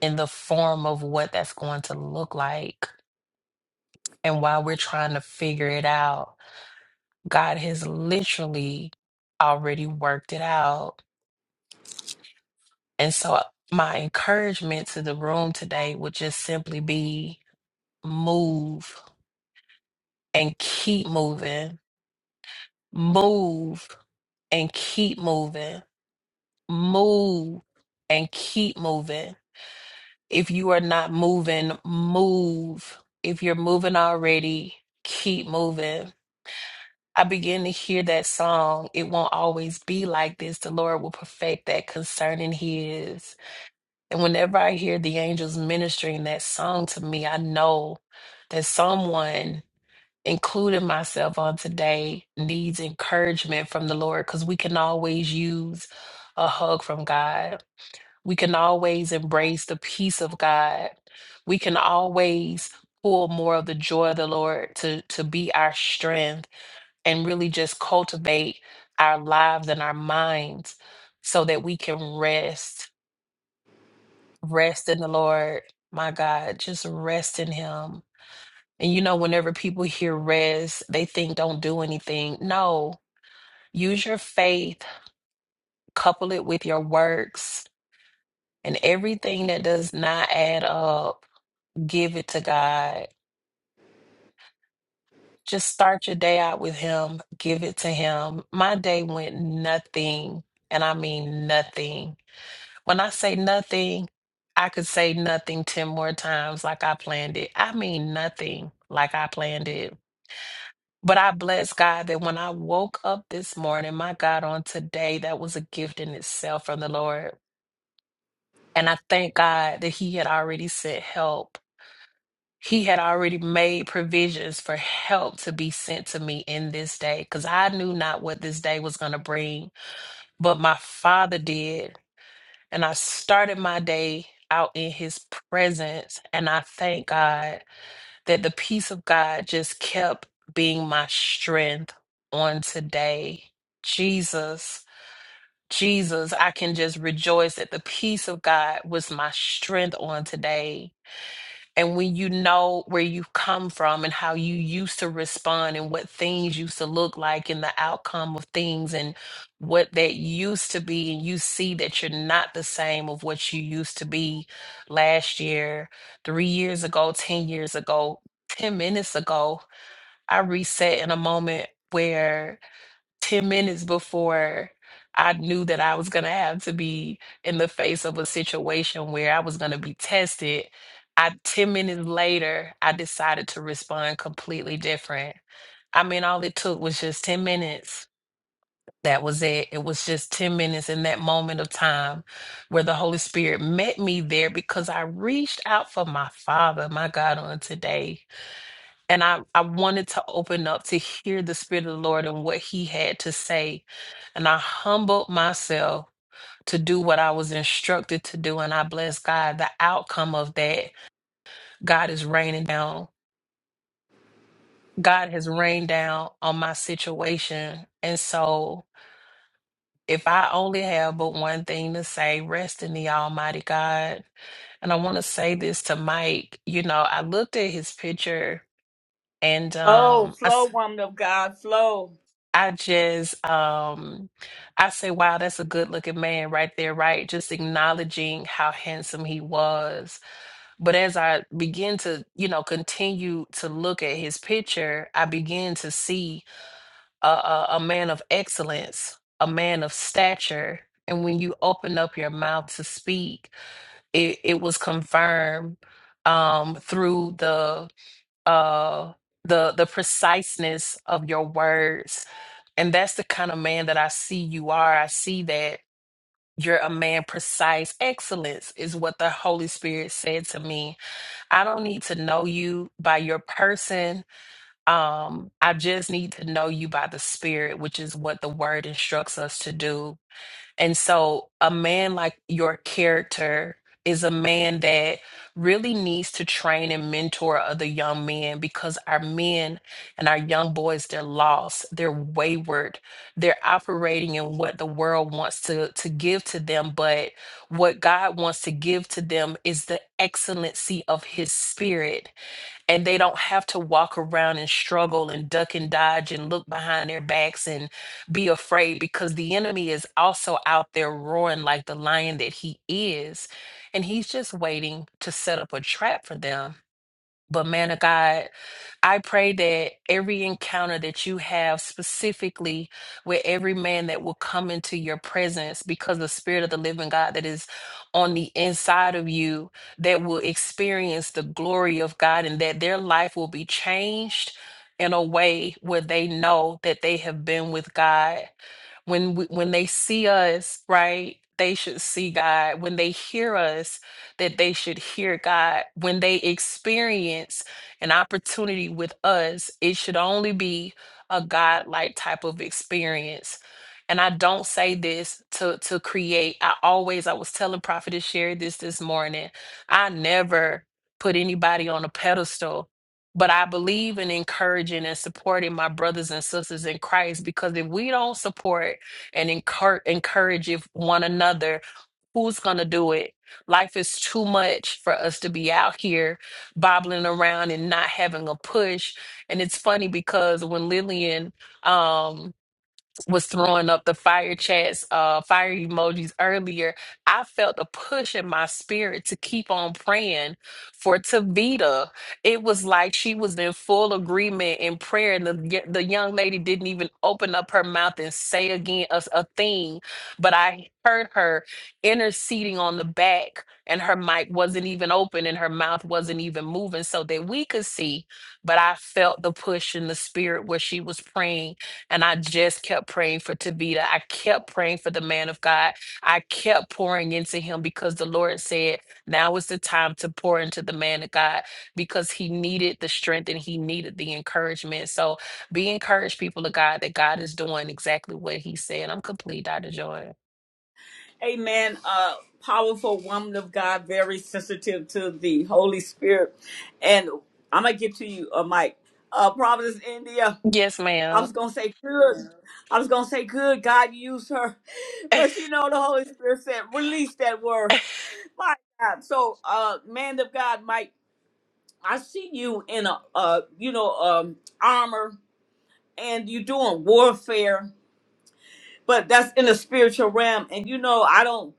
[SPEAKER 3] in the form of what that's going to look like. And while we're trying to figure it out, God has literally already worked it out And so, uh, my encouragement to the room today would just simply be move and keep moving, move and keep moving, move and keep moving. If you are not moving, move. If you're moving already, keep moving. I begin to hear that song, It Won't Always Be Like This. The Lord will perfect that concerning His. And whenever I hear the angels ministering that song to me, I know that someone, including myself on today, needs encouragement from the Lord because we can always use a hug from God. We can always embrace the peace of God. We can always pull more of the joy of the Lord to, to be our strength and really just cultivate our lives and our minds so that we can rest Rest in the Lord, my God, just rest in Him. And you know, whenever people hear rest, they think don't do anything. No, use your faith, couple it with your works, and everything that does not add up, give it to God. Just start your day out with Him, give it to Him. My day went nothing, and I mean nothing. When I say nothing, I could say nothing 10 more times like I planned it. I mean, nothing like I planned it. But I bless God that when I woke up this morning, my God, on today, that was a gift in itself from the Lord. And I thank God that He had already sent help. He had already made provisions for help to be sent to me in this day because I knew not what this day was going to bring, but my Father did. And I started my day out in his presence. And I thank God that the peace of God just kept being my strength on today. Jesus, Jesus, I can just rejoice that the peace of God was my strength on today. And when you know where you've come from and how you used to respond and what things used to look like and the outcome of things and what that used to be, and you see that you're not the same of what you used to be last year, three years ago, 10 years ago, 10 minutes ago, I reset in a moment. where. 10 minutes before I knew that I was going to have to be in the face of a situation where I was going to be tested, I 10 minutes later, I decided to respond completely different. I mean, all it took was just 10 minutes. That was it. It was just 10 minutes in that moment of time where the Holy Spirit met me there because I reached out for my Father, my God, on today and I, I wanted to open up to hear the Spirit of the Lord and what He had to say. And I humbled myself to do what I was instructed to do. And I bless God. The outcome of that, God is raining down. God has rained down on my situation. And so if I only have but one thing to say, rest in the Almighty God. And I want to say this to Mike. You know, I looked at his picture and
[SPEAKER 1] Oh,
[SPEAKER 3] um, I,
[SPEAKER 1] flow, woman of God, flow.
[SPEAKER 3] I just um I say, wow, that's a good looking man right there, right? Just acknowledging how handsome he was. But as I begin to, you know, continue to look at his picture, I begin to see a, a, a man of excellence, a man of stature. And when you open up your mouth to speak, it, it was confirmed um, through the uh the the preciseness of your words and that's the kind of man that i see you are i see that you're a man precise excellence is what the holy spirit said to me i don't need to know you by your person um i just need to know you by the spirit which is what the word instructs us to do and so, a man like your character is a man that really needs to train and mentor other young men because our men and our young boys, they're lost, they're wayward, they're operating in what the world wants to, to give to them. But what God wants to give to them is the excellency of his spirit and they don't have to walk around and struggle and duck and dodge and look behind their backs and be afraid because the enemy is also out there roaring like the lion that he is and he's just waiting to set up a trap for them but man of God, I pray that every encounter that you have specifically with every man that will come into your presence because the spirit of the living God that is on the inside of you that will experience the glory of God and that their life will be changed in a way where they know that they have been with God when we, when they see us right they should see god when they hear us that they should hear god when they experience an opportunity with us it should only be a god like type of experience and i don't say this to to create i always i was telling prophet to share this this morning i never put anybody on a pedestal but I believe in encouraging and supporting my brothers and sisters in Christ because if we don't support and encourage encourage if- one another, who's going to do it? Life is too much for us to be out here bobbling around and not having a push. And it's funny because when Lillian, um, was throwing up the fire chats, uh, fire emojis earlier, I felt a push in my spirit to keep on praying for Tavita. It was like she was in full agreement in prayer, and the y- the young lady didn't even open up her mouth and say again a, a thing. But I heard her interceding on the back, and her mic wasn't even open, and her mouth wasn't even moving, so that we could see. But I felt the push in the spirit where she was praying and I just kept praying for Tavita. I kept praying for the man of God. I kept pouring into him because the Lord said, now is the time to pour into the man of God because he needed the strength and he needed the encouragement. So be encouraged, people of God, that God is doing exactly what he said. I'm complete, Dr. Joy.
[SPEAKER 1] Amen. Uh, powerful woman of God, very sensitive to the Holy Spirit. And I'm going to get to you, uh, Mike. Uh, Providence India.
[SPEAKER 3] Yes,
[SPEAKER 1] I
[SPEAKER 3] ma'am.
[SPEAKER 1] was gonna say good. I was gonna say good. God used her, but you know the Holy Spirit said release that word. My God. So, uh, man of God, Mike, I see you in a, uh, you know, um, armor, and you're doing warfare but that's in the spiritual realm and you know i don't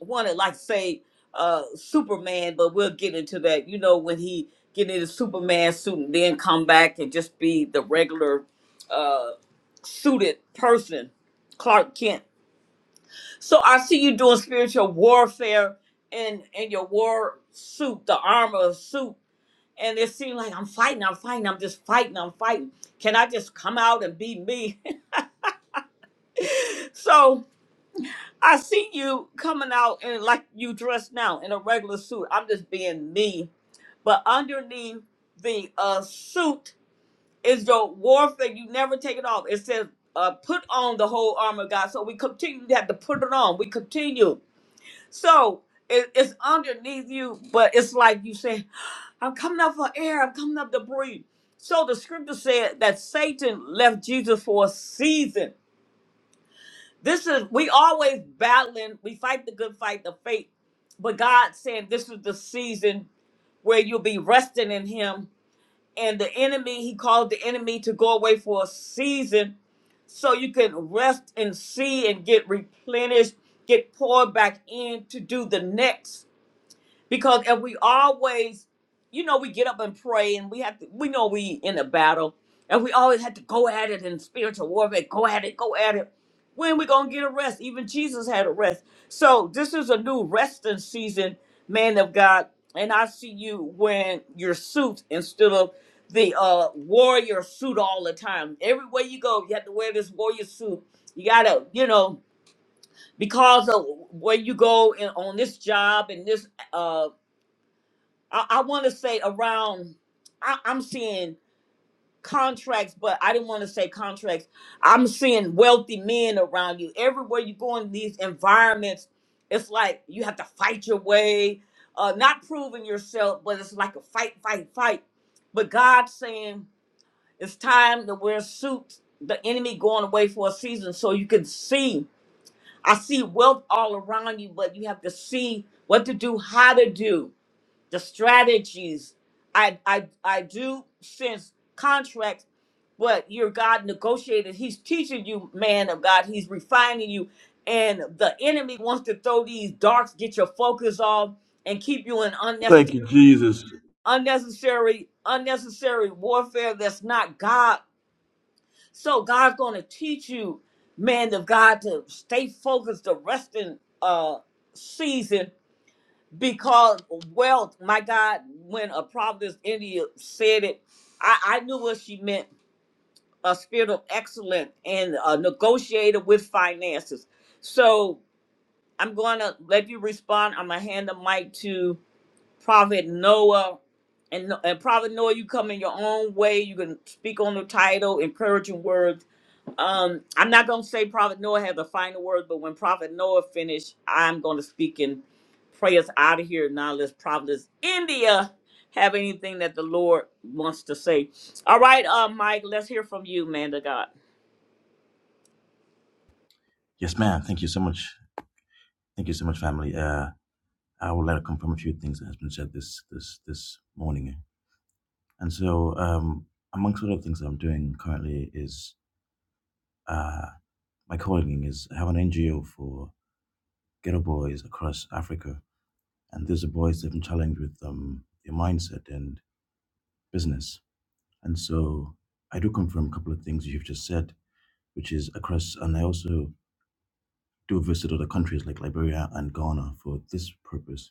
[SPEAKER 1] want to like say uh superman but we'll get into that you know when he get into superman suit and then come back and just be the regular uh suited person clark kent so i see you doing spiritual warfare in in your war suit the armor suit and it seemed like i'm fighting i'm fighting i'm just fighting i'm fighting can i just come out and be me so I see you coming out and like you dressed now in a regular suit. I'm just being me. But underneath the uh suit is your warfare. You never take it off. It says uh put on the whole armor of God. So we continue to have to put it on. We continue. So it, it's underneath you, but it's like you say, I'm coming up for air, I'm coming up to breathe. So the scripture said that Satan left Jesus for a season this is we always battling. We fight the good fight, the faith. But God said this is the season where you'll be resting in Him. And the enemy, He called the enemy to go away for a season, so you can rest and see and get replenished, get poured back in to do the next. Because if we always, you know, we get up and pray and we have to, we know we in a battle and we always have to go at it in spiritual warfare, go at it, go at it. When we going to get a rest? Even Jesus had a rest. So this is a new resting season, man of God. And I see you when your suit instead of the uh, warrior suit all the time. Everywhere you go, you have to wear this warrior suit. You got to, you know, because of where you go and on this job and this uh I, I want to say around. I, I'm seeing contracts, but I didn't want to say contracts. I'm seeing wealthy men around you. Everywhere you go in these environments, it's like you have to fight your way, uh, not proving yourself, but it's like a fight, fight, fight. But God's saying it's time to wear suits. The enemy going away for a season, so you can see. I see wealth all around you, but you have to see what to do, how to do the strategies. I I I do sense contracts, but your God negotiated. He's teaching you, man of God. He's refining you, and the enemy wants to throw these darts, get your focus off, and keep you in
[SPEAKER 15] Thank
[SPEAKER 1] unnecessary,
[SPEAKER 15] you, Jesus.
[SPEAKER 1] unnecessary, unnecessary warfare that's not God. So God's going to teach you, man of God, to stay focused the resting uh season because wealth, my God, when a prophetess India said it, I, I knew what she meant a spirit of excellence and a negotiator with finances. So I'm going to let you respond. I'm going to hand the mic to Prophet Noah. And, and Prophet Noah, you come in your own way. You can speak on the title, encouraging words. Um, I'm not gonna say Prophet Noah had the final word, but when Prophet Noah finished, I'm gonna speak and pray us out of here. Now let's Prophetess India have anything that the Lord wants to say. All right, uh, Mike, let's hear from you, man of God.
[SPEAKER 15] Yes, ma'am. Thank you so much. Thank you so much, family. Uh, I would like to confirm a few things that has been said this this this morning. And so, um, amongst other things that I'm doing currently is uh, my calling is I have an NGO for ghetto boys across Africa, and these are boys that have been challenged with um, their mindset and business. And so, I do confirm a couple of things you've just said, which is across, and I also do visit other countries like Liberia and Ghana for this purpose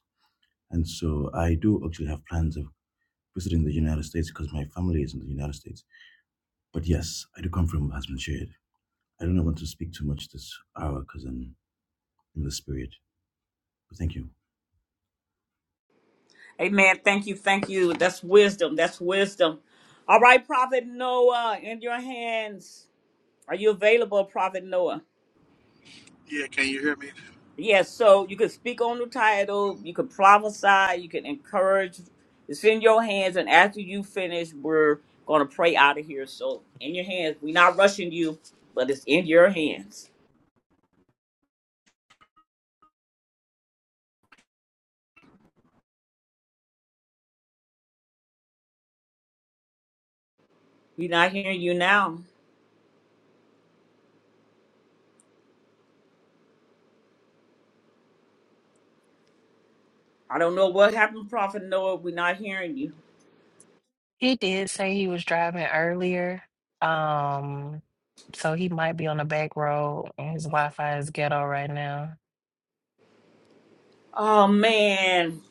[SPEAKER 15] And so I do actually have plans of visiting the United States because my family is in the United States. But yes, I do come from what has been shared. I don't want to speak too much this hour because I'm in the spirit. But thank you.
[SPEAKER 1] Amen. Thank you, thank you. That's wisdom. That's wisdom. All right, Prophet Noah, in your hands. Are you available, Prophet Noah?
[SPEAKER 14] Yeah, can you hear me?
[SPEAKER 1] Yes, so you could speak on the title, you could prophesy, you can encourage. It's in your hands, and after you finish, we're gonna pray out of here. So in your hands, we're not rushing you, but it's in your hands. We're not hearing you now. I don't know what happened, Prophet Noah. We're not hearing you.
[SPEAKER 3] He did say he was driving earlier. Um, so he might be on the back road and his Wi-Fi is ghetto right now.
[SPEAKER 1] Oh man.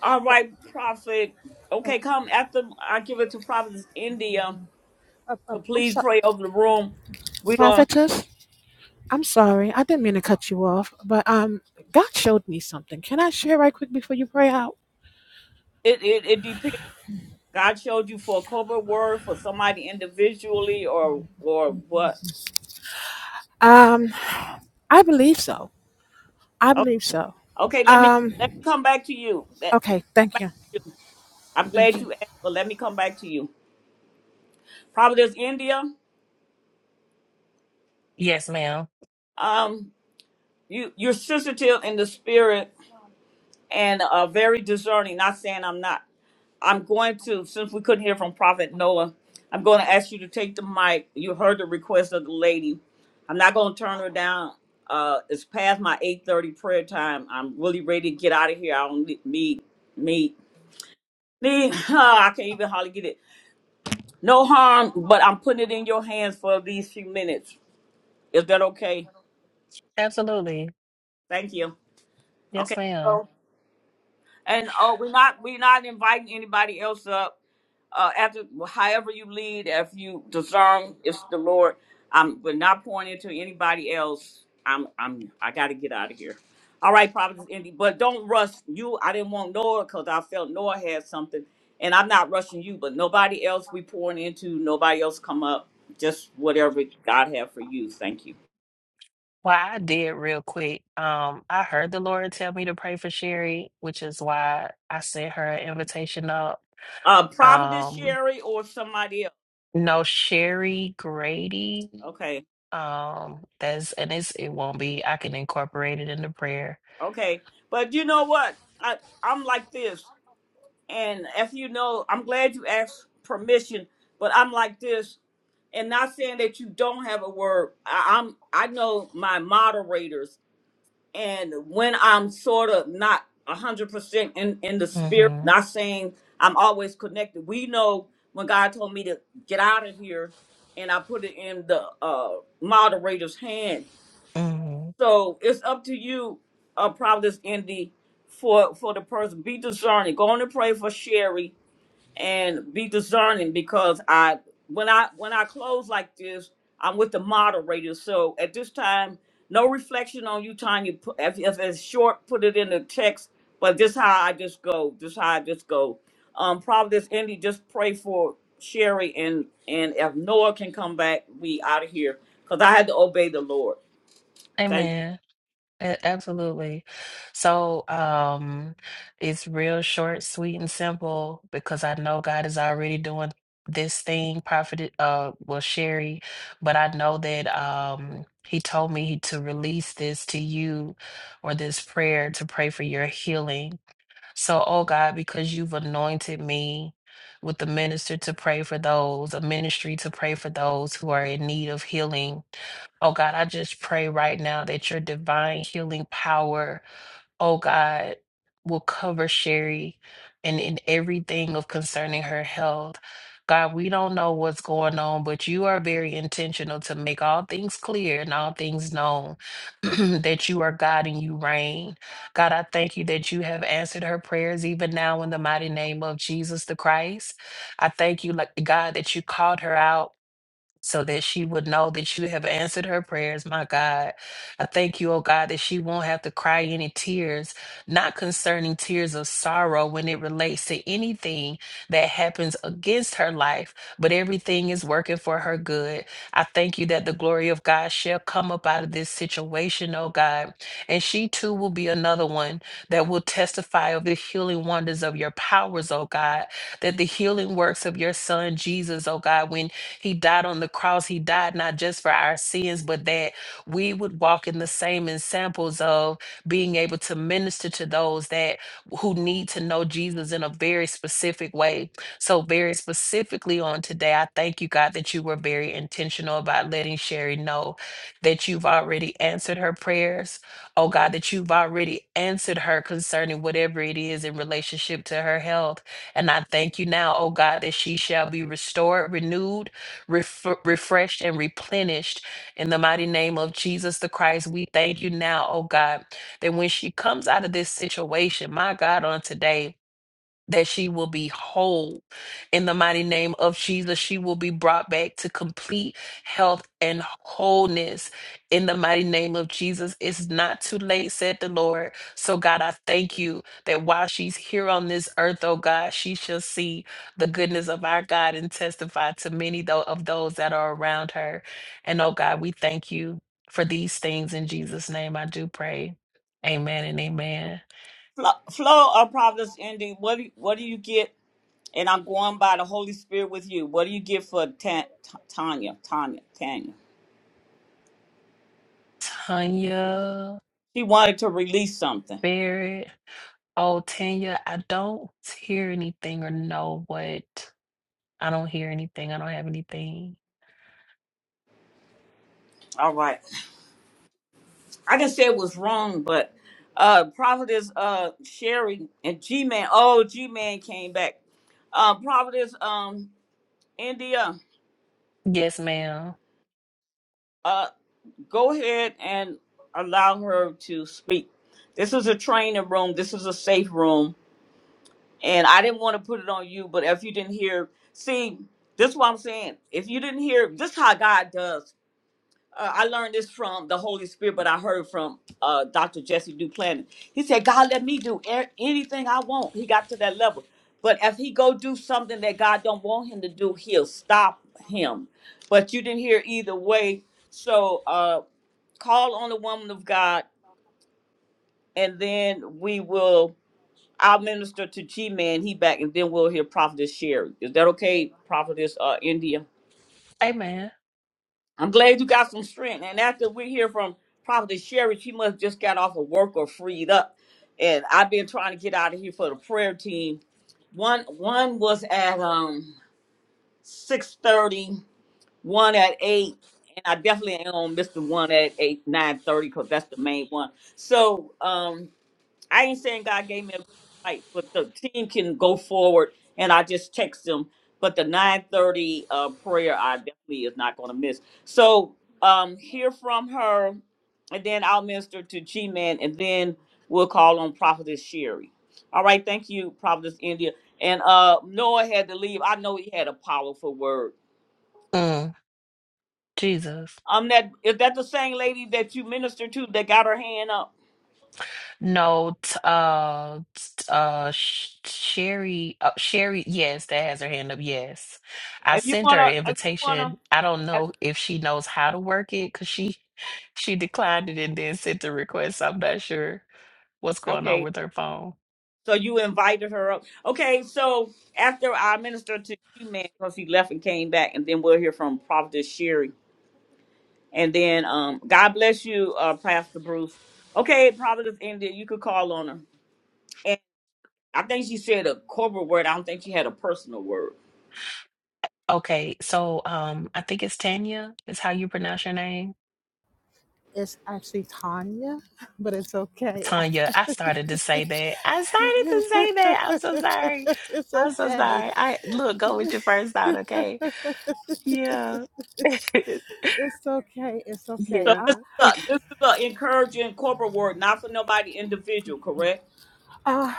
[SPEAKER 1] All right, Prophet. Okay, come after I give it to Prophet India.
[SPEAKER 12] Uh, uh,
[SPEAKER 1] So
[SPEAKER 12] I'm
[SPEAKER 1] please
[SPEAKER 12] sorry,
[SPEAKER 1] pray over the room. We're gonna
[SPEAKER 12] prophetess. I'm sorry. I didn't mean to cut you off, but um, God showed me something. Can I share right quick before you pray out?
[SPEAKER 1] it, it, it depends. God showed you for a corporate word for somebody individually or or what?
[SPEAKER 12] Um, I believe so. I
[SPEAKER 1] O-
[SPEAKER 12] believe so.
[SPEAKER 1] Okay, let me let me
[SPEAKER 12] Um,
[SPEAKER 1] come back to you. Let, let
[SPEAKER 12] okay.
[SPEAKER 1] me come
[SPEAKER 12] Thank
[SPEAKER 1] back
[SPEAKER 12] you.
[SPEAKER 1] to you. I'm
[SPEAKER 12] Thank
[SPEAKER 1] glad
[SPEAKER 12] you.
[SPEAKER 1] you asked, but let me come back to you. Providence, India.
[SPEAKER 3] Yes, ma'am.
[SPEAKER 1] Um, you you're sensitive in the spirit and uh, very discerning. Not saying I'm not. I'm going to, since we couldn't hear from Prophet Noah, I'm going to ask you to take the mic. You heard the request of the lady. I'm not going to turn her down. Uh, it's past my 8:30 prayer time. I'm really ready to get out of here. I don't need need need. need- I can't even hardly get it. No harm, but I'm putting it in your hands for these few minutes. Is that okay?
[SPEAKER 3] Absolutely.
[SPEAKER 1] Thank you.
[SPEAKER 3] Yes,
[SPEAKER 1] Okay.
[SPEAKER 3] ma'am.
[SPEAKER 1] And oh, we're not we're not inviting anybody else up. uh, after well, however you lead, if you discern, it's the Lord. I'm we're not pointing to anybody else. I'm I'm I got to get out of here. All right, Providence Indy, but don't rush you. I didn't want Noah because I felt Noah had something, and I'm not rushing you. But nobody else we pouring into. Nobody else come up. Just whatever God have for you. Thank you.
[SPEAKER 3] Well, I did real quick. Um, I heard the Lord tell me to pray for Sherry, which is why I sent her an invitation up.
[SPEAKER 1] Uh, Providence
[SPEAKER 3] Um,
[SPEAKER 1] Sherry or somebody else.
[SPEAKER 3] no, Sherry Grady.
[SPEAKER 1] Okay,
[SPEAKER 3] Um, that's and it's it won't be. I can incorporate it into prayer.
[SPEAKER 1] okay. But you know what? I I'm like this. And as you know, I'm glad you asked permission, but I'm like this, and not saying that you don't have a word. I, I'm I know my moderators, and when I'm sort of not a hundred percent in in the spirit,
[SPEAKER 3] Mm-hmm.
[SPEAKER 1] not saying I'm always connected. We know when God told me to get out of here, and I put it in the uh, moderator's hand.
[SPEAKER 3] Mm-hmm.
[SPEAKER 1] So it's up to you, uh, Providence Indy, for for the person. Be discerning. Go on and pray for Sherry and be discerning because I when I when I close like this, I'm with the moderator. So at this time, no reflection on you, Tanya. Pu- If, if it's short, put it in the text. But this how I just go. This how I just go. Um, Providence Indy, just pray for Sherry and and if Noah can come back, we out of here because I had to obey the Lord. Thank you.
[SPEAKER 3] Amen. A- Absolutely. So, um, it's real short, sweet, and simple because I know God is already doing this thing, Prophet, uh, well, Sherry, but I know that, um, He told me to release this to you or this prayer to pray for your healing. So, oh God, because you've anointed me with the minister to pray for those, a ministry to pray for those who are in need of healing. Oh God, I just pray right now that your divine healing power, oh God, will cover Sherry and in everything of concerning her health. God, we don't know what's going on, but you are very intentional to make all things clear and all things known that you are God and you reign. God, I thank you that you have answered her prayers even now in the mighty name of Jesus the Christ. I thank you, like God, that you called her out so that she would know that you have answered her prayers, my God. I thank you, oh God, that she won't have to cry any tears, not concerning tears of sorrow when it relates to anything that happens against her life, but everything is working for her good. I thank you that the glory of God shall come up out of this situation, oh God, and she too will be another one that will testify of the healing wonders of your powers, oh God, that the healing works of your son Jesus, oh God, when he died on the cross. He died not just for our sins, but that we would walk in the same examples of being able to minister to those that who need to know Jesus in a very specific way. So, very specifically on today, I thank you, God, that you were very intentional about letting Sherry know that you've already answered her prayers. Oh, God, that you've already answered her concerning whatever it is in relationship to her health. And I thank you now, oh God, that she shall be restored, renewed ref- refreshed and replenished in the mighty name of Jesus the Christ. We thank you now, oh God, that when she comes out of this situation, my God, on today that she will be whole in the mighty name of Jesus. She will be brought back to complete health and wholeness in the mighty name of Jesus. It's not too late, said the Lord. So, God, I thank you that while she's here on this earth, oh God, she shall see the goodness of our God and testify to many though of those that are around her. And, oh God, we thank you for these things in Jesus' name. I do pray. Amen and amen.
[SPEAKER 1] Flo, Flo of Providence Indy, what do what do you get? And I'm going by the Holy Spirit with you. What do you give for Ta- Ta- Tanya? Tanya, Tanya.
[SPEAKER 3] Tanya
[SPEAKER 1] She wanted to release something.
[SPEAKER 3] Barrett. Oh, Tanya, I don't hear anything or know what. I don't hear anything. I don't have anything.
[SPEAKER 1] All right. I can say it was wrong, but uh Prophetess uh Sherry and G Man. Oh, G Man came back. Uh Prophetess um India,
[SPEAKER 3] Yes, ma'am.
[SPEAKER 1] uh go ahead and allow her to speak. This is a training room. This is a safe room. and I didn't want to put it on you, but if you didn't hear, see, this is what I'm saying. If you didn't hear, this is how God does. Uh, I learned this from the Holy Spirit, but I heard from uh, Dr. Jesse Duplantis. He said, God, let me do a- anything I want. He got to that level. But if he go do something that God don't want him to do, he'll stop him. But you didn't hear either way. So uh, call on the woman of God, and then we will. I'll minister to G Man. He back, and then we'll hear Prophetess Sherry. Is that okay, Prophetess uh, India?
[SPEAKER 3] Amen.
[SPEAKER 1] I'm glad you got some strength. And after we hear from Prophetess Sherry, she must just got off of work or freed up. And I've been trying to get out of here for the prayer team. One one was at um six thirty, one at eight, and I definitely ain't on Mister One at eight nine thirty because that's the main one. So um I ain't saying God gave me a green light, but the team can go forward, and I just text them. But the 9:30 uh, prayer, I definitely is not going to miss. So um, hear from her, and then I'll minister to G Man, and then we'll call on Prophetess Sherry. All right, thank you, Prophetess India. And uh, Noah had to leave. I know he had a powerful word.
[SPEAKER 3] Mm, Jesus.
[SPEAKER 1] Um, that is that the same lady that you ministered to that got her hand up.
[SPEAKER 3] No, t- uh, t- uh, Sh- Sherry, uh, Sherry, yes, that has her hand up. Yes. I
[SPEAKER 1] If you
[SPEAKER 3] sent her an
[SPEAKER 1] wanna, if you wanna,
[SPEAKER 3] invitation. I don't
[SPEAKER 1] if-
[SPEAKER 3] know if she knows how to work it because she, she declined it and then sent the request. I'm not sure what's going on
[SPEAKER 1] Okay,
[SPEAKER 3] with her phone.
[SPEAKER 1] So you invited her up. Okay, so after I minister to you, man, because he left and came back, and then we'll hear from Prophetess Sherry. And then um God bless you, uh, Pastor Bruce. Okay, Prophetess India, you could call on her. And I think she said a corporate word. I don't think she had a personal word.
[SPEAKER 3] Okay, so um, I think it's Tanya is how you pronounce your name.
[SPEAKER 12] It's actually Tanya, but it's okay.
[SPEAKER 3] Tanya, I started to say that. I started to say that. I'm so sorry.
[SPEAKER 12] it's
[SPEAKER 3] I'm so
[SPEAKER 12] okay.
[SPEAKER 3] sorry. I look, go with your first thought, okay? Yeah.
[SPEAKER 12] It's okay. It's okay.
[SPEAKER 1] So
[SPEAKER 3] Yeah.
[SPEAKER 12] I
[SPEAKER 1] this is a this is a encouraging corporate word, not for nobody individual, correct?
[SPEAKER 12] uh,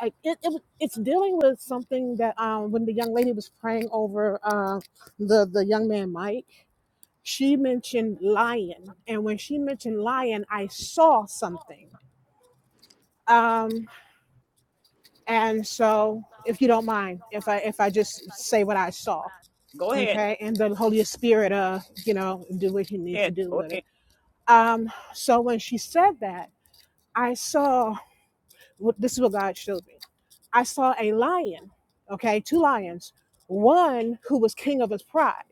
[SPEAKER 12] I, it, it, it's dealing with something that um, when the young lady was praying over uh, the the young man Mike, she mentioned lion, and when she mentioned lion, I saw something. Um, and so, if you don't mind, if I if I just say what I saw,
[SPEAKER 1] Go ahead.
[SPEAKER 12] okay and the holy spirit uh you know do what he
[SPEAKER 1] Go
[SPEAKER 12] needs to
[SPEAKER 1] ahead.
[SPEAKER 12] do
[SPEAKER 1] Go
[SPEAKER 12] with it
[SPEAKER 1] ahead.
[SPEAKER 12] um so when she said that i saw what this is what god showed me i saw a lion okay two lions one who was king of his pride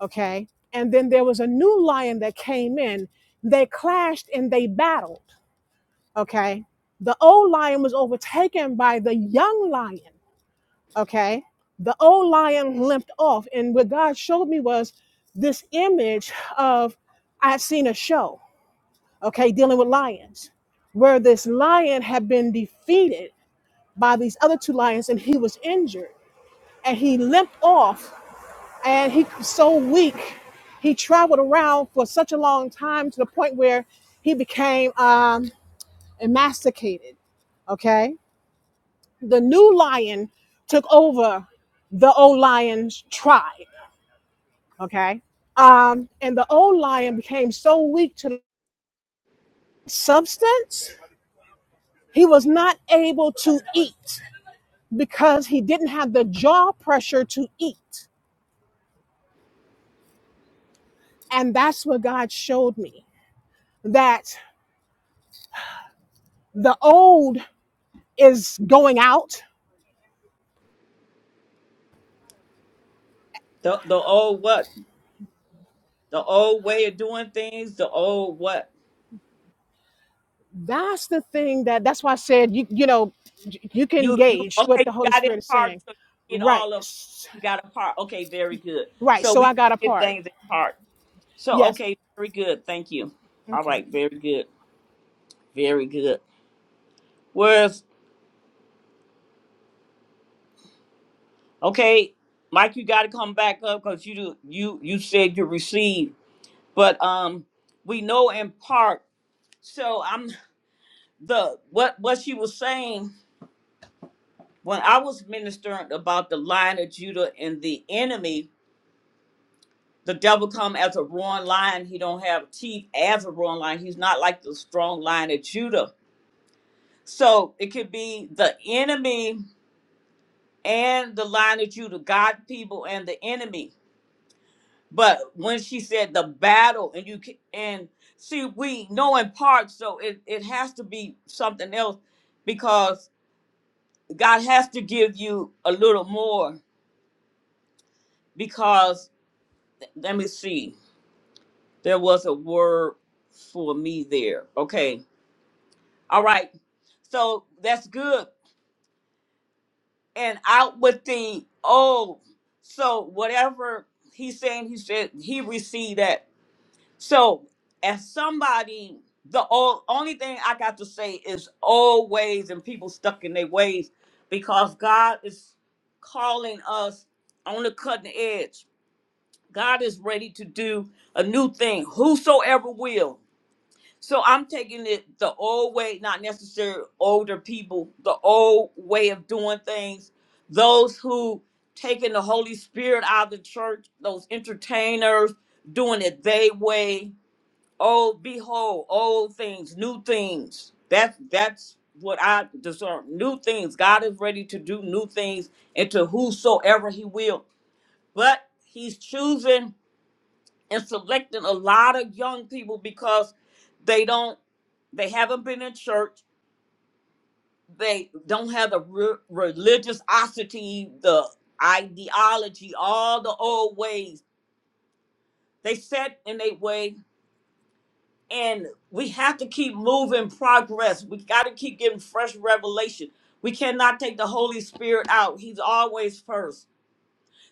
[SPEAKER 12] okay and then there was a new lion that came in they clashed and they battled okay the old lion was overtaken by the young lion Okay. The old lion limped off. And what God showed me was this image of I had seen a show, okay, dealing with lions, where this lion had been defeated by these other two lions and he was injured. And he limped off and he was so weak. He traveled around for such a long time to the point where he became um, emasticated. Okay. The new lion took over the old lion's tribe. Okay. Um, and the old lion became so weak to the substance, he was not able to eat because he didn't have the jaw pressure to eat. And that's what God showed me that the old is going out.
[SPEAKER 1] The the old what? The old way of doing things, the old what?
[SPEAKER 12] That's the thing that, that's why I said, you, you know, you can
[SPEAKER 1] You, you
[SPEAKER 12] gauge what
[SPEAKER 1] okay?
[SPEAKER 12] the
[SPEAKER 1] You
[SPEAKER 12] Holy
[SPEAKER 1] got in
[SPEAKER 12] Spirit is
[SPEAKER 1] part,
[SPEAKER 12] saying.
[SPEAKER 1] so you get
[SPEAKER 12] Right.
[SPEAKER 1] all of. You got a part. Okay, very good.
[SPEAKER 12] Right.
[SPEAKER 1] So
[SPEAKER 12] So
[SPEAKER 1] we
[SPEAKER 12] I got a
[SPEAKER 1] get
[SPEAKER 12] part.
[SPEAKER 1] things in part. So
[SPEAKER 12] Yes.
[SPEAKER 1] okay, very good. Thank you. All
[SPEAKER 12] Okay.
[SPEAKER 1] right, very good, very good. Whereas, okay, Mike, you got to come back up because you do, you you said you received, but um, we know in part. So I'm the what what she was saying when I was ministering about the line of Judah and the enemy. the devil come as a roaring lion. He don't have teeth as a roaring lion. He's not like the strong lion of Judah. So it could be the enemy and the lion of Judah, God people and the enemy. But when she said the battle, and you can, and see, we know in part, so it, it has to be something else because God has to give you a little more. Because let me see, there was a word for me there. Okay. All right So that's good. And out with the old. So whatever he's saying, he said he received that. So as somebody, the old only thing I got to say is old ways and people stuck in their ways because God is calling us on the cutting edge. God is ready to do a new thing. Whosoever will. So I'm taking it the old way, not necessarily older people, the old way of doing things. Those who taking the Holy Spirit out of the church, those entertainers doing it they way. Oh, behold, old things, new things. That's that's what I discern. New things. God is ready to do new things into whosoever He will, but He's choosing and selecting a lot of young people because they don't they haven't been in church they don't have the re- religiosity the ideology all the old ways they set in their way and we have to keep moving progress we got to keep getting fresh revelation we cannot take the holy spirit out he's always first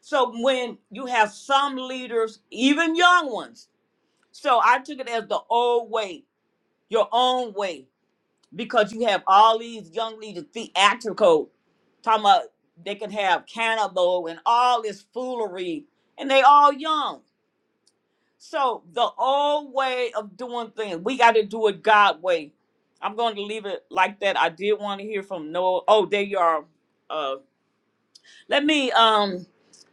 [SPEAKER 1] so when you have some leaders even young ones so i took it as the old way your own way because you have all these young leaders theatrical talking about they can have cannibal and all this foolery and they all young so the old way of doing things we got to do it god way i'm going to leave it like that i did want to hear from noah oh there you are uh let me um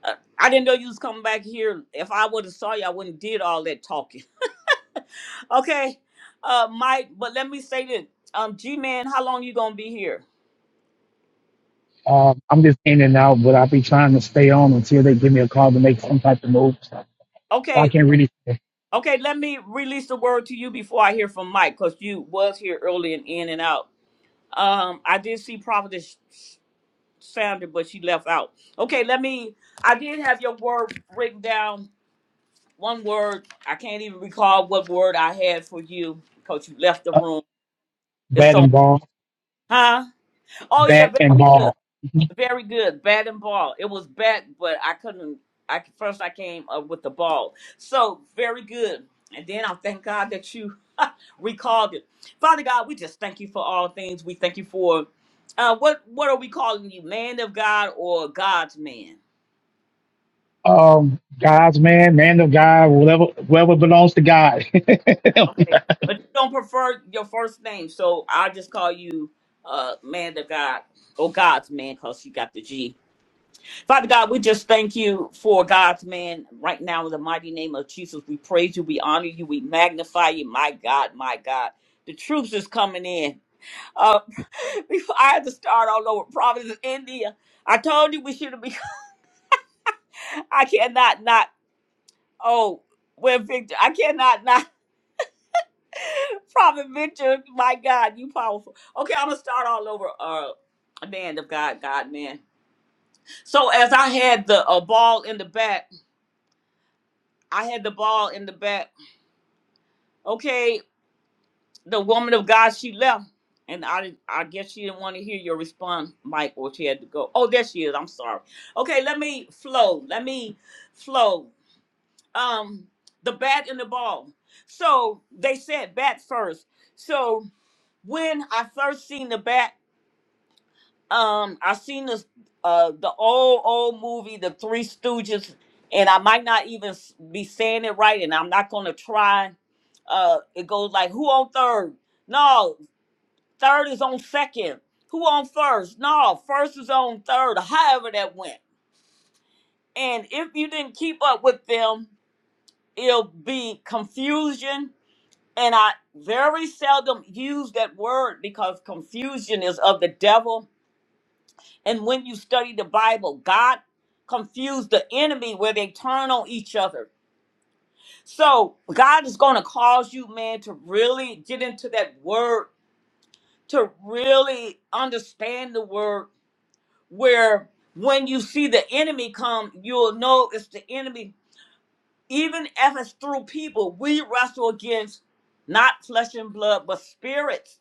[SPEAKER 1] uh, i didn't know you was coming back here if i would have saw you i wouldn't did all that talking Okay, uh, Mike, but let me say this. Um, G-Man, how long you gonna be here?
[SPEAKER 16] Um, I'm just in and out, but I'll be trying to stay on until they give me a call to make some type of move. So I
[SPEAKER 1] Okay,
[SPEAKER 16] can't really
[SPEAKER 1] okay, let me release the word to you before I hear from Mike, because you was here early and in and out. Um, I did see Prophetess Sandra, but she left out. Okay, let me, I did have your word written down, one word. I can't even recall what word I had for you, because you left the
[SPEAKER 16] uh,
[SPEAKER 1] room. It's
[SPEAKER 16] bat
[SPEAKER 1] on,
[SPEAKER 16] and ball,
[SPEAKER 1] huh? Oh yeah,
[SPEAKER 16] bat
[SPEAKER 1] very
[SPEAKER 16] and
[SPEAKER 1] good.
[SPEAKER 16] ball.
[SPEAKER 1] Very good. Bat and ball. It was bat, but I couldn't. I first I came up with the ball. So very good. And then I thank God that you recalled it. Father God, we just thank you for all things. We thank you for uh, what what are we calling you, man of God or God's man?
[SPEAKER 16] Um, God's man, man of God, whatever, whoever belongs to God. to,
[SPEAKER 1] Okay, but you don't prefer your first name, so I'll just call you uh, man of God or God's man because you got the G. Father God, we just thank you for God's man right now in the mighty name of Jesus. We praise you, we honor you, we magnify you. My God, my God. The troops is coming in. Uh, before I had to start all over, Providence, India. I told you we should have been. I cannot not. Oh, where Victor? I cannot not. Prophet Victor, my God, you powerful. Okay, I'm gonna start all over. Uh, man of God, God man. So as I had the uh, ball in the bat, I had the ball in the bat. Okay, the woman of God, she left, and I I guess she didn't want to hear your response, Mike, or she had to go. Oh, there she is. I'm sorry. Okay, let me flow. Let me flow. Um, the bat and the ball. So they said bat first. So when I first seen the bat, um, I seen this uh the old old movie, The Three Stooges, and I might not even s- be saying it right, and I'm not gonna try. Uh, it goes like, who on third? No, Third is on second. Who on first? No, first is on third, however that went. And if you didn't keep up with them, it'll be confusion. And I very seldom use that word because confusion is of the devil. And when you study the Bible, God confused the enemy where they turn on each other. So God is going to cause you, man, to really get into that word, to really understand the word where when you see the enemy come, you'll know it's the enemy. Even if it's through people, we wrestle against not flesh and blood, but spirits.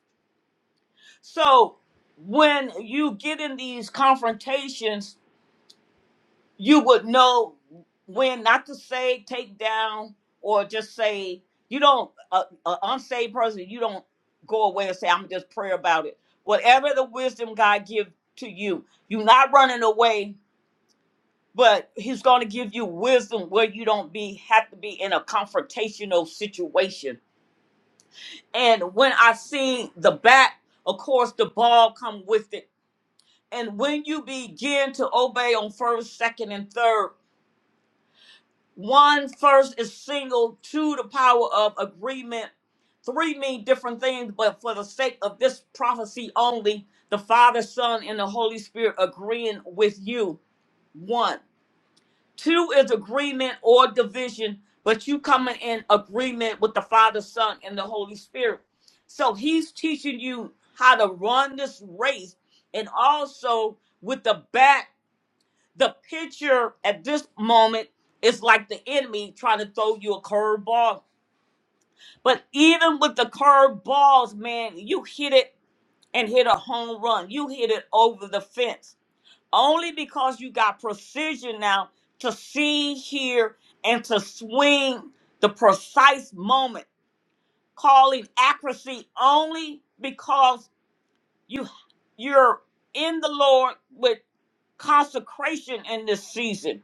[SPEAKER 1] So when you get in these confrontations, you would know when not to say take down or just say you don't a, a unsaved person you don't go away and say i'm just pray about it whatever the wisdom god give to you you're not running away but he's going to give you wisdom where you don't be have to be in a confrontational situation and when i see the bat of course the ball come with it and when you begin to obey on first second and third one first is single two the power of agreement three mean different things but for the sake of this prophecy only the father son and the holy spirit agreeing with you one Two is agreement or division, but you coming in agreement with the Father, Son, and the Holy Spirit. So he's teaching you how to run this race and also with the back, the picture at this moment is like the enemy trying to throw you a curveball. But even with the curveballs, man, you hit it and hit a home run. You hit it over the fence only because you got precision now to see, hear, and to swing the precise moment, calling accuracy only because you you're in the Lord with consecration in this season.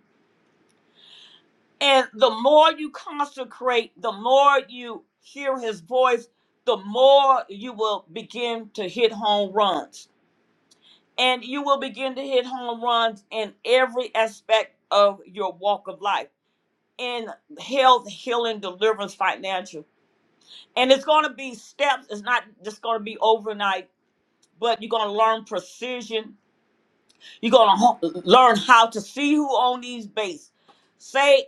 [SPEAKER 1] And the more you consecrate, the more you hear his voice, the more you will begin to hit home runs. And you will begin to hit home runs in every aspect of your walk of life in health, healing, deliverance, financial. And it's going to be steps. It's not just going to be overnight, but you're going to learn precision. You're going to ho- learn how to see who on these bases. Say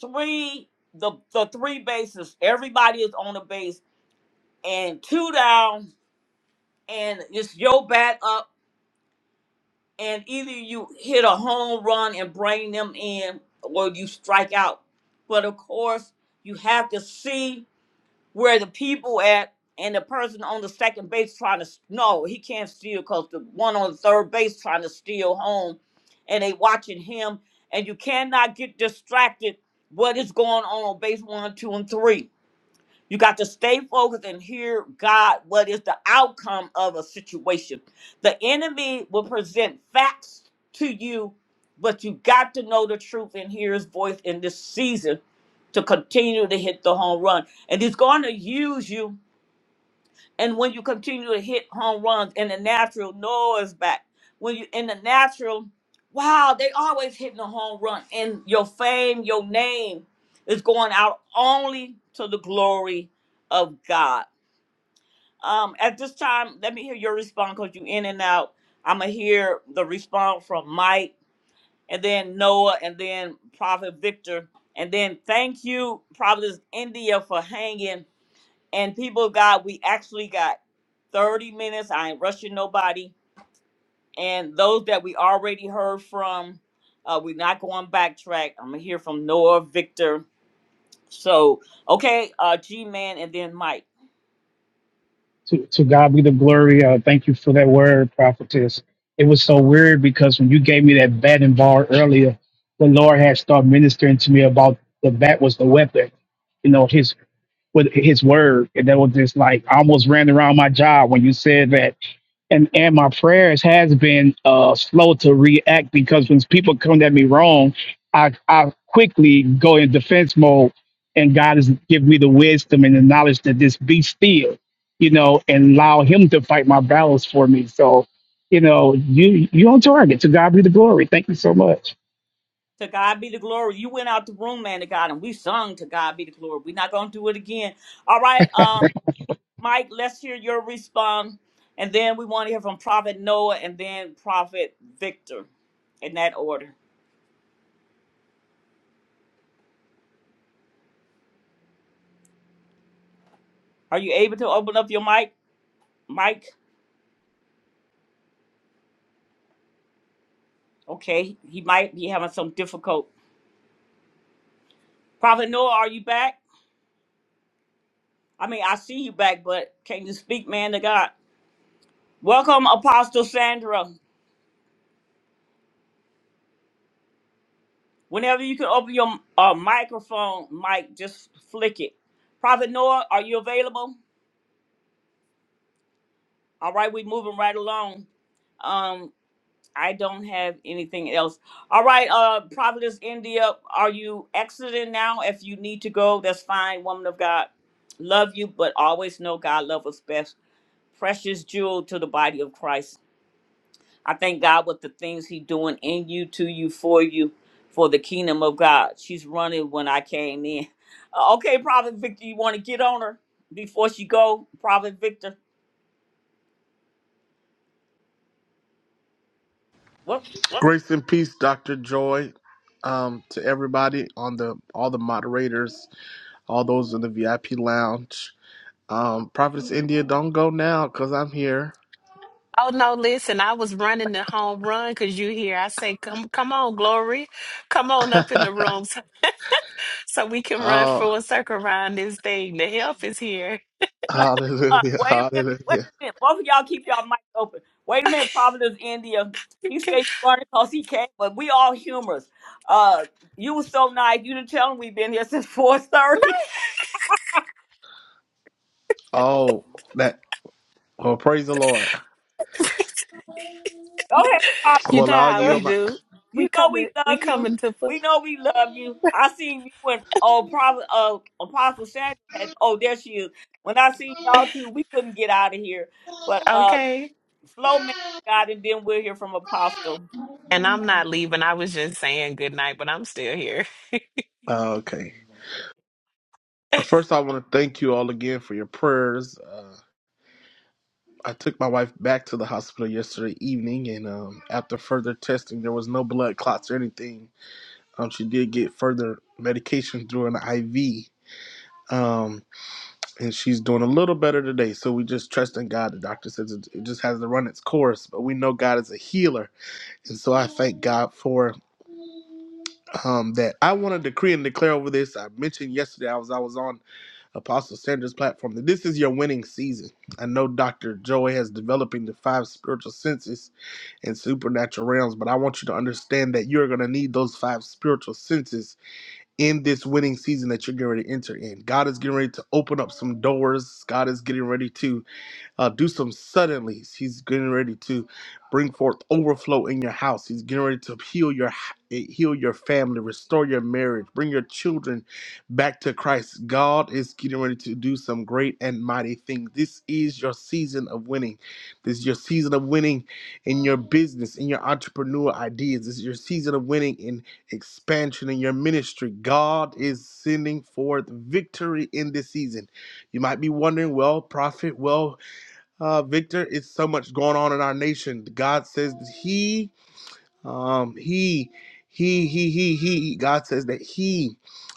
[SPEAKER 1] three, the, the three bases. Everybody is on the base and two down and it's your bat up. And either you hit a home run and bring them in or you strike out. But of course, you have to see where the people at and the person on the second base trying to s- no, he can't steal because the one on the third base trying to steal home, and they watching him. And you cannot get distracted what is going on on base one, two, and three. You got to stay focused and hear God, what is the outcome of a situation. The enemy will present facts to you, but you got to know the truth and hear his voice in this season to continue to hit the home run. And he's going to use you and when you continue to hit home runs in the natural, Noah's back. When you in the natural, wow, they always hitting a home run. And your fame, your name is going out only to the glory of God. Um, at this time, let me hear your response because you in and out. I'ma hear the response from Mike and then Noah and then Prophet Victor. And then thank you, Providence India, for hanging. And people of God, we actually got 30 minutes. I ain't rushing nobody. And those that we already heard from, uh, we're not going backtrack. I'm gonna hear from Noah, Victor. So, okay, uh, G Man, and then Mike.
[SPEAKER 16] to God be the glory. Uh, thank you for that word, prophetess. It was so weird because when you gave me that bat and ball earlier, the Lord had started ministering to me about the bat was the weapon. You know, his with his word and that was just like I almost ran around my job when you said that and and my prayers has been uh slow to react because when people come at me wrong i i quickly go in defense mode and god has given me the wisdom and the knowledge to just be still you know and allow him to fight my battles for me so you know you you on target to god be the glory thank you so much
[SPEAKER 1] To God be the glory. You went out the room, man. To God, and we sung. To God be the glory. We're not gonna do it again. All right. um, Mike, let's hear your response. And then we want to hear from Prophet Noah and then Prophet Victor in that order. Are you able to open up your mic? Mike, okay. He might be having some difficult. Prophet Noah, are you back? I mean, I see you back, but can you speak, man to God? Welcome, Apostle Sandra. Whenever you can open your uh, microphone, Mike, just flick it. Prophet Noah, are you available? All right, we're moving right along. Um, I don't have anything else. All right, uh, Providence, India, are you exiting now? If you need to go, that's fine, woman of God. Love you, but always know God loves us best. Precious jewel to the body of Christ. I thank God with the things He doing in you, to you, for you, for the kingdom of God. She's running when I came in. Uh, Okay, Prophet Victor, you want to get on her before she go, Prophet Victor? What?
[SPEAKER 17] Grace and peace, Dr. Joy, um, to everybody on the all the moderators, all those in the VIP lounge. Um, Prophetess India, don't go now because I'm here.
[SPEAKER 3] Oh no, listen, I was running the home run because you here. I say, come come on, Glory. Come on up in the room so, so we can run
[SPEAKER 17] oh,
[SPEAKER 3] full circle around this thing. The help is here.
[SPEAKER 1] Uh,
[SPEAKER 17] hallelujah,
[SPEAKER 1] wait a minute. Wait
[SPEAKER 17] hallelujah.
[SPEAKER 1] a minute. Both of y'all keep y'all mics open. Wait a minute, Providence, India. He said you learned it because he came, but we all humorous. Uh, you was so nice. You didn't tell him we've been here since 4.30.
[SPEAKER 17] Oh, that well, praise the Lord.
[SPEAKER 1] Go ahead,
[SPEAKER 3] You
[SPEAKER 17] Well,
[SPEAKER 3] know
[SPEAKER 17] I'll
[SPEAKER 3] how we
[SPEAKER 17] yield
[SPEAKER 1] Providence.
[SPEAKER 17] my.
[SPEAKER 3] do. We
[SPEAKER 1] You know we
[SPEAKER 3] coming, we
[SPEAKER 1] love you.
[SPEAKER 3] coming to foot.
[SPEAKER 1] We know we love you. I seen you when oh, Prophet, uh, Apostle Sandra had, oh, there she is. When I seen y'all two, we couldn't get out of here. But uh,
[SPEAKER 3] Okay.
[SPEAKER 1] slow man got, and then we'll hear from Apostle.
[SPEAKER 3] And I'm not leaving. I was just saying good night, but I'm still here.
[SPEAKER 17] Oh, Okay. Uh, First, I want to thank you all again for your prayers. uh, I took my wife back to the hospital yesterday evening, and um, after further testing, there was no blood clots or anything. Um, she did get further medication through an IV, um, and she's doing a little better today. So we just trust in God. The doctor says it, it just has to run its course, but we know God is a healer, and so I thank God for um, that. I want to decree and declare over this. I mentioned yesterday I was I was on Apostle Sanders' platform that this is your winning season. I know Doctor Joy has developing the five spiritual senses and supernatural realms, but I want you to understand that you're going to need those five spiritual senses in this winning season that you're getting ready to enter in. God is getting ready to open up some doors. God is getting ready to uh, do some suddenlies. He's getting ready to bring forth overflow in your house. He's getting ready to heal your heal your family, restore your marriage, bring your children back to Christ. God is getting ready to do some great and mighty things. This is your season of winning. This is your season of winning in your business, in your entrepreneur ideas. This is your season of winning in expansion in your ministry. God is sending forth victory in this season. You might be wondering, well, prophet, well uh, Victor. It's so much going on in our nation. God says that He um, he, he, he, he, he. God says that he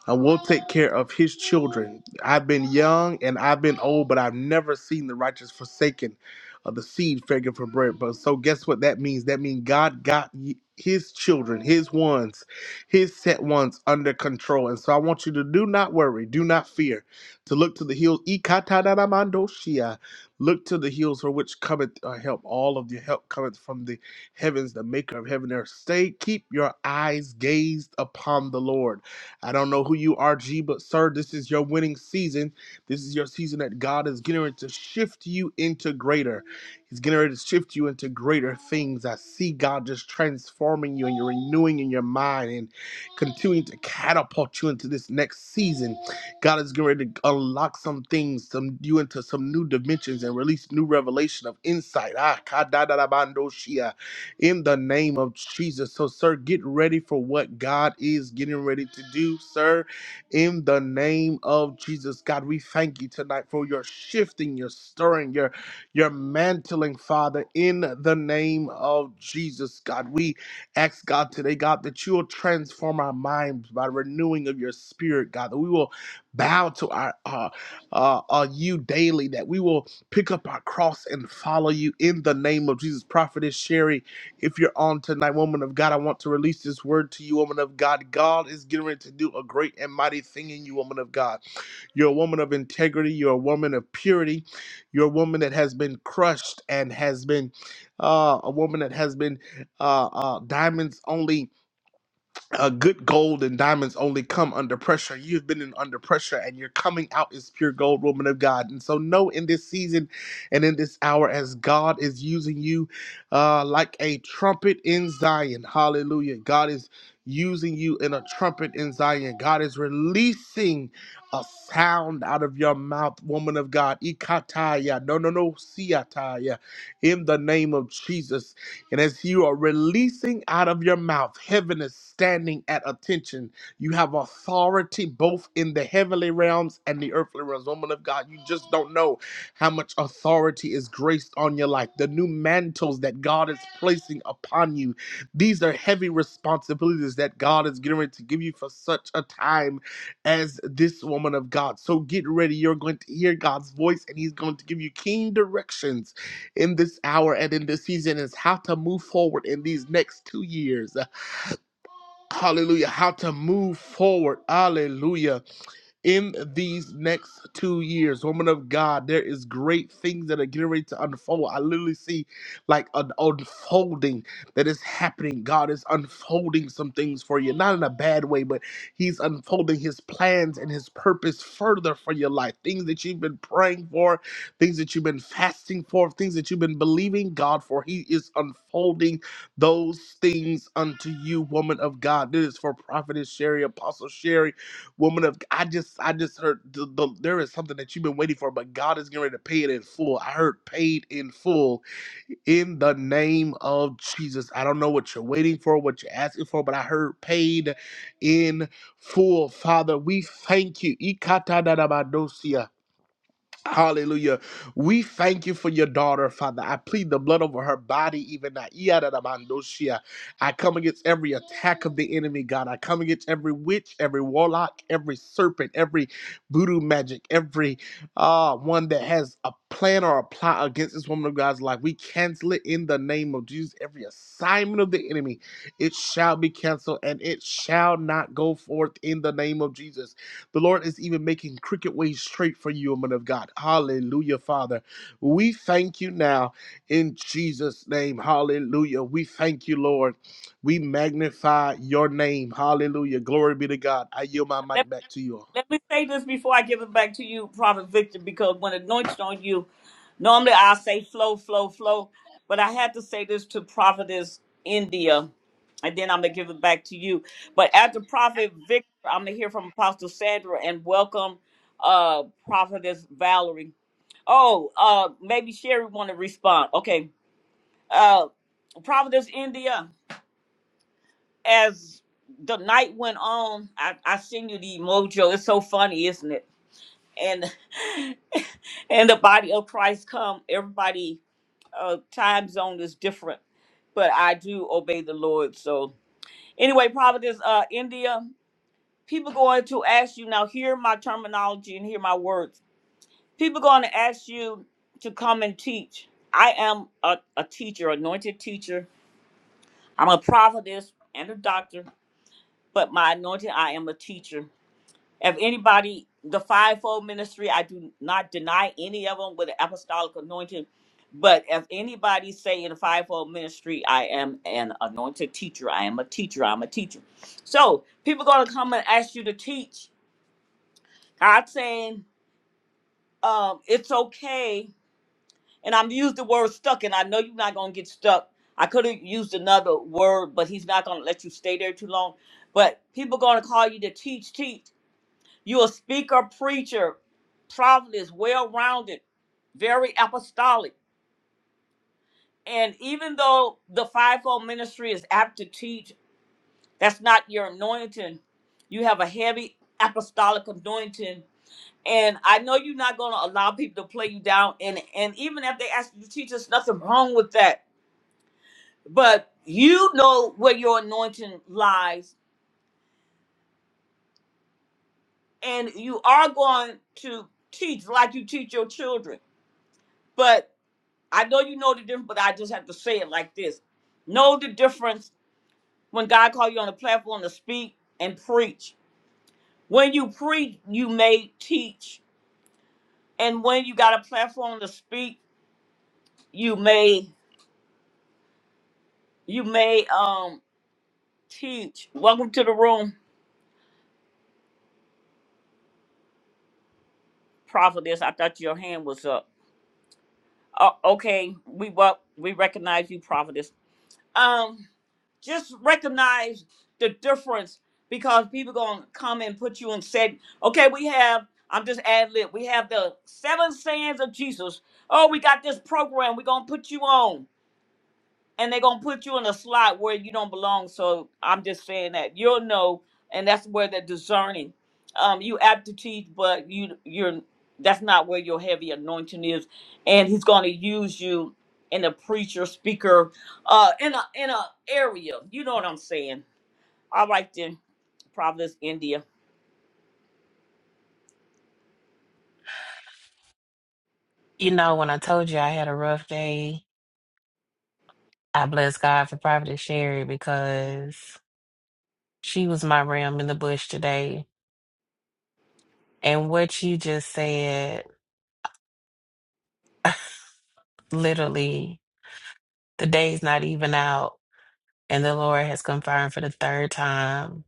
[SPEAKER 17] uh, will take care of his children. I've been young and I've been old, but I've never seen the righteous forsaken, or the seed begging for bread. But so guess what that means? That means God got y- his children, his ones, his set ones under control. And so I want you to do not worry, do not fear, to look to the hills. Ikatadaramandoshia. Look to the hills for which cometh uh, help. All of your help cometh from the Heaven's the maker of heaven and earth. Stay, keep your eyes gazed upon the Lord. I don't know who you are, G, but sir, this is your winning season. This is your season that God is getting ready to shift you into greater. He's getting ready to shift you into greater things. I see God just transforming you and you're renewing in your mind and continuing to catapult you into this next season. God is getting ready to unlock some things, some you into some new dimensions and release new revelation of insight. Ah, kadadadabando shia in the name of Jesus. So, sir, get ready for what God is getting ready to do, sir, in the name of Jesus. God, we thank you tonight for your shifting, your stirring, your your mantling, Father, in the name of Jesus. God, we ask God today, God, that you will transform our minds by renewing of your spirit, God, that we will bow to our uh, uh, uh, you daily, that we will pick up our cross and follow you in the name of Jesus. Prophetess Sherry if you're on tonight, woman of God, I want to release this word to you, woman of God. God is getting ready to do a great and mighty thing in you, woman of God. You're a woman of integrity. You're a woman of purity. You're a woman that has been crushed and has been uh, a woman that has been uh, uh, diamonds only uh, good gold and diamonds only come under pressure. You've been in under pressure and you're coming out as pure gold, woman of God. And so, know in this season and in this hour, as God is using you uh, like a trumpet in Zion. Hallelujah. God is using you in a trumpet in Zion. God is releasing a sound out of your mouth, woman of God. Ikataya. No, no, no. Siataya. In the name of Jesus. And as you are releasing out of your mouth, heaven is standing at attention. You have authority both in the heavenly realms and the earthly realms. Woman of God, you just don't know how much authority is graced on your life. The new mantles that God is placing upon you. These are heavy responsibilities that God is getting ready to give you for such a time as this woman of God. So get ready. You're going to hear God's voice, and He's going to give you keen directions in this hour and in this season is how to move forward in these next two years. Hallelujah. How to move forward. Hallelujah in these next two years. Woman of God, there is great things that are getting ready to unfold. I literally see like an unfolding that is happening. God is unfolding some things for you, not in a bad way, but He's unfolding His plans and His purpose further for your life. Things that you've been praying for, things that you've been fasting for, things that you've been believing God for. He is unfolding those things unto you, woman of God. This is for Prophetess Sherry, Apostle Sherry woman of I just I just heard the, the, there is something that you've been waiting for, but God is getting ready to pay it in full. I heard paid in full in the name of Jesus. I don't know what you're waiting for, what you're asking for, but I heard paid in full. Father, we thank you. Ikatadadabadosia. Hallelujah. We thank you for your daughter, Father. I plead the blood over her body, even now. Iyadadabandoshia. I come against every attack of the enemy, God. I come against every witch, every warlock, every serpent, every voodoo magic, every uh, one that has a plan or a plot against this woman of God's life. We cancel it in the name of Jesus. Every assignment of the enemy, it shall be canceled and it shall not go forth in the name of Jesus. The Lord is even making crooked ways straight for you, woman of God. Hallelujah, Father. We thank you now in Jesus' name. Hallelujah. We thank you, Lord. We magnify your name. Hallelujah. Glory be to God. I yield my mic back to you all.
[SPEAKER 1] Let me say this before I give it back to you, Prophet Victor, because when anointed on you, normally I say flow, flow, flow, but I had to say this to Prophetess India, and then I'm gonna give it back to you. But after Prophet Victor, I'm gonna hear from Apostle Sandra and welcome uh Prophetess Valerie. Oh, uh maybe Sherry wanna respond. Okay. Uh Prophetess India, as the night went on, I, I seen you the emoji. It's so funny, isn't it? and and the body of Christ come. Everybody uh time zone is different, but I do obey the Lord. So anyway, Providence, uh India, people going to ask you now hear my terminology and hear my words. People going to ask you to come and teach. I am a, a teacher, anointed teacher. I'm a prophetess and a doctor, but my anointing, I am a teacher. If anybody, the fivefold ministry, I do not deny any of them with the apostolic anointing. But if anybody say in the fivefold ministry, I am an anointed teacher, I am a teacher, I'm a teacher. So people gonna come and ask you to teach. God saying, um, it's okay. And I'm used the word stuck, and I know you're not gonna get stuck. I could have used another word, but he's not gonna let you stay there too long. But people gonna call you to teach, teach. You a speaker, preacher, prophet is well-rounded, very apostolic. And even though the fivefold ministry is apt to teach, that's not your anointing. You have a heavy apostolic anointing. And I know you're not going to allow people to play you down. And, and even if they ask you to teach, there's nothing wrong with that. But you know where your anointing lies. And you are going to teach like you teach your children. But I know you know the difference, but I just have to say it like this. Know the difference when God called you on the platform to speak and preach. When you preach, you may teach. And when you got a platform to speak, you may you may um teach. Welcome to the room, prophetess. I thought your hand was up. Oh, okay, we wel- we recognize you, prophetess. Um just recognize the difference because people gonna come and put you in set. Okay, we have. I'm just ad lib. We have the seven sayings of Jesus. Oh, we got this program. We're gonna put you on and they're gonna put you in a slot where you don't belong. So I'm just saying that you'll know, and that's where the discerning. Um, you aptitude, but you you're that's not where your heavy anointing is, and he's gonna use you in a preacher, speaker, uh, in a in a area. You know what I'm saying? All right then, Providence, India.
[SPEAKER 3] You know, when I told you I had a rough day, I bless God for Prophet Sherry because she was my ram in the bush today. And what you just said, literally, the day's not even out, and the Lord has confirmed for the third time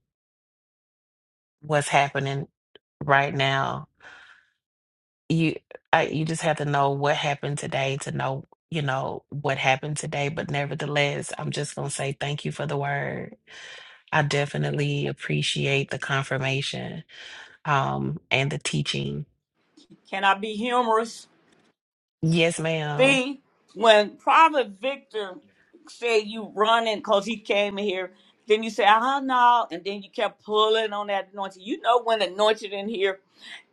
[SPEAKER 3] what's happening right now. you I, you just have to know what happened today to know you know what happened today but nevertheless i'm just going to say thank you for the word i definitely appreciate the confirmation um and the teaching
[SPEAKER 1] Can I be humorous?
[SPEAKER 3] yes ma'am
[SPEAKER 1] See, when Prophet Victor said you running because he came in here, then you say, oh no, and then you kept pulling on that anointing. You know when anointed in here.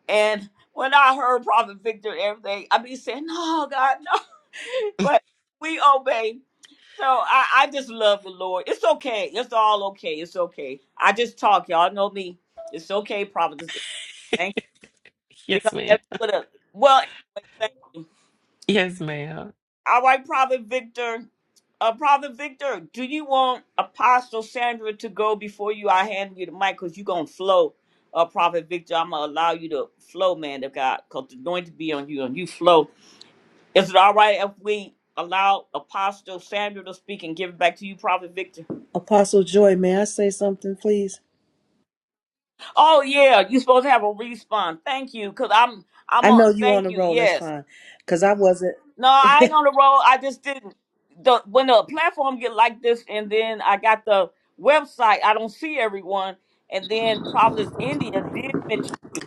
[SPEAKER 1] And when I heard Prophet Victor and everything, I be saying, no, God, no. But we obey. So I, I just love the Lord. It's okay. It's all okay. It's okay. I just talk. Y'all know me. It's okay, Prophet. Thank you. Because
[SPEAKER 3] yes ma'am
[SPEAKER 1] if you would have, well, anyway, thank you.
[SPEAKER 3] yes ma'am
[SPEAKER 1] All right, Prophet Victor. Uh, Prophet Victor, do you want Apostle Sandra to go before you? I hand you the mic because you're going to flow. Uh, Prophet Victor, I'm going to allow you to flow, man of God, because the anointing be on you and you flow. Is it all right if we allow Apostle Sandra to speak and give it back to you, Prophet Victor?
[SPEAKER 18] Apostle Joy, may I say something, please?
[SPEAKER 1] Oh, yeah, you're supposed to have a response. Thank you, because I'm, I'm
[SPEAKER 18] I know
[SPEAKER 1] on.
[SPEAKER 18] you on
[SPEAKER 1] Thank
[SPEAKER 18] the
[SPEAKER 1] you,
[SPEAKER 18] roll. That's
[SPEAKER 1] yes.
[SPEAKER 18] fine, cause I wasn't.
[SPEAKER 1] No, I ain't on the road. I just didn't. The when the platform get like this, and then I got the website. I don't see everyone, and then Providence India did mention you.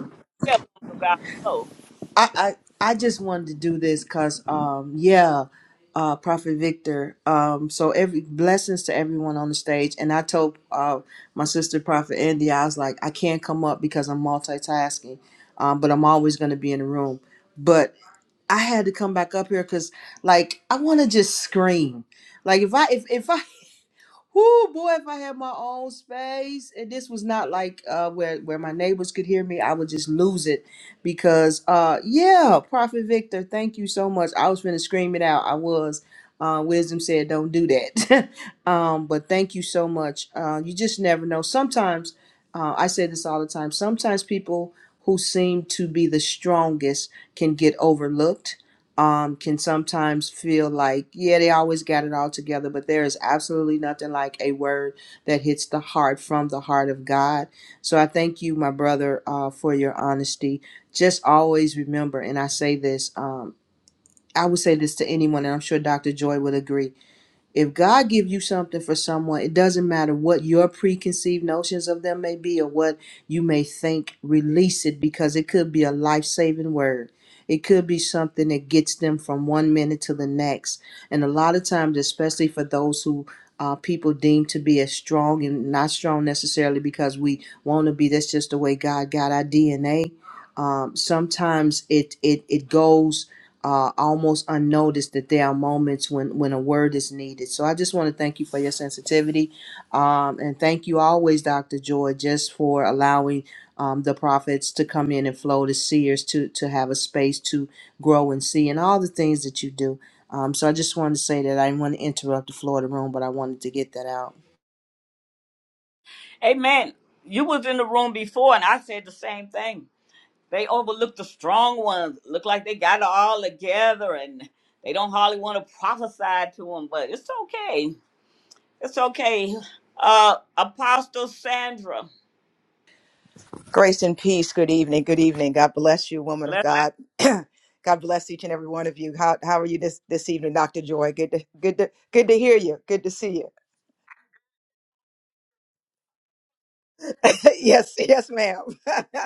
[SPEAKER 1] Yeah, about so.
[SPEAKER 18] I I, I just wanted to do this, cause um yeah, uh, Prophet Victor. Um, so every blessings to everyone on the stage, and I told uh my sister Prophet India, I was like, I can't come up because I'm multitasking, um, but I'm always gonna be in the room. But I had to come back up here, cause like I want to just scream. Like if I if if I Whoo, boy, if I had my own space, and this was not like uh, where where my neighbors could hear me, I would just lose it because, uh, yeah, Prophet Victor, thank you so much. I was finna scream it out. I was. Uh, wisdom said, "Don't do that." um, but thank you so much. Uh, you just never know. Sometimes, uh, I say this all the time. Sometimes people who seem to be the strongest can get overlooked um, can sometimes feel like, yeah, they always got it all together, but there is absolutely nothing like a word that hits the heart from the heart of God. So I thank you, my brother, uh, for your honesty. Just always remember, and I say this, um, I would say this to anyone, and I'm sure Dr. Joy would agree if God give you something for someone, it doesn't matter what your preconceived notions of them may be or what you may think, release it because it could be a life-saving word. It could be something that gets them from one minute to the next. And a lot of times, especially for those who uh, people deem to be as strong and not strong necessarily because we want to be, that's just the way God got our DNA. Um, sometimes it, it, it goes uh, almost unnoticed that there are moments when, when a word is needed. So I just want to thank you for your sensitivity. Um, and thank you always, Dr. Joy, just for allowing um, the prophets to come in and flow, the seers to, to have a space to grow and see, and all the things that you do. Um, so I just wanted to say that I didn't want to interrupt the floor of the room, but I wanted to get that out.
[SPEAKER 1] Amen. You was in the room before, and I said the same thing. They overlook the strong ones. Look like they got it all together, and they don't hardly want to prophesy to them. But it's okay. It's okay. Uh, Apostle Sandra.
[SPEAKER 19] Grace and peace. Good evening. Good evening. God bless you, woman of God. God bless each and every one of you. How how are you this this evening, Doctor Joy? Good to good to good to hear you. Good to see you. yes, yes, ma'am.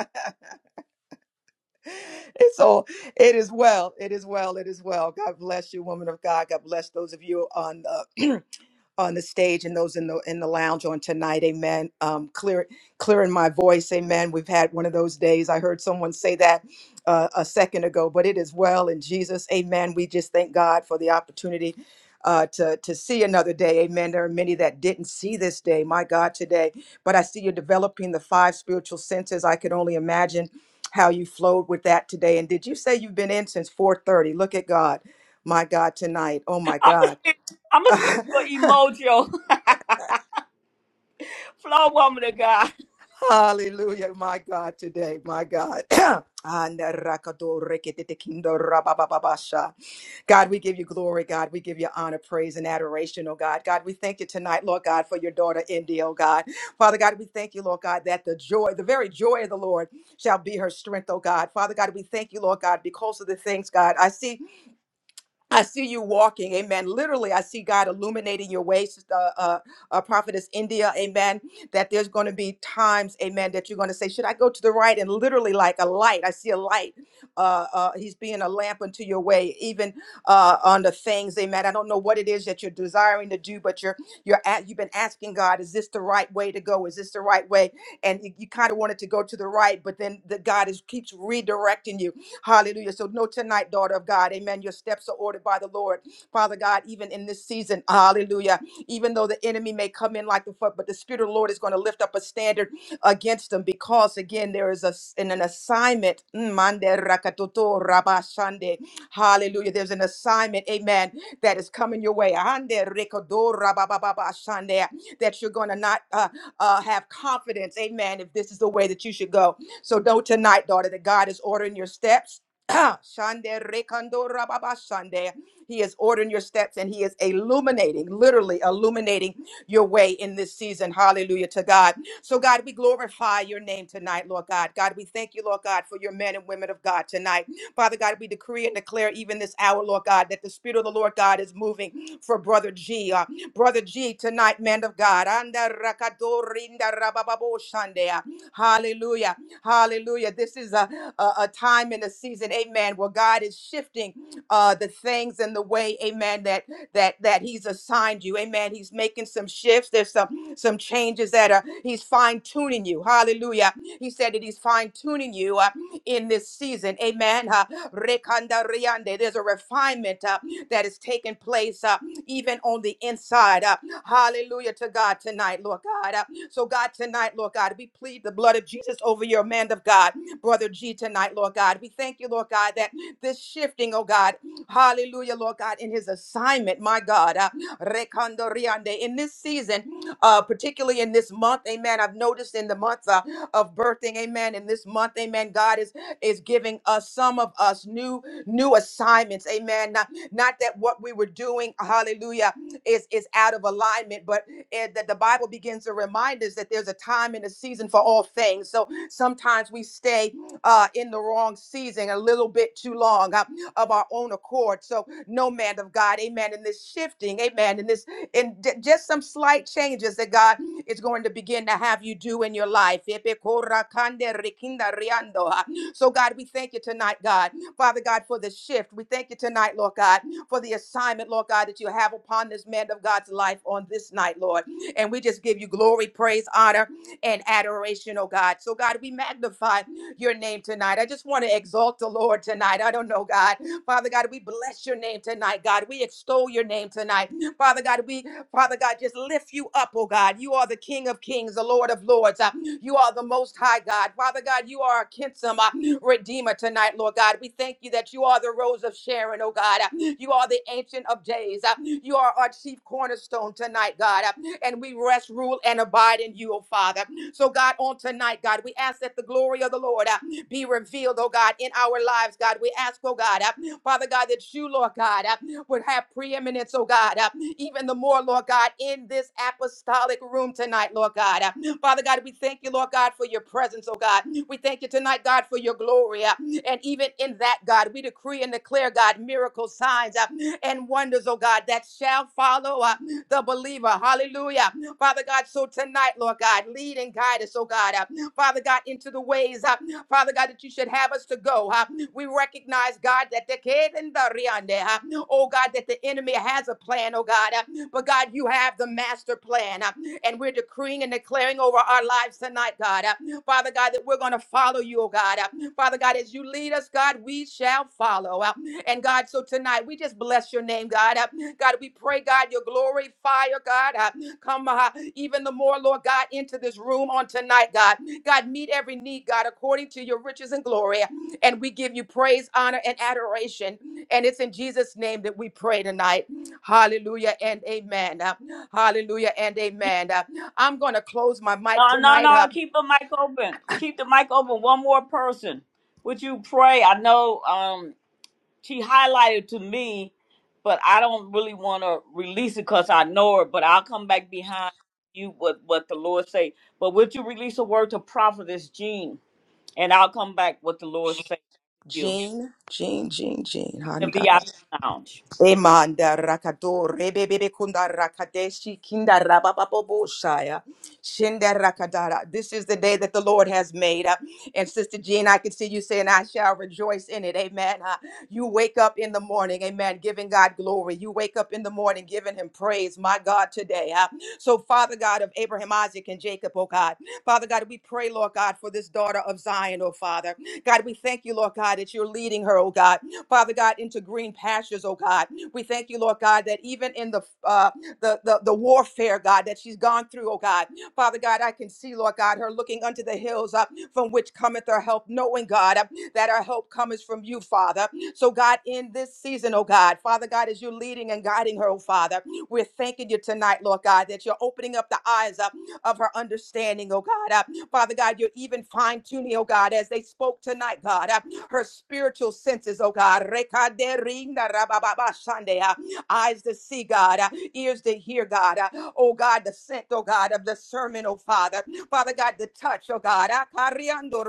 [SPEAKER 19] And so it is well. It is well. It is well. God bless you, woman of God. God bless those of you on the on the stage and those in the in the lounge on tonight. Amen. Um, clear clearing my voice. Amen. We've had one of those days. I heard someone say that uh, a second ago, but it is well in Jesus. Amen. We just thank God for the opportunity. Uh, to to see another day, Amen. There are many that didn't see this day, my God, today. But I see you're developing the five spiritual senses. I could only imagine how you flowed with that today. And did you say you've been in since 4:30? Look at God. My God tonight. Oh my
[SPEAKER 1] I'm gonna
[SPEAKER 19] God.
[SPEAKER 1] send, I'm gonna send you an emoji, flow woman of God.
[SPEAKER 19] Hallelujah. My God today. My God. And God, we give you glory, God. We give you honor, praise, and adoration, oh God. God, we thank you tonight, Lord God, for your daughter, India. oh God. Father God, we thank you, Lord God, that the joy, the very joy of the Lord shall be her strength, oh God. Father God, we thank you, Lord God, because of the things, God. I see I see you walking, amen. Literally, I see God illuminating your way, sister, uh, uh, uh, prophetess India, amen. That there's going to be times, amen, that you're going to say, Should I go to the right? And literally, like a light, I see a light. Uh, uh, he's being a lamp unto your way, even uh, on the things, amen. I don't know what it is that you're desiring to do, but you're you're at, you've been asking God, Is this the right way to go? Is this the right way? And you, you kind of wanted to go to the right, but then the God is keeps redirecting you Hallelujah. So know tonight, daughter of God, amen. Your steps are ordered by the Lord. Father God, even in this season, hallelujah. Even though the enemy may come in like the flood, but the Spirit of the Lord is going to lift up a standard against them because again there is a an, an assignment Mm, mande rakatoto rabashande. hallelujah there's an assignment amen that is coming your way Ande rekodo rabababashande, that you're going to not uh, uh, have confidence amen if this is the way that you should go so know tonight, daughter, that God is ordering your steps. Shande rekando rababa shande. He is ordering your steps and He is illuminating, literally illuminating your way in this season. Hallelujah to God. So, God, we glorify your name tonight, Lord God. God, we thank you, Lord God, for your men and women of God tonight. Father God, we decree and declare even this hour, Lord God, that the Spirit of the Lord God is moving for Brother G. Uh, Brother G tonight, man of God. Anda rakadorinda rabababo shandea. Hallelujah. Hallelujah. This is a, a, a time in the season, amen, where God is shifting shifting uh, the things and the way, amen, that that that he's assigned you. Amen. He's making some shifts. There's some some changes that are he's fine-tuning you. Hallelujah. He said that he's fine-tuning you uh, in this season. Amen. Uh, Rekanda riande. There's a refinement uh, that is taking place uh, even on the inside. Uh, hallelujah to God tonight, Lord God. Uh, so, God, tonight, Lord God, we plead the blood of Jesus over your man of God, Brother G, tonight, Lord God. We thank thank you, Lord God, that this shifting, oh God, hallelujah, Lord God, in his assignment, my God, uh, Rekando Riande, in this season, uh, particularly in this month, amen. I've noticed in the month uh, of birthing, amen, in this month, amen, God is is giving us some of us new new assignments, amen. Not, not that what we were doing, hallelujah, is is out of alignment, but it, that the Bible begins to remind us that there's a time and a season for all things. So sometimes we stay uh, in the wrong season, a little bit too long uh, of our own accord. So, no man of God, amen. In this shifting, amen. In this, in d- just some slight changes that God is going to begin to have you do in your life. So, God, we thank you tonight, God, Father God, for the shift. We thank you tonight, Lord God, for the assignment, Lord God, that you have upon this man of God's life on this night, Lord. And we just give you glory, praise, honor, and adoration, oh God. So, God, we magnify your name tonight. I just want to exalt the Lord tonight. I don't know, God. Father God, we bless your name tonight, God. We extol your name tonight. Father God, we, Father God, just lift you up, oh God. You are the King of kings, the Lord of lords. Uh, You are the most high God. Father God, you are a kinsome uh, redeemer tonight, Lord God. We thank you that you are the rose of Sharon, oh God. Uh, You are the ancient of days. Uh, You are our chief cornerstone tonight, God. Uh, And we rest, rule, and abide in you, oh Father. So, God, on tonight, God, we ask that the glory of the Lord uh, be revealed, oh God, in our lives, God. We ask, oh God, uh, Father God, that you, Lord God, uh, would have preeminence, oh God, uh, even the more, Lord God, in this apostolic room tonight, Lord God. Uh, Father God, we thank you, Lord God, for your presence, oh God. We thank you tonight, God, for your glory. uh, and even in that, God, we decree and declare, God, miracles, signs, uh, and wonders, oh God, that shall follow uh, the believer. Hallelujah. Father God, so tonight, Lord God, lead and guide us, oh God. Uh, Father God, into the ways, uh, Father God, that you should have us to go. Uh, we recognize, God, that the kid and the riande, uh, oh God, that the enemy has a plan, oh God. Uh, but God, you have the master plan. uh, and we're decreeing and declaring over our lives tonight, God. Uh, Father God, that we're going to follow you, oh God. Uh, Father God, as you lead us, God, we shall follow. Uh, and God, so tonight we just bless your name, God. Uh, God, we pray, God, your glory, fire, God. uh, Come uh, even the more, Lord God, into this room on tonight, God. God, meet every need, God, according to your riches and glory. And we give you praise, honor, and adoration. And it's in Jesus' name that we pray tonight. Hallelujah and amen. Uh, hallelujah and amen. Uh, I'm going to close my mic
[SPEAKER 1] No, no,
[SPEAKER 19] tonight. Uh,
[SPEAKER 1] no. Keep the mic open. Keep the mic open. One more person. Would you pray? I know um, she highlighted to me, but I don't really want to release it because I know her. But I'll come back behind you with what the Lord say. But would you release a word to prophetess Jean, and I'll come back what the Lord say to you
[SPEAKER 19] Jean, Jean, Jean,
[SPEAKER 1] in the
[SPEAKER 19] Jean.
[SPEAKER 1] VIP lounge.
[SPEAKER 19] Emanda rakato rebebebe kunda rakadeshi kinda rabababobo shaya shinda rakadara. This is the day that the Lord has made. uh, And Sister Jean, I can see you saying, I shall rejoice in it. Amen. Uh, You wake up in the morning, amen, giving God glory. You wake up in the morning giving him praise, my God, today. uh. So, Father God of Abraham, Isaac, and Jacob, oh God, Father God, we pray, Lord God, for this daughter of Zion, oh Father. God, we thank you, Lord God, that you're leading her, oh God. Father God, into green pastures, oh God. We thank you, Lord God, that even in the uh, the, the the warfare, God, that she's gone through, oh God, Father God, I can see, Lord God, her looking unto the hills uh, from which cometh her help, knowing, God, uh, that our help cometh from you, Father. So, God, in this season, oh God, Father God, as you're leading and guiding her, oh Father, we're thanking you tonight, Lord God, that you're opening up the eyes uh, of her understanding, oh God. Uh, Father God, you're even fine tuning, oh God, as they spoke tonight, God. Uh, her spiritual senses, oh God. Rekaderinda rabababashande, uh, Eyes to see, God, uh, ears to hear, God. uh, Oh God, the scent, oh God, of the sermon, oh Father. Father God, the touch, oh God. uh, Kariando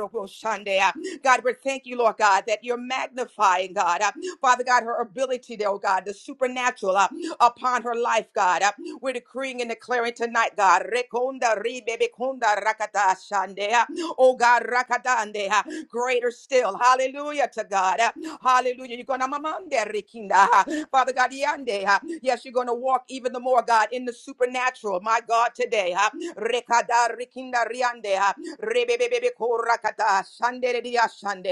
[SPEAKER 19] uh, God, we thank you, Lord God, that you're magnifying, God. uh, Father God, her ability, oh God, the supernatural uh, upon her life, God. uh, We're decreeing and declaring tonight, God. Rekonda ribebekonda rakata shande, uh, Oh God, rakatande. uh, greater still. Hallelujah to God. Uh, Hallelujah. You're going to, Father God, yande, uh, yes, you're going to walk even the more, God, in the supernatural. My God, today. uh, Rekada rikinda riande, uh, rebebebebe korakata, shandere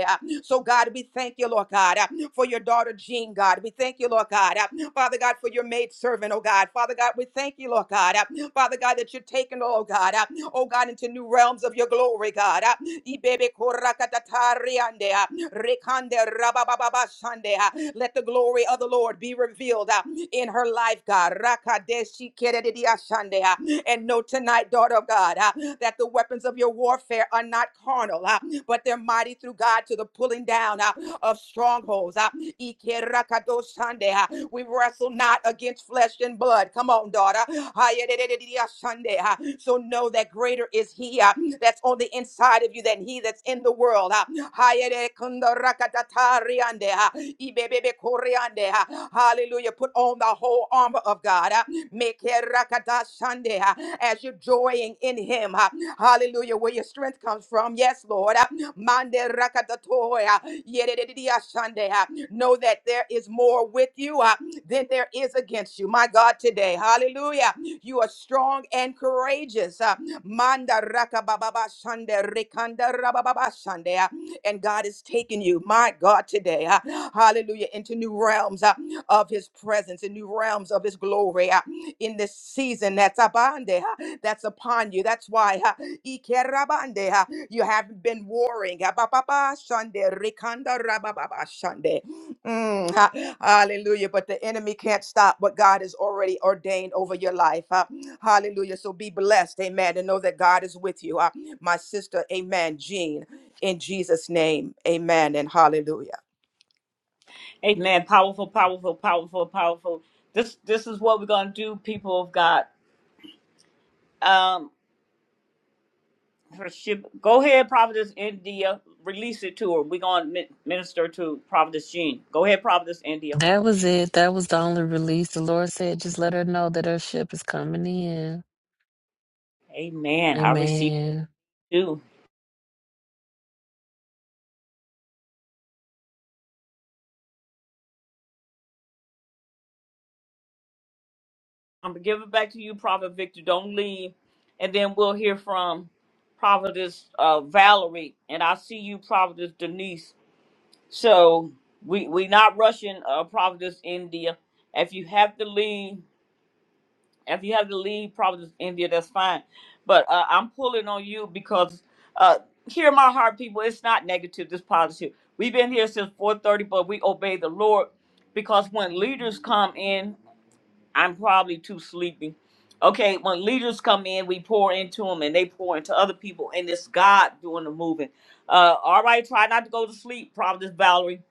[SPEAKER 19] uh. So, God, we thank you, Lord God, uh, for your daughter Jean, God. We thank you, Lord God, uh, Father God, for your maid servant, oh God. Father God, we thank you, Lord God, uh, Father God, that you're taking, oh God, uh, oh God, into new realms of your glory, God. uh, Ibebe korakatatariyandea, rekande rabababashandea. Let the glory of the Lord be revealed uh, in her life, God. Rakadeshikerediashandea. And know tonight, daughter of God, uh, that the weapons of your warfare are not carnal, uh, but they're mighty through God to the pulling down uh, of strongholds. uh, Ikerakadoshandea. We wrestle not against flesh and blood. Come on, daughter. Hayedededediashandea. So know that greater is He. uh, that's on the inside of you than he that's in the world. Ah, Hayere kundo rakatatariande, ah, ibebebe koreande, ah. Hallelujah. Put on the whole armor of God. ah. Make it rakadashande, ah, As you're joying in him. ah. Hallelujah. Where your strength comes from. Yes, Lord. ah. Mande rakadatoya, yededediyashande, ah. Know that there is more with you ah, than there is against you. My God, today. Hallelujah. You are strong and courageous. ah, Manda rakababa shande rekanda rababa shande. uh, And God is taking you, my God, today, uh, hallelujah, into new realms uh, of his presence, in new realms of his glory uh, in this season that's abande, uh, that's upon you. That's why uh, ikerabande, uh, you have been warring. uh, ba- ba- ba, shande rekanda rababa shande. Mm, ha- hallelujah. But the enemy can't stop what God has already ordained over your life. huh? Hallelujah. So be blessed. Amen. And know that God is with you. huh? My sister, amen. Jean, in Jesus' name, amen. And hallelujah.
[SPEAKER 1] Amen. Powerful, powerful, powerful, powerful. This this is what we're gonna do, people of God. Um her ship go ahead, Providence India. Release it to her. We're gonna mi- minister to Providence Jean. Go ahead, Providence India.
[SPEAKER 3] That was it. That was the only release. The Lord said, just let her know that her ship is coming in.
[SPEAKER 1] Amen. I receive
[SPEAKER 3] Amen.
[SPEAKER 1] it too. I'm gonna give it back to you, Prophet Victor. Don't leave. And then we'll hear from Providence uh Valerie. And I see you, Providence Denise. So we we not rushing uh Providence India. If you have to leave If you have to leave probably Providence, India, that's fine. But uh, I'm pulling on you because uh, hear my heart, people. It's not negative. This positive. We've been here since 4:30, but we obey the Lord because when leaders come in, I'm probably too sleepy. Okay, when leaders come in, we pour into them, and they pour into other people, and it's God doing the moving. Uh, all right, try not to go to sleep, Providence Valerie.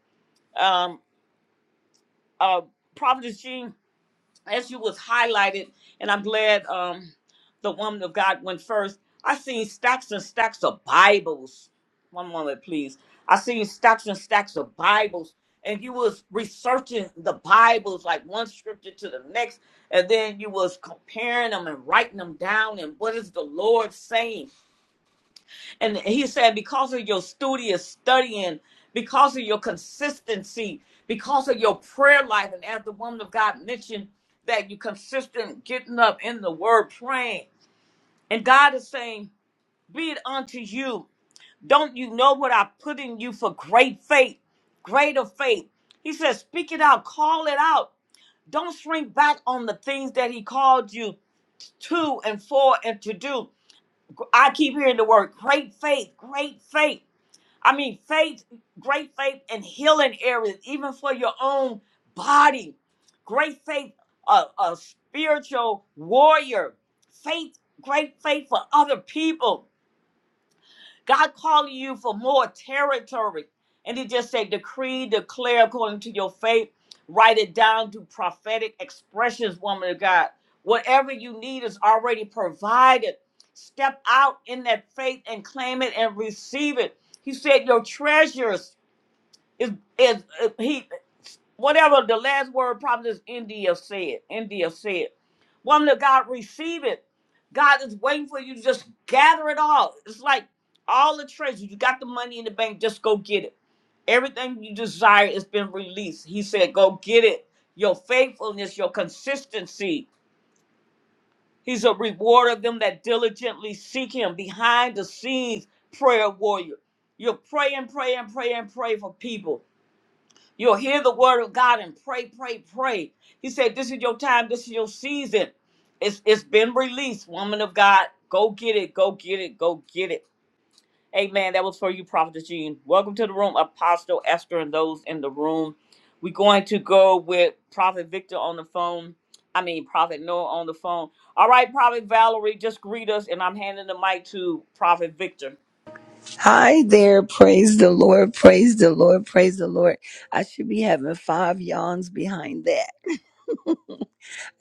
[SPEAKER 1] Um, uh, Providence Jean as you was highlighted, and I'm glad um, the woman of God went first. I seen stacks and stacks of Bibles. One moment, please. I seen stacks and stacks of Bibles, and you was researching the Bibles like one scripture to the next, and then you was comparing them and writing them down. And what is the Lord saying? And he said, because of your studious studying, because of your consistency, because of your prayer life, and as the woman of God mentioned, that you consistent getting up in the word praying. And God is saying, Be it unto you. Don't you know what I put in you for great faith, greater faith? He says, Speak it out, call it out. Don't shrink back on the things that He called you to and for and to do. I keep hearing the word great faith, great faith I mean, faith, great faith in healing areas, even for your own body. Great faith, a, a spiritual warrior. Faith, great faith for other people. God calling you for more territory. And he just said, decree, declare according to your faith. Write it down to prophetic expressions, woman of God. Whatever you need is already provided. Step out in that faith and claim it and receive it. He said, your treasures is is uh, he. Whatever the last word Prophetess India said, India said, woman of God, receive it. God is waiting for you to just gather it all. It's like all the treasure. You got the money in the bank, just go get it. Everything you desire has been released. He said, go get it. Your faithfulness, your consistency. He's a rewarder of them that diligently seek him behind the scenes, prayer warrior. You're praying, praying, praying, pray for people. You'll hear the word of God and pray, pray, pray. He said, This is your time, this is your season. It's it's been released, woman of God. Go get it, go get it, go get it. Amen. That was for you, Prophet Gene. Welcome to the room, Apostle Esther and those in the room. We're going to go with Prophet Victor on the phone. I mean Prophet Noah on the phone. All right, Prophet Valerie, just greet us and I'm handing the mic to Prophet Victor.
[SPEAKER 20] Hi there. Praise the Lord. Praise the Lord. Praise the Lord. I should be having five yawns behind that.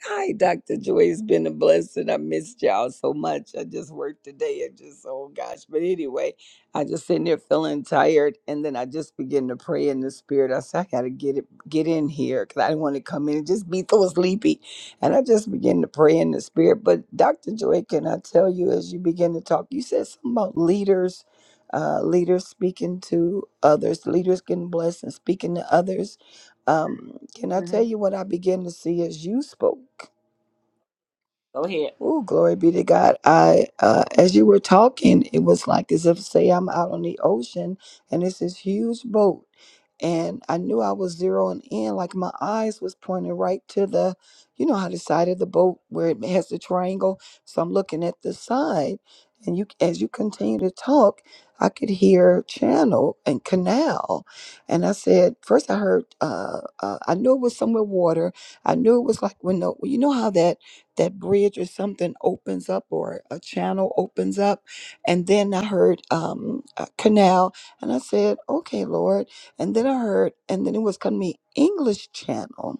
[SPEAKER 20] Hi, Dr. Joy. It's been a blessing. I missed y'all so much. I just worked today and just, oh gosh. But anyway, I just sitting there feeling tired. And then I just began to pray in the spirit. I said, I got to get it, get in here because I didn't want to come in and just be so sleepy. And I just began to pray in the spirit. But Dr. Joy, can I tell you, as you begin to talk, you said something about leaders, uh, leaders speaking to others, leaders getting blessed and speaking to others. Um, can I tell
[SPEAKER 1] Mhm.
[SPEAKER 20] you what I began to see as you spoke?
[SPEAKER 1] Go ahead.
[SPEAKER 20] Oh, glory be to God. I, uh, as you were talking, it was like as if, say, I'm out on the ocean and it's this huge boat. And I knew I was zeroing in, like my eyes was pointing right to the, you know, how the side of the boat where it has the triangle. So I'm looking at the side. And you, as you continue to talk, I could hear channel and canal. And I said, first I heard, uh, uh, I knew it was somewhere water. I knew it was like when the, you know how that that bridge or something opens up or a channel opens up. And then I heard um, a canal and I said, okay, Lord. And then I heard, and then it was coming to me, English channel.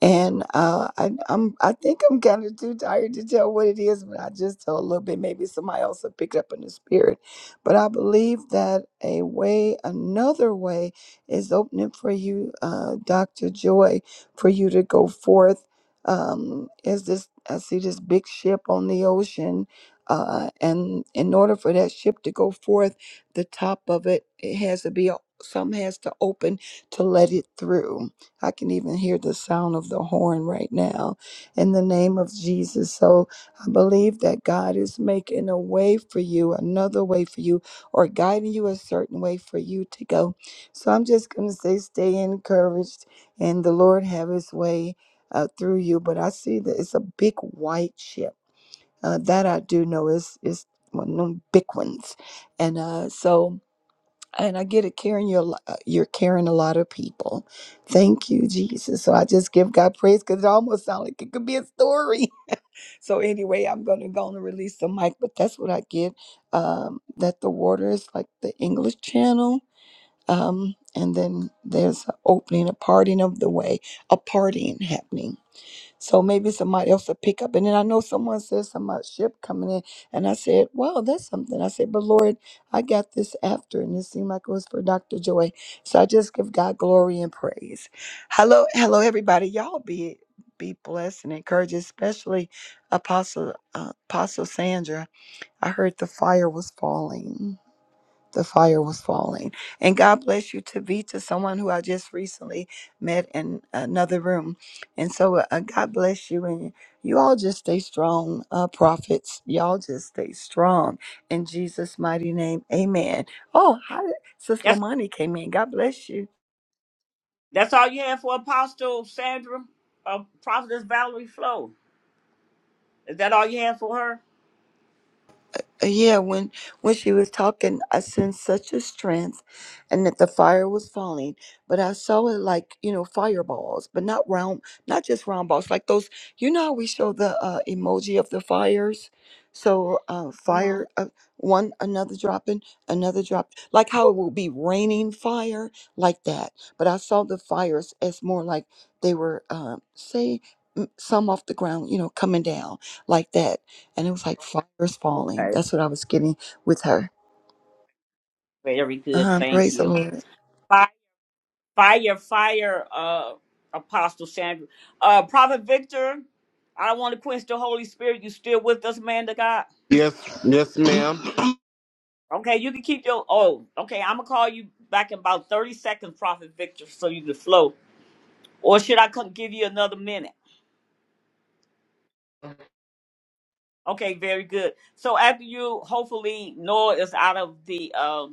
[SPEAKER 20] And uh, I, I'm, I think I'm kind of too tired to tell what it is, but I just tell a little bit. Maybe somebody else will pick it up in the spirit. But I believe that a way, another way, is opening for you, uh, Dr. Joy, for you to go forth. Um, is this? I see this big ship on the ocean, uh, and in order for that ship to go forth, the top of it, it has to be. o- Some has to open to let it through I can even hear the sound of the horn right now in the name of Jesus. So I believe that God is making a way for you, another way for you, or guiding you a certain way for you to go. So I'm just going to say, stay encouraged and the Lord have his way uh, through you. But I see that it's a big white ship. Uh, that I do know is, is one of them big ones. And uh, so and I get it, Karen. You're li- uh, you're carrying a lot of people. Thank you, Jesus. So I just give God praise because it almost sounds like it could be a story. So anyway, I'm gonna go on and release the mic, but that's what I get. Um, that the water is like the English Channel. Um, and then there's an opening, a parting of the way, a partying happening. So maybe somebody else will pick up. And then I know someone said something about ship coming in. And I said, wow, that's something. I said, but Lord, I got this after. And it seemed like it was for Dr. Joy. So I just give God glory and praise. Hello, hello, everybody. Y'all be be blessed and encouraged, especially Apostle uh, Apostle Sandra. I heard the fire was falling the fire was falling. And God bless you Tavita, someone who I just recently met in another room. And so uh, uh, God bless you. And you all just stay strong, uh, prophets. Y'all just stay strong in Jesus' mighty name. Amen. Oh, hi, Sis
[SPEAKER 1] Yes,
[SPEAKER 20] Lamani came in. God bless you.
[SPEAKER 1] That's all you had for Apostle Sandra, uh, Prophetess Valerie Flo. Is that all you had for her?
[SPEAKER 20] Uh, yeah, when when she was talking, I sensed such a strength, and that the fire was falling. But I saw it like you know fireballs, but not round, not just round balls, like those. You know how we show the uh, emoji of the fires, so uh,
[SPEAKER 1] hmm
[SPEAKER 20] fire uh, one another dropping, another drop, like how it will be raining fire like that. But I saw the fires as more like they were uh, say mm, some off the ground, you know, coming down like that and it was like fires falling.
[SPEAKER 1] Okay.
[SPEAKER 20] That's what I was getting with her.
[SPEAKER 1] Very
[SPEAKER 20] Uh
[SPEAKER 1] good.
[SPEAKER 20] huh.
[SPEAKER 1] Thank
[SPEAKER 20] Praise the
[SPEAKER 1] you.
[SPEAKER 20] Lord.
[SPEAKER 1] Fire, fire, fire, uh, Apostle Sandra. Uh, Prophet Victor, I don't want to quench the Holy Spirit. You still with us, man to God?
[SPEAKER 17] Yes, yes, ma'am.
[SPEAKER 1] Okay, you can keep your. Oh, okay. I'm going to call you back in about 30 seconds, Prophet Victor, so you can flow. Or should I come give you another minute? Okay, very good. So after you, hopefully, Noah is out of the. um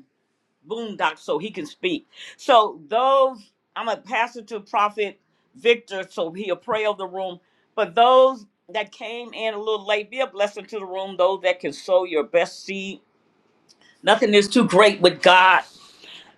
[SPEAKER 1] boondock so he can speak. So those I'm gonna pass it to Prophet Victor so he'll pray over the room. But those that came in a little late, be a blessing to the room. Those that can sow your best seed. Nothing is too great with God.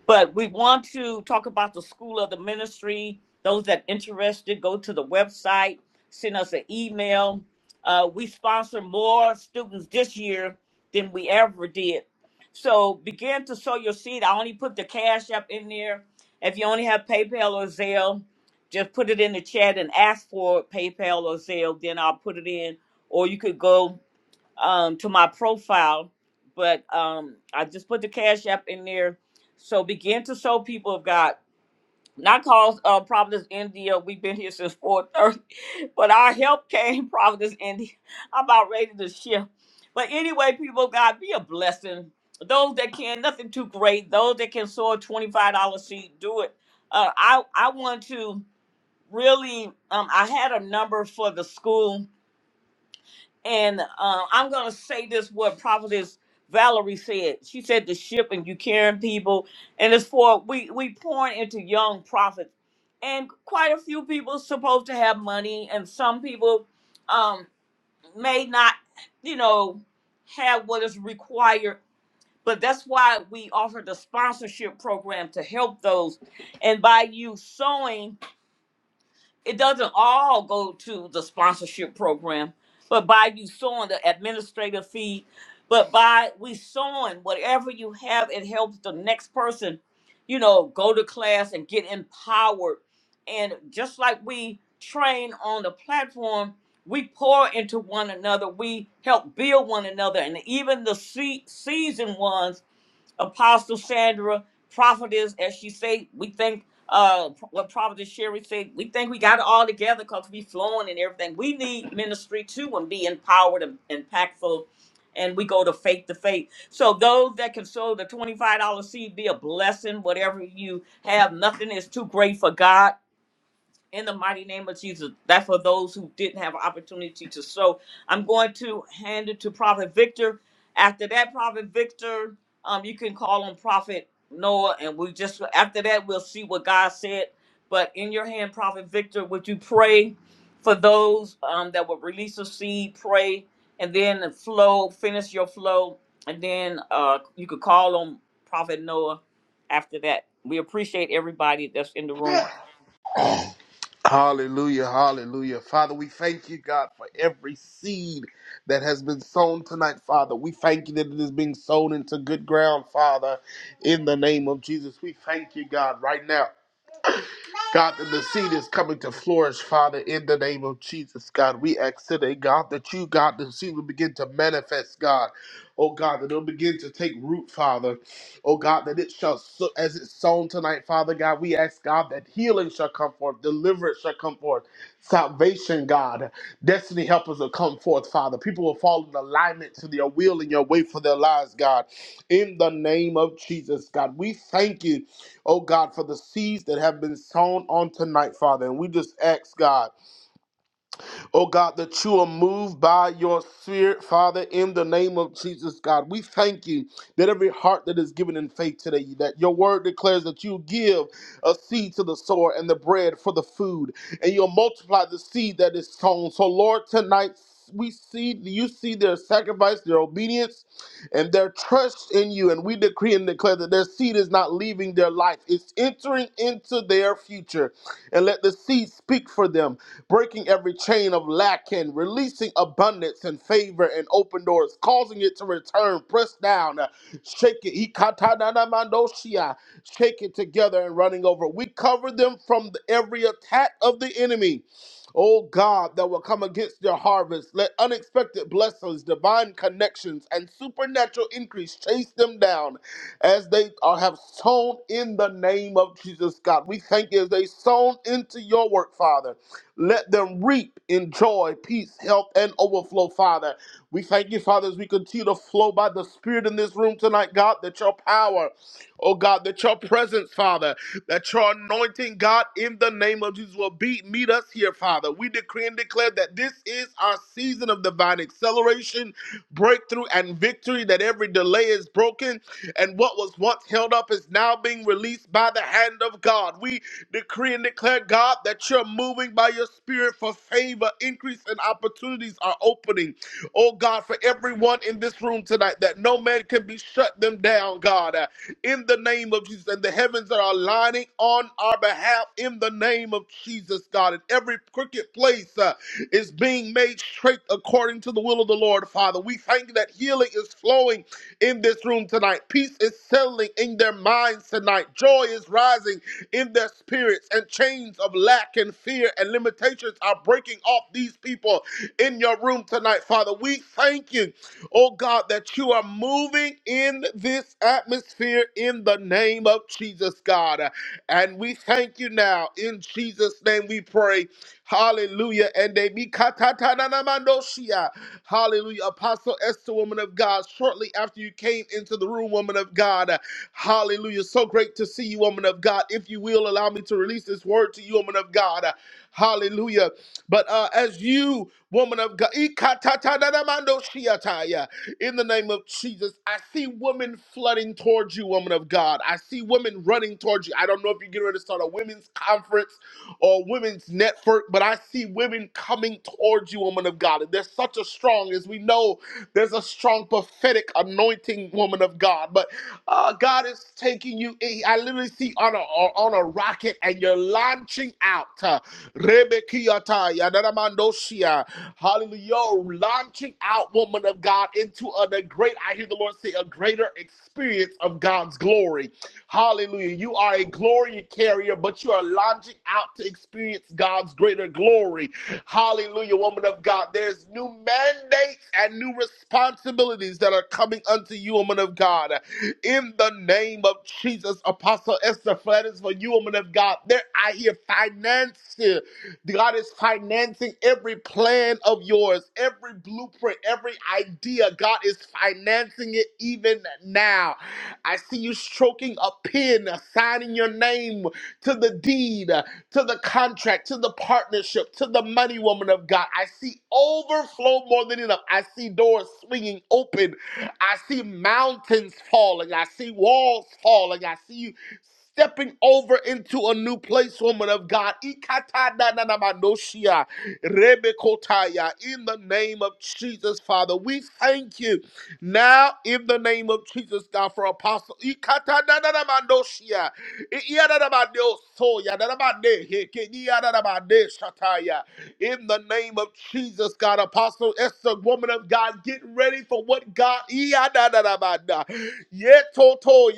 [SPEAKER 1] But we want to talk about the School of the Ministry. Those that interested, go to the website, send us an email. Uh, we sponsor more students this year than we ever did. So begin to sow your seed. I only put the cash up in there. If you only have PayPal or Zelle, just put it in the chat and ask for PayPal or Zelle. Then I'll put it in. Or you could go um, to my profile, but um, I just put the Cash App in there. So begin to show people of God. Not cause uh, Providence India. We've been here since 4:30, but our help came Providence India. I'm about ready to shift. But anyway, people of God, be a blessing. Those that can, nothing too great. Those that can sow a $25 seed, do it. Uh, I I want to really. Um, I had a number for the school and uh, I'm going to say this what Prophetess Valerie said. She said the ship and you carrying people. And it's for, we, we pouring into young prophets. And quite a few people supposed to have money. And some people um, may not, you know, have what is required. But that's why we offer the sponsorship program to help those. And by you sowing, it doesn't all go to the sponsorship program, but by you sowing the administrative fee, but by we sowing whatever you have, it helps the next person, you know, go to class and get empowered. And just like we train on the platform, we pour into one another, we help build one another, and even the se- seasoned ones Apostle Sandra, prophetess, as she say, we think uh what prophetess Sherry said, we think we got it all together because we flowing and everything. We need ministry too and be empowered and impactful. And we go to faith to faith. So those that can sow the $25 seed be a blessing, whatever you have. Nothing is too great for God in the mighty name of Jesus. That's for those who didn't have an opportunity to sow. I'm going to hand it to Prophet Victor. After that, Prophet Victor, um, you can call on Prophet Noah, and we just after that we'll see what God said. But in your hand, Prophet Victor, would you pray for those um, that will release a seed? Pray, and then the flow, finish your flow, and then uh, you could call on Prophet Noah. After that, we appreciate everybody that's in the room.
[SPEAKER 17] Hallelujah, hallelujah. Father, we thank you, God, for every seed that has been sown tonight, Father. We thank you that it is being sown into good ground, Father, in the name of Jesus. We thank you, God, right now. God, that the seed is coming to flourish, Father, in the name of Jesus, God. We ask today, God, that you, God, the seed will begin to manifest, God. Oh, God, that it'll begin to take root, Father. Oh, God, that it shall, so, as it's sown tonight, Father, God, we ask, God, that healing shall come forth, deliverance shall come forth, salvation, God, destiny helpers will come forth, Father. People will fall in alignment to your will and your way for their lives, God. In the name of Jesus, God, we thank you oh God, for the seeds that have been sown on tonight, Father. And we just ask, God, oh God, that you are moved by your spirit, Father, in the name of Jesus, God. We thank you that every heart that is given in faith today, that your word declares that you give a seed to the sower and the bread for the food, and you'll multiply the seed that is sown. So, Lord, tonight, we see you see their sacrifice, their obedience, and their trust in you. And we decree and declare that their seed is not leaving their life, it's entering into their future. And let the seed speak for them, breaking every chain of lack and releasing abundance and favor and open doors, causing it to return, pressed down, uh, shake it, Ikatananamandoshia, shake it together and running over. We cover them from the- every attack of the enemy oh God, that will come against their harvest. Let unexpected blessings, divine connections, and supernatural increase chase them down as they are, have sown in the name of Jesus, God. We thank you as they sown into your work, Father. Let them reap in joy, peace, health, and overflow, Father. We thank you, Father, as we continue to flow by the Spirit in this room tonight, God, that your power, oh God, that your presence, Father, that your anointing, God, in the name of Jesus will be meet us here, Father. We decree and declare that this is our season of divine acceleration, breakthrough, and victory, that every delay is broken, and what was once held up is now being released by the hand of God. We decree and declare, God, that you're moving by your spirit for favor, increase, and opportunities are opening. Oh, God, for everyone in this room tonight, that no man can be shut them down, God. Uh, in the name of Jesus. And the heavens are aligning on our behalf in the name of Jesus, God. And every crooked place uh, is being made straight according to the will of the Lord, Father. We thank you that healing is flowing in this room tonight. Peace is settling in their minds tonight. Joy is rising in their spirits, and chains of lack and fear and limitations are breaking off these these people in your room tonight, Father. We thank you, oh God, that you are moving in this atmosphere in the name of Jesus, God. And we thank you now. In Jesus' name we pray. Hallelujah. And they be katatananamandoshia. Hallelujah. Apostle Esther, woman of God, shortly after you came into the room, woman of God. Hallelujah. Hallelujah. So great to see you, woman of God. If you will, allow me to release this word to you, woman of God. Uh, Hallelujah. But uh, as you, woman of God, Ikatatadamandoshiataya, in the name of Jesus, I see women flooding towards you, woman of God. I see women running towards you. I don't know if you're getting ready to start a women's conference or women's network, but I see women coming towards towards you, woman of God. There's such a strong, as we know, there's a strong prophetic anointing, woman of God. But uh, God is taking you. I literally see on a on a rocket, and you're launching out. Uh, Rebekiata, Yadaramandoshia. Hallelujah. You're Launching out, woman of God, into a, a great, I hear the Lord say, a greater experience of God's glory. Hallelujah. You are a glory carrier, but you are launching out to experience God's greater glory. Hallelujah, woman of God. There's new mandates and new responsibilities that are coming unto you, woman of God. In the name of Jesus, Apostle Esther Flatters, for you, woman of God. There I hear finances. God is financing every plan of yours, every blueprint, every idea. God is financing it even now. I see you stroking a pen, signing your name to the deed, to the contract, to the partnership, to the money woman of God. I see overflow more than enough. I see doors swinging open. I see mountains falling. I see walls falling. I see you Stepping over into a new place, woman of God. Ikatananamanoshia, rebekotaya. In the name of Jesus, Father, we thank you now in the name of Jesus, God, for Apostle. Ikatananamanoshia, iyananamaniosoya, nanamane, hekenyananamaneshakaya. In the name of Jesus, God, Apostle Esther, woman of God, get ready for what God. Iyadadadabada. Yetoto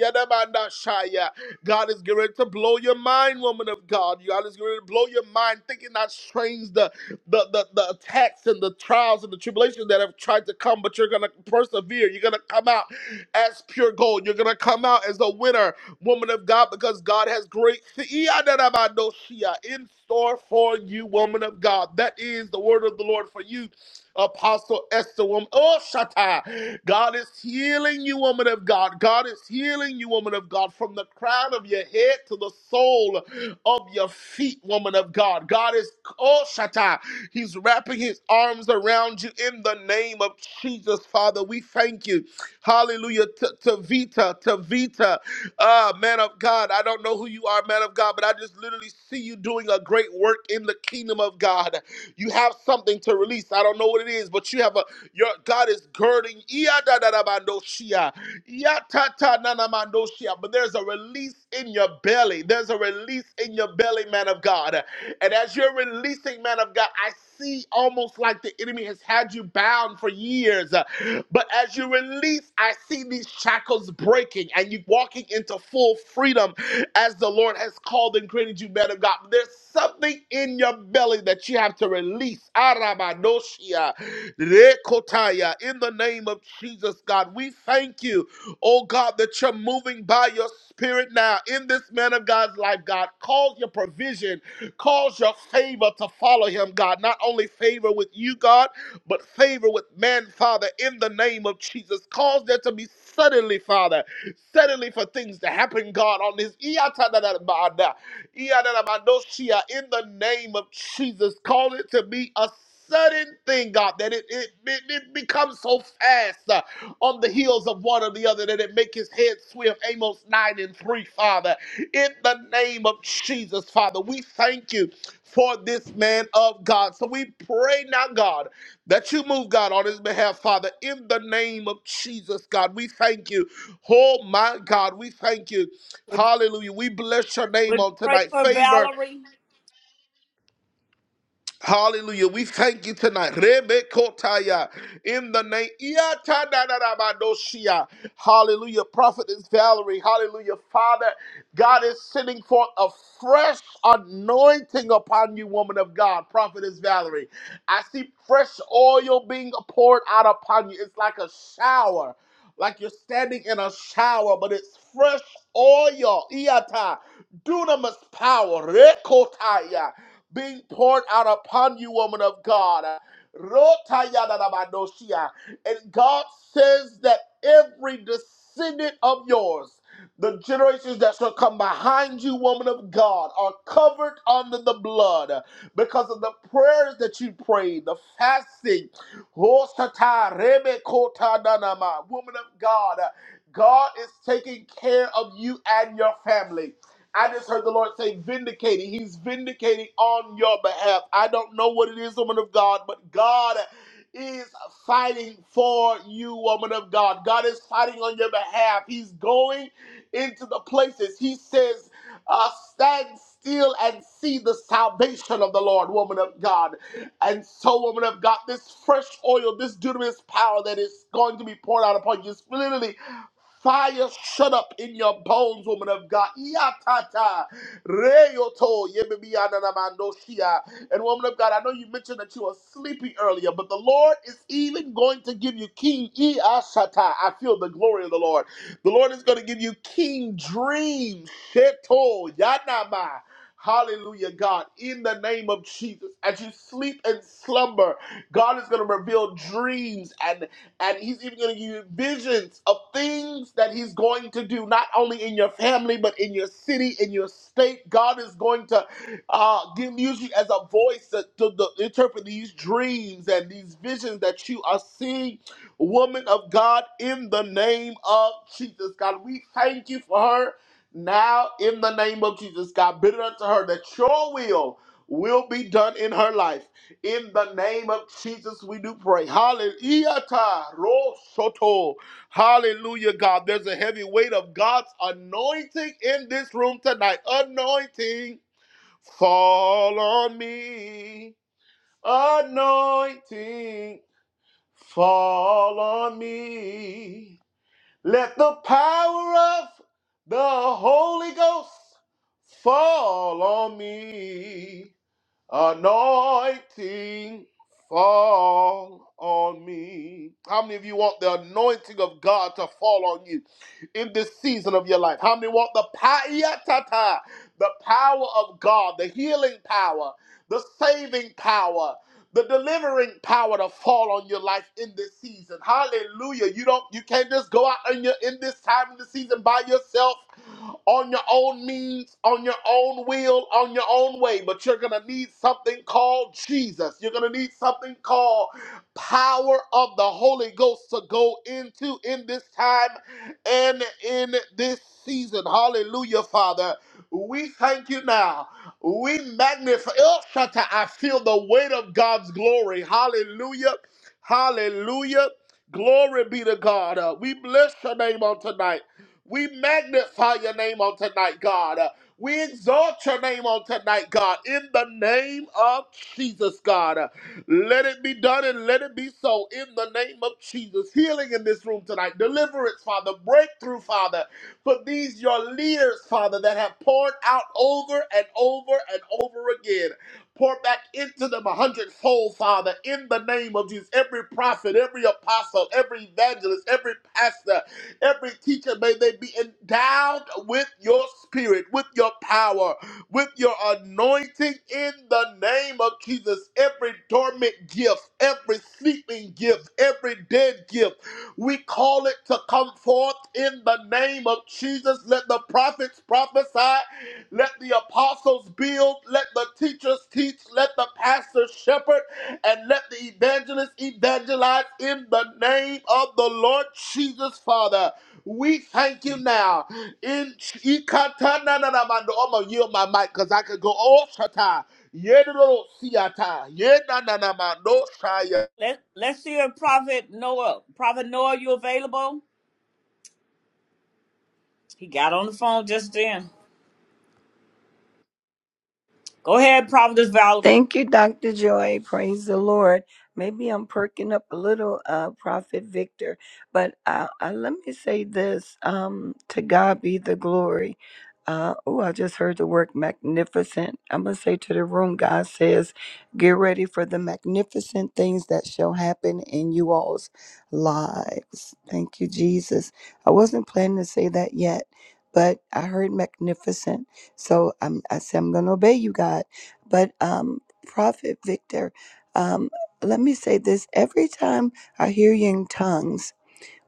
[SPEAKER 17] God is getting ready to blow your mind, woman of God. God is getting ready to blow your mind, thinking not strange the, the, the, the attacks and the trials and the tribulations that have tried to come, but you're going to persevere. You're going to come out as pure gold. You're going to come out as a winner, woman of God, because God has great in store for you, woman of God. That is the word of the Lord for you Apostle Esther, woman. Oh, Shatta. God is healing you, woman of God. God is healing you, woman of God, from the crown of your head to the sole of your feet, woman of God. God is, oh, Shatta. He's wrapping his arms around you in the name of Jesus, Father. We thank you. Hallelujah. T- Tavita, Tavita, uh, man of God. I don't know who you are, man of God, but I just literally see you doing a great work in the kingdom of God. You have something to release. I don't know what it is, but you have a your God is girding. Iyadadadabandoshia, Iyatatanamandoshia. But there's a release in your belly. There's a release in your belly, man of God. And as you're releasing, man of God, I see almost like the enemy has had you bound for years. Uh, But as you release, I see these shackles breaking and you walking into full freedom as the Lord has called and created you, man of God. There's something in your belly that you have to release. Arabadoshia, rekotaya. In the name of Jesus, God, we thank you, oh God, that you're moving by your spirit now in this man of God's life, God. Cause your provision cause your favor to follow him, God. Not only favor with you, God, but favor with man, Father, in the name of Jesus. Cause there to be suddenly, Father, suddenly for things to happen, God, on this. Iyatadadabada, Iyadadabadoshia, In the name of Jesus, call it to be a sudden thing, God, that it, it, it, it becomes so fast uh, on the heels of one or the other that it make his head swim. Amos 9 and 3, Father in the name of Jesus, Father. We thank you for this man of God. So we pray now, God, that you move, God, on his behalf, Father, in the name of Jesus, God. We thank you. Oh, my God, we thank you. Hallelujah. We bless your name
[SPEAKER 1] Would you
[SPEAKER 17] on
[SPEAKER 1] pray
[SPEAKER 17] tonight.
[SPEAKER 1] for
[SPEAKER 17] Favor.
[SPEAKER 1] Valerie?
[SPEAKER 17] Hallelujah. We thank you tonight. Rebekotaya. In the name. Iatadadadabadoshia. Hallelujah. Prophetess Valerie. Hallelujah. Father, God is sending forth a fresh anointing upon you, woman of God. Prophetess Valerie. I see fresh oil being poured out upon you. It's like a shower. Like you're standing in a shower, but it's fresh oil. Iata. Dunamis power. Rekotaya being poured out upon you, woman of God. And God says that every descendant of yours, the generations that shall come behind you, woman of God, are covered under the blood because of the prayers that you prayed, the fasting. Woman of God, God is taking care of you and your family. I just heard the Lord say, vindicating. He's vindicating on your behalf. I don't know what it is, woman of God, but God is fighting for you, woman of God. God is fighting on your behalf. He's going into the places. He says, uh, stand still and see the salvation of the Lord, woman of God. And so, woman of God, this fresh oil, this dunamis power that is going to be poured out upon you, is literally Fire shut up in your bones, woman of God. Iatata, reyoto, yebebiyananamandosia. And woman of God, I know you mentioned that you were sleepy earlier, but the Lord is even going to give you King Iasata. I feel the glory of the Lord. The Lord is going to give you King Dreams. Sheto, yanama. Hallelujah, God, in the name of Jesus. As you sleep and slumber, God is going to reveal dreams and. And he's even going to give you visions of things that he's going to do, not only in your family, but in your city, in your state. God is going to uh, give, use you as a voice to, to the, interpret these dreams and these visions that you are seeing, woman of God, in the name of Jesus. God, we thank you for her now in the name of Jesus. God, bid it unto her that your will will be done in her life in the name of Jesus, we do pray. Hallelujah. Ta, Hallelujah, God. There's a heavy weight of God's anointing in this room tonight. Anointing, fall on me. Anointing, fall on me. Let the power of the Holy Ghost fall on me. Anointing fall on me. How many of you want the anointing of God to fall on you in this season of your life? How many want the payatata, the power of God, the healing power, the saving power? the delivering power to fall on your life in this season. Hallelujah. You don't you can't just go out in your in this time in the season by yourself on your own means, on your own will, on your own way, but you're going to need something called Jesus. You're going to need something called power of the Holy Ghost to go into in this time and in this season. Hallelujah, Father. We thank you now we magnify. El Shaddai, I feel the weight of God's glory. Hallelujah. Hallelujah. Glory be to God. Uh, we bless your name on tonight. We magnify your name on tonight, God. Uh, we exalt your name on tonight, God. In the name of Jesus, God. Uh, let it be done and let it be so. In the name of Jesus. Healing in this room tonight. Deliverance, Father. Breakthrough, Father but these your leaders, Father, that have poured out over and over and over again. Pour back into them a hundredfold, Father, in the name of Jesus. Every prophet, every apostle, every evangelist, every pastor, every teacher, may they be endowed with your spirit, with your power, with your anointing in the name of Jesus. Every dormant gift, every sleeping gift, every dead gift we call it to come forth in the name of Jesus. Let the prophets prophesy. Let the apostles build. Let the teachers teach. Let the pastors shepherd. And let the evangelists evangelize in the name of the Lord Jesus, Father. We thank you now. In Ikatananamando. I'm going to yield my mic because I could go all shata. Yedro siata. Yenananamando shaya.
[SPEAKER 1] Let Let's see if Prophet Noah. Prophet Noah, you available? He got on the phone just then. Go ahead, Prophetess Valerie.
[SPEAKER 20] Thank you, Dr. Joy. Praise the Lord. Maybe I'm perking up a little, uh, Prophet Victor, but uh, uh, let me say this um, to God be the glory. Uh, oh, I just heard the word magnificent. I'm going to say to the room, God says, get ready for the magnificent things that shall happen in you all's lives. Thank you, Jesus. I wasn't planning to say that yet, but I heard magnificent. So I'm, I said, I'm going to obey you, God but um, Prophet Victor, um, let me say this: every time I hear you in tongues,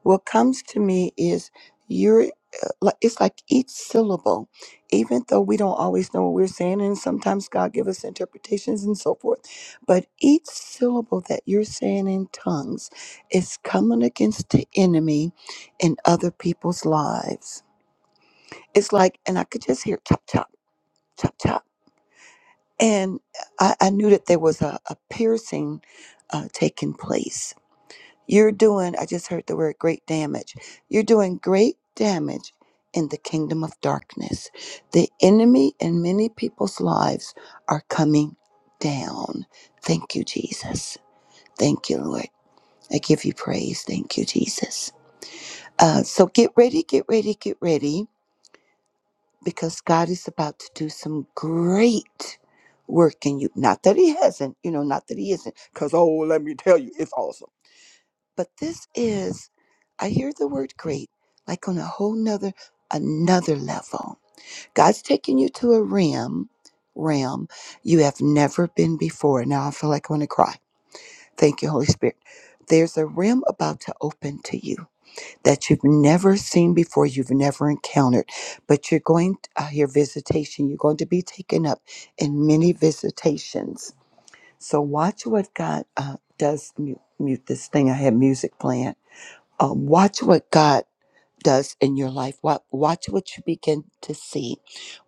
[SPEAKER 20] what comes to me is you're. uh, Like it's like each syllable, even though we don't always know what we're saying, and sometimes God give us interpretations and so forth, but each syllable that you're saying in tongues is coming against the enemy in other people's lives. It's like, and I could just hear chop chop chop chop and I, I knew that there was a, a piercing uh, taking place. You're doing, I just heard the word great damage. You're doing great damage in the kingdom of darkness. The enemy in many people's lives are coming down. Thank you, Jesus. Thank you, Lord. I give you praise. Thank you, Jesus. Uh, so get ready, get ready, get ready because God is about to do some great work in you. Not that He hasn't, you know, not that He isn't, because, oh, let me tell you, it's awesome. But this is, I hear the word great, like on a whole nother, another level. God's taking you to a realm, realm you have never been before. Now I feel like I want to cry. Thank you, Holy Spirit. There's a realm about to open to you that you've never seen before, you've never encountered. But you're going to hear visitation. You're going to be taken up in many visitations. So watch what God uh, does. Mute, mute this thing. I have music playing. Um, watch what God does in your life. Watch, watch what you begin to see.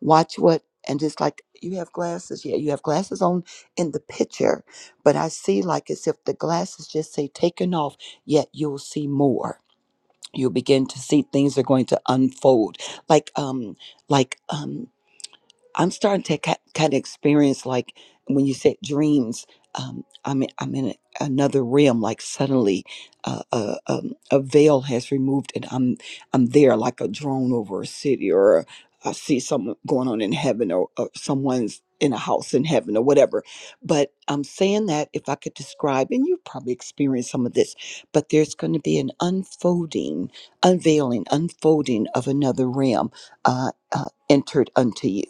[SPEAKER 20] Watch what, and it's like you have glasses. Yeah, you have glasses on in the picture, but I see like as if the glasses just say taken off, yet you'll see more you begin to see things are going to unfold like um like um I'm starting to kind of experience like when you said dreams. Um, I'm in, I'm in another realm. Like suddenly, uh, uh, um, a veil has removed, and I'm I'm there like a drone over a city, or I see something going on in heaven, or, or someone's in a house in heaven, or whatever. But I'm saying that if I could describe, and you probably experienced some of this, but there's going to be an unfolding, unveiling, unfolding of another realm uh, uh, entered unto you.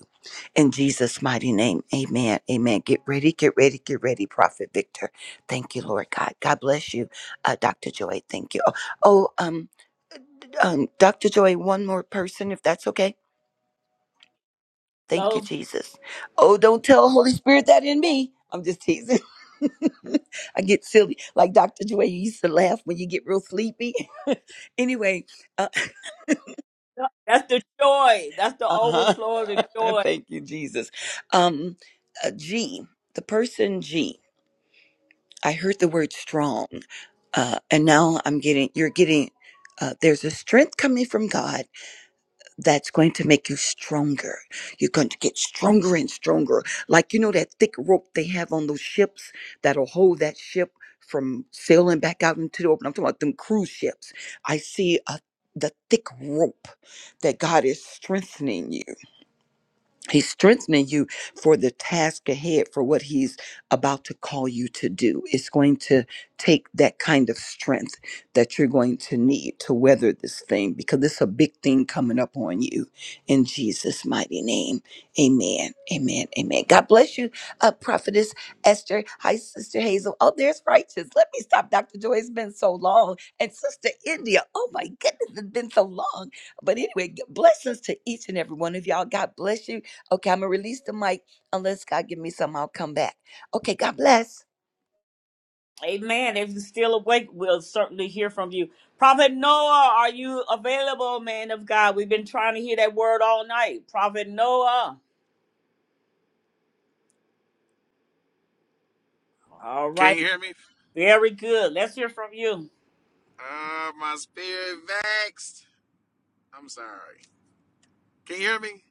[SPEAKER 20] In Jesus' mighty name, amen. Amen. Get ready, get ready, get ready, Prophet Victor. Thank you, Lord God. God bless you, uh, Dr. Joy. Thank you. Oh, oh, um, um, Dr. Joy, one more person, if that's okay. Thank you,
[SPEAKER 1] Hello.
[SPEAKER 20] Jesus. Oh, don't tell Holy Spirit that in me. I'm just teasing. I get silly. Like Dr. Joy, you used to laugh when you get real sleepy. anyway, uh
[SPEAKER 1] That's the joy. That's the
[SPEAKER 20] huh.
[SPEAKER 1] overflow of the joy.
[SPEAKER 20] Thank you, Jesus. Um, uh, G, the person G. I heard the word strong, uh, and now I'm getting you're getting. Uh, there's a strength coming from God that's going to make you stronger. You're going to get stronger and stronger. Like, you know, that thick rope they have on those ships that'll hold that ship from sailing back out into the open. I'm talking about them cruise ships. I see a, the thick rope that God is strengthening you. He's strengthening you for the task ahead, for what he's about to call you to do. It's going to take that kind of strength that you're going to need to weather this thing because it's a big thing coming up on you in Jesus' mighty name. Amen. Amen. Amen. God bless you, uh, Prophetess Esther. Hi, Sister Hazel. Oh, there's Righteous. Let me stop. Dr. Joy, it's been so long. And Sister India. Oh, my goodness, it's been so long. But anyway, blessings to each and every one of y'all. God bless you. Okay, I'm gonna release the mic unless God give me something. I'll come back. Okay, God bless.
[SPEAKER 1] Amen. If you're still awake, we'll certainly hear from you. Prophet Noah, are you available, man of God? We've been trying to hear that word all night. Prophet Noah. All
[SPEAKER 14] Can
[SPEAKER 1] right.
[SPEAKER 14] you hear me?
[SPEAKER 1] Very good. Let's hear from you.
[SPEAKER 14] Uh, my spirit vexed. I'm sorry. Can you hear me?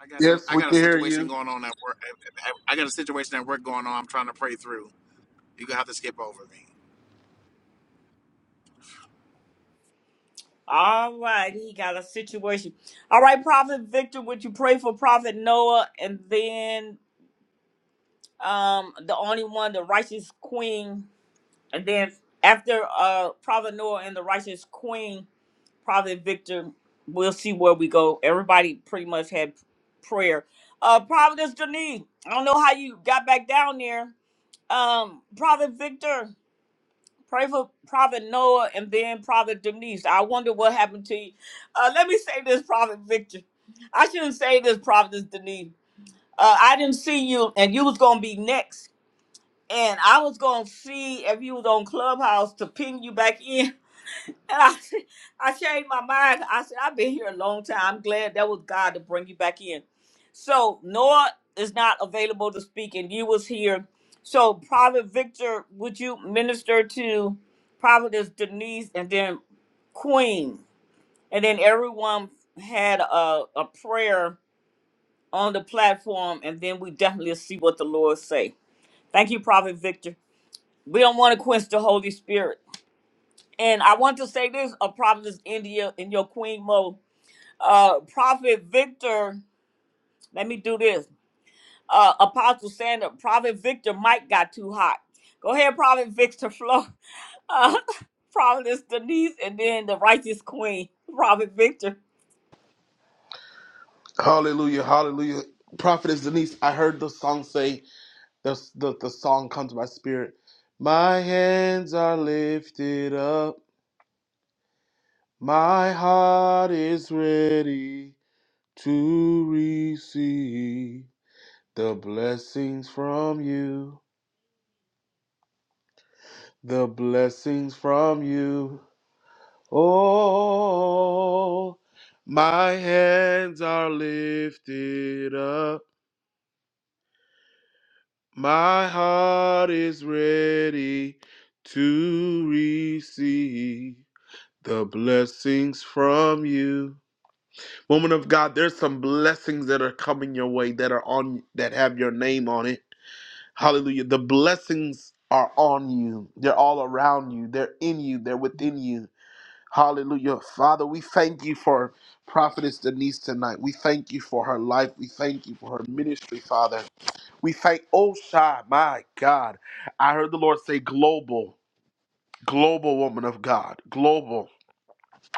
[SPEAKER 14] I got some.
[SPEAKER 17] Yes,
[SPEAKER 14] I
[SPEAKER 17] we
[SPEAKER 14] got a
[SPEAKER 17] can hear
[SPEAKER 14] situation
[SPEAKER 17] you.
[SPEAKER 14] going on at work. I I- I got a situation at work going on. I'm trying to pray through. You gonna have to skip over me.
[SPEAKER 1] All right, he got a situation. All right, Prophet Victor, would you pray for Prophet Noah and then um the only one, the righteous queen, and then after uh Prophet Noah and the righteous queen, Prophet Victor, we'll see where we go. Everybody pretty much had prayer. Uh Providence Denise, I don't know how you got back down there. Um Prophet Victor. Pray for Prophet Noah and then Prophet Denise. I wonder what happened to you. Uh, let me say this, Prophet Victor. I shouldn't say this, Prophet Denise. Uh, I didn't see you, and you was gonna be next, and I was gonna see if you was on Clubhouse to ping you back in. And I, I changed my mind. I said, I've been here a long time. I'm glad that was God to bring you back in. So Noah is not available to speak, and you was here. So Prophet Victor, would you minister to Prophetess Denise and then Queen? And then everyone had a, a prayer on the platform, and then we definitely see what the Lord say. Thank you, Prophet Victor. We don't want to quench the Holy Spirit. And I want to say this, a prophetess India in your queen mode. Uh, Prophet Victor, let me do this. Uh, Apostle Sandra, Prophet Victor mic got too hot. Go ahead, Prophet Victor Flow. Uh, Prophetess Denise, and then the righteous queen, Prophet Victor.
[SPEAKER 17] Hallelujah, hallelujah. Prophetess Denise, I heard the song say, the, the, the song comes to my spirit. My hands are lifted up, my heart is ready to receive the blessings from you, the blessings from you. Oh, my hands are lifted up. My heart is ready to receive the blessings from you. Woman of God, there's some blessings that are coming your way that are on that have your name on it. Hallelujah. The blessings are on you. They're all around you. They're in you. They're within you. Hallelujah. Father, we thank you for Prophetess Denise tonight. We thank you for her life. We thank you for her ministry, Father. We thank Osha, my God. I heard the Lord say global, global woman of God, global.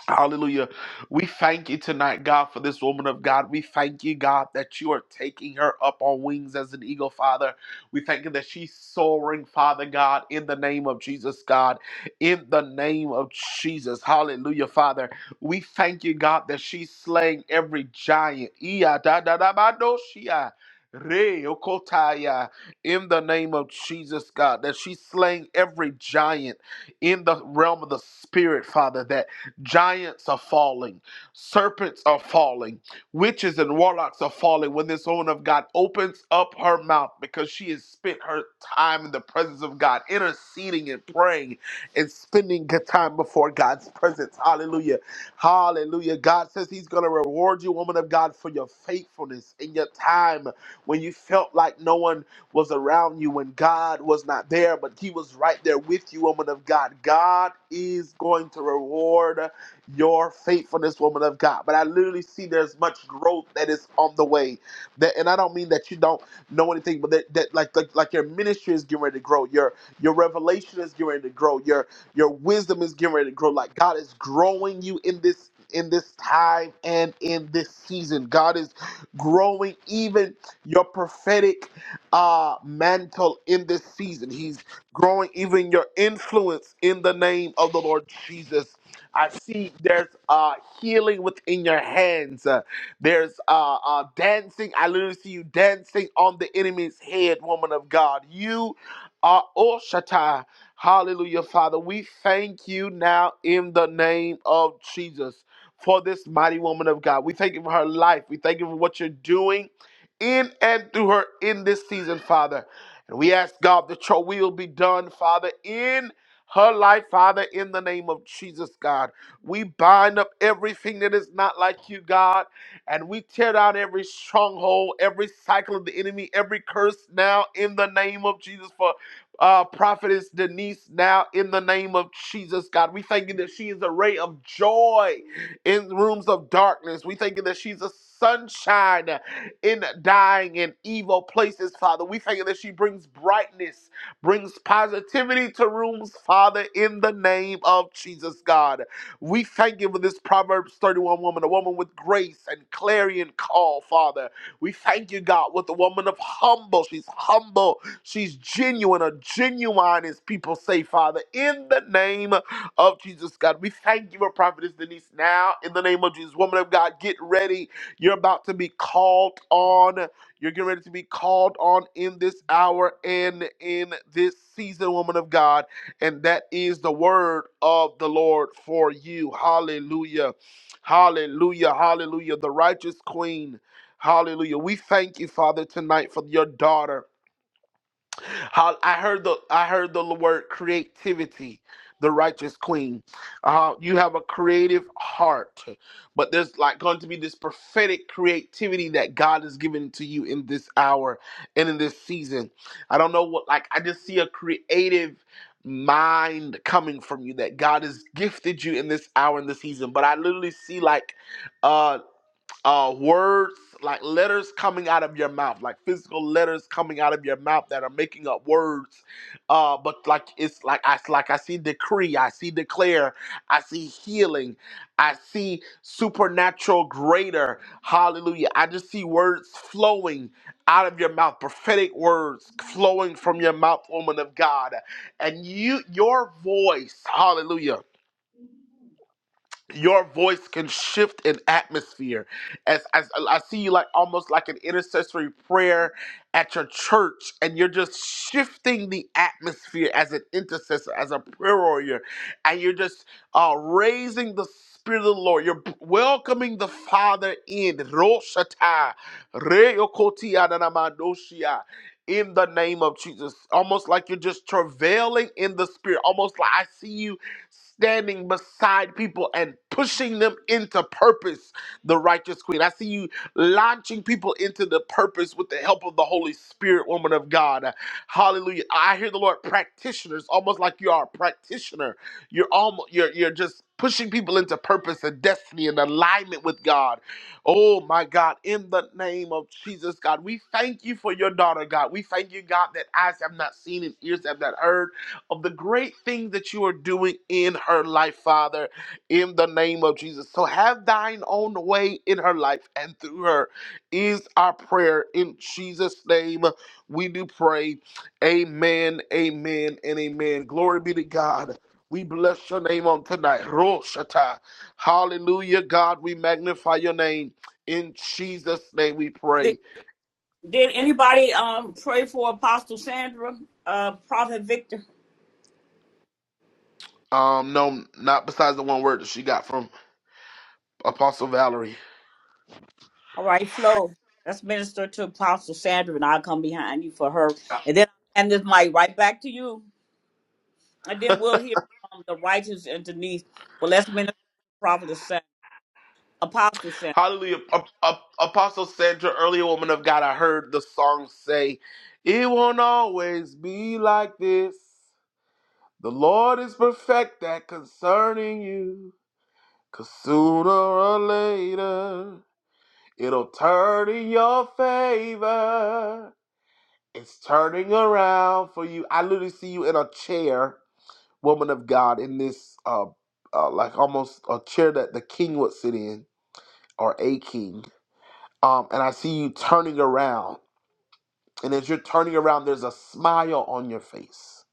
[SPEAKER 17] Hallelujah. We thank you tonight, God, for this woman of God. We thank you, God, that you are taking her up on wings as an eagle, Father. We thank you that she's soaring, Father God, in the name of Jesus, God, in the name of Jesus. Hallelujah, Father. We thank you, God, that she's slaying every giant. Iya da da da ba do shia. Re okotaya. In the name of Jesus, God, that she's slaying every giant in the realm of the Spirit, Father, that Giants are falling, serpents are falling, witches and warlocks are falling when this woman of God opens up her mouth because she has spent her time in the presence of God, interceding and praying and spending good time before God's presence. Hallelujah. Hallelujah. God says He's going to reward you, woman of God, for your faithfulness in your time when you felt like no one was around you when God was not there, but He was right there with you, woman of God. God is going to reward your faithfulness, woman of God. But I literally see there's much growth that is on the way. That, and I don't mean that you don't know anything, but that, that like, like like your ministry is getting ready to grow, your your revelation is getting ready to grow, your your wisdom is getting ready to grow. Like God is growing you in this in this time and in this season. God is growing even your prophetic uh mantle in this season. He's growing even your influence in the name of the Lord Jesus. I see there's uh, healing within your hands. Uh, there's uh, uh, dancing. I literally see you dancing on the enemy's head, woman of God. You are Oshata. Hallelujah, Father. We thank you now in the name of Jesus for this mighty woman of God. We thank you for her life. We thank you for what you're doing in and through her in this season, Father. And we ask God that your will be done, Father, in her life, Father, in the name of Jesus, God. We bind up everything that is not like you, God, and we tear down every stronghold, every cycle of the enemy, every curse now in the name of Jesus for uh, prophetess Denise now in the name of Jesus, God. We thank you that she is a ray of joy in rooms of darkness. We thank you that she's a sunshine in dying and evil places, Father. We thank you that she brings brightness brings positivity to rooms, Father, in the name of Jesus, God. We thank you for this Proverbs 31 woman, a woman with grace and clarion call, Father. We thank you, God, with the woman of humble. She's humble, she's genuine, a genuine, as people say, Father, in the name of Jesus, God. We thank you for Prophetess Denise now, in the name of Jesus. Woman of God, get ready. You're about to be called on. You're getting ready to be called on in this hour and in this season, woman of God. And that is the word of the Lord for you. Hallelujah. Hallelujah. Hallelujah. The righteous queen. Hallelujah. We thank you, Father, tonight for your daughter. How I heard the I heard the word creativity, the righteous queen. Uh, you have a creative heart, but there's like going to be this prophetic creativity that God is giving to you in this hour and in this season. I don't know what like I just see a creative mind coming from you that God has gifted you in this hour and this season. But I literally see like uh uh, words, like letters coming out of your mouth, like physical letters coming out of your mouth that are making up words. Uh, but like it's like I like I see decree, I see declare, I see healing, I see supernatural greater. Hallelujah! I just see words flowing out of your mouth, prophetic words flowing from your mouth, woman of God, and you your voice. Hallelujah your voice can shift an atmosphere as, as i see you like almost like an intercessory prayer at your church and you're just shifting the atmosphere as an intercessor as a prayer warrior and you're just uh, raising the spirit of the lord you're b- welcoming the father in roshata reyokotia nanamadoshia in the name of jesus almost like you're just travailing in the spirit almost like i see you standing beside people and pushing them into purpose, the righteous queen. I see you launching people into the purpose with the help of the Holy Spirit, woman of God. Hallelujah. I hear the Lord practitioners, almost like you are a practitioner. You're almost you're you're just pushing people into purpose and destiny and alignment with God. Oh my God, in the name of Jesus, God, we thank you for your daughter, God. We thank you, God, that eyes have not seen and ears have not heard of the great thing that you are doing in her life, Father, in the name of Jesus. So have thine own way in her life and through her is our prayer. In Jesus' name, we do pray. Amen, amen, and amen. Glory be to God. We bless your name on tonight. Roshata. Hallelujah, God. We magnify your name. In Jesus' name we
[SPEAKER 1] Did,
[SPEAKER 17] pray.
[SPEAKER 1] did anybody um pray for Apostle Sandra? Uh, Prophet Victor.
[SPEAKER 17] Um, no, not besides the one word that she got from Apostle Valerie.
[SPEAKER 1] All right, Flo. Let's minister to Apostle Sandra, and I'll come behind you for her.
[SPEAKER 17] Uh,
[SPEAKER 1] And then I'll hand this mic right back to you. And then we'll hear from the righteous and Denise. Well, let's minister to Prophet San, Apostle Sandra.
[SPEAKER 17] Hallelujah. A- a- Apostle Sandra, earlier woman of God, I heard the song say, It won't always be like this. The Lord is perfect that concerning you. Cause sooner or later, it'll turn in your favor. It's turning around for you. I literally see you in a chair, woman of God, in this, uh, uh, like almost a chair that the king would sit in, or a king Um, and I see you turning around. And as you're turning around, there's a smile on your face.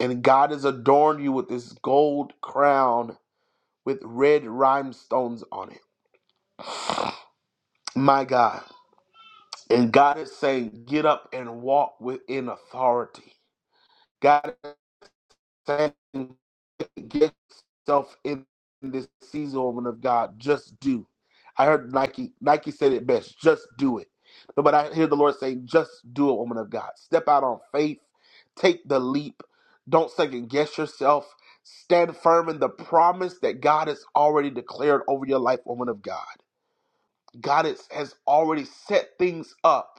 [SPEAKER 17] And God has adorned you with this gold crown with red rhinestones on it. My God. And God is saying, get up and walk within authority. God. saying get yourself in this season woman of God. Just do. I heard Nike Nike said it best. Just do it. But I hear the Lord saying, just do it, woman of God. Step out on faith. Take the leap. Don't second guess yourself. Stand firm in the promise that God has already declared over your life, woman of God. God is, has already set things up.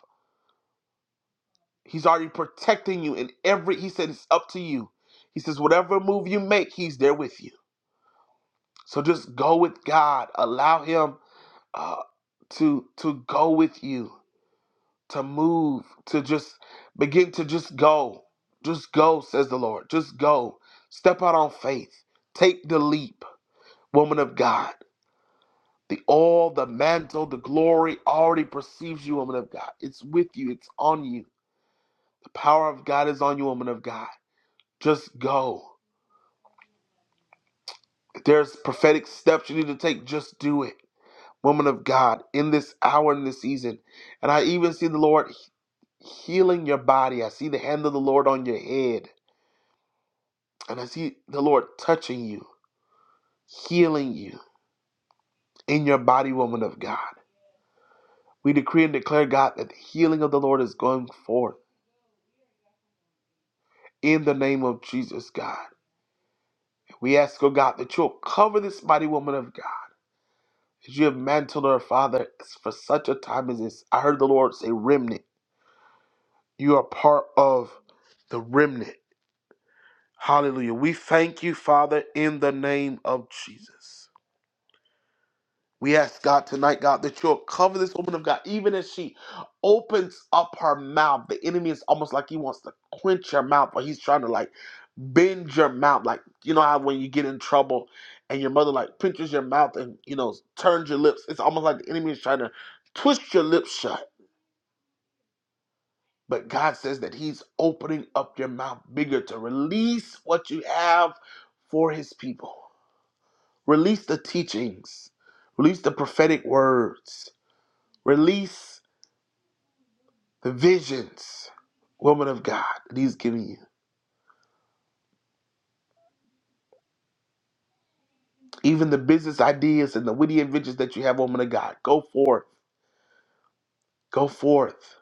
[SPEAKER 17] He's already protecting you in every. He said it's up to you. He says whatever move you make, He's there with you. So just go with God. Allow Him uh, to to go with you, to move, to just begin to just go, just go, says the Lord. Just go. Step out on faith. Take the leap, woman of God. The all, the mantle, the glory already perceives you, woman of God. It's with you. It's on you. The power of God is on you, woman of God. Just go. If there's prophetic steps you need to take, just do it. woman of God, in this hour, in this season. And I even see the Lord healing your body. I see the hand of the Lord on your head. And I see the Lord touching you, healing you in your body, woman of God. We decree and declare, God, that the healing of the Lord is going forth in the name of Jesus, God. We ask, oh God, that you'll cover this mighty woman of God. that you have mantled her, Father, for such a time as this. I heard the Lord say, remnant. You are part of the remnant Hallelujah. We thank you, Father, in the name of Jesus. We ask God tonight, God, that you'll cover this woman of God, even as she opens up her mouth. The enemy is almost like he wants to quench your mouth, or he's trying to like bend your mouth. Like, you know how when you get in trouble and your mother like pinches your mouth and, you know, turns your lips. It's almost like the enemy is trying to twist your lips shut. But God says that he's opening up your mouth bigger to release what you have for his people. Release the teachings, release the prophetic words, release the visions, woman of God, that He's giving you. Even the business ideas and the witty inventions that you have, woman of God. Go forth, go forth.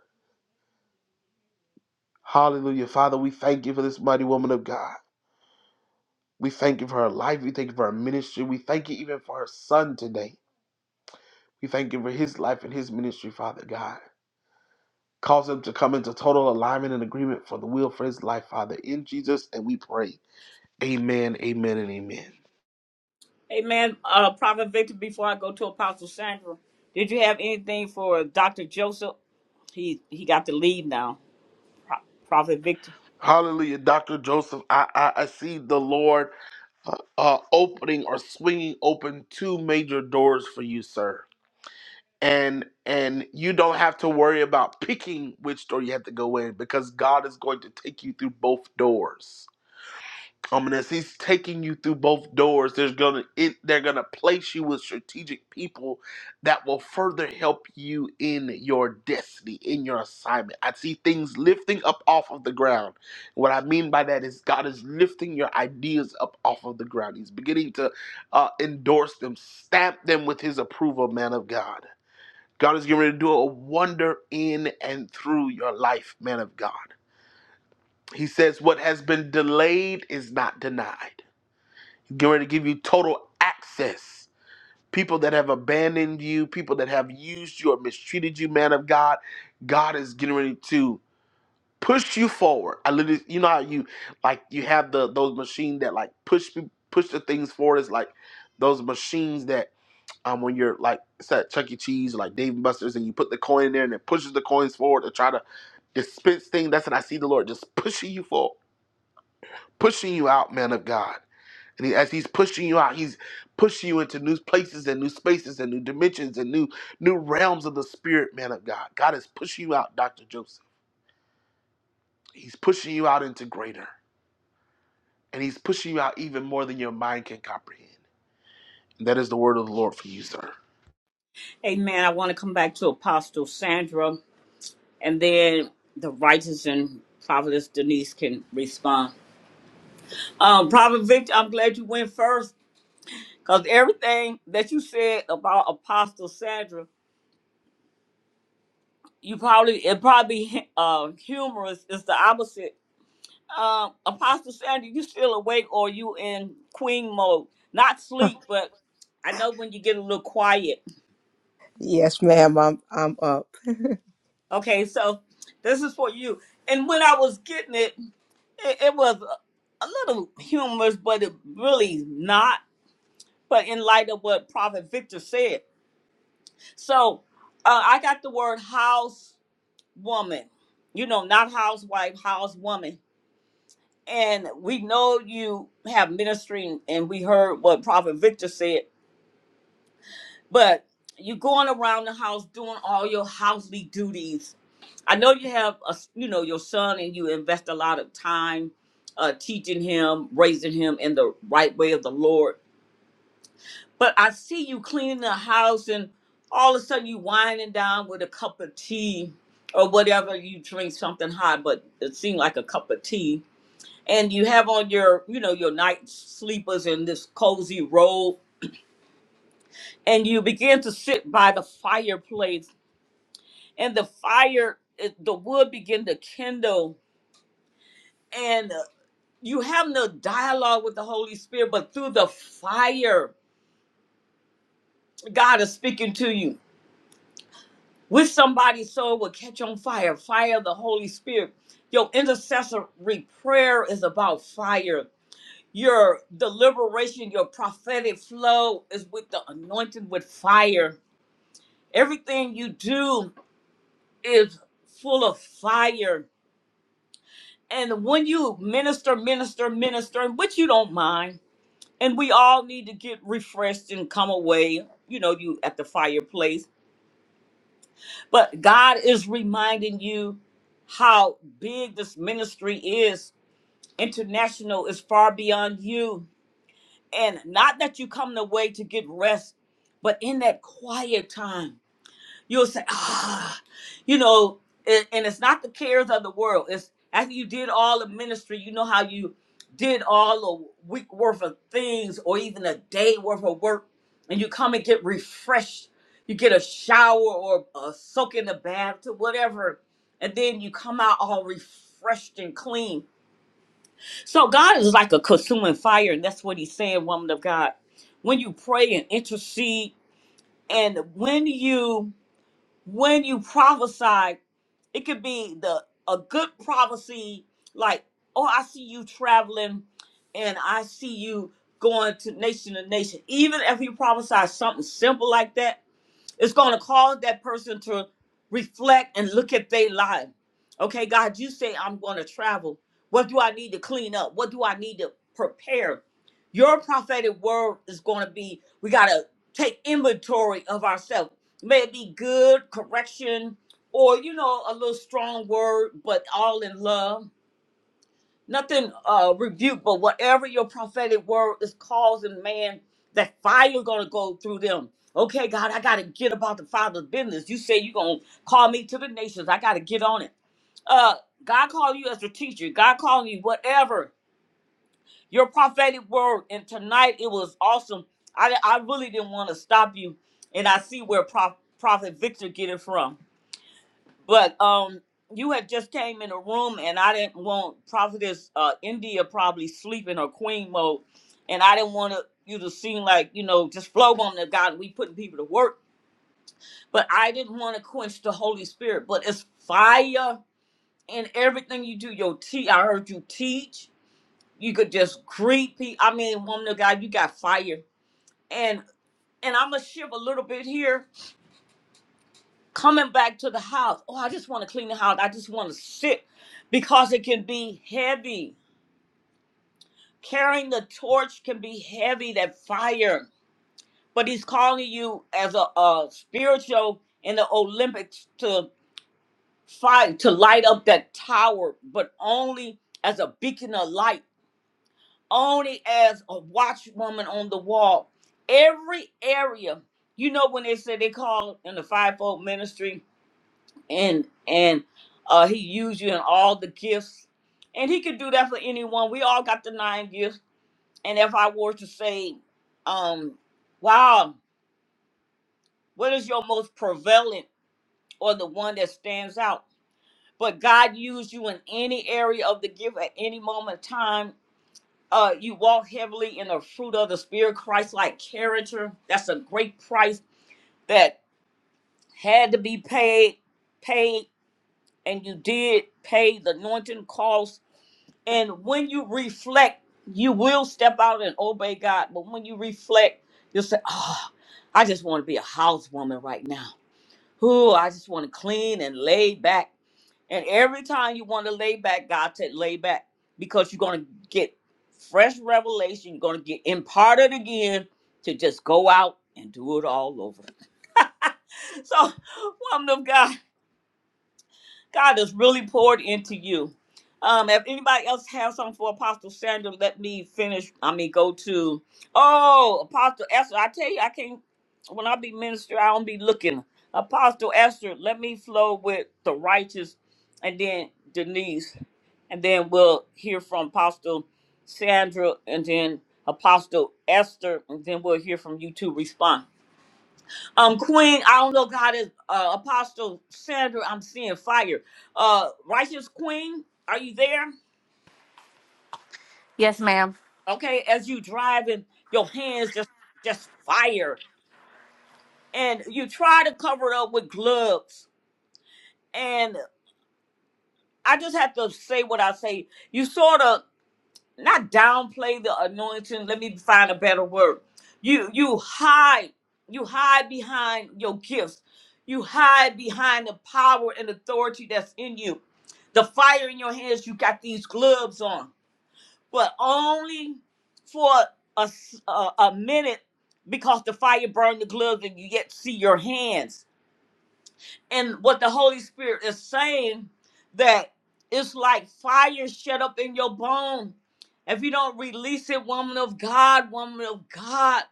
[SPEAKER 17] Hallelujah. Father, we thank you for this mighty woman of God. We thank you for her life. We thank you for her ministry. We thank you even for her son today. We thank you for his life and his ministry, Father God. Cause him to come into total alignment and agreement for the will for his life, Father. In Jesus, and we pray. Amen, amen, and amen.
[SPEAKER 1] Amen. uh, Prophet Victor, before I go to Apostle Sandra, did you have anything for Dr. Joseph? He he got to leave now, Pro- Prophet Victor.
[SPEAKER 17] Hallelujah, Dr. Joseph. I, I, I see the Lord uh, uh, opening or swinging open two major doors for you, sir. And and you don't have to worry about picking which door you have to go in because God is going to take you through both doors. Um, and as he's taking you through both doors, there's gonna it, they're gonna place you with strategic people that will further help you in your destiny, in your assignment. I see things lifting up off of the ground. What I mean by that is God is lifting your ideas up off of the ground. He's beginning to uh, endorse them, stamp them with His approval, man of God. God is getting ready to do a wonder in and through your life, man of God. He says, "What has been delayed is not denied." Get ready to give you total access. People that have abandoned you, people that have used you or mistreated you, man of God, God is getting ready to push you forward. I literally, you know how you like you have the those machines that like push pe- push the things forward. It's like those machines that um when you're like it's at Chuck E. Cheese or like Dave and Buster's and you put the coin in there and it pushes the coins forward to try to dispense things. That's what I see the Lord just pushing you forward, pushing you out, man of God. And he, as he's pushing you out, he's pushing you into new places and new spaces and new dimensions and new new realms of the spirit, man of God. God is pushing you out, Dr. Joseph. He's pushing you out into greater. And he's pushing you out even more than your mind can comprehend. And that is the word of the Lord for you, sir.
[SPEAKER 1] Amen. I want to come back to Apostle Sandra, and then the righteous and Prophetess Denise can respond. Um, Prophet Victor, I'm glad you went first, because everything that you said about Apostle Sandra You probably it probably uh, humorous is the opposite. Um, Apostle Sandy, you still awake or you in queen mode? Not sleep, but I know when you get a little quiet.
[SPEAKER 19] Yes, ma'am. I'm, I'm up.
[SPEAKER 1] Okay, so this is for you. And when I was getting it, it, it was a, a little humorous, but it really not. But in light of what Prophet Victor said, so uh, I got the word house woman. You know, not housewife, house woman and we know you have ministry and we heard what prophet victor said but you are going around the house doing all your housely duties i know you have a s- you know your son and you invest a lot of time uh, teaching him raising him in the right way of the lord but i see you cleaning the house and all of a sudden you winding down with a cup of tea or whatever you drink something hot but it seemed like a cup of tea and you have on your you know your night sleepers and this cozy robe and you begin to sit by the fireplace and the fire it- the wood begin to kindle and uh, you have no dialogue with the holy spirit but through the fire god is speaking to you with somebody so it will catch on fire fire of the holy spirit your intercessory prayer is about fire Your deliberation, your prophetic flow is with the anointing with fire. Everything you do is full of fire. And when you minister, minister, minister, which you don't mind, and we all need to get refreshed and come away, you know, you at the fireplace. But God is reminding you how big this ministry is. International is far beyond you And not that you come the way to get rest, but in that quiet time, you'll say, ah, you know, and, and it's not the cares of the world. It's after you did all the ministry, you know how you did all a week worth of things or even a day worth of work, and you come and get refreshed. You get a shower or a soak in the bath or whatever, and then you come out all refreshed and clean so God is like a consuming fire, and that's what He's saying, woman of God. When you pray and intercede, and when you when you prophesy, it could be the a good prophecy, like, oh, I see you traveling, and I see you going to nation to nation. Even if you prophesy something simple like that, it's going to cause that person to reflect and look at their life. Okay, God, you say I'm going to travel. What do I need to clean up? What do I need to prepare? Your prophetic word is going to be we got to take inventory of ourselves. May it be good, correction, or, you know, a little strong word, but all in love nothing uh rebuke, but whatever your prophetic word is causing man, that fire gonna go through them. Okay, God, I gotta get about the father's business. You say you gonna call me to the nations. I gotta get on it. Uh God called you as a teacher, God called you whatever. Your prophetic word, and tonight it was awesome. I I really didn't want to stop you, and I see where Prof, Prophet Victor get it from. But um, you had just came in a room, and I didn't want Prophetess uh, India probably sleeping or Queen mode, and I didn't want to, you to seem like you know just flow on the God. We putting people to work, but I didn't want to quench the Holy Spirit. But it's fire in everything you do. Your tea, I heard you teach. You could just greet people. I mean, woman of God, you got fire, and and I'm gonna shift a little bit here coming back to the house. Oh, I just want to clean the house. I just want to sit because it can be heavy. Carrying the torch can be heavy, that fire. But he's calling you as a, a spiritual in the Olympics to fight, to light up that tower, but only as a beacon of light, only as a watchwoman on the wall. Every area, you know, when they said they call in the fivefold ministry, and and uh he used you in all the gifts and he could do that for anyone we all got the nine gifts and if i were to say um wow what is your most prevalent or the one that stands out but god used you in any area of the gift at any moment in time uh you walk heavily in the fruit of the spirit christ like character that's a great price that had to be paid paid and you did pay the anointing cost And when you reflect, you will step out and obey God. But when you reflect, you'll say, Oh, I just want to be a housewoman right now. Ooh, I just want to clean and lay back. And every time you want to lay back, God said, lay back because you're going to get fresh revelation. You're going to get imparted again to just go out and do it all over. So, woman of God. God has really poured into you. Um, if anybody else has something for Apostle Sandra, let me finish. I mean, go to oh Apostle Esther. I tell you, I can't. When I be minister, I don't be looking. Apostle Esther, let me flow with the righteous, and then Denise, and then we'll hear from Apostle Sandra, and then Apostle Esther, and then we'll hear from you to Respond. Um, Queen, I don't know if God is uh, Apostle Sandra. I'm seeing fire. Uh, righteous Queen, are you there?
[SPEAKER 21] Yes, ma'am.
[SPEAKER 1] Okay, as you driving, your hands just just fire, and you try to cover it up with gloves. And I just have to say what I say. You sort of not downplay the anointing. Let me find a better word. You you hide, you hide behind your gifts. You hide behind the power and authority that's in you. The fire in your hands, you got these gloves on, but only for a, s- a, a minute because the fire burned the gloves and you yet see your hands and what the Holy Spirit is saying that it's like fire shut up in your bone. If you don't release it, woman of God, woman of God,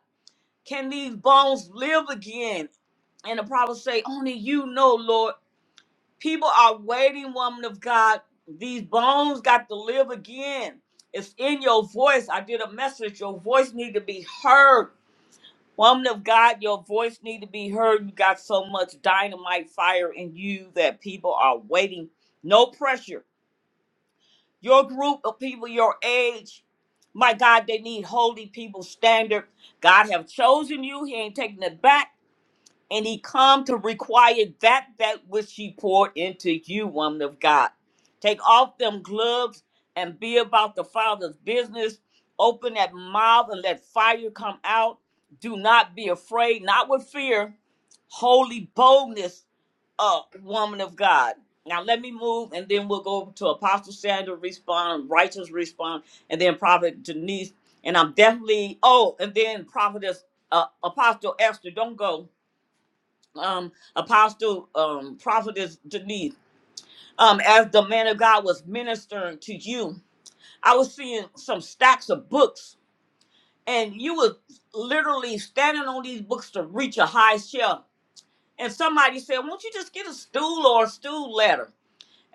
[SPEAKER 1] can these bones live again? And the prophet say, only you know, Lord. People are waiting, woman of God. These bones got to live again. It's in your voice. I did a message. Your voice need to be heard Woman of God, your voice need to be heard. You got so much dynamite fire in you that people are waiting. No pressure. Your group of people, your age, my God, they need holy people standard. God have chosen you. He ain't taking it back and he come to require that that which he poured into you, woman of God. Take off them gloves and be about the Father's business. Open that mouth and let fire come out. Do not be afraid, not with fear, holy boldness, uh, woman of God. Now let me move, and then we'll go to Apostle Sandra respond, righteous respond, and then Prophet Denise. And I'm definitely oh, and then Prophetess uh, Apostle Esther. Don't go um, Apostle um, Prophetess Denise, um, as the man of God was ministering to you, I was seeing some stacks of books, and you were literally standing on these books to reach a high shelf. And somebody said, "Won't you just get a stool or a stool ladder?"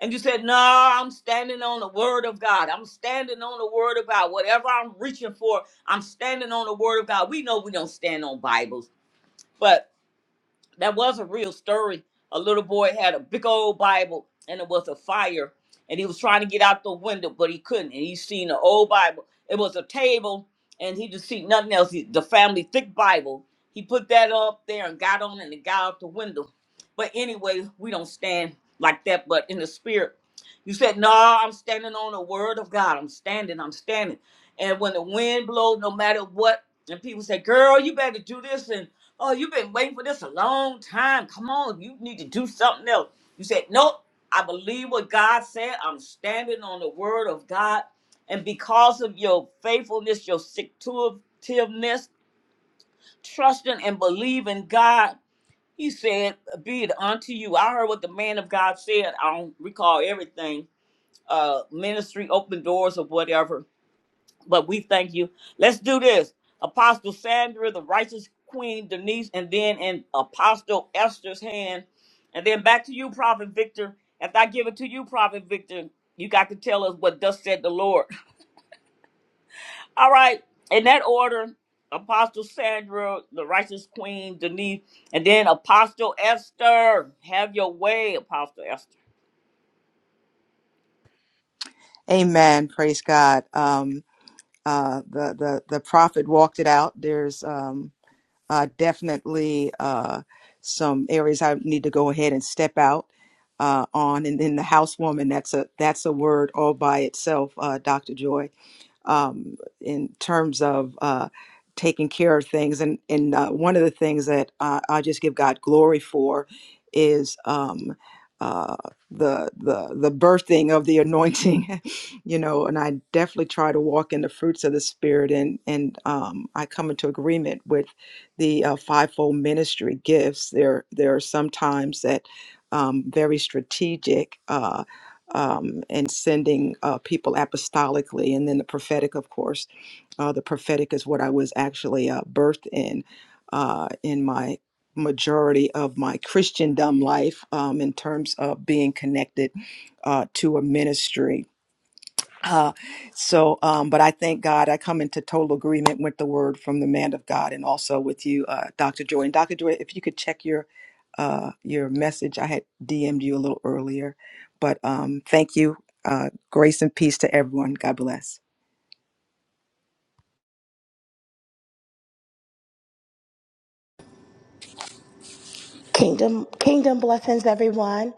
[SPEAKER 1] And you said, "No, I'm standing on the Word of God. I'm standing on the Word of God. Whatever I'm reaching for, I'm standing on the Word of God." We know we don't stand on Bibles, but..." that was a real story. A little boy had a big old Bible and it was a fire and he was trying to get out the window, but he couldn't. And he seen an old Bible. It was a table and he just see nothing else. He, the family thick Bible. He put that up there and got on and it got out the window. But anyway, we don't stand like that, but in the spirit. You said, No, I'm standing on the word of God. I'm standing, I'm standing. And when the wind blows, no matter what, and people say, Girl, you better do this. and Oh, you've been waiting for this a long time. Come on, you need to do something else. You said, Nope, I believe what God said. I'm standing on the word of God. And because of your faithfulness, your securitiveness, trusting and believing God, He said, Be it unto you. I heard what the man of God said. I don't recall everything. Uh, ministry, open doors, or whatever but we thank you. Let's do this. Apostle Sandra, the righteous queen, Denise, and then in Apostle Esther's hand. And then back to you, Prophet Victor. After I give it to you, Prophet Victor, you got to tell us what thus said the Lord. All right. In that order, Apostle Sandra, the righteous queen, Denise, and then Apostle Esther. Have your way, Apostle Esther.
[SPEAKER 19] Amen. Praise God. Um, Uh, the the the prophet walked it out. There's um, uh, definitely uh, some areas I need to go ahead and step out uh, on, and then the housewoman. That's a that's a word all by itself, uh, Doctor Joy um, in terms of uh, taking care of things. And, and uh, one of the things that I, I just give God glory for is um, uh, the, the, the birthing of the anointing, you know, and I definitely try to walk in the fruits of the Spirit. And, and um, I come into agreement with the uh, fivefold ministry gifts. There, there are some times that um, very strategic. uh, um, and sending uh, people apostolically, and then the prophetic, of course. Uh, the prophetic is what I was actually uh, birthed in uh, in my majority of my Christendom life um, in terms of being connected uh, to a ministry uh, so, um, but I thank God I come into total agreement with the word from the man of God and also with you, uh, Dr. Joy. And Dr. Joy, if you could check your uh, your message, I had DM'd you a little earlier, but um, thank you. Uh, grace and peace to everyone. God bless.
[SPEAKER 22] Kingdom, kingdom blessings, everyone.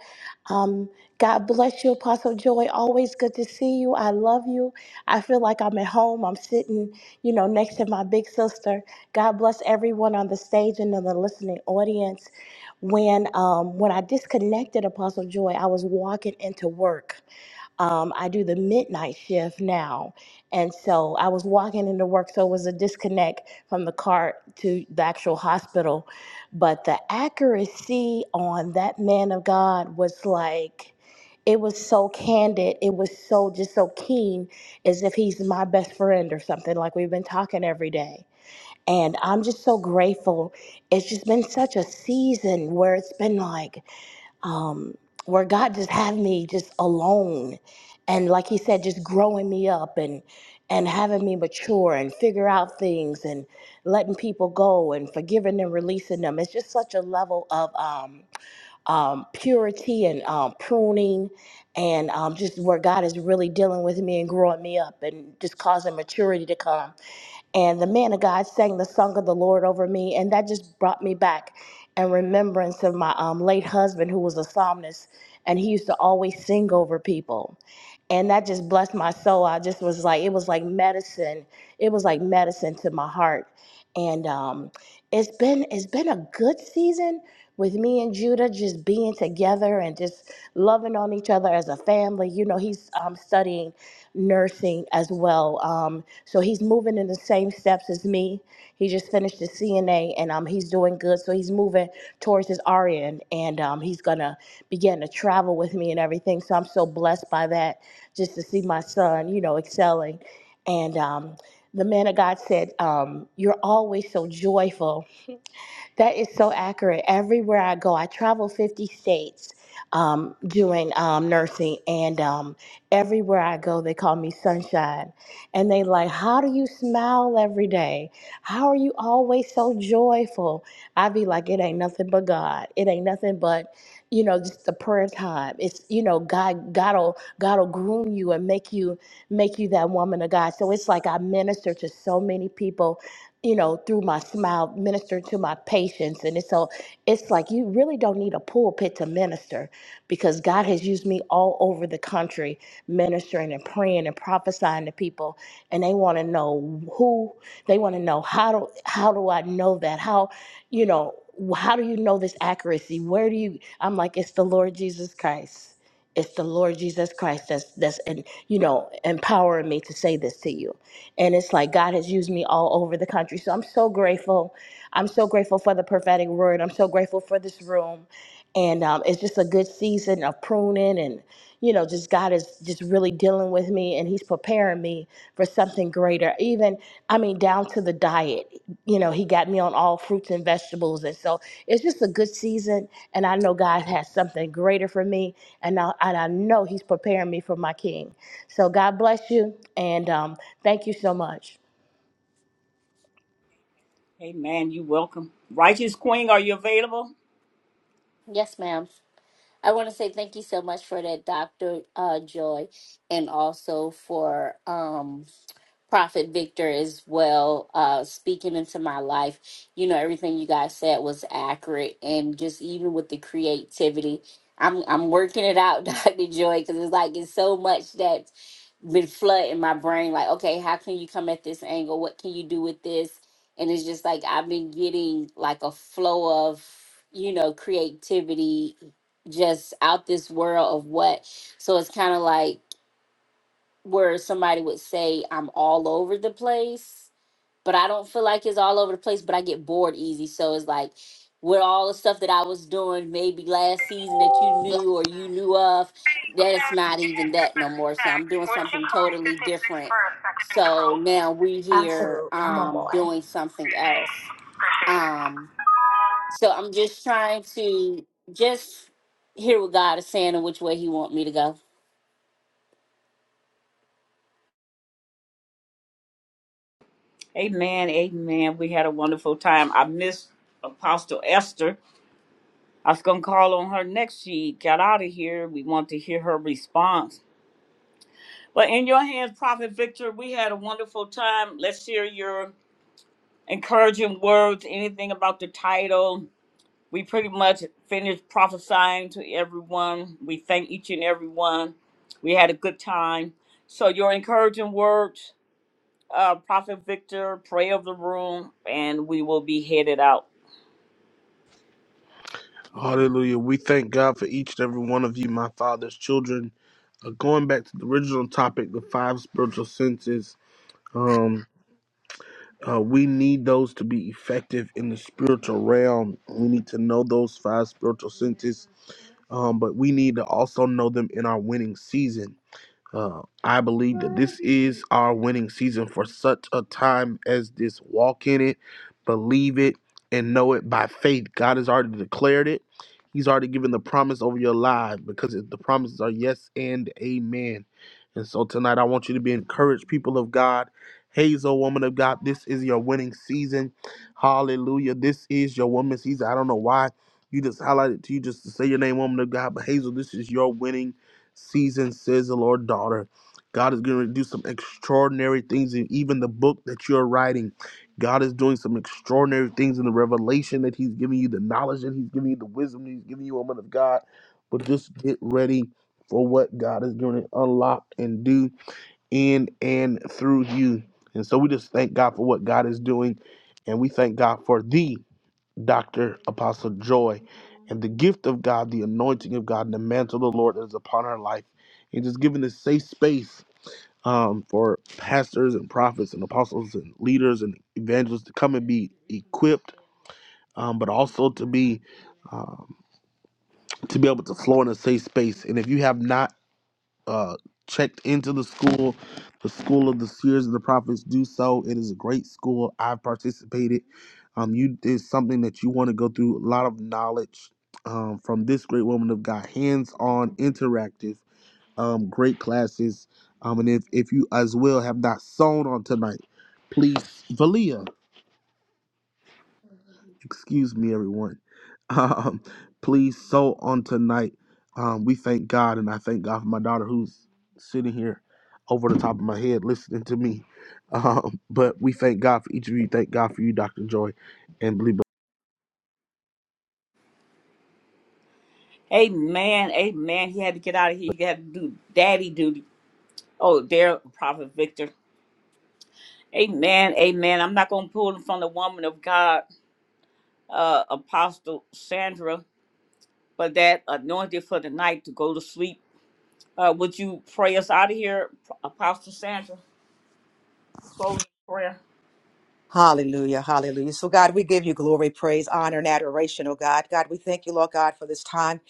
[SPEAKER 22] Um, God bless you, Apostle Joy. Always good to see you. I love you. I feel like I'm at home. I'm sitting, you know, next to my big sister. God bless everyone on the stage and in the listening audience. When um, when I disconnected, Apostle Joy, I was walking into work. Um, I do the midnight shift now, and so I was walking into work, so it was a disconnect from the car to the actual hospital but the accuracy on that man of God was like it was so candid, it was so just so keen as if he's my best friend or something like we've been talking every day. And I'm just so grateful. It's just been such a season where it's been like um, where God just have me just alone, and like He said, just growing me up and and having me mature and figure out things and letting people go and forgiving and releasing them. It's just such a level of um, um, purity and um, pruning, and um, just where God is really dealing with me and growing me up and just causing maturity to come and the man of God sang the song of the Lord over me, and that just brought me back in remembrance of my um, late husband, who was a psalmist, and he used to always sing over people, and that just blessed my soul. I just was like, it was like medicine. It was like medicine to my heart, and um, it's been it's been a good season with me and Judah just being together and just loving on each other as a family. You know, he's um, studying nursing as well. Um, so he's moving in the same steps as me. He just finished his CNA and um, he's doing good. So he's moving towards his RN and um, he's going to begin to travel with me and everything. So I'm so blessed by that just to see my son, you know, excelling. And um, the man of God said, um, You're always so joyful that is so accurate. Everywhere I go, I travel 50 states um, doing um, nursing, and um, everywhere I go, they call me Sunshine. And they like, How do you smile every day? How are you always so joyful? I be like, It ain't nothing but God. It ain't nothing but. You know, just the prayer time. It's you know, God, God'll God'll groom you and make you make you that woman of God. So it's like I minister to so many people you know, through my smile, minister to my patients. And it's so it's like you really don't need a pulpit to minister because God has used me all over the country ministering and praying and prophesying to people. And they want to know who, they want to know how do how do I know that? How, you know, how do you know this accuracy? Where do you I'm like, it's the Lord Jesus Christ. It's the Lord Jesus Christ that's that's and you know empowering me to say this to you and it's like God has used me all over the country. So I'm so grateful. I'm so grateful for the prophetic word. I'm so grateful for this room. And um, it's just a good season of pruning and, you know, just God is just really dealing with me and He's preparing me for something greater. Even, I mean, down to the diet you know, he got me on all fruits and vegetables. And so it's just a good season. And I know God has something greater for me. And I, and I know he's preparing me for my king. So God bless you. And um, thank you so much.
[SPEAKER 1] Amen. You welcome. Righteous queen, are you available?
[SPEAKER 21] Yes, ma'am. I want to say thank you so much for that, Dr. Uh, Joy, and also for. um, Prophet Victor as well, uh, speaking into my life. You know, everything you guys said was accurate, and just even with the creativity, I'm I'm working it out, Doctor Joy, because it's like it's so much that's been flooding my brain. Like, okay, how can you come at this angle? What can you do with this? And it's just like I've been getting like a flow of you know creativity just out this world of what. So it's kind of like where somebody would say I'm all over the place, but I don't feel like it's all over the place, but I get bored easy. So it's like with all the stuff that I was doing maybe last season that you knew or you knew of, that it's not even that no more. So I'm doing
[SPEAKER 22] Would you
[SPEAKER 21] something
[SPEAKER 22] come
[SPEAKER 21] totally
[SPEAKER 22] at 56
[SPEAKER 21] different.
[SPEAKER 22] for a second and
[SPEAKER 21] So now we here
[SPEAKER 22] Absolutely. I'm on my
[SPEAKER 21] um
[SPEAKER 22] way.
[SPEAKER 21] doing something else.
[SPEAKER 22] Thanks. Appreciate
[SPEAKER 21] Um
[SPEAKER 22] it.
[SPEAKER 21] so I'm just trying to just hear what God is saying and which way he want me to go.
[SPEAKER 1] Amen. Amen. We had a wonderful time. I missed Apostle Esther. I was going to call on her next. She got out of here. We want to hear her response. But in your hands, Prophet Victor, we had a wonderful time. Let's hear your encouraging words, anything about the title. We pretty much finished prophesying to everyone. We thank each and every one. We had a good time. So, your encouraging words, uh, Prophet Victor, pray of the room, and we will be headed out.
[SPEAKER 17] Hallelujah. We thank God for each and every one of you, my father's children. Uh, going back to the original topic, the five spiritual senses. Uh, we need those to be effective in the spiritual realm. We need to know those five spiritual senses, um, but we need to also know them in our winning season. Uh, I believe that this is our winning season for such a time as this. Walk in it, believe it, and know it by faith. God has already declared it. He's already given the promise over your life because the promises are yes and amen. And so tonight, I want you to be encouraged, people of God. Hazel, woman of God, this is your winning season. Hallelujah. This is your woman's season. I don't know why you just highlighted to you just to say your name, woman of God, but Hazel, this is your winning season, says the Lord, daughter. God is going to do some extraordinary things in even the book that you're writing. God is doing some extraordinary things in the revelation that He's giving you, the knowledge that He's giving you, the wisdom that He's giving you, woman of God. But just get ready for what God is going to unlock and do in and through you. And so we just thank God for what God is doing. And we thank God for thee Dr. Apostle Joy, and the gift of God, the anointing of God, and the mantle of the Lord that is upon her life. And just giving this safe space um, for pastors and prophets and apostles and leaders and evangelists to come and be equipped, um, but also to be um, to be able to flow in a safe space. And if you have not uh, checked into the school, the school of the seers and the prophets, do so. It is a great school. I've participated. Um, you it's something that you want to go through. A lot of knowledge um, from this great woman of God, hands-on, interactive, um, great classes. Um, and if if you as well have not sown on tonight, please, Valia excuse me, everyone. Um, please so on tonight. Um, we thank God, and I thank God for my daughter who's sitting here over the top of my head listening to me. Um, but we thank God for each of you. Thank God for you, Dr. Joy, and believe.
[SPEAKER 1] Amen. Amen. He had to get out of here. He had to do daddy duty. Oh, there, Prophet Victor. Amen. Amen. I'm not going to pull him from the woman of God, uh, Apostle Sandra, but that anointed for the night to go to sleep. Uh, would you pray us out of here, Apostle Sandra? Close in prayer.
[SPEAKER 19] Hallelujah, hallelujah. So, God, we give you glory, praise, honor, and adoration, oh God. God, we thank you, Lord God, for this time.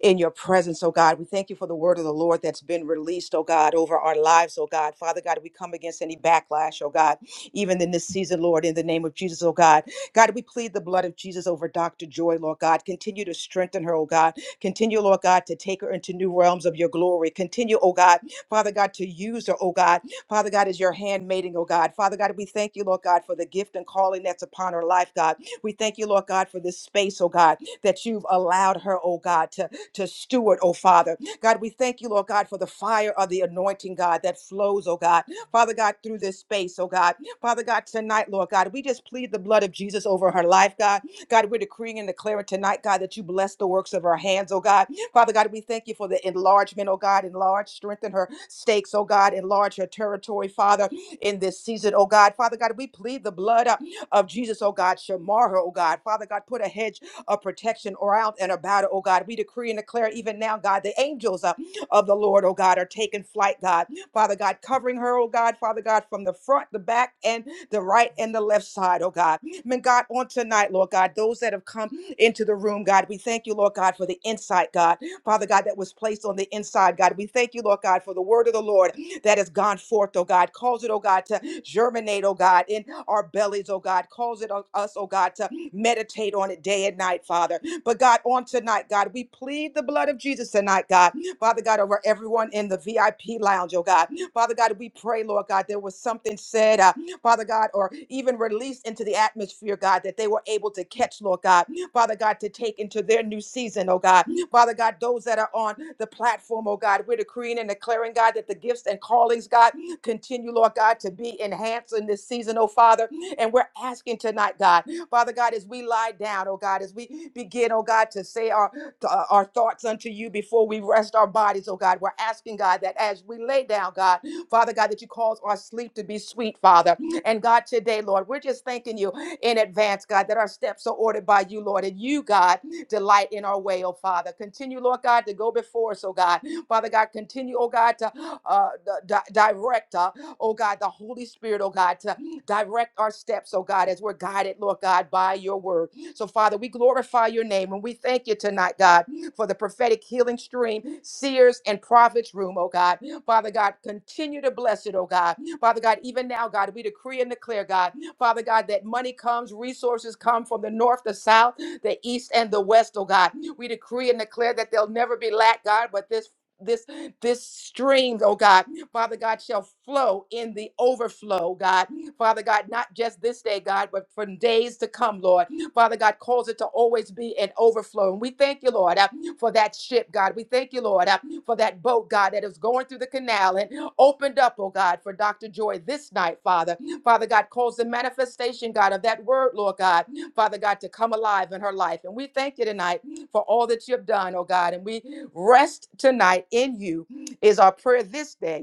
[SPEAKER 19] in your presence, oh God. We thank you for the word of the Lord that's been released, oh God, over our lives, oh God. Father God, we come against any backlash, oh God, even in this season, Lord, in the name of Jesus, oh God. God, we plead the blood of Jesus over Dr. Joy, Lord God. Continue to strengthen her, oh God. Continue, Lord God, to take her into new realms of your glory. Continue, oh God, Father God, to use her, oh God. Father God, as your handmaiden, oh God. Father God, we thank you, Lord God, for the gift and calling that's upon her life, God. We thank you, Lord God, for this space, oh God, that you've allowed her, oh God, to to steward, oh Father. God, we thank you, Lord God, for the fire of the anointing, God, that flows, oh God. Father God, through this space, oh God. Father God, tonight, Lord God, we just plead the blood of Jesus over her life, God. God, we're decreeing and declaring tonight, God, that you bless the works of her hands, oh God. Father God, we thank you for the enlargement, oh God, enlarge, strengthen her stakes, oh God, enlarge her territory, Father, in this season, oh God. Father God, we plead the blood uh, of Jesus, oh God, Shamar her, oh God. Father God, put a hedge of protection or out and about, oh God. We decree and declare even now, God, the angels uh, of the Lord, oh God, are taking flight, God. Father God, covering her, oh God, Father God, from the front, the back, and the right and the left side, oh God. And God, on tonight, Lord God, those that have come into the room, God, we thank you, Lord God, for the insight, God. Father God, that was placed on the inside, God. We thank you, Lord God, for the word of the Lord that has gone forth, oh God. Cause it, oh God, to germinate, oh God, in our bellies, oh God. Cause it, oh- us, oh God, to meditate on it day and night, Father. But God, on tonight, God, we plead the blood of Jesus tonight, God. Father God, over everyone in the VIP lounge, oh God. Father God, we pray, Lord God, there was something said, uh, Father God, or even released into the atmosphere, God, that they were able to catch, Lord God. Father God, to take into their new season, oh God. Father God, those that are on the platform, oh God, we're decreeing and declaring, God, that the gifts and callings, God, continue, Lord God, to be enhanced in this season, oh Father. And we're asking tonight, God. Father God, as we lie down, oh God, as we begin, oh God, to say our, uh, our thoughts unto you before we rest our bodies, oh God, we're asking, God, that as we lay down, God, Father God, that you cause our sleep to be sweet, Father. And God, today, Lord, we're just thanking you in advance, God, that our steps are ordered by you, Lord, and you, God, delight in our way, oh Father. Continue, Lord God, to go before us, oh God. Father God, continue, oh God, to uh, di- di- direct, uh, oh God, the Holy Spirit, oh God, to. Direct our steps, oh God, as we're guided, Lord God, by your word. So, Father, we glorify your name and we thank you tonight, God, for the prophetic healing stream, seers and prophets room, oh God. Father God, continue to bless it, oh God. Father God, even now, God, we decree and declare, God, Father God, that money comes, resources come from the north, the south, the east, and the west, oh God. We decree and declare that there'll never be lack, God, but this this this stream, oh God, Father God, shall flow in the overflow, God. Father God, not just this day, God, but from days to come, Lord. Father God, calls it to always be an overflow. And we thank you, Lord, uh, for that ship, God. We thank you, Lord, uh, for that boat, God, that is going through the canal and opened up, oh God, for Dr. Joy this night, Father. Father God, calls the manifestation, God, of that word, Lord God, Father God, to come alive in her life. And we thank you tonight for all that you have done, oh God. And we rest tonight in you is our prayer this day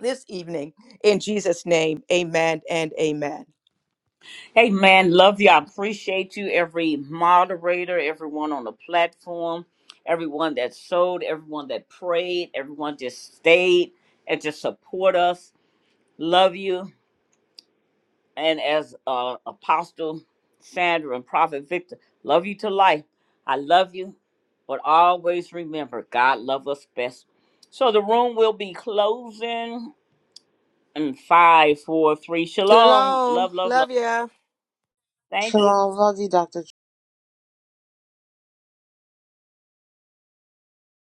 [SPEAKER 19] this evening. In Jesus' name, amen and amen.
[SPEAKER 1] Amen. Love you. I appreciate you, every moderator, everyone on the platform, everyone that sowed, everyone that prayed, everyone just stayed and just support us. Love you. And as uh, Apostle Sandra and Prophet Victor, love you to life. I love you. But always remember, God love us best. So the room will be closing in five, four, three. Shalom.
[SPEAKER 4] Shalom.
[SPEAKER 1] Love, love, love.
[SPEAKER 4] Love ya.
[SPEAKER 1] Thank you.
[SPEAKER 5] Shalom. Love you, Dr.